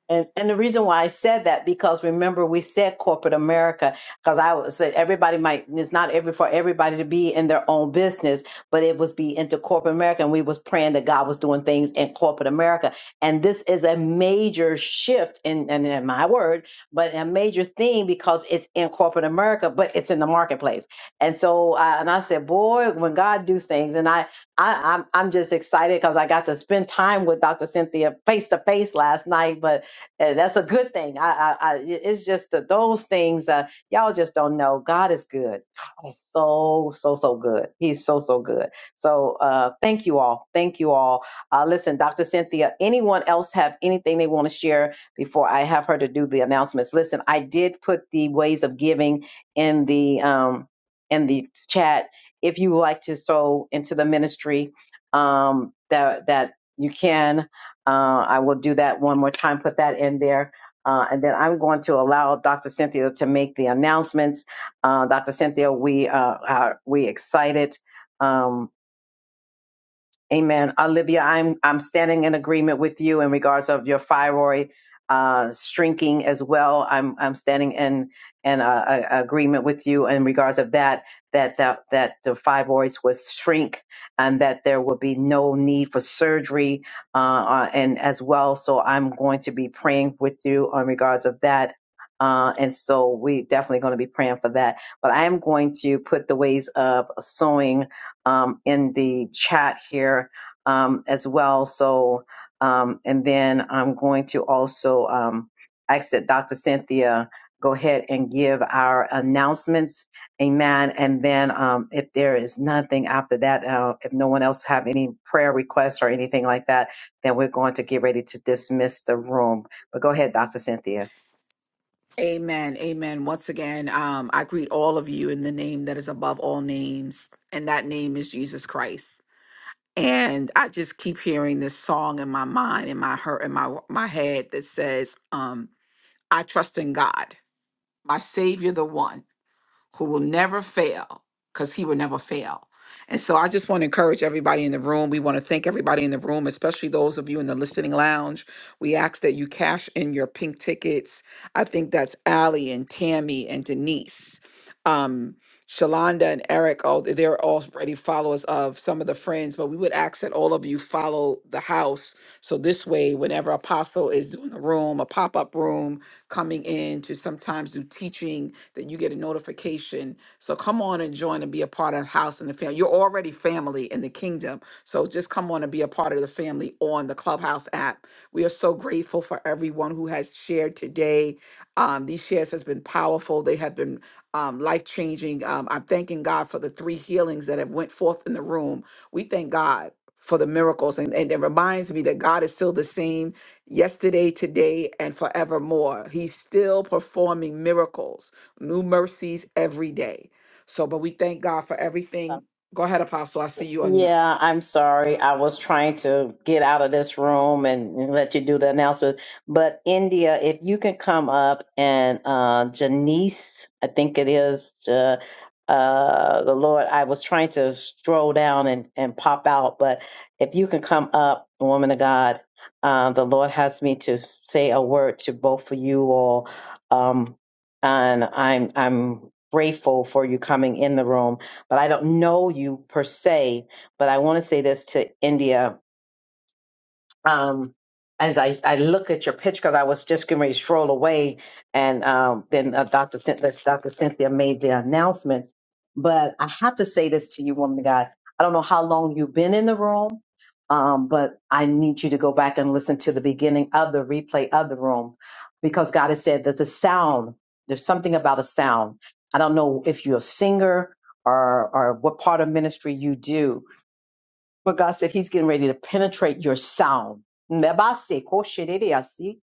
And, and the reason why I said that because remember we said corporate America because I would say everybody might it's not every for everybody to be in their own business but it was be into corporate America and we was praying that God was doing things in corporate America and this is a major shift in and in my word but a major thing because it's in corporate America but it's in the marketplace and so uh, and I said boy when God does things and I I I'm, I'm just excited because I got to spend time with Dr. Cynthia face to face last night but and that's a good thing. I, I, I it's just that those things. Uh, y'all just don't know. God is good. God is so, so, so good. He's so, so good. So, uh, thank you all. Thank you all. Uh, listen, Dr. Cynthia. Anyone else have anything they want to share before I have her to do the announcements? Listen, I did put the ways of giving in the um in the chat. If you would like to sow into the ministry, um, that that you can. Uh, I will do that one more time, put that in there. Uh, and then I'm going to allow Dr. Cynthia to make the announcements. Uh, Dr. Cynthia, we uh, are we excited. Um, Amen. Olivia, I'm I'm standing in agreement with you in regards of your thyroid uh, shrinking as well. I'm I'm standing in in uh, a, a agreement with you in regards of that that that that the fibroids would shrink and that there will be no need for surgery uh, uh, and as well. So I'm going to be praying with you in regards of that. Uh, and so we definitely going to be praying for that. But I am going to put the ways of sowing um, in the chat here um, as well. So, um, and then I'm going to also um, ask that Dr. Cynthia go ahead and give our announcements. Amen. And then um, if there is nothing after that, uh, if no one else have any prayer requests or anything like that, then we're going to get ready to dismiss the room. But go ahead, Dr. Cynthia. Amen. Amen. Once again, um, I greet all of you in the name that is above all names, and that name is Jesus Christ. And I just keep hearing this song in my mind, in my heart, in my my head that says, um, "I trust in God, my Savior, the One." who will never fail because he will never fail. And so I just want to encourage everybody in the room. We want to thank everybody in the room, especially those of you in the listening lounge. We ask that you cash in your pink tickets. I think that's Allie and Tammy and Denise. Um, Shalonda and Eric, oh, they're already followers of some of the friends, but we would ask that all of you follow the house. So this way, whenever Apostle is doing a room, a pop-up room, coming in to sometimes do teaching that you get a notification. So come on and join and be a part of House and the Family. You're already family in the kingdom. So just come on and be a part of the family on the Clubhouse app. We are so grateful for everyone who has shared today. Um, these shares has been powerful. They have been um, life changing. Um, I'm thanking God for the three healings that have went forth in the room. We thank God for the miracles, and, and it reminds me that God is still the same yesterday, today, and forevermore. He's still performing miracles, new mercies every day. So, but we thank God for everything. Go ahead, Apostle. I see you on. Yeah, I'm sorry. I was trying to get out of this room and, and let you do the announcement. But India, if you can come up and uh, Janice, I think it is uh, uh, the Lord. I was trying to stroll down and, and pop out, but if you can come up, woman of God, uh, the Lord has me to say a word to both of you all, um, and I'm I'm grateful for you coming in the room. But I don't know you per se but I want to say this to India. Um, as I, I look at your pitch, because I was just getting ready to stroll away, and um, then uh, Dr. Cynthia, Dr. Cynthia made the announcement. But I have to say this to you, woman of God. I don't know how long you've been in the room, um, but I need you to go back and listen to the beginning of the replay of the room, because God has said that the sound, there's something about a sound. I don't know if you're a singer or or what part of ministry you do, but God said He's getting ready to penetrate your sound. Mebase koshedeyasi.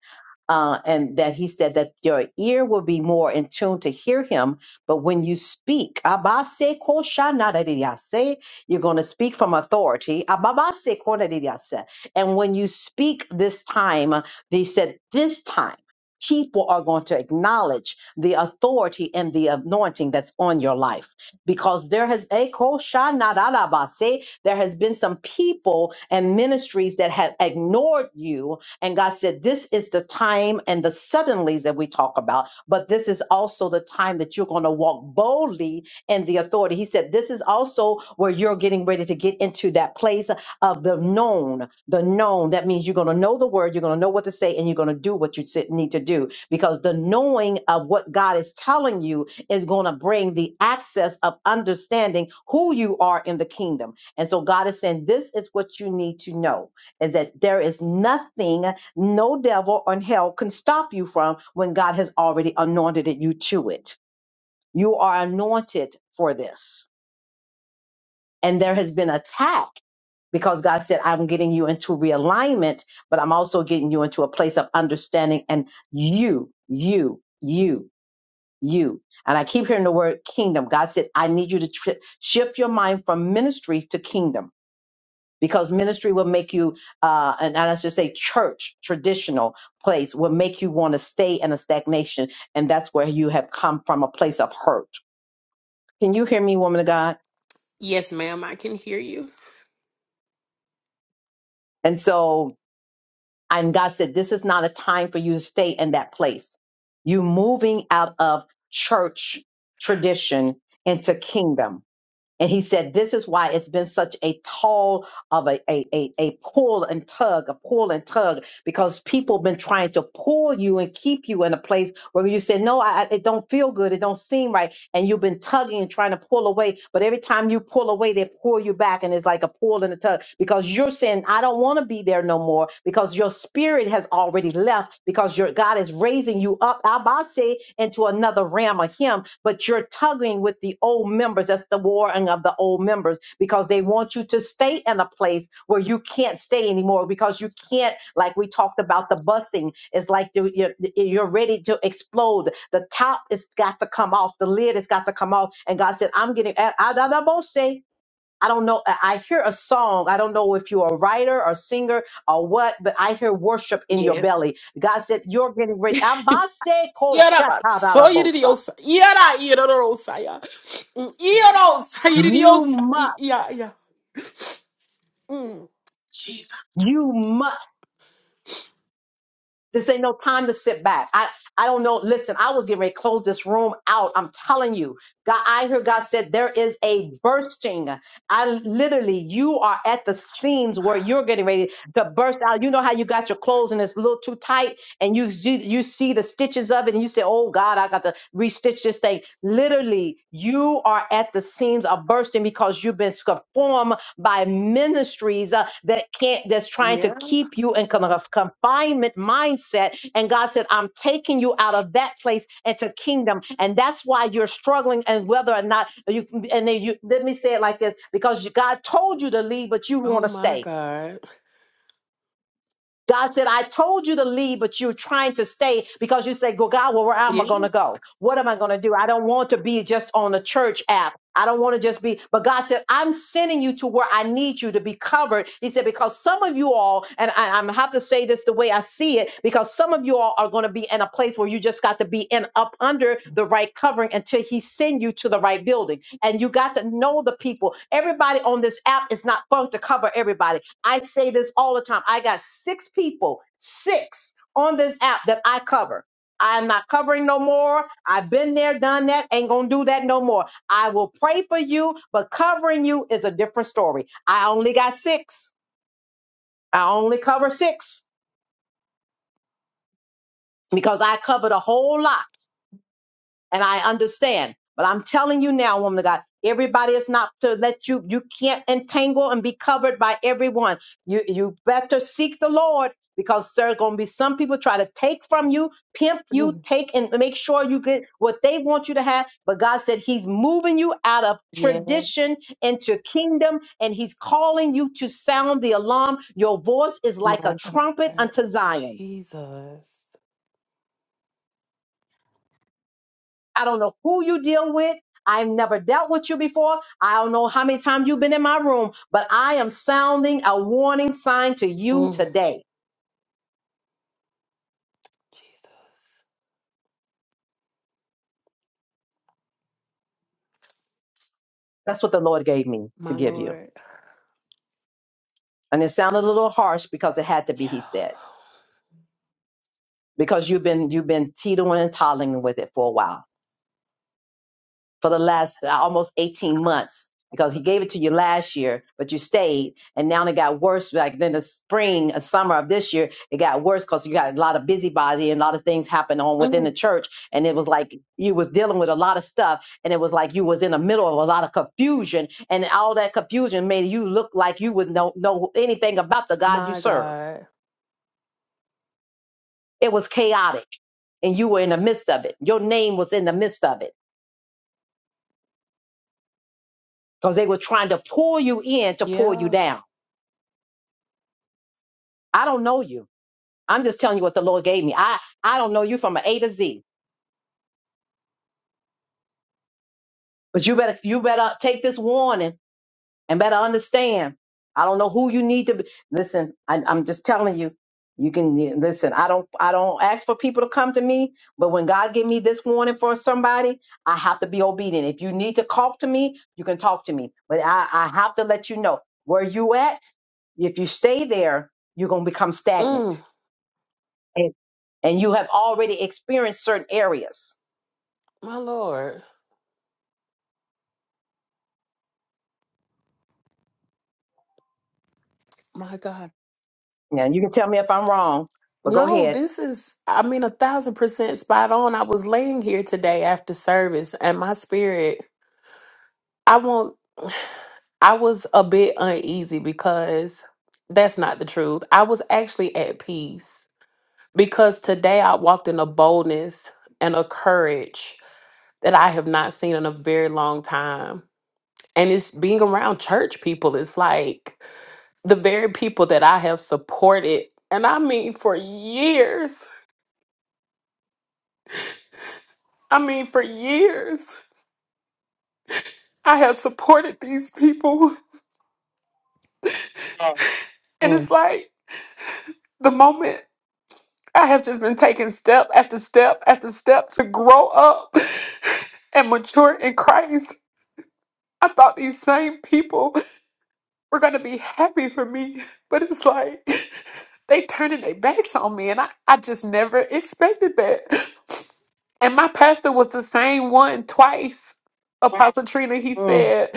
Uh, and that he said that your ear will be more in tune to hear him. But when you speak, abase koshanadeyase, you're going to speak from authority. Ababase konadeyase. And when you speak this time, they said, this time, people are going to acknowledge the authority and the anointing that's on your life because there has a there has been some people and ministries that have ignored you. And God said, This is the time and the suddenlies that we talk about, but this is also the time that you're going to walk boldly in the authority. He said, This is also where you're getting ready to get into that place of the known. The known, that means you're going to know the word, you're going to know what to say, and you're going to do what you sit- need to do because the knowing of what God is telling you is going to bring the access of understanding who you are in the kingdom and so God is saying, this is what you need to know is that there is nothing, no devil on hell can stop you from when God has already anointed you to it. You are anointed for this. And there has been attack because God said, I'm getting you into realignment, but I'm also getting you into a place of understanding and you, you, you, you. And I keep hearing the word kingdom. God said, I need you to tri shift your mind from ministry to kingdom. because ministry will make you uh and I should say church traditional place will make you want to stay in a stagnation and that's where you have come from a place of hurt. Can you hear me, woman of God? Yes, ma'am, I can hear you. And so and God said, This is not a time for you to stay in that place. You moving out of church tradition into kingdom And he said, This is why it's been such a tall of a, a, a, a pull and tug, a pull and tug, because people been trying to pull you and keep you in a place where you say, No, I, I- it don't feel good. It don't seem right. And you've been tugging and trying to pull away. But every time you pull away, they pull you back. And it's like a pull and a tug because you're saying, I don't want to be there no more because your spirit has already left because your God is raising you up, Abase, into another realm of Him. But you're tugging with the old members members. That's the warring of the old members because they want you to stay in a place where you can't stay anymore because you can't, like we talked about the busting. It's like you- you're, you're ready to explode. The top has got to come off. The lid has got to come off. And God said, I'm getting, I, I, I won't say, I don't know. I I hear a song. I don't know if you're a writer or singer or what, but I hear worship in your Yes. belly. God said, You're getting ready. Abase ko shatarabosa. Yarabasoridios. Yara irorosaya. Iros. You Idios. must. Yeah, yeah. Mm. Jesus. You must. This ain't no time to sit back. I, I don't know. Listen, I was getting ready to close this room out. I'm telling you, God, I hear God said there is a bursting. I literally, you are at the seams where you're getting ready to burst out. You know how you got your clothes and it's a little too tight and you see, you see the stitches of it and you say, oh God, I got to restitch this thing. Literally, you are at the seams of bursting because you've been conformed by ministries uh, that can't that's trying to Yeah. keep you in kind of confinement mindset and god said i'm taking you out of that place into kingdom and that's why you're struggling and whether or not you and then you let me say it like this because god told you to leave but you want Oh to my stay God. God said, I told you to leave, but you're trying to stay because you say, Go, God, well, where am I going to Yes. go? What am I going to do? I don't want to be just on the church app. I don't want to just be, but God said, I'm sending you to where I need you to be covered. He said, because some of you all, and I, am have to say this the way I see it, because some of you all are going to be in a place where you just got to be in up under the right covering until he send you to the right building. And you got to know the people. Everybody on this app is not supposed to cover everybody. I say this all the time. I got six people, six on this app that I cover. I'm not covering no more. I've been there, done that, ain't gonna do that no more. I will pray for you, but covering you is a different story. I only got six. I only cover six because I covered a whole lot. and I understand. But I'm telling you now, woman of God, everybody is not to let you. You can't entangle and be covered by everyone. You you better seek the Lord because there are going to be some people try to take from you, pimp you, Mm. take and make sure you get what they want you to have. But God said He's moving you out of Yes. tradition into kingdom, and He's calling you to sound the alarm. Your voice is like a My trumpet God. unto Zion. Jesus. I don't know who you deal with. I've never dealt with you before. I don't know how many times you've been in my room, but I am sounding a warning sign to you Mm. today. Jesus. That's what the Lord gave me to My give you. Lord. And it sounded a little harsh because it had to be, he Yeah. said, because you've been you've been teetering and toddling with it for a while. for the last uh, almost 18 months because he gave it to you last year, but you stayed, and now it got worse. Like then the spring, uh, summer of this year, it got worse because you got a lot of busybody and a lot of things happened on within the Mm. church, and it was like you was dealing with a lot of stuff, and it was like you was in the middle of a lot of confusion, and all that confusion made you look like you would know know anything about the God you My serve. God. It was chaotic, and you were in the midst of it. Your name was in the midst of it because they were trying to pull you in to pull you Yeah. down I don't know you. I'm just telling you what the Lord gave me. I I don't know you from an A to Z. But you better you better take this warning and better understand. I don't know who you need to be. Listen, I, I'm just telling you. You can yeah, listen. I don't I don't ask for people to come to me, but when God give me this warning for somebody, I have to be obedient. If you need to talk to me, you can talk to me. But I, I have to let you know where you at. If you stay there, you're gonna become stagnant Mm. and, and you have already experienced certain areas. My Lord. My God. Now you can tell me if I'm wrong, but go No, ahead. this is, I mean, a thousand percent spot on. I was laying here today after service, and my spirit, I won't, I was a bit uneasy because that's not the truth. I was actually at peace because today I walked in a boldness and a courage that I have not seen in a very long time. And it's being around church people, it's like the very people that I have supported, and I mean for years. I mean for years I have supported these people. And it's Mm, like the moment I have just been taking step after step after step to grow up and mature in Christ. I thought these same people were gonna be happy for me, but it's like they turning their backs on me and I, I just never expected that. And my pastor was the same one twice. Apostle Trina, he mm. said,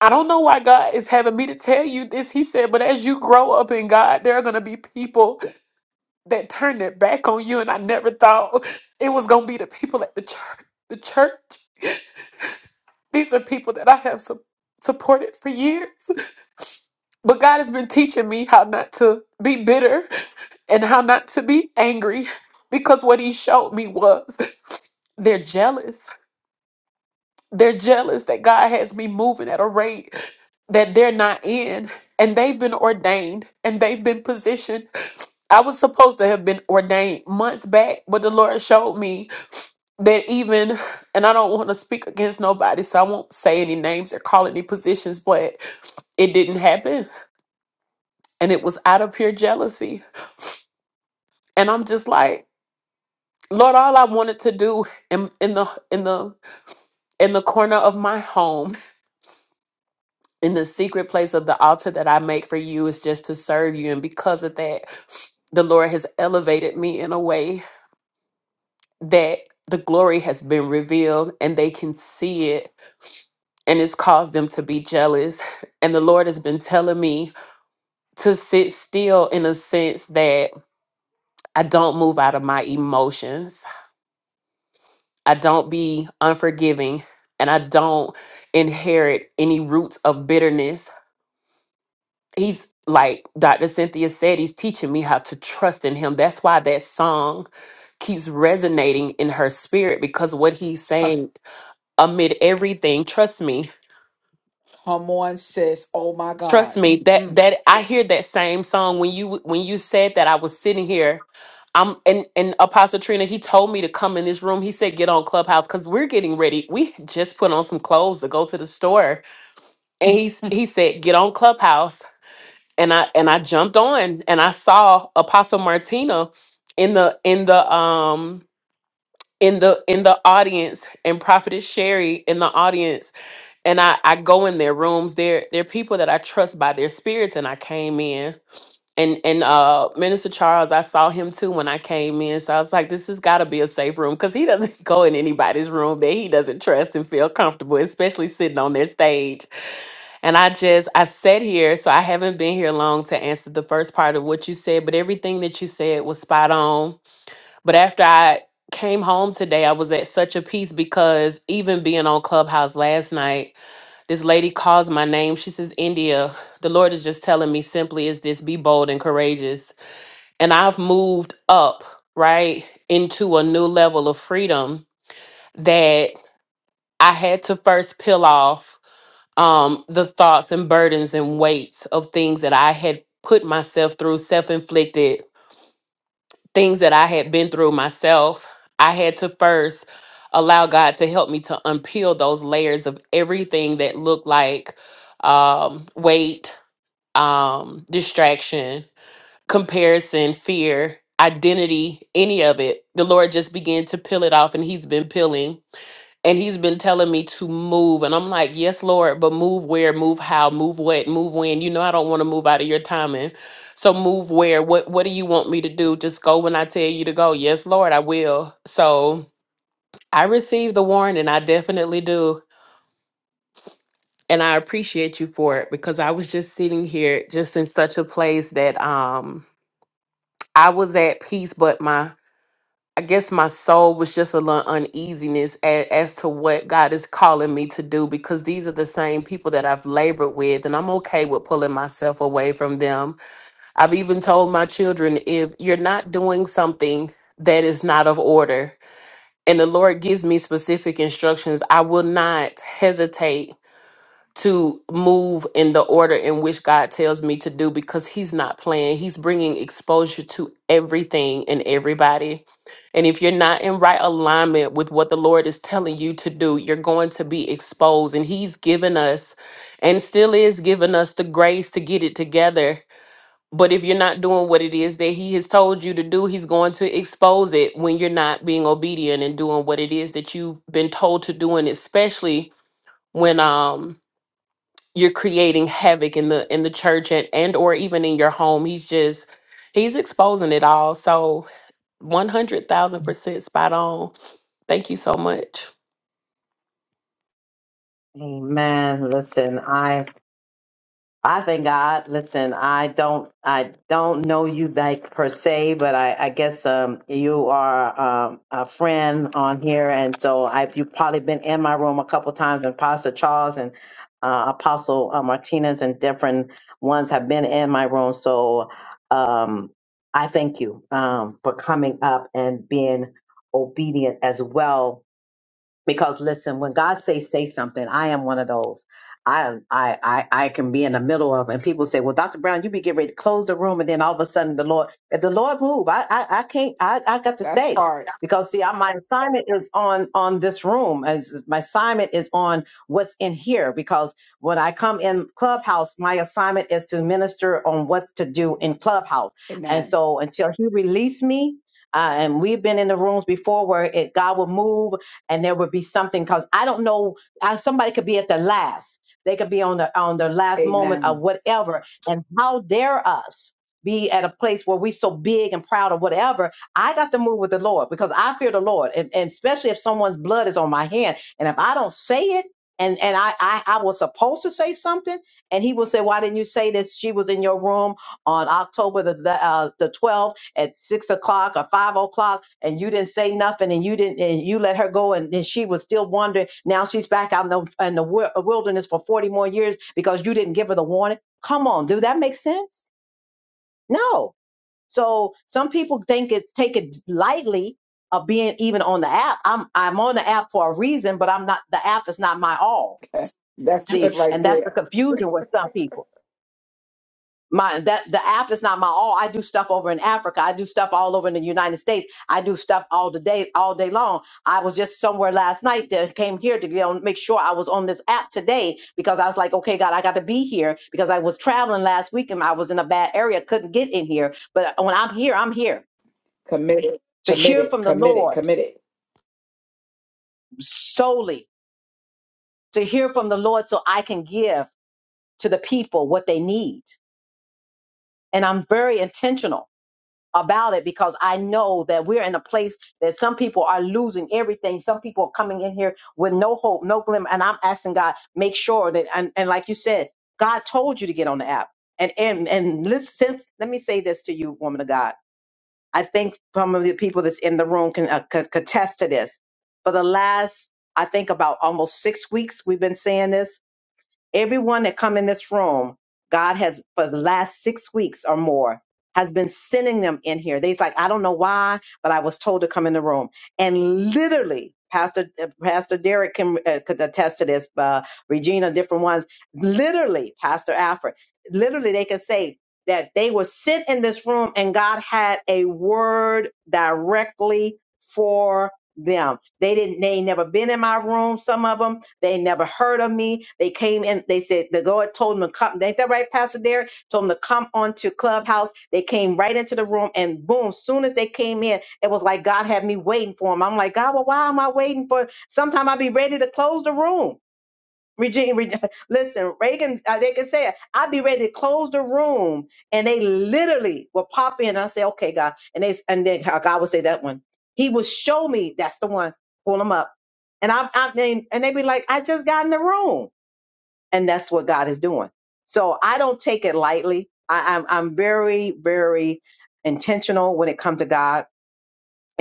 I don't know why God is having me to tell you this. He said, but as you grow up in God, there are going to be people that turn their back on you. And I never thought it was going to be the people at the church. The church. These are people that I have su- supported for years. But God has been teaching me how not to be bitter and how not to be angry because what He showed me was they're jealous They're jealous that God has me moving at a rate that they're not in, and they've been ordained and they've been positioned. I was supposed to have been ordained months back, but the Lord showed me that even, and I don't want to speak against nobody, so I won't say any names or call any positions, but it didn't happen. And it was out of pure jealousy. And I'm just like, Lord, all I wanted to do in, in the in the in the corner of my home in the secret place of the altar that I make for you is just to serve you. And because of that, the Lord has elevated me in a way that the glory has been revealed and they can see it. And it's caused them to be jealous. And the Lord has been telling me to sit still in a sense that I don't move out of my emotions, I don't be unforgiving, and I don't inherit any roots of bitterness he's like Dr. Cynthia said, he's teaching me how to trust in him. That's why that song keeps resonating in her spirit because what he's saying amid everything, trust me. Come on, sis. Oh my Trust God. me that Mm, that I hear that same song when you when you said that I was sitting here I'm and and Apostle Trina he told me to come in this room. He said get on Clubhouse cuz we're getting ready. We just put on some clothes to go to the store. And he's Hmm. he said get on Clubhouse and I and I jumped on and I saw Apostle Martina in the in the um in the in the audience and Prophetess Sherry in the audience and I I go in their rooms they're they're people that I trust by their spirits and I came in and and uh Minister Charles I saw him too when I came in so I was like this has got to be a safe room cuz he doesn't go in anybody's room that he doesn't trust and feel comfortable especially sitting on their stage and I just I sat here, so I haven't been here long to answer the first part of what you said, but everything that you said was spot on. But after I came home today, I was at such a peace because even being on Clubhouse last night, this lady calls my name. She says, "India, the Lord is just telling me simply is this be bold and courageous." And I've moved up, right, into a new level of freedom that I had to first peel off um, the thoughts and burdens and weights of things that I had put myself through, self inflicted things that I had been through myself. I had to first allow God to help me to unpeel those layers of everything that looked like um, weight, um, distraction, comparison, fear, identity, any of it. The Lord just began to peel it off, and He's been peeling and he's been telling me to move and i'm like yes lord but move where move how move what move when you know i don't want to move out of your timing so move where what what do you want me to do just go when i tell you to go yes lord i will so i received the warning i definitely do and i appreciate you for it because i was just sitting here just in such a place that um i was at peace but my I guess my soul was just a little uneasiness as, as to what God is calling me to do because these are the same people that I've labored with, and I'm okay with pulling myself away from them. I've even told my children if you're not doing something that is not of order, and the Lord gives me specific instructions, I will not hesitate to move in the order in which God tells me to do because he's not playing. He's bringing exposure to everything and everybody. And if you're not in right alignment with what the Lord is telling you to do, you're going to be exposed. And he's given us and still is giving us the grace to get it together. But if you're not doing what it is that he has told you to do, he's going to expose it when you're not being obedient and doing what it is that you've been told to do and especially when um you're creating havoc in the in the church and, and or even in your home he's just he's exposing it all so 100000% spot on thank you so much Amen. Listen, I I thank God. Listen, I don't, I don't know you like per se, but I, I guess um, you are um, a friend on here, and so I've you've probably been in my room a couple times, and Pastor Charles and uh, Apostle uh, Martinez and different ones have been in my room. So um, I thank you um, for coming up and being obedient as well because listen when god say say something i am one of those i i i, I can be in the middle of and people say well dr brown you be getting ready to close the room and then all of a sudden the lord if the lord move i i, I can't I, I got to that's stay part. because see I, my assignment is on on this room as my assignment is on what's in here because when i come in clubhouse my assignment is to minister on what to do in clubhouse and Amen. so until he released me uh, and we've been in the rooms before where it god will move and there would be something because I don't know. I, somebody could be at the last. They could be on the on the last moment of Amen. whatever, and how dare us be at a place where we so big and proud of whatever. I got to move with the Lord because I fear the Lord, and, and especially if someone's blood is on my hand, and if I don't say it. And, and I, I, I was supposed to say something, and he will say, Why didn't you say this? She was in your room on October the the, uh, the 12th at 6 o'clock or 5 o'clock and you didn't say nothing and you didn't and you let her go and then she was still wandering now she's back out in the, in the wi- wilderness for 40 more years because you didn't give her the warning come on do that make sense no so some people think it take it lightly of being even on the app i'm i'm on the app for a reason but i'm not the app is not my all That's good see right and that's the there. confusion with some people my that the app is not my all. I do stuff over in Africa. I do stuff all over in the United States. I do stuff all the day, all day long. I was just somewhere last night that came here to be on, make sure I was on this app today because I was like, okay, God, I got to be here because I was traveling last week and I was in a bad area, couldn't get in here. But when I'm here, I'm here Committed, to hear committed, from the committed, Lord committed. solely to hear from the Lord so I can give to the people what they need. And I'm very intentional about it because I know that we're in a place that some people are losing everything. Some people are coming in here with no hope, no glimmer. And I'm asking God, make sure that, and, and like you said, God told you to get on the app. And, and, and listen, let me say this to you, woman of God. I think some of the people that's in the room can uh, could could attest to this. For the last, I think about almost six weeks, we've been saying this everyone that come in this room, God has for the last six weeks or more has been sending them in here. They's like, I don't know why, but I was told to come in the room. And literally, Pastor uh, Pastor Derek can uh, could attest to this. Uh, Regina, different ones. Literally, Pastor Alfred. Literally, they can say that they were sent in this room, and God had a word directly for them. They didn't. They ain't never been in my room. Some of them they never heard of me. They came in. They said the Lord told them to come. Ain't that right, Pastor Derek? Told them to come onto Clubhouse. They came right into the room, and boom! Soon as they came in, it was like God had me waiting for them. I'm like, God, well, why am I waiting for? Sometime i be ready to close the room. Regina, Reg- listen, Reagan, uh, they can say it. I'd be ready to close the room, and they literally will pop in. And I say, "Okay, God," and they and then uh, God will say that one. He will show me that's the one. Pull them up, and I, I mean, and they be like, "I just got in the room," and that's what God is doing. So I don't take it lightly. I, I'm I'm very very intentional when it comes to God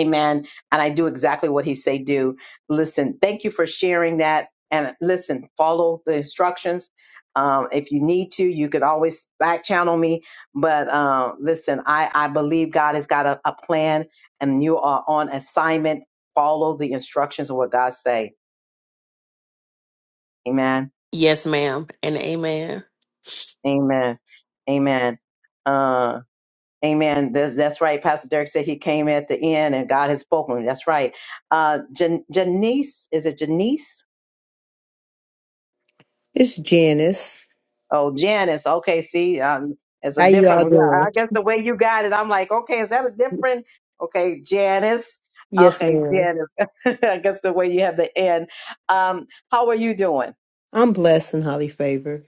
Amen. And I do exactly what he say do. Listen, thank you for sharing that. And listen, follow the instructions. Um, if you need to, you could always back channel me. But uh, listen, I, I believe God has got a, a plan and you are on assignment. Follow the instructions of what God say. Amen. yes ma'am and amen Amen. Amen. Uh, amen. That's, that's right. Pastor Derek said he came at the end and God has spoken. That's right. Uh, Jan- Janice, is it Janice? It's Janice. Oh, Janice. Okay, see, um, it's a How you all different. well, I doing? guess the way you got it, I'm like, okay, is that a different? Okay, Janice. Yes, Okay, ma'am. Janice. I guess the way you have the N. Um, how are you doing? I'm blessed and highly favored.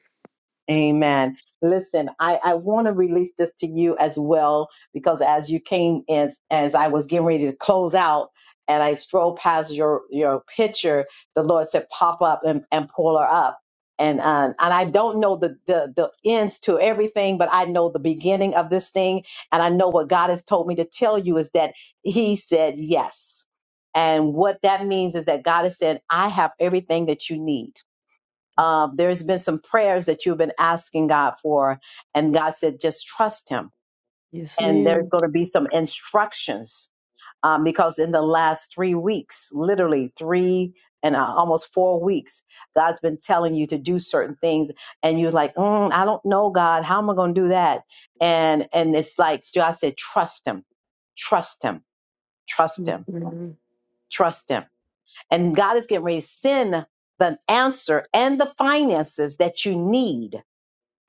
Amen. Listen, I, I want to release this to you as well because as you came in, as I was getting ready to close out and I strolled past your, your picture, the Lord said, pop up and, and pull her up. And, uh, and I don't know the, the, the ends to everything, but I know the beginning of this thing. And I know what God has told me to tell you is that He said yes. And what that means is that God has said, I have everything that you need. Uh, there's been some prayers that you've been asking God for, and God said, just trust Him. Yes, And there's madam going to be some instructions um, because in the last three weeks, literally three and uh, almost four weeks, God's been telling you to do certain things, and you're like, mm, I don't know, God, how am I going to do that? And and it's like God said, trust Him, trust Him, trust Him, trust Him, and God is getting ready to send the answer and the finances that you need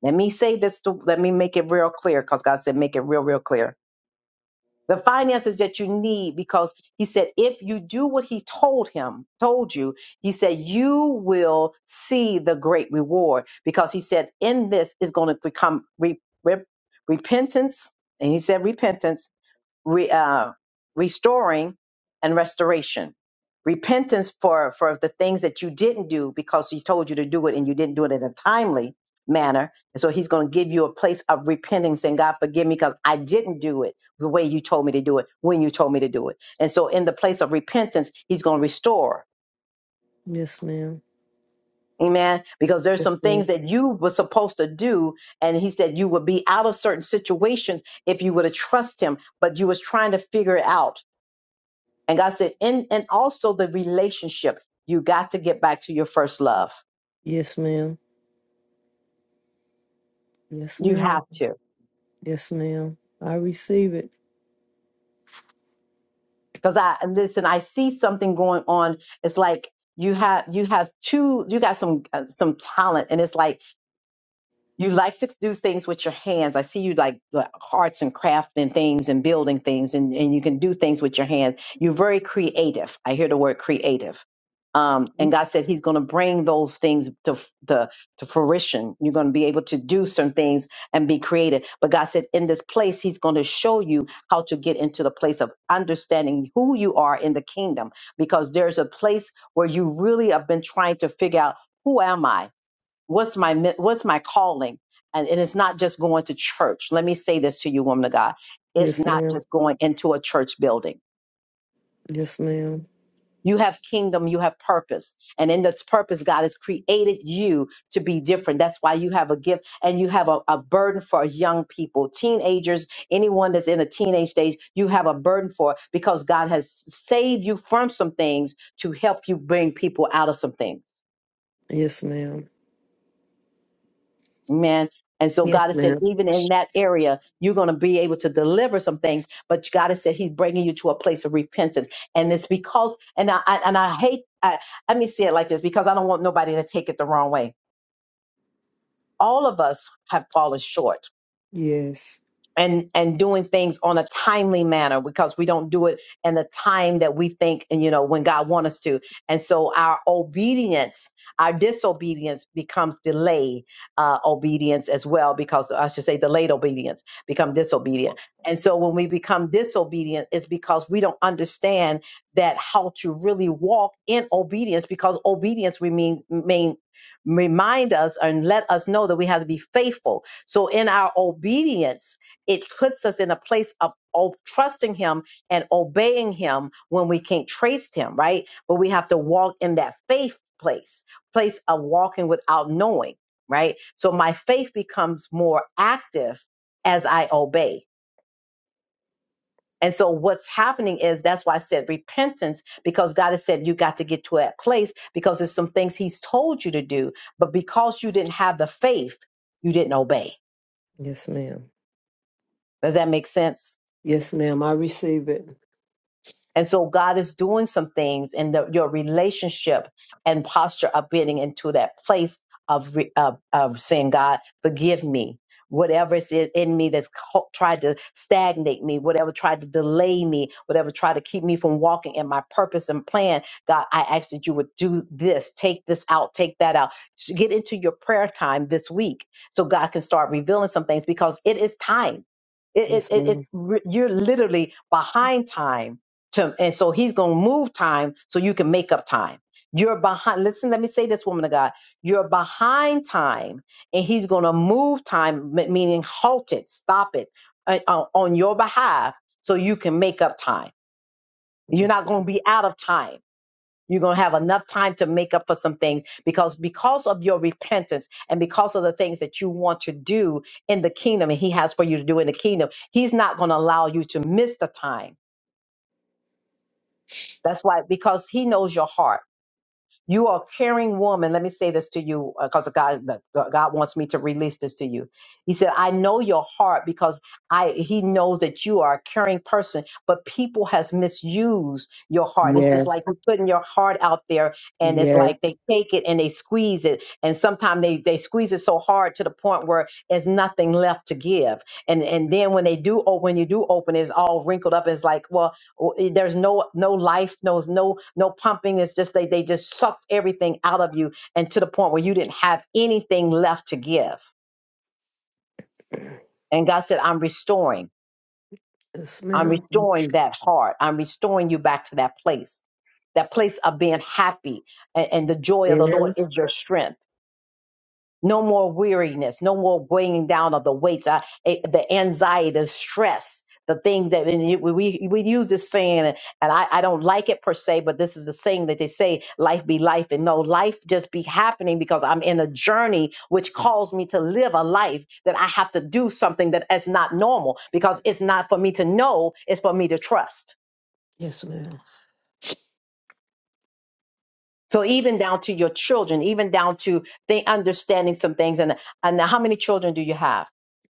let me say this to let me make it real clear because God said, make it real, real clear. The finances that you need, because he said, if you do what he told him, told you, he said, you will see the great reward. Because he said, in this is going to become re- re- repentance. And he said, repentance re, uh, restoring and restoration repentance for for the things that you didn't do because he's told you to do it and you didn't do it in a timely manner and so he's going to give you a place of repenting saying god forgive me because i didn't do it the way you told me to do it when you told me to do it and so in the place of repentance he's going to restore Yes, ma'am. amen because there's Yes, some things ma'am. that you were supposed to do and he said you would be out of certain situations if you would have trust him but you was trying to figure it out And God said, and, and also the relationship. You got to get back to your first love. Yes, ma'am. Yes, You have ma'am. to. Yes, ma'am. I receive it. Because I and listen, I see something going on. It's like you have you have two, you got some uh, some talent, and it's like You like to do things with your hands. I see you like, like arts and crafting and things and building things, and, and you can do things with your hands. You're very creative. I hear the word creative. Um, and God said He's going to bring those things to, f- to to fruition. You're going to be able to do some things and be creative. But God said in this place, He's going to show you how to get into the place of understanding who you are in the kingdom, because there's a place where you really have been trying to figure out who am I what's my mi- what's my calling and, and it's not just going to church let me say this to you woman of god it's Yes, not ma'am. just going into a church building Yes, ma'am. you have kingdom you have purpose and in this purpose god has created you to be different that's why you have a gift and you have a, a burden for young people teenagers anyone that's in a teenage stage you have a burden for it because god has saved you from some things to help you bring people out of some things Yes, ma'am. Amen. And so Yes, God has said, ma'am. even in that area, you're going to be able to deliver some things. But God has said He's bringing you to a place of repentance, and it's because and I I- and I hate. I, let me say it like this because I don't want nobody to take it the wrong way. All of us have fallen short Yes. and and doing things on a timely manner because we don't do it in the time that we think and you know when God wants us to. And so our obedience, our disobedience becomes delay uh, obedience as well because I should say delayed obedience become disobedient. And so when we become disobedient, it's because we don't understand that how to really walk in obedience because obedience remain mean remind us and let us know that we have to be faithful. So in our obedience it puts us in a place of o- trusting him and obeying him when we can't trace him, right? But we have to walk in that faith place, place of walking without knowing, right? So my faith becomes more active as I obey. And so what's happening is that's why I said repentance, because God has said you got to get to that place because there's some things he's told you to do, but because you didn't have the faith, you didn't obey. Yes, ma'am. Does that make sense? Yes, ma'am. I receive it. And so God is doing some things in the, your relationship and posture of getting into that place of, re, of, of saying, God, forgive me. Whatever is in in me that's co- tried to stagnate me, whatever tried to delay me, whatever tried to keep me from walking in my purpose and plan, God, I ask that you would do this, take this out, take that out. So Get into your prayer time this week so God can start revealing some things because it is time. It, it, Yes, it, it's ma'am. re- you're literally behind time to and so he's going to move time so you can make up time you're behind listen let me say this woman of god you're behind time and he's going to move time m- meaning halt it stop it uh, uh, on your behalf so you can make up time you're Yes. not going to be out of time you're going to have enough time to make up for some things because because of your repentance and because of the things that you want to do in the kingdom and he has for you to do in the kingdom he's not going to allow you to miss the time that's why because he knows your heart You are a caring woman. Let me say this to you because God, God wants me to release this to you. He said, I know your heart because I, he knows that you are a caring person, but people has misused your heart. It's just Yes. like you're putting your heart out there and it's Yes. like they take it and they squeeze it. And sometimes they, they squeeze it so hard to the point where there's nothing left to give. And, and then when they do, open, when you do open, it's all wrinkled up. It's like, well, w- there's no no life no no no pumping it's just they they just sucked everything out of you and to the point where you didn't have anything left to give and god said i'm restoring Yes, i'm ma'am. restoring that heart i'm restoring you back to that place that place of being happy and, and the joy of the lord Yes. is your strength No more weariness, no more weighing down of the weights, uh, eh, the anxiety, the stress, the things that and you- we we use this saying, and I, I don't like it per se, but this is the saying that they say, "Life be life," and no, life just be happening because I'm in a journey which calls me to live a life that I have to do something that is not normal because it's not for me to know, it's for me to trust. Yes, ma'am. So even down to your children, even down to they understanding some things, and and how many children do you have?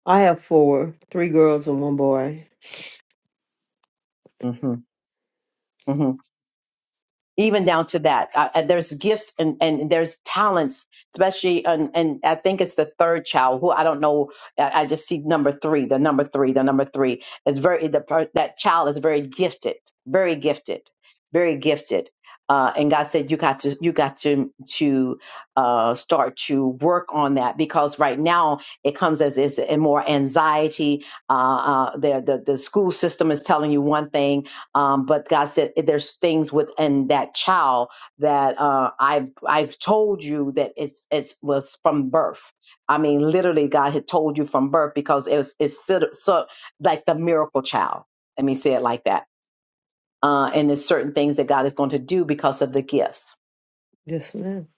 I have four, three girls and one boy. hmm hmm even down to that uh, uh, there's gifts and, and there's talents especially and, and i think it's the third child who i don't know i I just see number three the number three the number three is very the per- that child is very gifted very gifted very gifted uh, and god said you got to you got to to uh, start to work on that because right now it comes as is more anxiety uh, uh, the, the the school system is telling you one thing um, but God said "Eh, there's things within that child that uh, I've I've told you that it's it was from birth. I mean, literally, God had told you from birth because it was it's so, so like the miracle child. Let me say it like that. Uh, and there's certain things that God is going to do because of the gifts Yes, ma'am.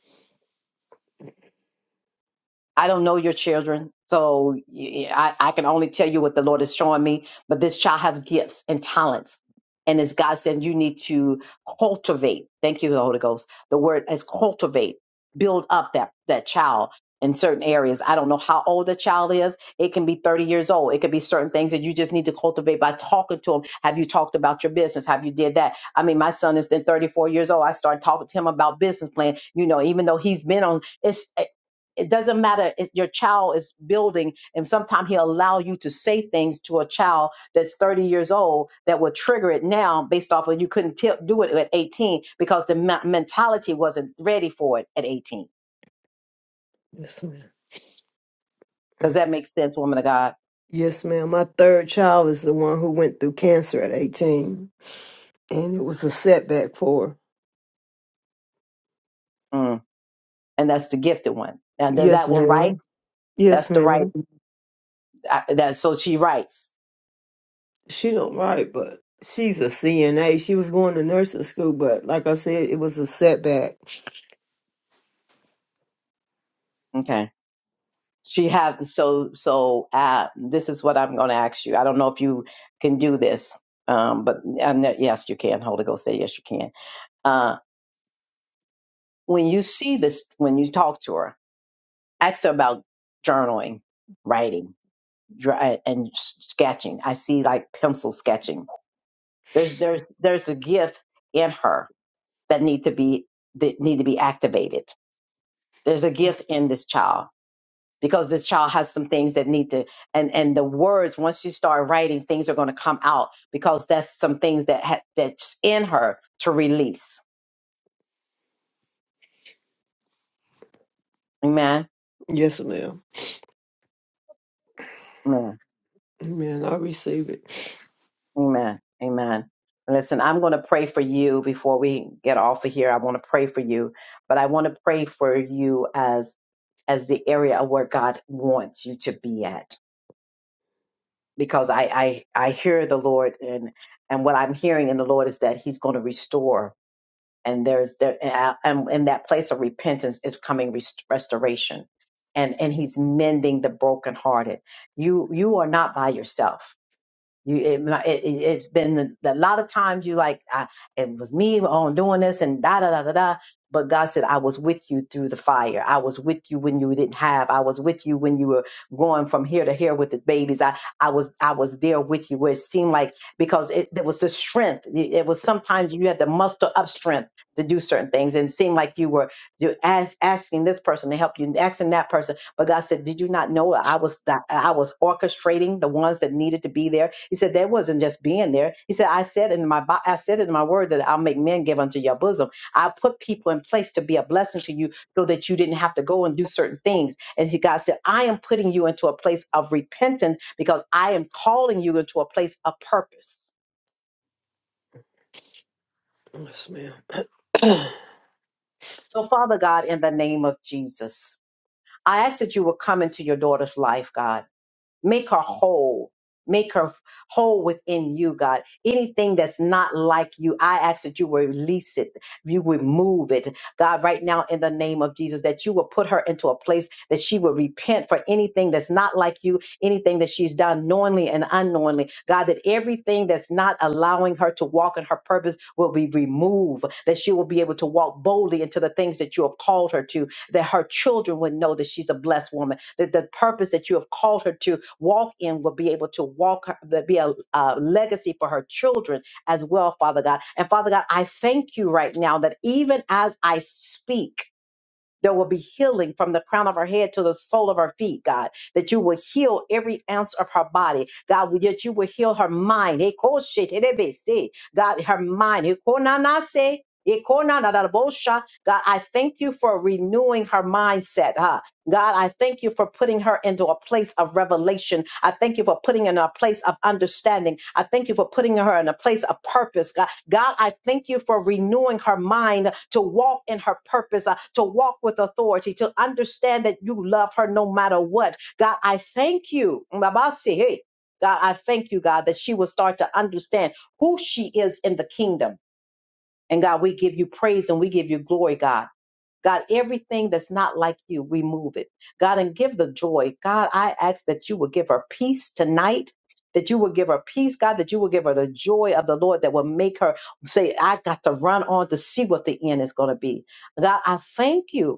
I don't know your children, so y- I, I can only tell you what the Lord is showing me. But this child has gifts and talents. And as God said, you need to cultivate. Thank you, the Holy Ghost. The word is cultivate, build up that, that child in certain areas. I don't know how old the child is. It can be 30 years old. It could be certain things that you just need to cultivate by talking to them. Have you talked about your business? Have you did that? I mean, my son is then 34 years old. I started talking to him about business plan. You know, even though he's been on, it's it doesn't matter if your child is building and sometimes he'll allow you to say things to a child that's 30 years old that will trigger it now based off of you couldn't tell do it at 18 because the me- mentality wasn't ready for it at 18 Yes, ma'am. does that make sense woman of god Yes, ma'am. My third child is the one who went through cancer at 18, and it was a setback for her. Mm and that's the gifted one. Now, does Yes, that one write? ma'am. Yes, That's the right. ma'am. Uh, that so she writes. She don't write, but she's a CNA. She was going to nursing school, but like I said, it was a setback. Okay. She have so so. Uh, this is what I'm going to ask you. I don't know if you can do this, um, but um, no- yes, you can. Holy Ghost say yes, you can. Uh, when you see this, when you talk to her, ask her about journaling, writing, dry, and s- sketching. I see like pencil sketching. There's there's there's a gift in her that need to be that need to be activated there's a gift in this child because this child has some things that need to and and the words once you start writing things are going to come out because that's some things that ha- that's in her to release amen Yes, ma'am. amen Amen. I receive it. amen amen listen i'm going to pray for you before we get off of here i want to pray for you but i want to pray for you as as the area of where god wants you to be at because i i i hear the lord and and what i'm hearing in the lord is that he's going to restore and there's there and in that place of repentance is coming rest- restoration and and he's mending the brokenhearted you you are not by yourself you, it, it, it- it's been a a lot of times you like, I, it was me on doing this and da da da da da. But God said, I was with you through the fire. I was with you when you didn't have. I was with you when you were going from here to here with the babies. I, I was, I was there with you where it seemed like because it, there was the strength. It, it was sometimes you had to muster up strength to do certain things and it seemed like you were you ask, asking this person to help you and asking that person. But God said, did you not know I was, that I was orchestrating the ones that needed to be there? He said that wasn't just being there. He said, I said in my Bi- I said it in my word that I'll make men give unto your bosom. I put people in place to be a blessing to you so that you didn't have to go and do certain things. And he, God said, I am putting you into a place of repentance because I am calling you into a place of purpose. Yes, ma'am. So, Father God, in the name of Jesus, I ask that you will come into your daughter's life, God. Make her whole. Make her whole within you, God. Anything that's not like you, I ask that you will release it, you remove it, God, right now in the name of Jesus, that you will put her into a place that she will repent for anything that's not like you, anything that she's done knowingly and unknowingly. God, that everything that's not allowing her to walk in her purpose will be removed, that she will be able to walk boldly into the things that you have called her to, that her children would know that she's a blessed woman, that the purpose that you have called her to walk in will be able to walk her, that be a, a legacy for her children as well, Father God. And Father God, I thank you right now that even as I speak, there will be healing from the crown of her head to the sole of her feet, God. That you will heal every ounce of her body, God. That you will heal her mind. Eh, ko shi te re be se. God, her mind. Eh, ko na na se. Eh, ko na na na bo sha. God, I thank you for renewing her mindset, huh? God, I thank you for putting her into a place of revelation. I thank you for putting her in a place of understanding. I thank you for putting her in a place of purpose. God, God I thank you for renewing her mind to walk in her purpose, uh, to walk with authority, to understand that you love her no matter what. God, I thank you. Mabasi, hey. God, I thank you, God, that she will start to understand who she is in the kingdom. And God, we give you praise and we give you glory, God. God, everything that's not like you, remove it. God, and give the joy. God, I ask that you will give her peace tonight. That you will give her peace, God, that you will give her the joy of the Lord that will make her say, I got to run on to see what the end is going to be. God, I thank you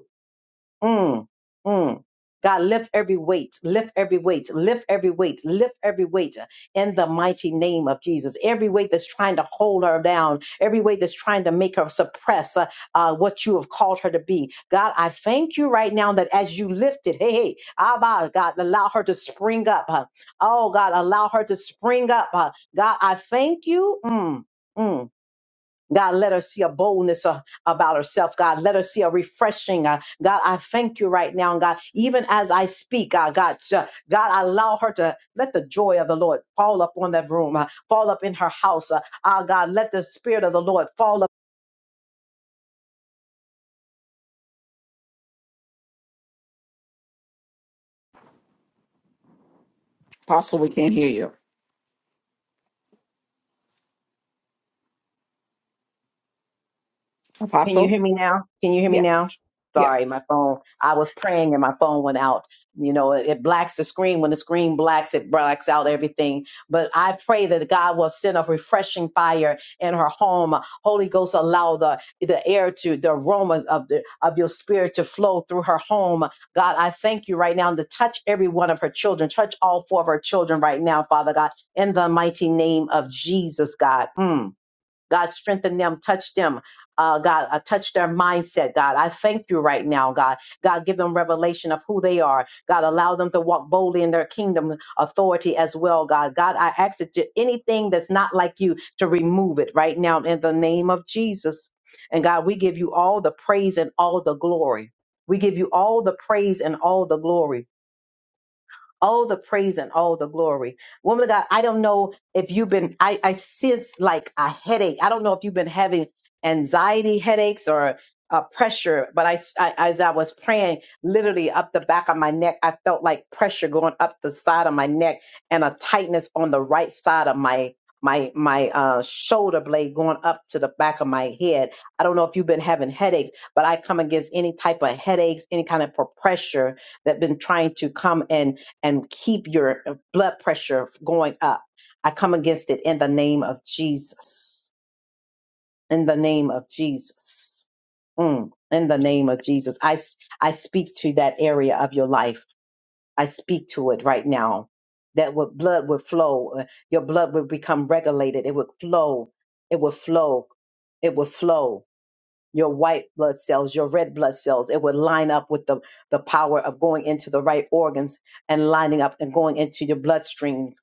Mm, mm. God, lift every weight, lift every weight, lift every weight, lift every weight in the mighty name of Jesus. Every weight that's trying to hold her down, every weight that's trying to make her suppress uh, uh, what you have called her to be. God, I thank you right now that as you lift it, hey, hey, Abba, God, allow her to spring up. huh? Oh, God, allow her to spring up. huh? God, I thank you. Mm, mm. God, let her see a boldness uh, about herself. God, let her see a refreshing. uh, God, I thank you right now. And God, even as I speak, uh, God, uh, God, allow her to let the joy of the Lord fall up on that room, uh, fall up in her house. Uh, ah, God, let the spirit of the Lord fall Apostle, we can't hear you. Can you Apostle? hear me now? Can you hear me now? Yes. Sorry, Yes. my phone. I was praying and my phone went out. You know, it, it blacks the screen. When the screen blacks, it blacks out everything. But I pray that God will send a refreshing fire in her home. Holy Ghost, allow the the air to the aroma of the of your spirit to flow through her home. God, I thank you right now to touch every one of her children. Touch all four of her children right now, Father God, in the mighty name of Jesus, God. Mm. God, strengthen them, touch them. Uh, God, uh, touch their mindset, God. I thank you right now, God. God, give them revelation of who they are. God, allow them to walk boldly in their kingdom authority as well, God. God, I ask that you- anything that's not like you to remove it right now in the name of Jesus. And God, we give you all the praise and all the glory. We give you all the praise and all the glory. All the praise and all the glory. Woman of God, I don't know if you've been, I, I sense like a headache. I don't know if you've been having anxiety headaches or uh, pressure, but I, I, as I was praying, literally up the back of my neck, I felt like pressure going up the side of my neck and a tightness on the right side of my my my uh, shoulder blade going up to the back of my head. I don't know if you've been having headaches, but I come against any type of headaches, any kind of pressure that been trying to come and and keep your uh, blood pressure going up. I come against it in the name of Jesus. In the name of Jesus. Mm, in the name of Jesus. I, s- I speak to that area of your life. I speak to it right now. That what blood would flow. uh, Your blood would become regulated. It would flow. It would flow. It would flow your white blood cells, your red blood cells. It would line up with the, the power of going into the right organs and lining up and going into your bloodstreams.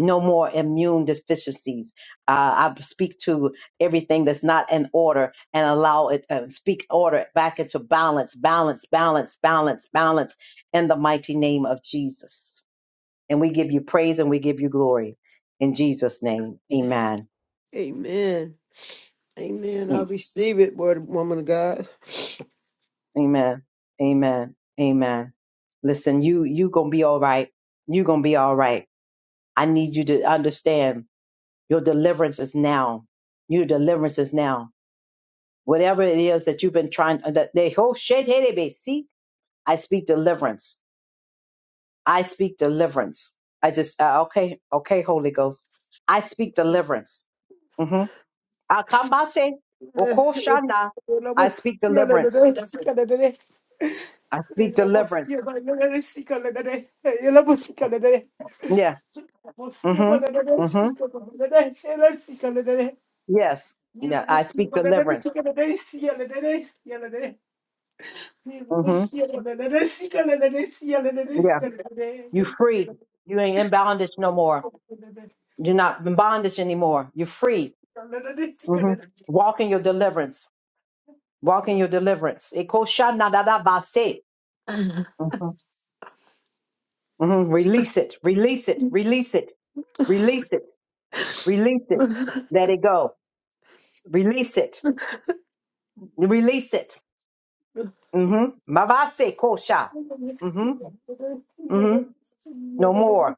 No more immune deficiencies. Uh, I speak to everything that's not in order and allow it, uh, speak order back into balance, balance, balance, balance, balance in the mighty name of Jesus. And we give you praise and we give you glory in Jesus' name. Amen. Amen. Amen. I receive it, word woman of God. Amen. Amen. Amen. Listen, you you gonna be all right. You gonna be all right. I need you to understand your deliverance is now. Your deliverance is now. Whatever it is that you've been trying uh, that they whole shit hey they may see. I speak deliverance. I speak deliverance. I just uh, okay, okay, Holy Ghost. I speak deliverance. Mm-hmm. Akambase, Okoshana. I Yellow, speak deliverance. I speak deliverance. Yeah. Mm-hmm. Mm-hmm. Yes. Yeah. I speak deliverance. hmm Yeah. You free. You ain't in bondage no more. You're not in bondage anymore. You're free. hmm Walk in your deliverance. Walk in your deliverance. Ekoshanadadabase. Mhm. Mhm. Release it. Release it. Release it. Release it. Release it. Let it go. Release it. Release it. Mm-hmm. Mabase kosha. Mm-hmm. Mm-hmm. No more.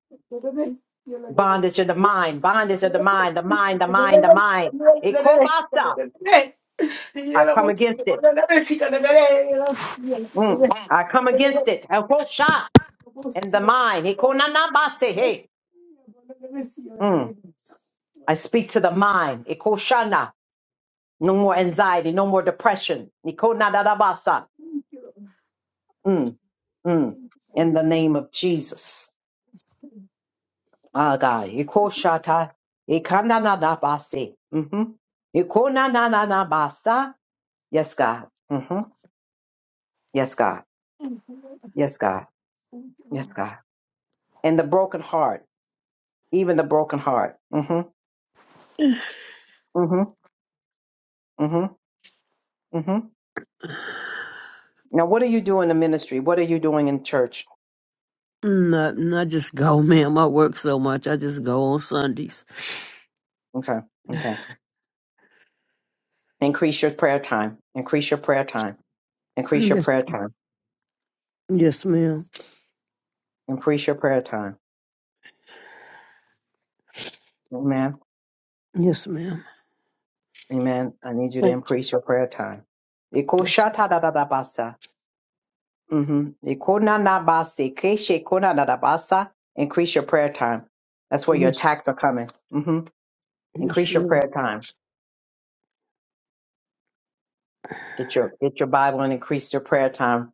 Bondage of the mind, bondage of the mind, the mind, the mind, the mind. Ikobasa. I come against it. Mm. I come against it. Ekosha. And the mind. Ikonanabase. Hey. Mm. I speak to the mind. Ikoshana. No more anxiety, no more depression. Ikonadadabasa. Mm. Mm. In the name of Jesus. Ah, God. Ikoshata. Ikananadabase. Mm-hmm. Ikonananabasa. Yes, God. Mm-hmm. Yes, God. Yes, God. Yes, God. And the broken heart, even the broken heart. hmm hmm hmm hmm Now, what are you doing in ministry? What are you doing in church? Not, not just go, ma'am. I work so much. I just go on Sundays. Okay. Okay. Increase your prayer time. Increase your prayer time. Increase your Yes. prayer time. Yes, ma'am. Increase your prayer time. Amen. Yes, ma'am. Amen. I need you to increase your prayer time. Iko Yes, shata da da da basa. Mhm. Iko na na basi. Keshe ko na na da basa. Increase your prayer time. That's where your yes, attacks are coming. hmm yes, Increase your Lord, prayer time. Get your get your Bible and increase your prayer time.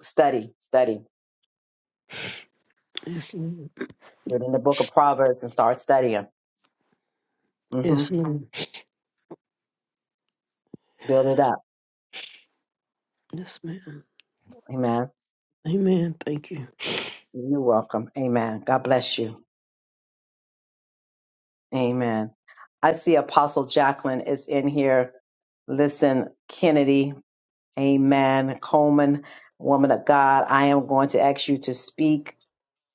Study, study. Yes, Lord, Read in the book of Proverbs and start studying. hmm Yes, ma'am. Build it up. Yes, ma'am. Amen. Amen. Thank you. You're welcome. Amen. God bless you. Amen. I see Apostle Jacqueline is in here. Listen, Kennedy. Amen. Coleman, woman of God, I am going to ask you to speak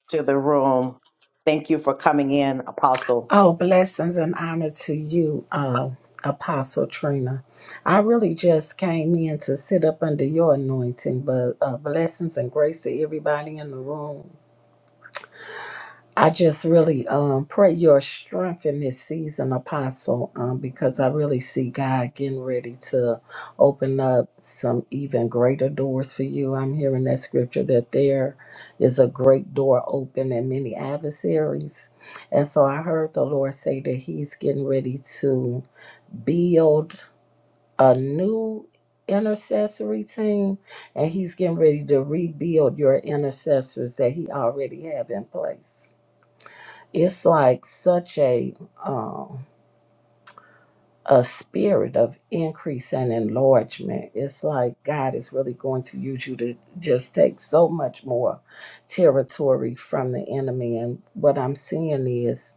to the room. Thank you for coming in, Apostle. Oh, blessings and honor to you, uh, Apostle Trina. I really just came in to sit up under your anointing, but uh, blessings and grace to everybody in the room. I just really um, pray your strength in this season, Apostle, um, because I really see God getting ready to open up some even greater doors for you. I'm hearing that scripture that there is a great door open and many adversaries. And so I heard the Lord say that He's getting ready to build a new intercessory team and He's getting ready to rebuild your intercessors that He already have in place it's like such a um a spirit of increase and enlargement. It's like God is really going to use you to just take so much more territory from the enemy. And what I'm seeing is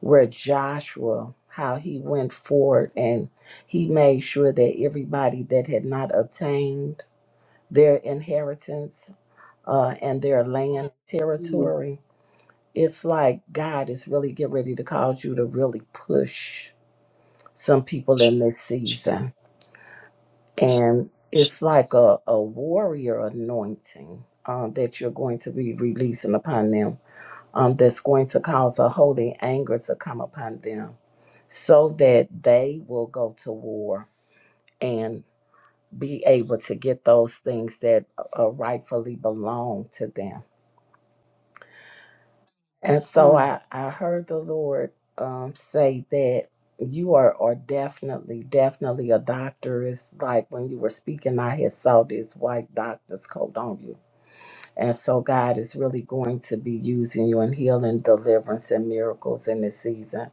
where Joshua, how he went forward and he made sure that everybody that had not obtained their inheritance uh, and their land Mm, territory it's like God is really getting ready to cause you to really push some people in this Jesus. season. And it's like Jesus. a, a warrior anointing um, that you're going to be releasing upon them um, that's going to cause a holy anger to come upon them so that they will go to war and be able to get those things that uh, rightfully belong to them And so Mm, I, I heard the Lord um, say that you are, are definitely, definitely a doctor. It's like when you were speaking, I had saw this white doctor's coat on you. And so God is really going to be using you in healing, deliverance, and miracles in this season.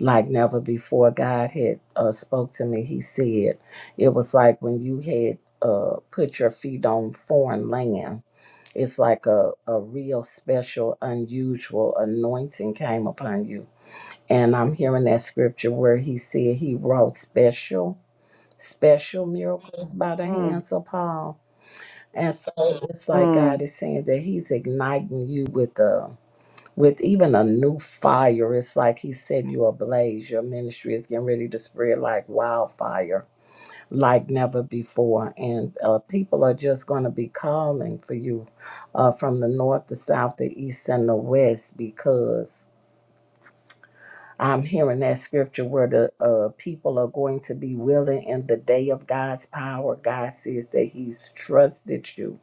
Like never before, God had uh, spoke to me. He said, it was like when you had uh, put your feet on foreign land it's like a, a real special, unusual anointing came upon you. And I'm hearing that scripture where he said he wrought special, special miracles by the mm, hands of Paul. And so it's like God mm, is saying that He's igniting you with a with even a new fire. It's like He set you ablaze. Your ministry is getting ready to spread like wildfire like never before. And uh, people are just going to be calling for you uh, from the north, the south, the east, and the west because I'm hearing that scripture where the uh, people are going to be willing in the day of God's power. God says that He's trusted you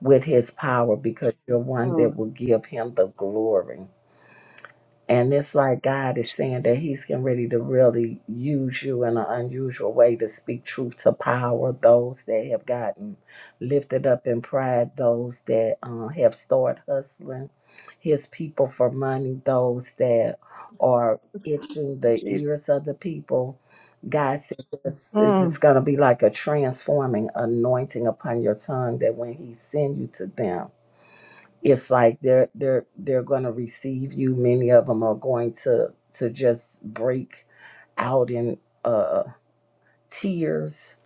with His power because you're one mm. that will give Him the glory. And it's like God is saying that He's getting ready to really use you in an unusual way to speak truth to power those that have gotten lifted up in pride, those that uh, have started hustling His people for money, those that are itching the Jesus. ears of the people. God said this, it's just Mm, going to be like a transforming anointing upon your tongue that when He send you to them, it's like they're they're they're going to receive you many of them are going to to just break out in uh tears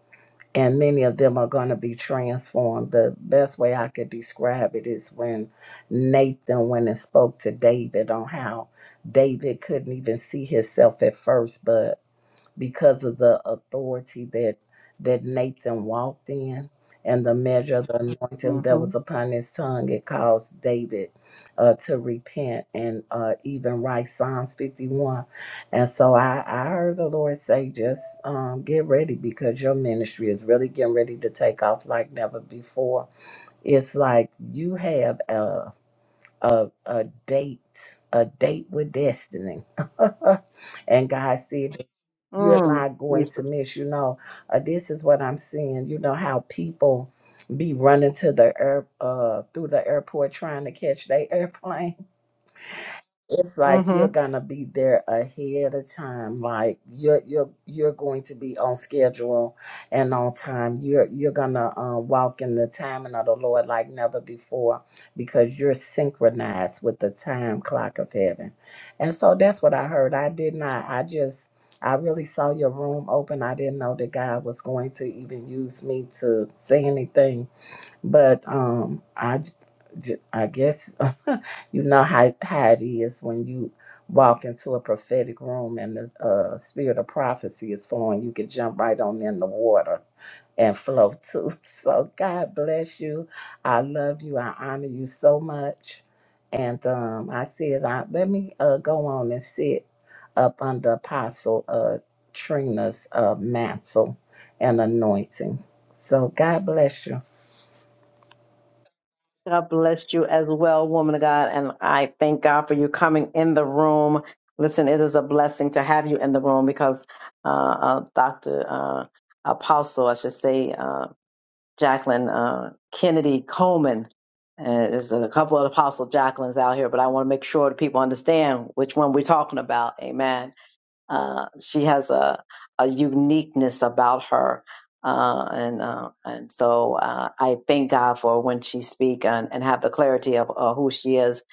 and many of them are going to be transformed the best way i could describe it is when nathan went and spoke to david on how david couldn't even see himself at first but because of the authority that that Nathan walked in and the measure of the anointing that was mhm, upon his tongue. It caused David uh, to repent and uh, even write Psalms 51. And so I, I heard the Lord say, just um, get ready because your ministry is really getting ready to take off like never before. It's like you have a, a, a date, a date with destiny. and God said you're mm, not going to Jesus. miss. You know, uh, this is what I'm seeing. You know how people be running to the air uh, through the airport trying to catch their airplane it's like hmm you're gonna be there ahead of time like you're you're you're going to be on schedule and on time you're you're gonna uh, walk in the timing of the lord like never before because you're synchronized with the time clock of heaven and so that's what i heard i did not i just i really saw your room open i didn't know that god was going to even use me to say anything but um, I, j- j- I guess you know how, how it is when you walk into a prophetic room and the uh, spirit of prophecy is flowing. You can jump right on in the water and flow too. So God bless you. I love you. I honor you so much. And um, I said, I, let me uh, go on and sit up under Apostle uh, Trina's uh, mantle and anointing. So God bless you. God bless you as well, woman of God. And I thank God for you coming in the room. Listen, it is a blessing to have you in the room because uh, uh, Dr. Uh, Apostle, I should say, uh, Jacqueline uh, Kennedy Coleman. and there's a couple of Apostle Jacquelines out here, but I want to make sure that people understand which one we're talking about. Amen Uh, she has a, a uniqueness about her. Uh, and uh, and so uh, I thank God for when she speak and, and have the clarity of uh, who she is,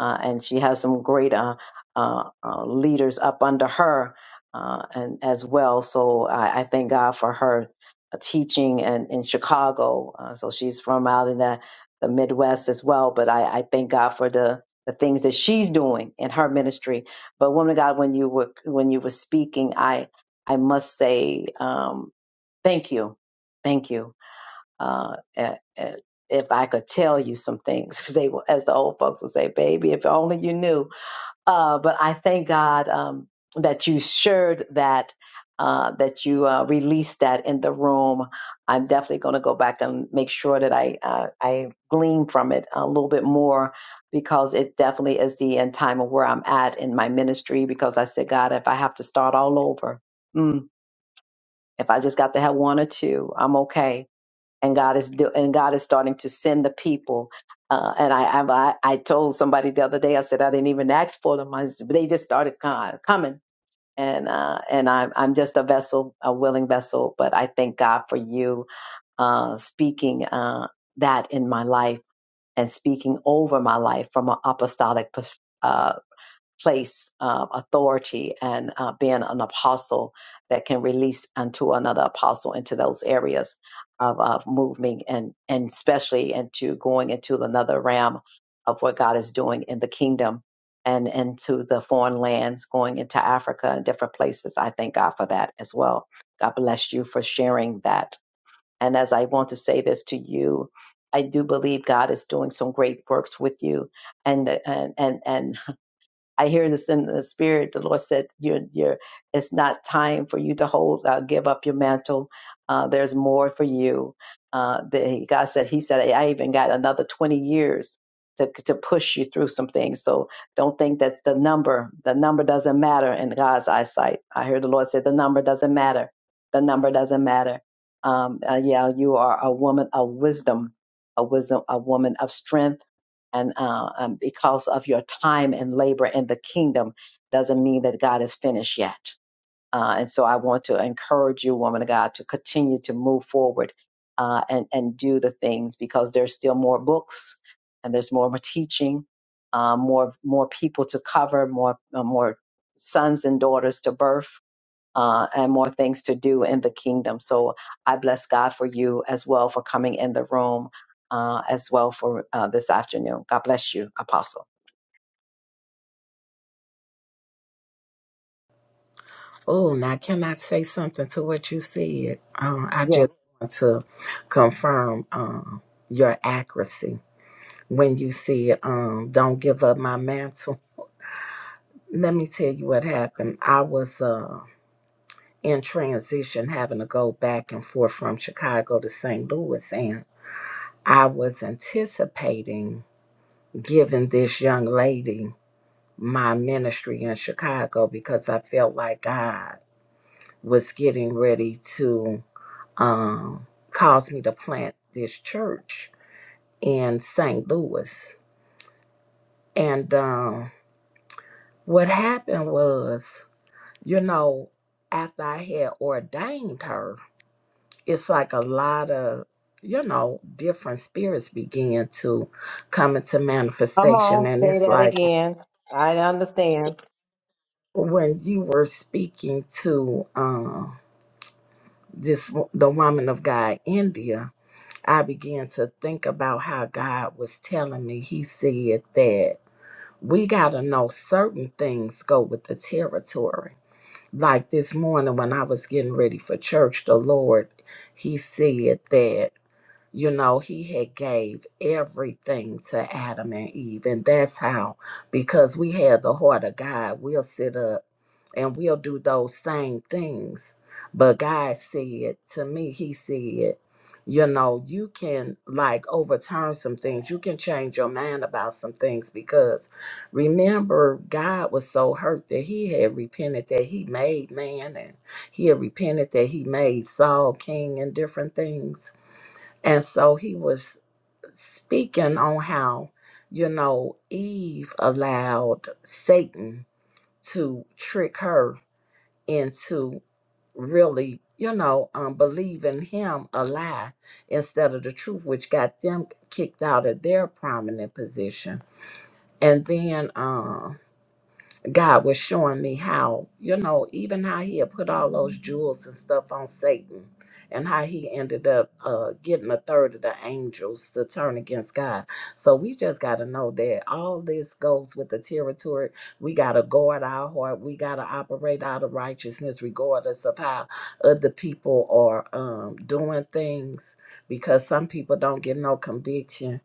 uh, and she has some great uh, uh, uh, leaders up under her, uh, and as well. So I, I thank God for her uh, teaching and in Chicago. Uh, so she's from out in the, the Midwest as well. But I, I thank God for the the things that she's doing in her ministry but woman of God, when you were when you were speaking, I I must say um, thank you, thank you. Uh, eh, eh, if I could tell you some things, as, they, as the old folks would say, baby, if only you knew uh, but I thank God um, that you shared that, uh, that you uh, released that in the room. I'm definitely going to go back and make sure that I uh, I glean from it a little bit more because it definitely is the end time of where I'm at in my ministry. Because I said, God, if I have to start all over, mm, if I just got to have one or two, I'm okay and God is do, and God is starting to send the people. Uh, and I, I I told somebody the other day I said I didn't even ask for them. I, they just started co- coming, and uh, and I'm I'm just a vessel, a willing vessel. But I thank God for you uh, speaking uh, that in my life and speaking over my life from an apostolic perspective place uh, authority and uh, being an apostle that can release unto another apostle into those areas of, of moving and and especially into going into another realm of what God is doing in the kingdom and into the foreign lands, going into Africa and different places. I thank God for that as well. God bless you for sharing that. And as I want to say this to you, I do believe God is doing some great works with you and and and and I hear this in the spirit. The Lord said, "You're, you're. It's not time for you to hold, uh, give up your mantle. Uh, there's more for you." Uh, the, God said, "He said, I even got another 20 years to to push you through some things. So don't think that the number, the number doesn't matter in God's eyesight." I hear the Lord say, "The number doesn't matter. The number doesn't matter." Um, uh, yeah, you are a woman of wisdom, a wisdom, a woman of strength and uh, um, because of your time and labor in the kingdom doesn't mean that God is finished yet. Uh, and so I want to encourage you, woman of God, to continue to move forward uh, and and do the things because there's still more books and there's more teaching, uh, more more people to cover, more uh, more sons and daughters to birth uh, and more things to do in the kingdom. So I bless God for you as well for coming in the room uh, as well for uh, this afternoon. God bless you, Apostle. Oh, now can I say something to what you said? Uh, I just Yes. want to confirm um, your accuracy when you said, um, "Don't give up my mantle." Let me tell you what happened. I was uh, in transition, having to go back and forth from Chicago to St. Louis, and I was anticipating giving this young lady my ministry in Chicago because I felt like God was getting ready to um, caused me to plant this church in St. Louis. And um, what happened was, you know, after I had ordained her, it's like a lot of, you know, different spirits began to come into Come manifestation. on, And say it's that like again. I understand. when you were speaking to um, this, wo- the woman of God, India, I began to think about how God was telling me. He said that we got to know certain things go with the territory. Like this morning when I was getting ready for church, the Lord, he said that, you know, he had gave everything to Adam and Eve. And that's how, because we had the heart of God, we'll sit up and we'll do those same things. But God said to me, He said, you know, you can like overturn some things, you can change your mind about some things because remember, God was so hurt that He had repented that He made man and He had repented that He made Saul king and different things. And so He was speaking on how, you know, Eve allowed Satan to trick her into really, you know, um, believing him a lie instead of the truth, which got them kicked out of their prominent position. And then uh, God was showing me how, you know, even how he had put all those jewels and stuff on Satan and how he ended up uh, getting a third of the angels to turn against God. So we just got to know that all this goes with the territory. We got to guard our heart. We got to operate out of righteousness, regardless of how other people are um, doing things, because some people don't get no conviction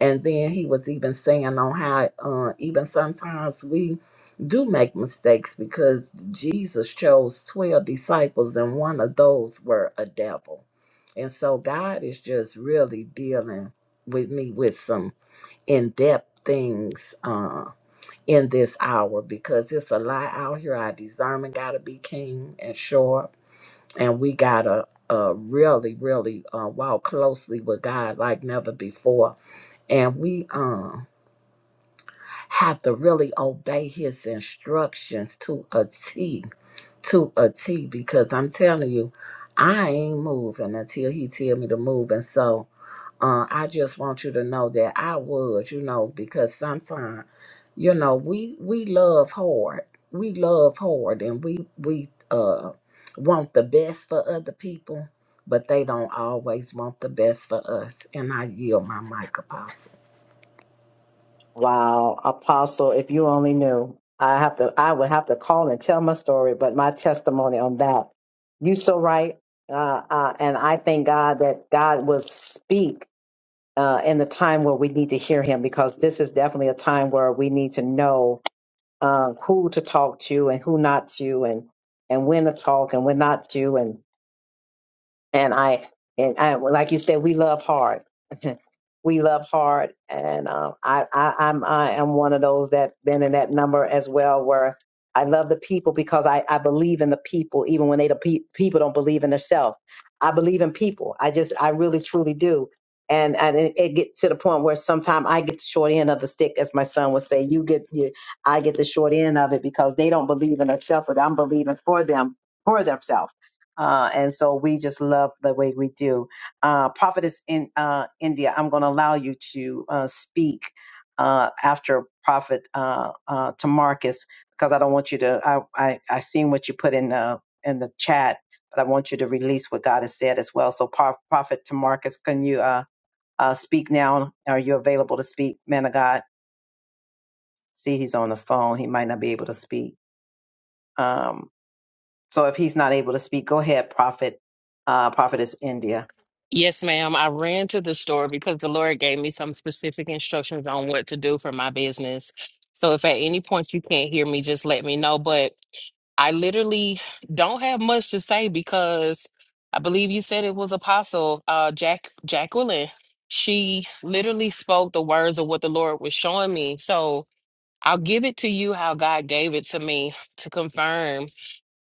and then he was even saying on how uh, even sometimes we do make mistakes because Jesus chose 12 disciples and one of those were a devil. And so God is just really dealing with me with some in depth things uh, in this hour because it's a lot out here. Our discernment got to be keen and sharp, and we got to uh, really, really uh, walk closely with God like never before and we um have to really obey his instructions to a T, to a T, because I'm telling you, I ain't moving until he tell me to move. And so uh, I just want you to know that I would, you know, because sometimes, you know, we we love hard. We love hard and we we uh want the best for other people, but they don't always want the best for us. And I yield my mic apostle. Wow, Apostle, if you only knew. I have to I would have to call and tell my story, but my testimony on that. You so right. Uh, uh, and I thank God that God will speak. uh, and the time where we need to hear him because this is definitely a time where we need to know uh, who to talk to and who not to and and when to talk and when not to and I and I like you said, we love hard. we love hard, and uh, I, I I'm I am one of those that been in that number as well, where I love the people because I I believe in the people, even when they the pe- people don't believe in themselves. I believe in people. I just I really truly do. And, and it, it gets to the point where sometimes I get the short end of the stick, as my son would say. You get, you, I get the short end of it because they don't believe in themselves, but I'm believing for them, for themselves uh, and so we just love the way we do. Uh, Prophetess in uh, India, I'm going to allow you to uh, speak uh, after Prophet uh, uh, to Marcus because I don't want you to. I I, I seen what you put in the in the chat, but I want you to release what God has said as well. So Pro- Prophet to Marcus, can you uh, uh, speak now? Are you available to speak, man of God? See, he's on the phone. He might not be able to speak. Um, so if he's not able to speak, go ahead, Prophet. Uh, Prophetess India. Yes, ma'am. I ran to the store because the Lord gave me some specific instructions on what to do for my business. So if at any point you can't hear me, just let me know. But I literally don't have much to say because I believe you said it was Apostle uh, Jack Jacqueline. She literally spoke the words of what the Lord was showing me. So I'll give it to you how God gave it to me to confirm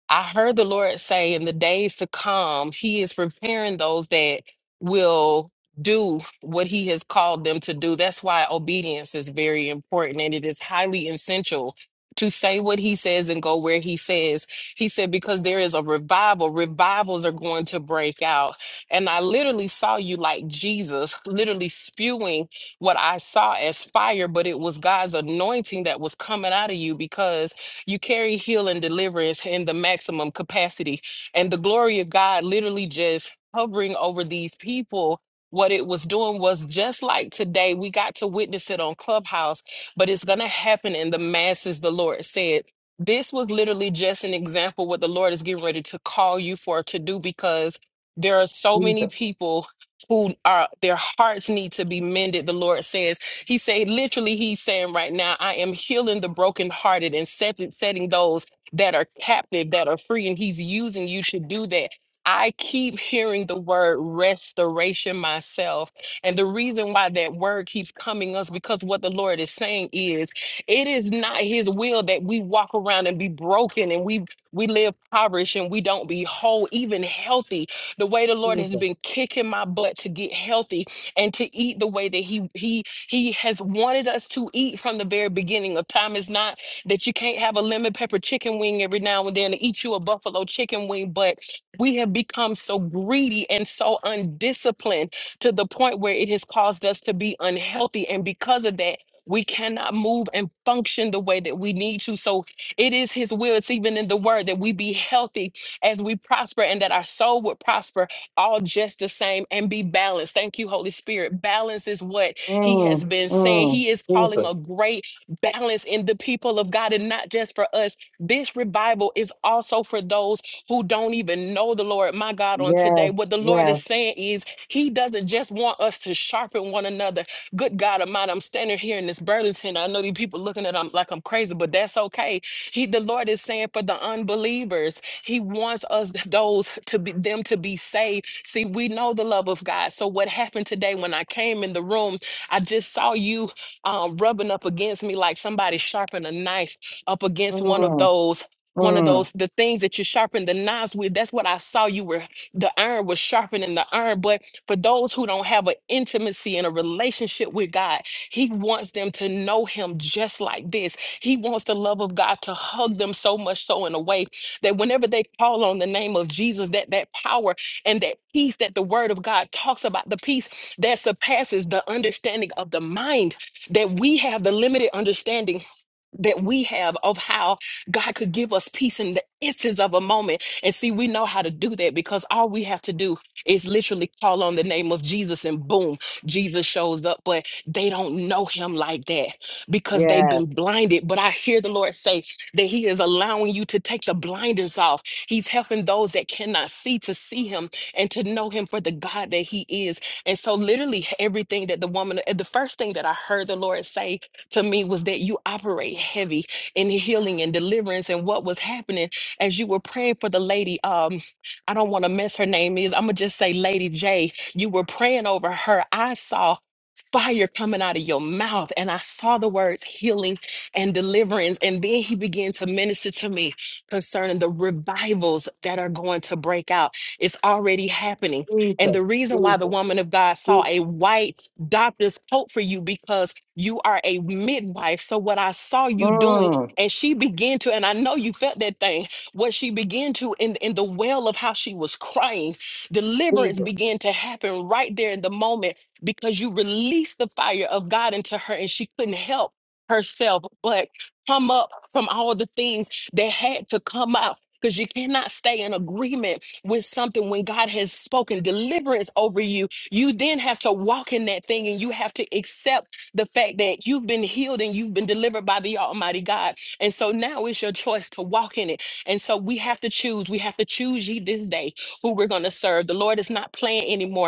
I heard the Lord say in the days to come, He is preparing those that will do what He has called them to do. That's why obedience is very important and it is highly essential to say what He says and go where He says. He said, because there is a revival, revivals are going to break out. And I literally saw you like Jesus, literally spewing what I saw as fire, but it was God's anointing that was coming out of you because you carry heal and deliverance in the maximum capacity. And the glory of God literally just hovering over these people. What it was doing was just like today, we got to witness it on Clubhouse, but it's going to happen in the masses, the Lord said. This was literally just an example what the Lord is getting ready to call you for to do because there are so many people who are their hearts need to be mended the lord says he said, literally, he's saying right now, I am healing the brokenhearted and set, setting those that are captive, that are free. And he's using you to do that. I keep hearing the word restoration myself. And the reason why that word keeps coming us because what the Lord is saying is it is not his will that we walk around and be broken and we we live impoverished and we don't be whole, even healthy. The way the Lord has Jesus. been kicking my butt to get healthy and to eat the way that he he he has wanted us to eat from the very beginning of time. It's not that you can't have a lemon pepper chicken wing every now and then and eat you a buffalo chicken wing, but we have become so greedy and so undisciplined to the point where it has caused us to be unhealthy. And because of that, we cannot move and function the way that we need to. So it is His will. It's even in the word that we be healthy as we prosper and that our soul would prosper all just the same and be balanced. Thank you, Holy Spirit. Balance is what he has Mm, been saying mm, he is Jesus. calling a great balance in the people of God and not just for us. This revival is also for those who don't even know the Lord. My God, on today, Yes, what the Lord yes. is saying is he doesn't just want us to sharpen one another. Good God of mine, I'm standing here in this Burlington. I know these people looking at I'm like I'm crazy, but that's okay. He the Lord is saying for the unbelievers, he wants us those to be them to be saved. See, we know the love of God. So what happened today when I came in the room? I just saw you um, rubbing up against me like somebody sharpened a knife up against one of Mm, those one of mm, those the things that you sharpen the knives with that's what i saw you were the iron was sharpening the iron but for those who don't have an intimacy and a relationship with god he wants them to know him just like this he wants the love of god to hug them so much so in a way that whenever they call on the name of jesus that that power and that peace that the word of god talks about the peace that surpasses the understanding of the mind that we have the limited understanding that we have of how God could give us peace in the instance of a moment. And see, we know how to do that because all we have to do is literally call on the name of Jesus and boom, Jesus shows up. But they don't know him like that because they've yes. been blinded. But I hear the Lord say that he is allowing you to take the blinders off. He's helping those that cannot see to see him and to know him for the God that he is and so, literally, everything that the woman, uh, the first thing that I heard the Lord say to me was that you operate heavy in healing and deliverance. And what was happening as you were praying for the lady, um, I don't want to mess her name is, I'm going to just say Lady J, you were praying over her. I saw fire coming out of your mouth. And I saw the words healing and deliverance. And then he began to minister to me concerning the revivals that are going to break out. It's already happening. And Jesus, the reason why the Jesus, woman of God saw Jesus. a white doctor's coat for you because you are a midwife. So what I saw you doing, Mm, and she began to, and I know you felt that thing, what she began to in, in the well of how she was crying, deliverance Jesus. began to happen right there in the moment because you released the fire of God into her and she couldn't help herself but come up from all the things that had to come out. Because you cannot stay in agreement with something when God has spoken deliverance over you. You then have to walk in that thing and you have to accept the fact that you've been healed and you've been delivered by the Almighty God. And so now it's your choice to walk in it. And so we have to choose. We have to choose ye this day who we're going to serve. The Lord is not playing anymore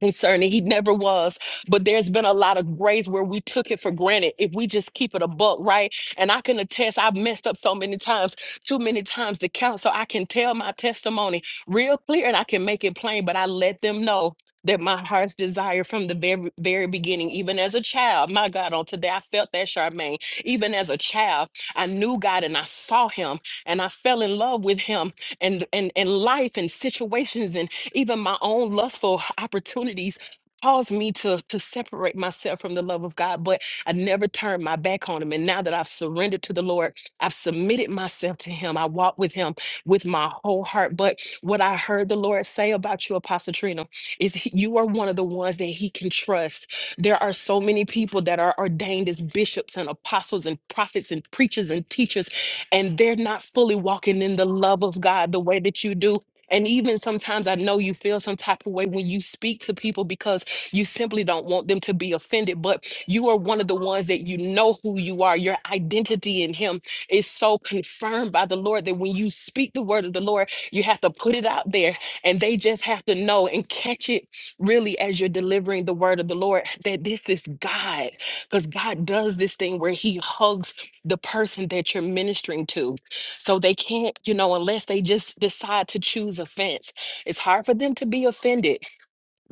and certainly he never was. But there's been a lot of grace where we took it for granted if we just keep it a buck, right? And I can attest, I've messed up so many times, too many times to count. So I can tell my testimony real clear and I can make it plain, but I let them know that my heart's desire from the very, very beginning, even as a child, my God, on today, I felt that Charmaine. Even as a child, I knew God and I saw him and I fell in love with him and, and, and life and situations. and even my own lustful opportunities caused me to to separate myself from the love of God but I never turned my back on him and now that I've surrendered to the Lord I've submitted myself to him I walk with him with my whole heart but what I heard the Lord say about you Apostle Trina is he- you are one of the ones that he can trust there are so many people that are ordained as bishops and apostles and prophets and preachers and teachers and they're not fully walking in the love of God the way that you do and even sometimes I know you feel some type of way when you speak to people because you simply don't want them to be offended, but you are one of the ones that you know who you are. Your identity in Him is so confirmed by the Lord that when you speak the word of the Lord, you have to put it out there and they just have to know and catch it really as you're delivering the word of the Lord that this is God because God does this thing where He hugs the person that you're ministering to so they can't, you know, unless they just decide to choose offense. It's hard for them to be offended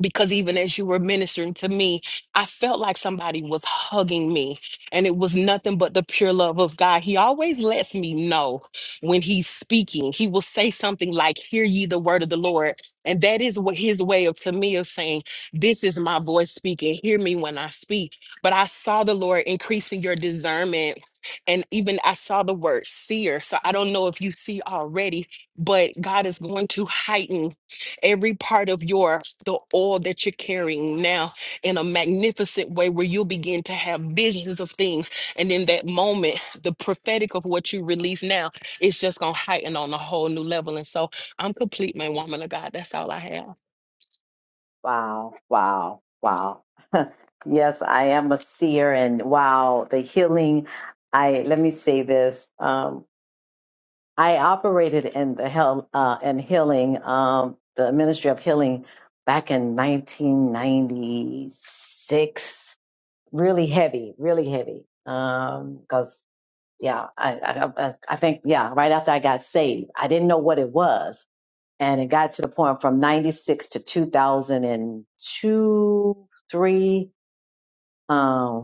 because even as you were ministering to me, I felt like somebody was hugging me, and it was nothing but the pure love of God. He always lets me know when He's speaking. He will say something like, Hear ye the word of the Lord. And that is what His way of to me of saying, This is my voice speaking. Hear me when I speak. But I saw the Lord increasing your discernment. And even I saw the word seer. So I don't know if you see already, but God is going to heighten every part of your the oil that you're carrying now in a magnificent way where you'll begin to have visions of things. And in that moment, the prophetic of what you release now is just gonna heighten on a whole new level. And so I'm complete, my woman of God. That's all I have. Wow, wow, wow. yes, I am a seer, and wow, the healing. I let me say this. Um, I operated in the health uh, and healing, um, the ministry of healing, back in 1996 really heavy, really heavy. Um, cause yeah, I, I, I I think, yeah, right after I got saved, I didn't know what it was. And it got to the point from 96 to 2002, three. um,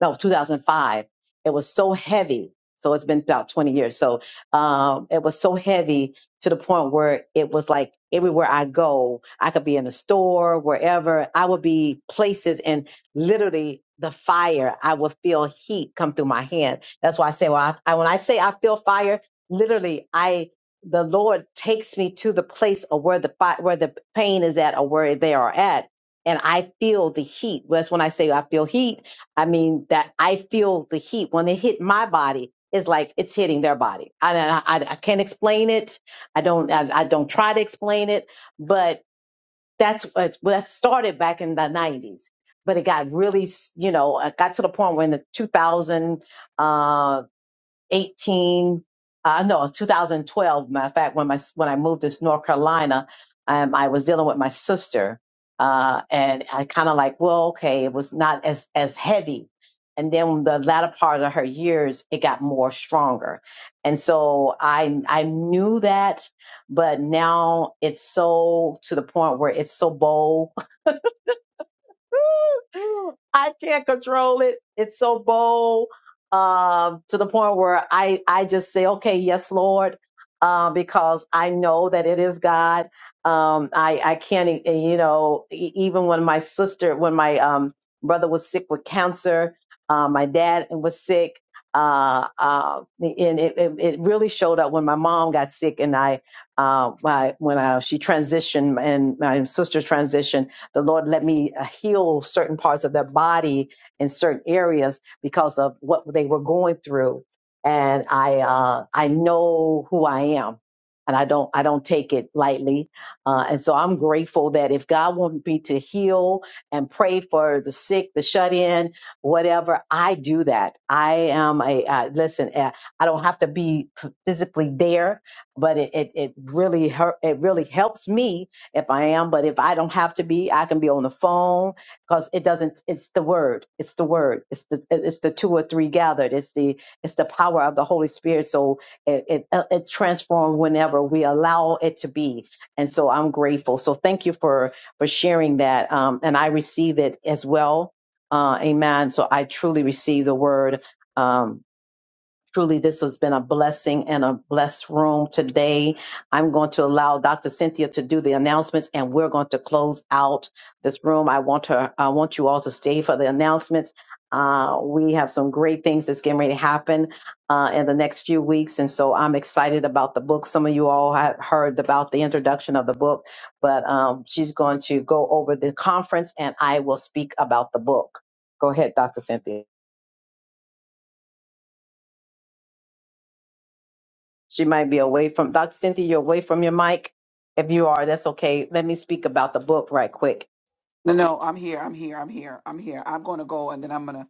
no 2005 it was so heavy so it's been about 20 years so um, it was so heavy to the point where it was like everywhere i go i could be in the store wherever i would be places and literally the fire i would feel heat come through my hand that's why i say well i, I when i say i feel fire literally i the lord takes me to the place of where the fi- where the pain is at or where they are at and i feel the heat that's when i say i feel heat I mean, that I feel the heat when it hit my body. It's like it's hitting their body. I, I, I can't explain it. I don't. I, I don't try to explain it. But that's what well, that started back in the '90s. But it got really, you know, it got to the point where in the 2000. 18 uh, no 2012 matter of fact when my when i moved to north carolina um, i was dealing with my sister uh, and i kind of like well okay it was not as as heavy and then the latter part of her years it got more stronger and so i i knew that but now it's so to the point where it's so bold I can't control it. It's so bold um, to the point where I, I just say, okay, yes, Lord, uh, because I know that it is God. Um, I, I can't, e- you know, e- even when my sister, when my um, brother was sick with cancer, uh, my dad was sick. Uh, uh, and it, it, it really showed up when my mom got sick and I, uh, my, when I, she transitioned and my sister transitioned the Lord let me uh, heal certain parts of their body in certain areas because of what they were going through. And I, uh, I know who I am. And I don't, I don't take it lightly, uh, and so I'm grateful that if God wanted me to heal and pray for the sick, the shut in, whatever, I do that. I am a uh, listen. Uh, I don't have to be physically there, but it, it, it really hurt, it really helps me if I am, but if I don't have to be, I can be on the phone because it doesn't it's the word. It's the word. It's the it's the two or three gathered. It's the it's the power of the Holy Spirit. So it it, uh, it transforms whenever we allow it to be. And so I'm grateful. So thank you for for sharing that. Um and I receive it as well. Uh amen. So I truly receive the word. Um Truly, this has been a blessing and a blessed room today. I'm going to allow Dr. Cynthia to do the announcements, and we're going to close out this room. I want her. I want you all to stay for the announcements. Uh, we have some great things that's getting ready to happen uh, in the next few weeks, and so I'm excited about the book. Some of you all have heard about the introduction of the book, but um, she's going to go over the conference, and I will speak about the book. Go ahead, Dr. Cynthia. She might be away from Dr. Cynthia, you're away from your mic. If you are, that's okay. Let me speak about the book right quick. No, no, I'm here. I'm here. I'm here. I'm here. I'm going to go and then I'm going to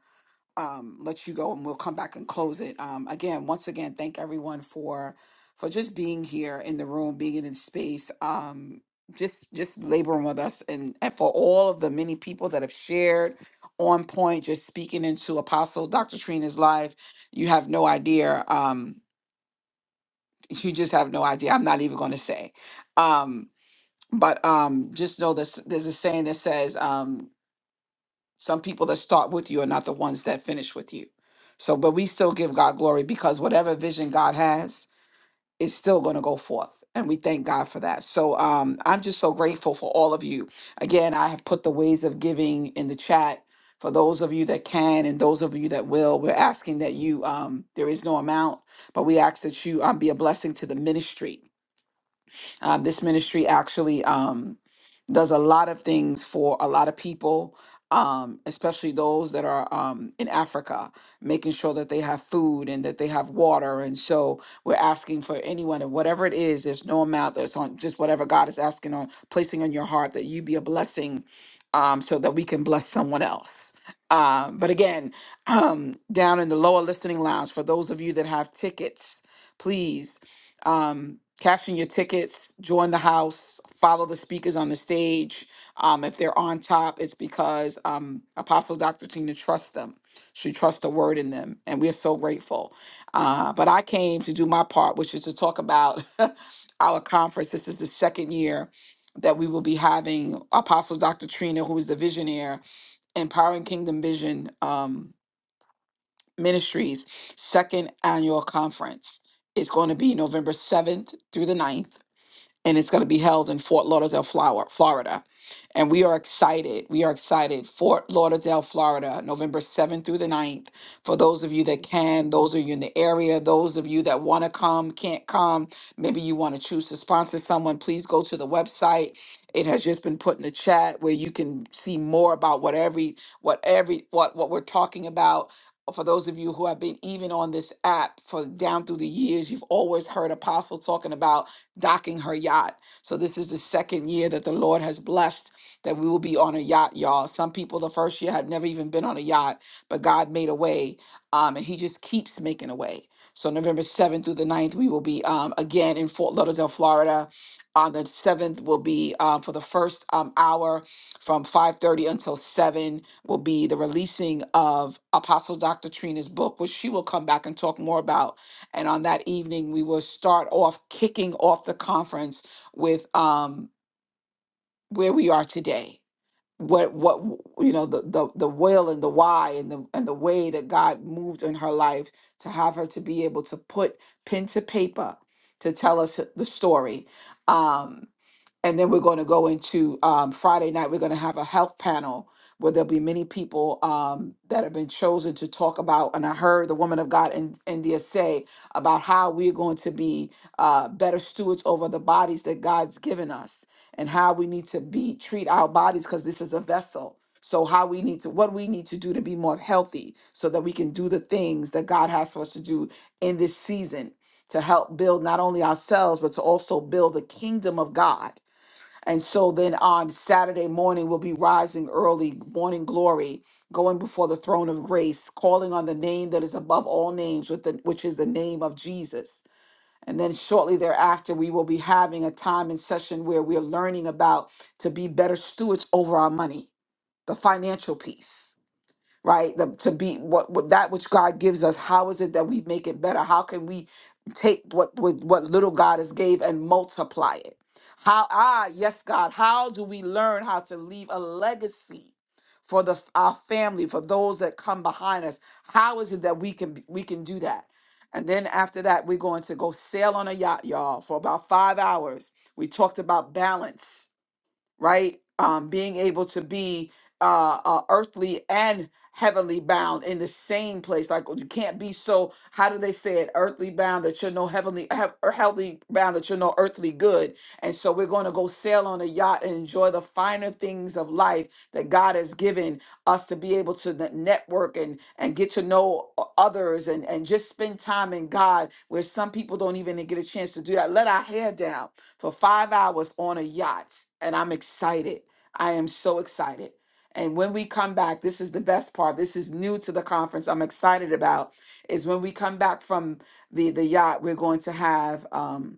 um, let you go and we'll come back and close it. Um, again, once again, thank everyone for for just being here in the room, being in the space, um, just just laboring with us, and and for all of the many people that have shared on point, just speaking into Apostle Dr. Trina's life. You have no idea. Um, you just have no idea. I'm not even going to say. Um, but um, just know this. There's a saying that says. Um, some people that start with you are not the ones that finish with you. So, but we still give God glory because whatever vision God has is still going to go forth. And we thank God for that. So, um, I'm just so grateful for all of you. Again, I have put the ways of giving in the chat for those of you that can and those of you that will. We're asking that you, um, there is no amount, but we ask that you um, be a blessing to the ministry uh, this ministry actually um, does a lot of things for a lot of people, um, especially those that are um, in Africa, making sure that they have food and that they have water. And so we're asking for anyone and whatever it is, there's no amount that's on just whatever God is asking on placing on your heart that you be a blessing um, so that we can bless someone else. Um, but again, um, down in the lower listening lounge, for those of you that have tickets, please um, cashing your tickets, join the house, follow the speakers on the stage. Um, if they're on top, it's because um, Apostle Dr. Tina trusts them. She trusts the word in them, and we're so grateful. Uh, but I came to do my part, which is to talk about our conference. This is the second year that we will be having Apostle Dr. Trina, who is the visionaire, empowering Kingdom Vision. Um. Ministries second annual conference. It's going to be November 7th through the ninth and it's going to be held in Fort Lauderdale, Flower- Florida. And we are excited. We are excited. Fort Lauderdale, Florida, November 7th through the 9th. For those of you that can, those of you in the area, those of you that want to come, can't come, maybe you want to choose to sponsor someone, please go to the website. It has just been put in the chat where you can see more about what every what every what what we're talking about. For those of you who have been even on this app for down through the years, you've always heard Apostle talking about docking her yacht. So this is the second year that the Lord has blessed that we will be on a yacht, y'all. Some people the first year had never even been on a yacht, but God made a way, um, and He just keeps making a way. So November 7th through the 9th, we will be um, again in Fort Lauderdale, Florida. On the 7th will be um, for the first um, hour from 5.30 until 7 will be the releasing of Apostle Dr. Trina's book, which she will come back and talk more about and on that evening, we will start off kicking off the conference with um, where we are today. What what you know the the the will and the why and the and the way that God moved in her life to have her to be able to put pen to paper to tell us the story. Um, and then we're going to go into um, Friday night. We're going to have a health panel where there'll be many people um, that have been chosen to talk about. And I heard the woman of God in India say about how we're going to be uh, better stewards over the bodies that God's given us, and how we need to be treat our bodies because this is a vessel. So how we need to what we need to do to be more healthy, so that we can do the things that God has for us to do in this season to help build not only ourselves but to also build the kingdom of God and so then on Saturday morning, we'll be rising early, morning glory, going before the throne of grace, calling on the name that is above all names, with the, which is the name of Jesus. And then shortly thereafter, we will be having a time and session where we're learning about to be better stewards over our money, the financial piece right the, to be what, what that which god gives us how is it that we make it better how can we take what what, what little god has gave and multiply it how ah yes god how do we learn how to leave a legacy for the our family for those that come behind us how is it that we can we can do that and then after that we're going to go sail on a yacht y'all for about five hours we talked about balance right? Um, being able to be uh, uh, earthly and heavenly bound in the same place. Like you can't be so. How do they say it? Earthly bound that you're no heavenly, have, or heavenly bound that you're no earthly good. And so we're going to go sail on a yacht and enjoy the finer things of life that God has given us to be able to n- network and and get to know o- others and and just spend time in God where some people don't even get a chance to do that. Let our hair down for five hours on a yacht. And I'm excited. I am so excited. And when we come back, this is the best part. This is new to the conference. I'm excited about is when we come back from the the yacht. We're going to have um,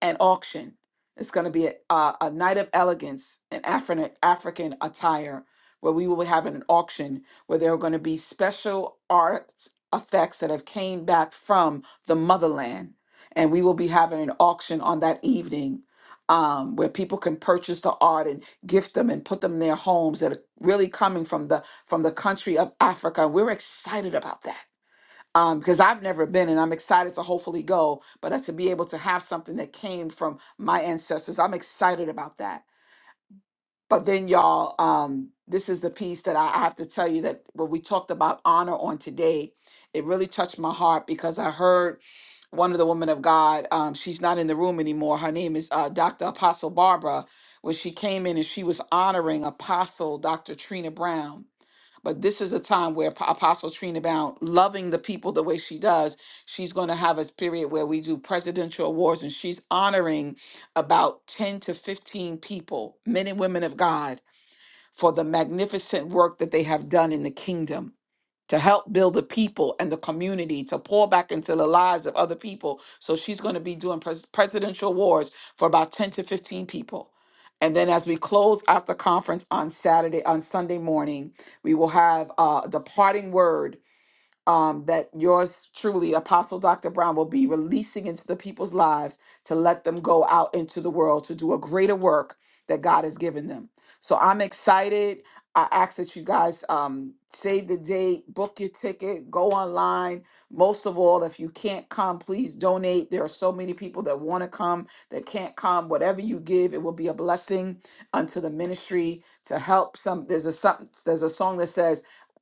an auction. It's going to be a, a, a night of elegance in African African attire, where we will be having an auction where there are going to be special art effects that have came back from the motherland, and we will be having an auction on that evening. Um, where people can purchase the art and gift them and put them in their homes that are really coming from the from the country of Africa. We're excited about that um, because I've never been and I'm excited to hopefully go, but uh, to be able to have something that came from my ancestors, I'm excited about that. But then, y'all, um, this is the piece that I I have to tell you that when we talked about honor on today, it really touched my heart because I heard one of the women of God, um, she's not in the room anymore. Her name is uh, Dr. Apostle Barbara. When she came in and she was honoring Apostle Dr. Trina Brown but this is a time where Ap- Apostle Trina Brown, loving the people the way she does, she's going to have a period where we do presidential awards and she's honoring about 10 to 15 people, men and women of God, for the magnificent work that they have done in the kingdom to help build the people and the community, to pour back into the lives of other people. So she's going to be doing pres- presidential wars for about 10 to 15 people. And then as we close out the conference on Saturday, on Sunday morning, we will have uh, the parting word um, that yours truly, Apostle Dr. Brown, will be releasing into the people's lives to let them go out into the world to do a greater work that God has given them. So I'm excited. I ask that you guys um, save the date, book your ticket, go online. Most of all, if you can't come, please donate. There are so many people that want to come that can't come. Whatever you give, it will be a blessing unto the ministry to help some. There's a some, there's a song that says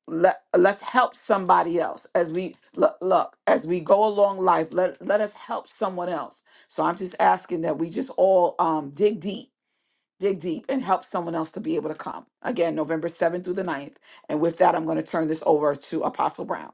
let let's help somebody else as we look, look as we go along life let let us help someone else so i'm just asking that we just all um dig deep dig deep and help someone else to be able to come again november 7th through the 9th and with that i'm going to turn this over to apostle brown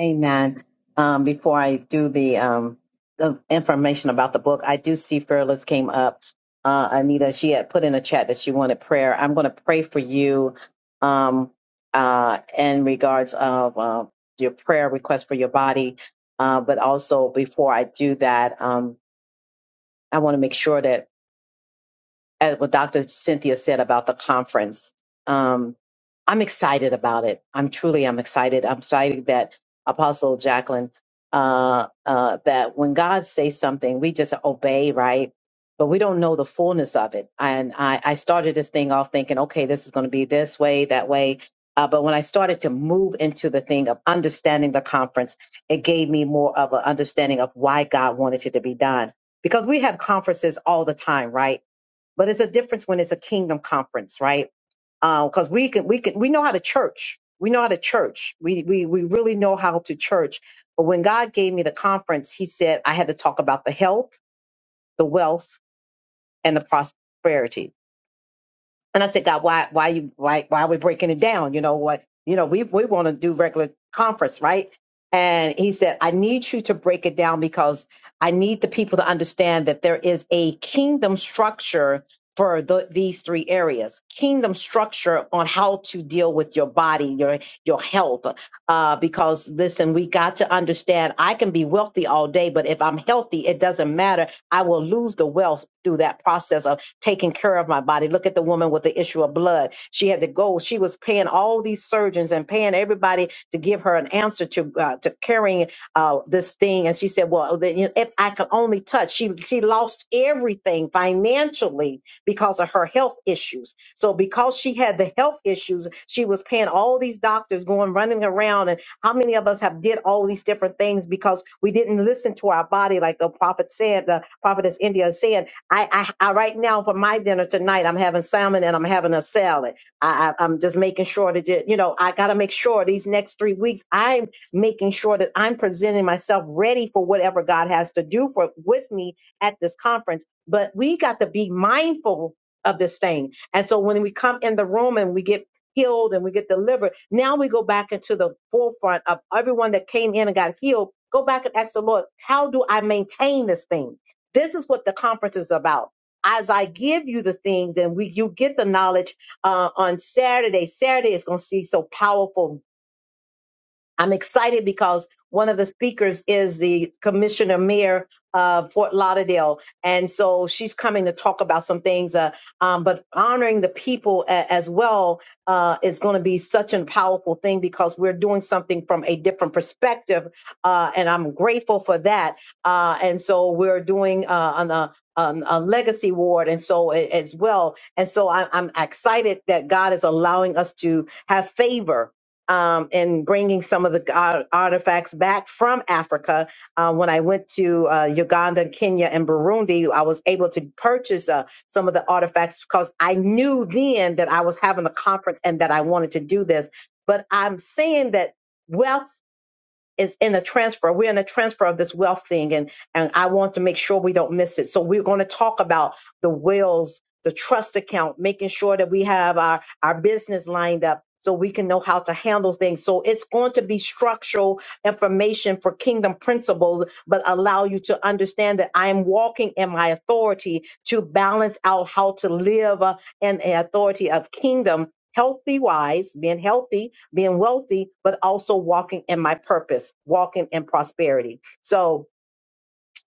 Amen. Um, before I do the um the information about the book, I do see Fearless came up. Uh, Anita, she had put in a chat that she wanted prayer. I'm going to pray for you um, uh, in regards of uh, your prayer request for your body. Uh, but also before I do that, um, I want to make sure that at what Dr. Cynthia said about the conference. Um, I'm excited about it. I'm truly, I'm excited. I'm excited that Apostle Jacqueline, uh, uh, that when God says something, we just obey, right? But we don't know the fullness of it. And I, I started this thing off thinking, okay, this is going to be this way, that way. Uh, but when I started to move into the thing of understanding the conference, it gave me more of an understanding of why God wanted it to be done. Because we have conferences all the time, right? But it's a difference when it's a kingdom conference, right? Because we can, we can, we know how to church. We know how to church. We, we, we really know how to church. But when God gave me the conference, He said I had to talk about the health, the wealth, and the prosperity and I said, God, why, why you, why, why are we breaking it down? You know what? You know, we we want to do regular conference, right? And he said, I need you to break it down because I need the people to understand that there is a kingdom structure for the, these three areas. Kingdom structure on how to deal with your body, your your health, uh, because listen, we got to understand I can be wealthy all day, but if I'm healthy, it doesn't matter. I will lose the wealth through that process of taking care of my body. Look at the woman with the issue of blood. She had to go. She was paying all these surgeons and paying everybody to give her an answer to uh, to carrying uh, this thing. And she said, "Well, the- you know, if I could only touch," she she lost everything financially because of her health issues. So because she had the health issues, she was paying all these doctors going running around. And how many of us have did all these different things because we didn't listen to our body, like the prophet said, the prophetess India is saying, I, I, I right now for my dinner tonight, I'm having salmon and I'm having a salad. I, I I'm just making sure that it- you know I got to make sure these next three weeks I'm making sure that I'm presenting myself ready for whatever God has to do for with me at this conference but we got to be mindful of this thing. And so when we come in the room and we get healed and we get delivered, now we go back into the forefront of everyone that came in and got healed. Go back and ask the Lord, how do I maintain this thing? This is what the conference is about. As I give you the things and we you get the knowledge uh, on Saturday. Saturday is going to see so powerful I'm excited because one of the speakers is the commissioner mayor of Fort Lauderdale. And so she's coming to talk about some things, uh, um, but honoring the people a- as well uh, is going to be such a powerful thing because we're doing something from a different perspective. Uh, and I'm grateful for that. Uh, and so we're doing uh, on a, on a legacy ward and so a- as well. And so I, I'm excited that God is allowing us to have favor um, and bringing some of the ar- artifacts back from Africa. Uh, when I went to uh, Uganda, Kenya, and Burundi, I was able to purchase uh, some of the artifacts because I knew then that I was having a conference and that I wanted to do this. But I'm saying that wealth is in a transfer. We're in a transfer of this wealth thing, and and I want to make sure we don't miss it. So we're going to talk about the wills, the trust account, making sure that we have our our business lined up so we can know how to handle things. So it's going to be structural information for kingdom principles, but allow you to understand that I am walking in my authority to balance out how to live uh, in the authority of kingdom, healthy wise, being healthy being wealthy, but also walking in my purpose, walking in prosperity. So,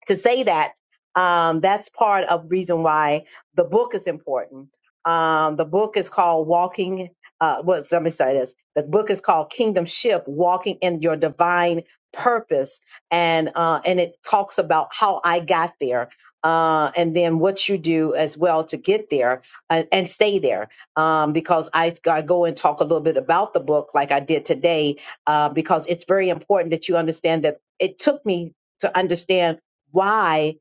to say that um, that's part of the reason why the book is important. Um, the book is called Walking. Uh, what? Let me say this. The book is called Kingdom Ship: Walking in Your Divine Purpose, and uh, and it talks about how I got there. Uh, and then what you do as well to get there and, and stay there, um, because I, I go and talk a little bit about the book like I did today, uh, because it's very important that you understand that it took me to understand why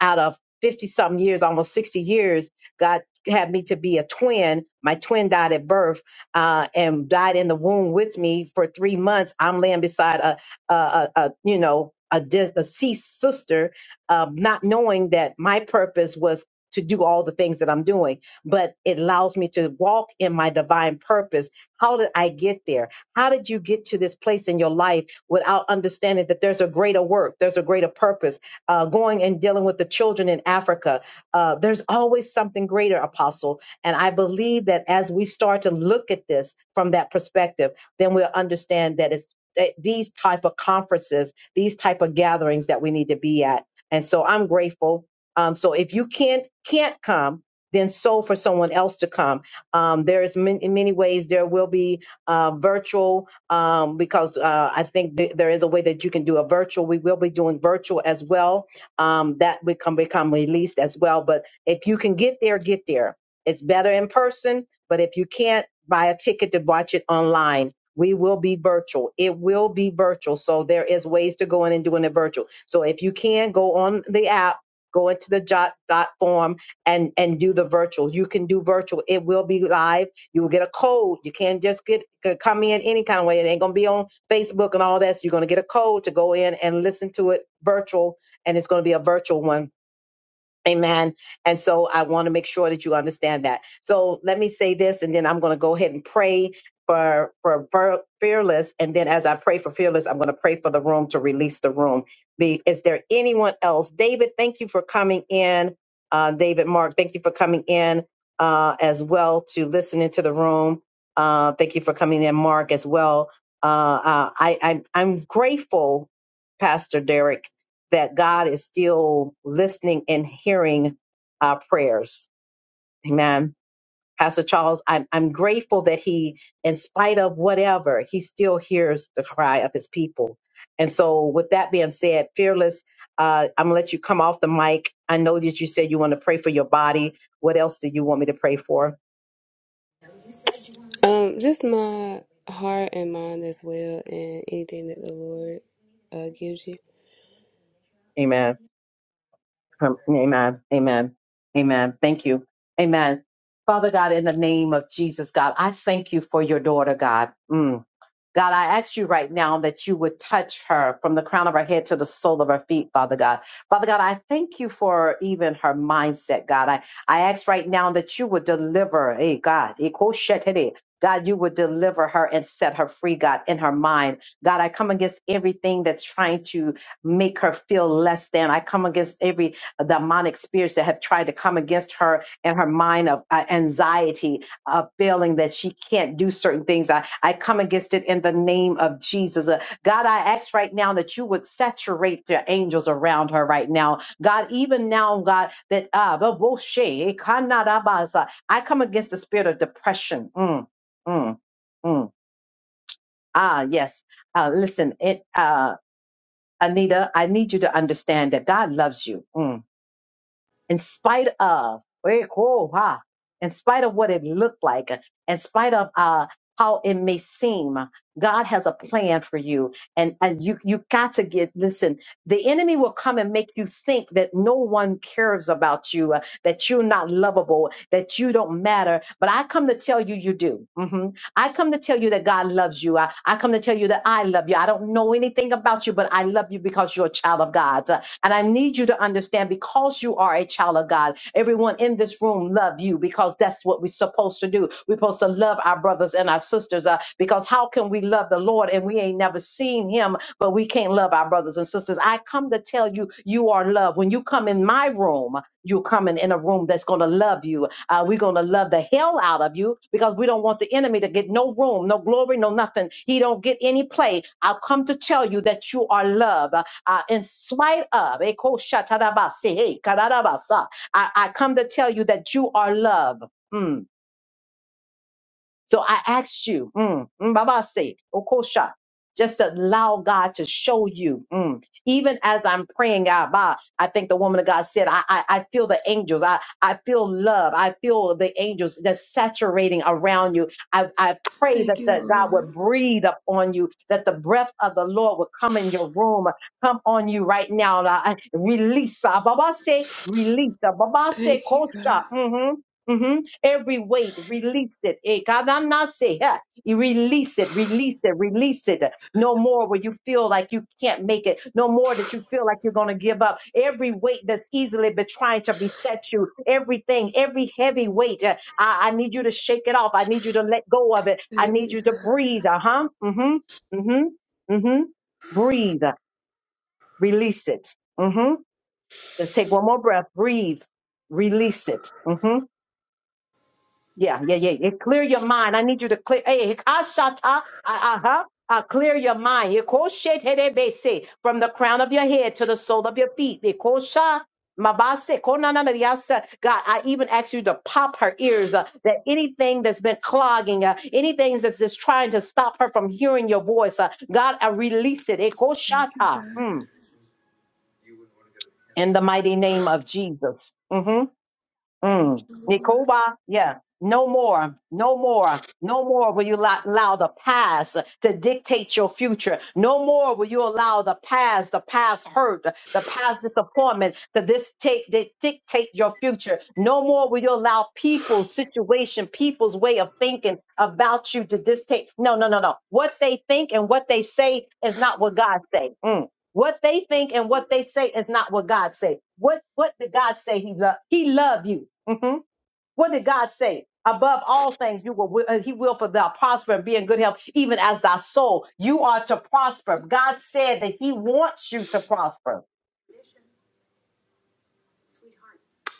out of 50 something years, almost 60 years, God had me to be a twin. My twin died at birth uh, and died in the womb with me for three months. I'm laying beside a, a, a, a you know, a de- deceased sister, uh, not knowing that my purpose was to do all the things that I'm doing, but it allows me to walk in my divine purpose. How did I get there? How did you get to this place in your life without understanding that there's a greater work, there's a greater purpose? uh, going and dealing with the children in Africa. Uh, there's always something greater, Apostle. And I believe that as we start to look at this from that perspective, then we'll understand that it's that these type of conferences, these type of gatherings that we need to be at. And so I'm grateful. Um, so if you can't can't come, then so for someone else to come. Um, there's many, in many ways there will be uh, virtual um, because uh, I think th- there is a way that you can do a virtual. We will be doing virtual as well. Um, that will come become released as well. But if you can get there, get there. It's better in person. But if you can't buy a ticket to watch it online, we will be virtual. It will be virtual. So there is ways to go in and doing it virtual. So if you can go on the app. Go into the jot dot form and and do the virtual. You can do virtual. It will be live you will get a code. You can't just get c- come in any kind of way. It ain't gonna be on Facebook and all that. So you're gonna get a code to go in and listen to it virtual, and it's gonna be a virtual one Amen. And so I want to make sure that you understand that. So let me say this, and then I'm going to go ahead and pray for for Fer- fearless. And then as I pray for fearless, I'm going to pray for the room to release the room. The, is there anyone else? David, thank you for coming in. Uh, David, Mark, thank you for coming in uh, as well to listen into the room. Uh, thank you for coming in, Mark, as well. Uh, uh, I, I I'm grateful, Pastor Derek that God is still listening and hearing our prayers. Amen. Pastor Charles, I'm, I'm grateful that he, in spite of whatever, he still hears the cry of his people. And so, with that being said, Fearless, uh, I'm going to let you come off the mic. I know that you said you want to pray for your body. What else do you want me to pray for? Um, just my heart and mind as well, and anything that the Lord uh, gives you. Amen. Um, Amen. Amen. Amen. Thank you. Amen. Father God, in the name of Jesus, God, I thank you for your daughter, God. Mm. God, I ask you right now that you would touch her from the crown of her head to the sole of her feet, Father God. Father God, I thank you for even her mindset, God. I, I ask right now that you would deliver, hey, God, eh, God, you would deliver her and set her free, God, in her mind. God, I come against everything that's trying to make her feel less than. I come against every uh, demonic spirits that have tried to come against her and her mind of uh, anxiety uh, feeling that she can't do certain things. I, I come against it in the name of Jesus. Uh, God, I ask right now that you would saturate the angels around her right now. God, even now, God, that uh, the boshe, eh, kanadabaza. I come against the spirit of depression. Mm, mm, mm. Ah, yes. Uh, listen, it, uh, Anita, I need you to understand that God loves you. Mm in spite of, eh, cool, huh? in spite of what it looked like, in spite of uh, how it may seem, God has a plan for you, and and you you got to get listen. The enemy will come and make you think that no one cares about you, uh, that you're not lovable, that you don't matter. But I come to tell you, you do. hmm I come to tell you that God loves you. I, I come to tell you that I love you. I don't know anything about you, but I love you because you're a child of God, Uh, and I need you to understand because because you are a child of God. Everyone in this room love you because that's what we're supposed to do. We're supposed to love our brothers and our sisters uh, because how can we love the Lord and we ain't never seen him, but we can't love our brothers and sisters? I come to tell you, you are loved. When you come in my room, you're coming in a room that's going to love you. Uh, we're going to love the hell out of you because we don't want the enemy to get no room, no glory, no nothing. He don't get any play. I've come to tell you that you are loved uh, in spite of. Eko shatarabase, hey, kararabasa. I, I come to tell you that you are love. Mm. So I asked you, mm, mm, Baba say, Okosha, just allow God to show you. mm. Even as I'm praying out, bah, I think the woman of God said, I, I, I feel the angels. I, I feel love. I feel the angels just saturating around you. I, I pray that Thank you, the, God would Lord. breathe upon you, that the breath of the Lord would come in your room, come on you right now. And I- I- Release. ah, Baba say, release. ah, Baba say, Thank you, Kosha. God. hmm hmm Every weight, release it. Eh, God, I'm not saying, huh, you Release it, release it, release it. No more will you feel like you can't make it. No more that you feel like you're going to give up. Every weight that's easily been trying to beset you, everything, every heavy weight, uh, I, I need you to shake it off. I need you to let go of it. I Thank need you, you to God. breathe. Uh huh. Mm hmm. Mm hmm. Mm hmm. Breathe. Release it. Mm hmm. Just take one more breath. Breathe. Release it. Mm-hmm. Yeah, yeah, yeah. yeah. Clear your mind. I need you to clear. Hey, Hikashata, uh huh. Uh, clear your mind. Yekosheterebese, From the crown of your head to the sole of your feet. Yekosha, mabase, konanariasa. God, I even ask you to pop her ears. Uh, that anything that's been clogging, uh, anything that's just trying to stop her from hearing your voice, uh, God, I release it. Thank you, Yekoshata. God. Mm. In the mighty name of Jesus. Mm-hmm. Thank Mm. you, Lord. Nikoba, yeah. No more, no more, no more will you allow, allow the past to dictate your future. No more will you allow the past, the past hurt, the past disappointment to this take, to dictate your future. No more will you allow people's situation, people's way of thinking about you to dictate. No, no, no, no. What they think and what they say is not what God say. Mm. What they think and what they say is not what God say. What what did God say? He loved. He loved you. hmm What did God say? Above all things, you will. uh, He will for thou prosper and be in good health, even as thy soul. You are to prosper. God said that He wants you to prosper.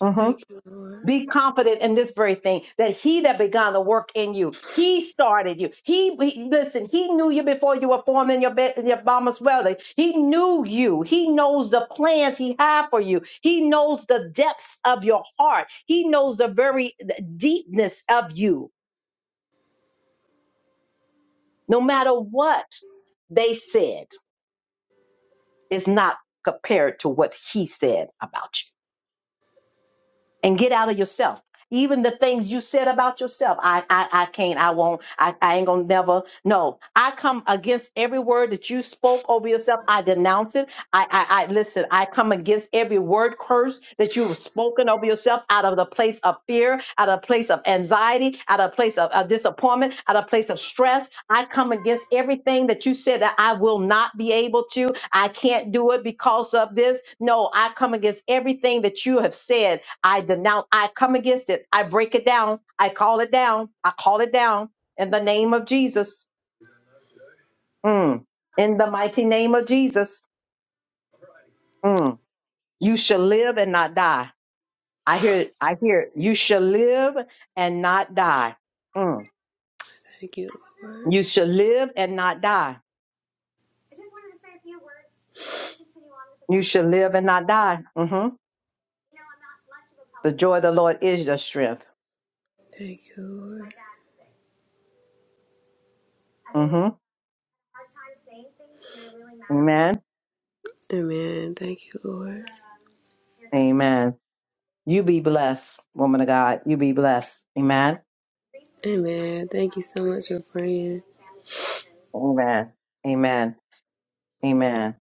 Mm-hmm. Thank you, Lord. Be confident in this very thing that he that began the work in you, he started you. He, he- listen, he knew you before you were formed in your, be- in your mama's belly. He knew you. He knows the plans he had for you. He knows the depths of your heart. He knows the very deepness of you. No matter what they said, it's not compared to what he said about you. and get out of yourself. Even the things you said about yourself, I, I, I can't, I won't, I, I ain't gonna never. No, I come against every word that you spoke over yourself. I denounce it. I, I, I listen. I come against every word curse that you have spoken over yourself out of the place of fear, out of a place of anxiety, out of a place of, of disappointment, out of a place of stress. I come against everything that you said that I will not be able to. I can't do it because of this. No, I come against everything that you have said I denounce, I come against it. I break it down. I call it down. I call it down in the name of Jesus. Mm. In the mighty name of Jesus. Mm. You shall live and not die. I hear it. I hear it. You shall live and not die. Mm. Thank you, Lord. You shall live and not die. You shall live and not die. hmm The joy of the Lord is your strength. Thank you, Lord. hmm Amen. Amen. Thank you, Lord. Amen. You be blessed, woman of God. You be blessed. Amen. Amen. Thank you so much for praying. Amen. Amen. Amen.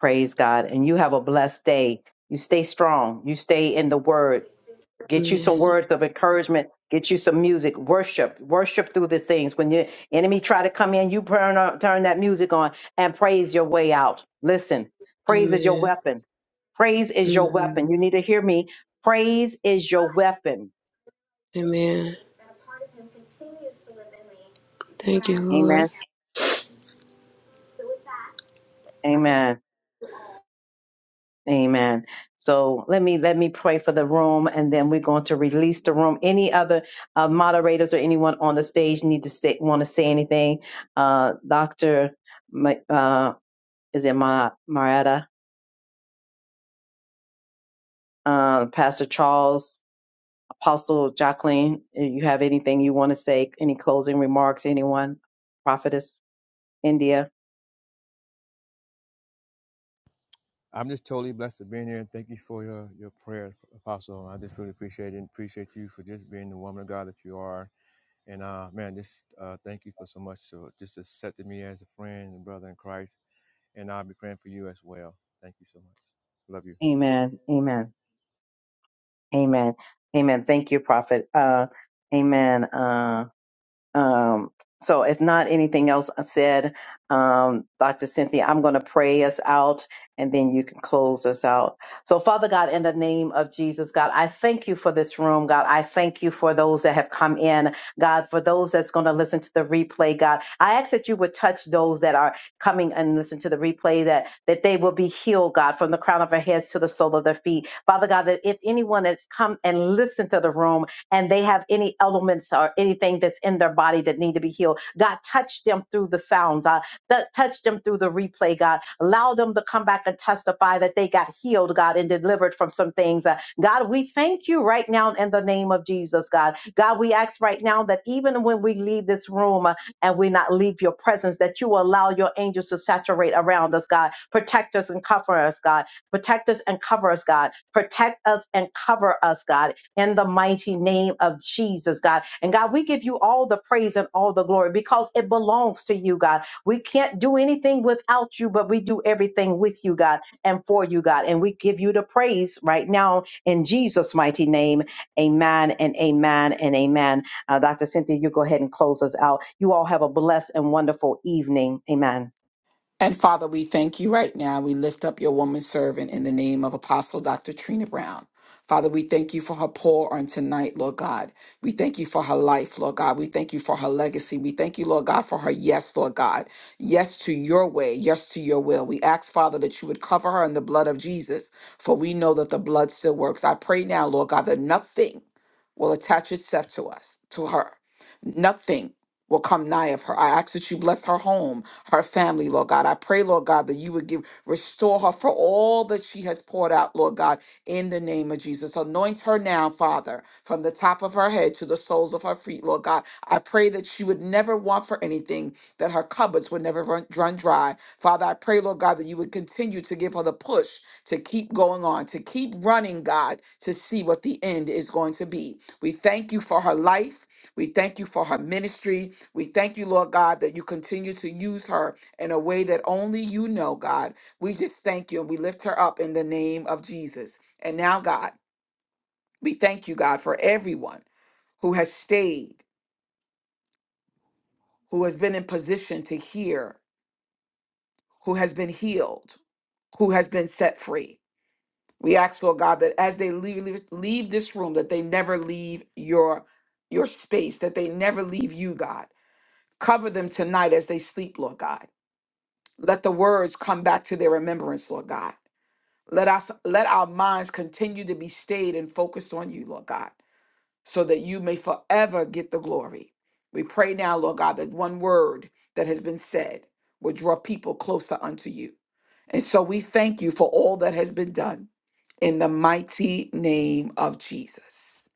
Praise God. And you have a blessed day. You stay strong. You stay in the word. Get you some Amen. words of encouragement. Get you some music. Worship. Worship through the things. When your enemy try to come in, you turn, on- turn that music on and praise your way out. Listen, praise is your Amen. weapon. Praise is your hmm weapon. You need to hear me. Praise is your weapon. Amen. Thank you, Amen. Lord. Amen. Amen. So let me let me pray for the room, and then we're going to release the room. Any other uh, moderators or anyone on the stage need to say want to say anything? Uh, Doctor, Ma- uh, is it Ma- Marietta? Uh, Pastor Charles, Apostle Jacqueline, if you have anything you want to say? Any closing remarks? Anyone? Prophetess India. I'm just totally blessed to being here and thank you for your, your prayers, Apostle. I just really appreciate it and appreciate you for just being the woman of God that you are And uh, man, just uh, thank you for so much for just accepting me as a friend and brother in Christ. And I'll be praying for you as well. Thank you so much. Love you. Amen. Amen. Amen. Amen. Thank you, Prophet. Uh, amen. Uh, Um, so, if not anything else said, um, Dr. Cynthia, I'm going to pray us out and then you can close us out. So, Father God, in the name of Jesus, God, I thank you for this room, God. I thank you for those that have come in, God, for those that's going to listen to the replay, God. I ask that you would touch those that are coming and listen to the replay, that, that they will be healed, God, from the crown of their heads to the sole of their feet. Father God, that if anyone that's come and listened to the room and they have any elements or anything that's in their body that need to be healed. God, touch them through the sounds. Uh, th- touch them through the replay, God. Allow them to come back and testify that they got healed, God, and delivered from some things. Uh, God, we thank you right now in the name of Jesus, God. God, we ask right now that even when we leave this room, uh, and we not leave your presence, that you will allow your angels to saturate around us, God. Protect us and cover us, God. Protect us and cover us, God. Protect us and cover us, God in the mighty name of Jesus, God. And God, we give you all the praise and all the glory because it belongs to you, God. We can't do anything without you, but we do everything with you, God, and for you, God. And we give you the praise right now in Jesus' mighty name. Amen and amen and amen. Uh, Dr. Cynthia, you go ahead and close us out. You all have a blessed and wonderful evening. Amen. And Father, we thank you right now. We lift up your woman servant in the name of Apostle Dr. Trina Brown. Father, we thank you for her pour on tonight, Lord God. We thank you for her life, Lord God. We thank you for her legacy. We thank you, Lord God, for her yes, Lord God. Yes to your way, yes to your will. We ask, Father, that you would cover her in the blood of Jesus, for we know that the blood still works. I pray now, Lord God, that nothing will attach itself to us, to her. Nothing will come nigh of her. I ask that you bless her home, her family, Lord God. I pray, Lord God, that you would give, restore her for all that she has poured out, Lord God, in the name of Jesus. Anoint her now, Father, from the top of her head to the soles of her feet, Lord God. I pray that she would never want for anything, that her cupboards would never run, run dry. Father, I pray, Lord God, that you would continue to give her the push to keep going on, to keep running, God, to see what the end is going to be. We thank you for her life. We thank you for her ministry. We thank you, Lord God, that you continue to use her in a way that only you know, God. We just thank you and we lift her up in the name of Jesus. And now, God, we thank you, God, for everyone who has stayed, who has been in position to hear, who has been healed, who has been set free. We ask, Lord God, that as they leave, leave leave this room, that they never leave your your space, that they never leave you, God. Cover them tonight as they sleep, Lord God. Let the words come back to their remembrance, Lord God. Let us let our minds continue to be stayed and focused on you, Lord God, so that you may forever get the glory. We pray now, Lord God, that one word that has been said will draw people closer unto you. And so we thank you for all that has been done in the mighty name of Jesus.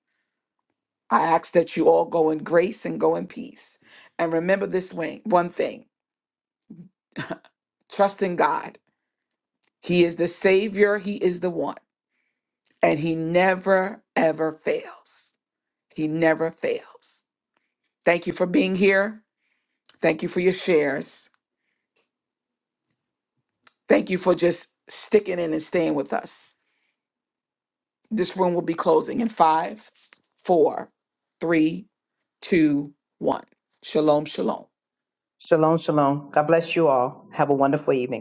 I ask that you all go in grace and go in peace. And remember this way, one thing trust in God. He is the Savior, He is the one. and he never ever fails. He never fails. Thank you for being here. Thank you for your shares. Thank you for just sticking in and staying with us. This room will be closing in five, four, three, two, one. Shalom, shalom. Shalom, shalom. God bless you all. Have a wonderful evening.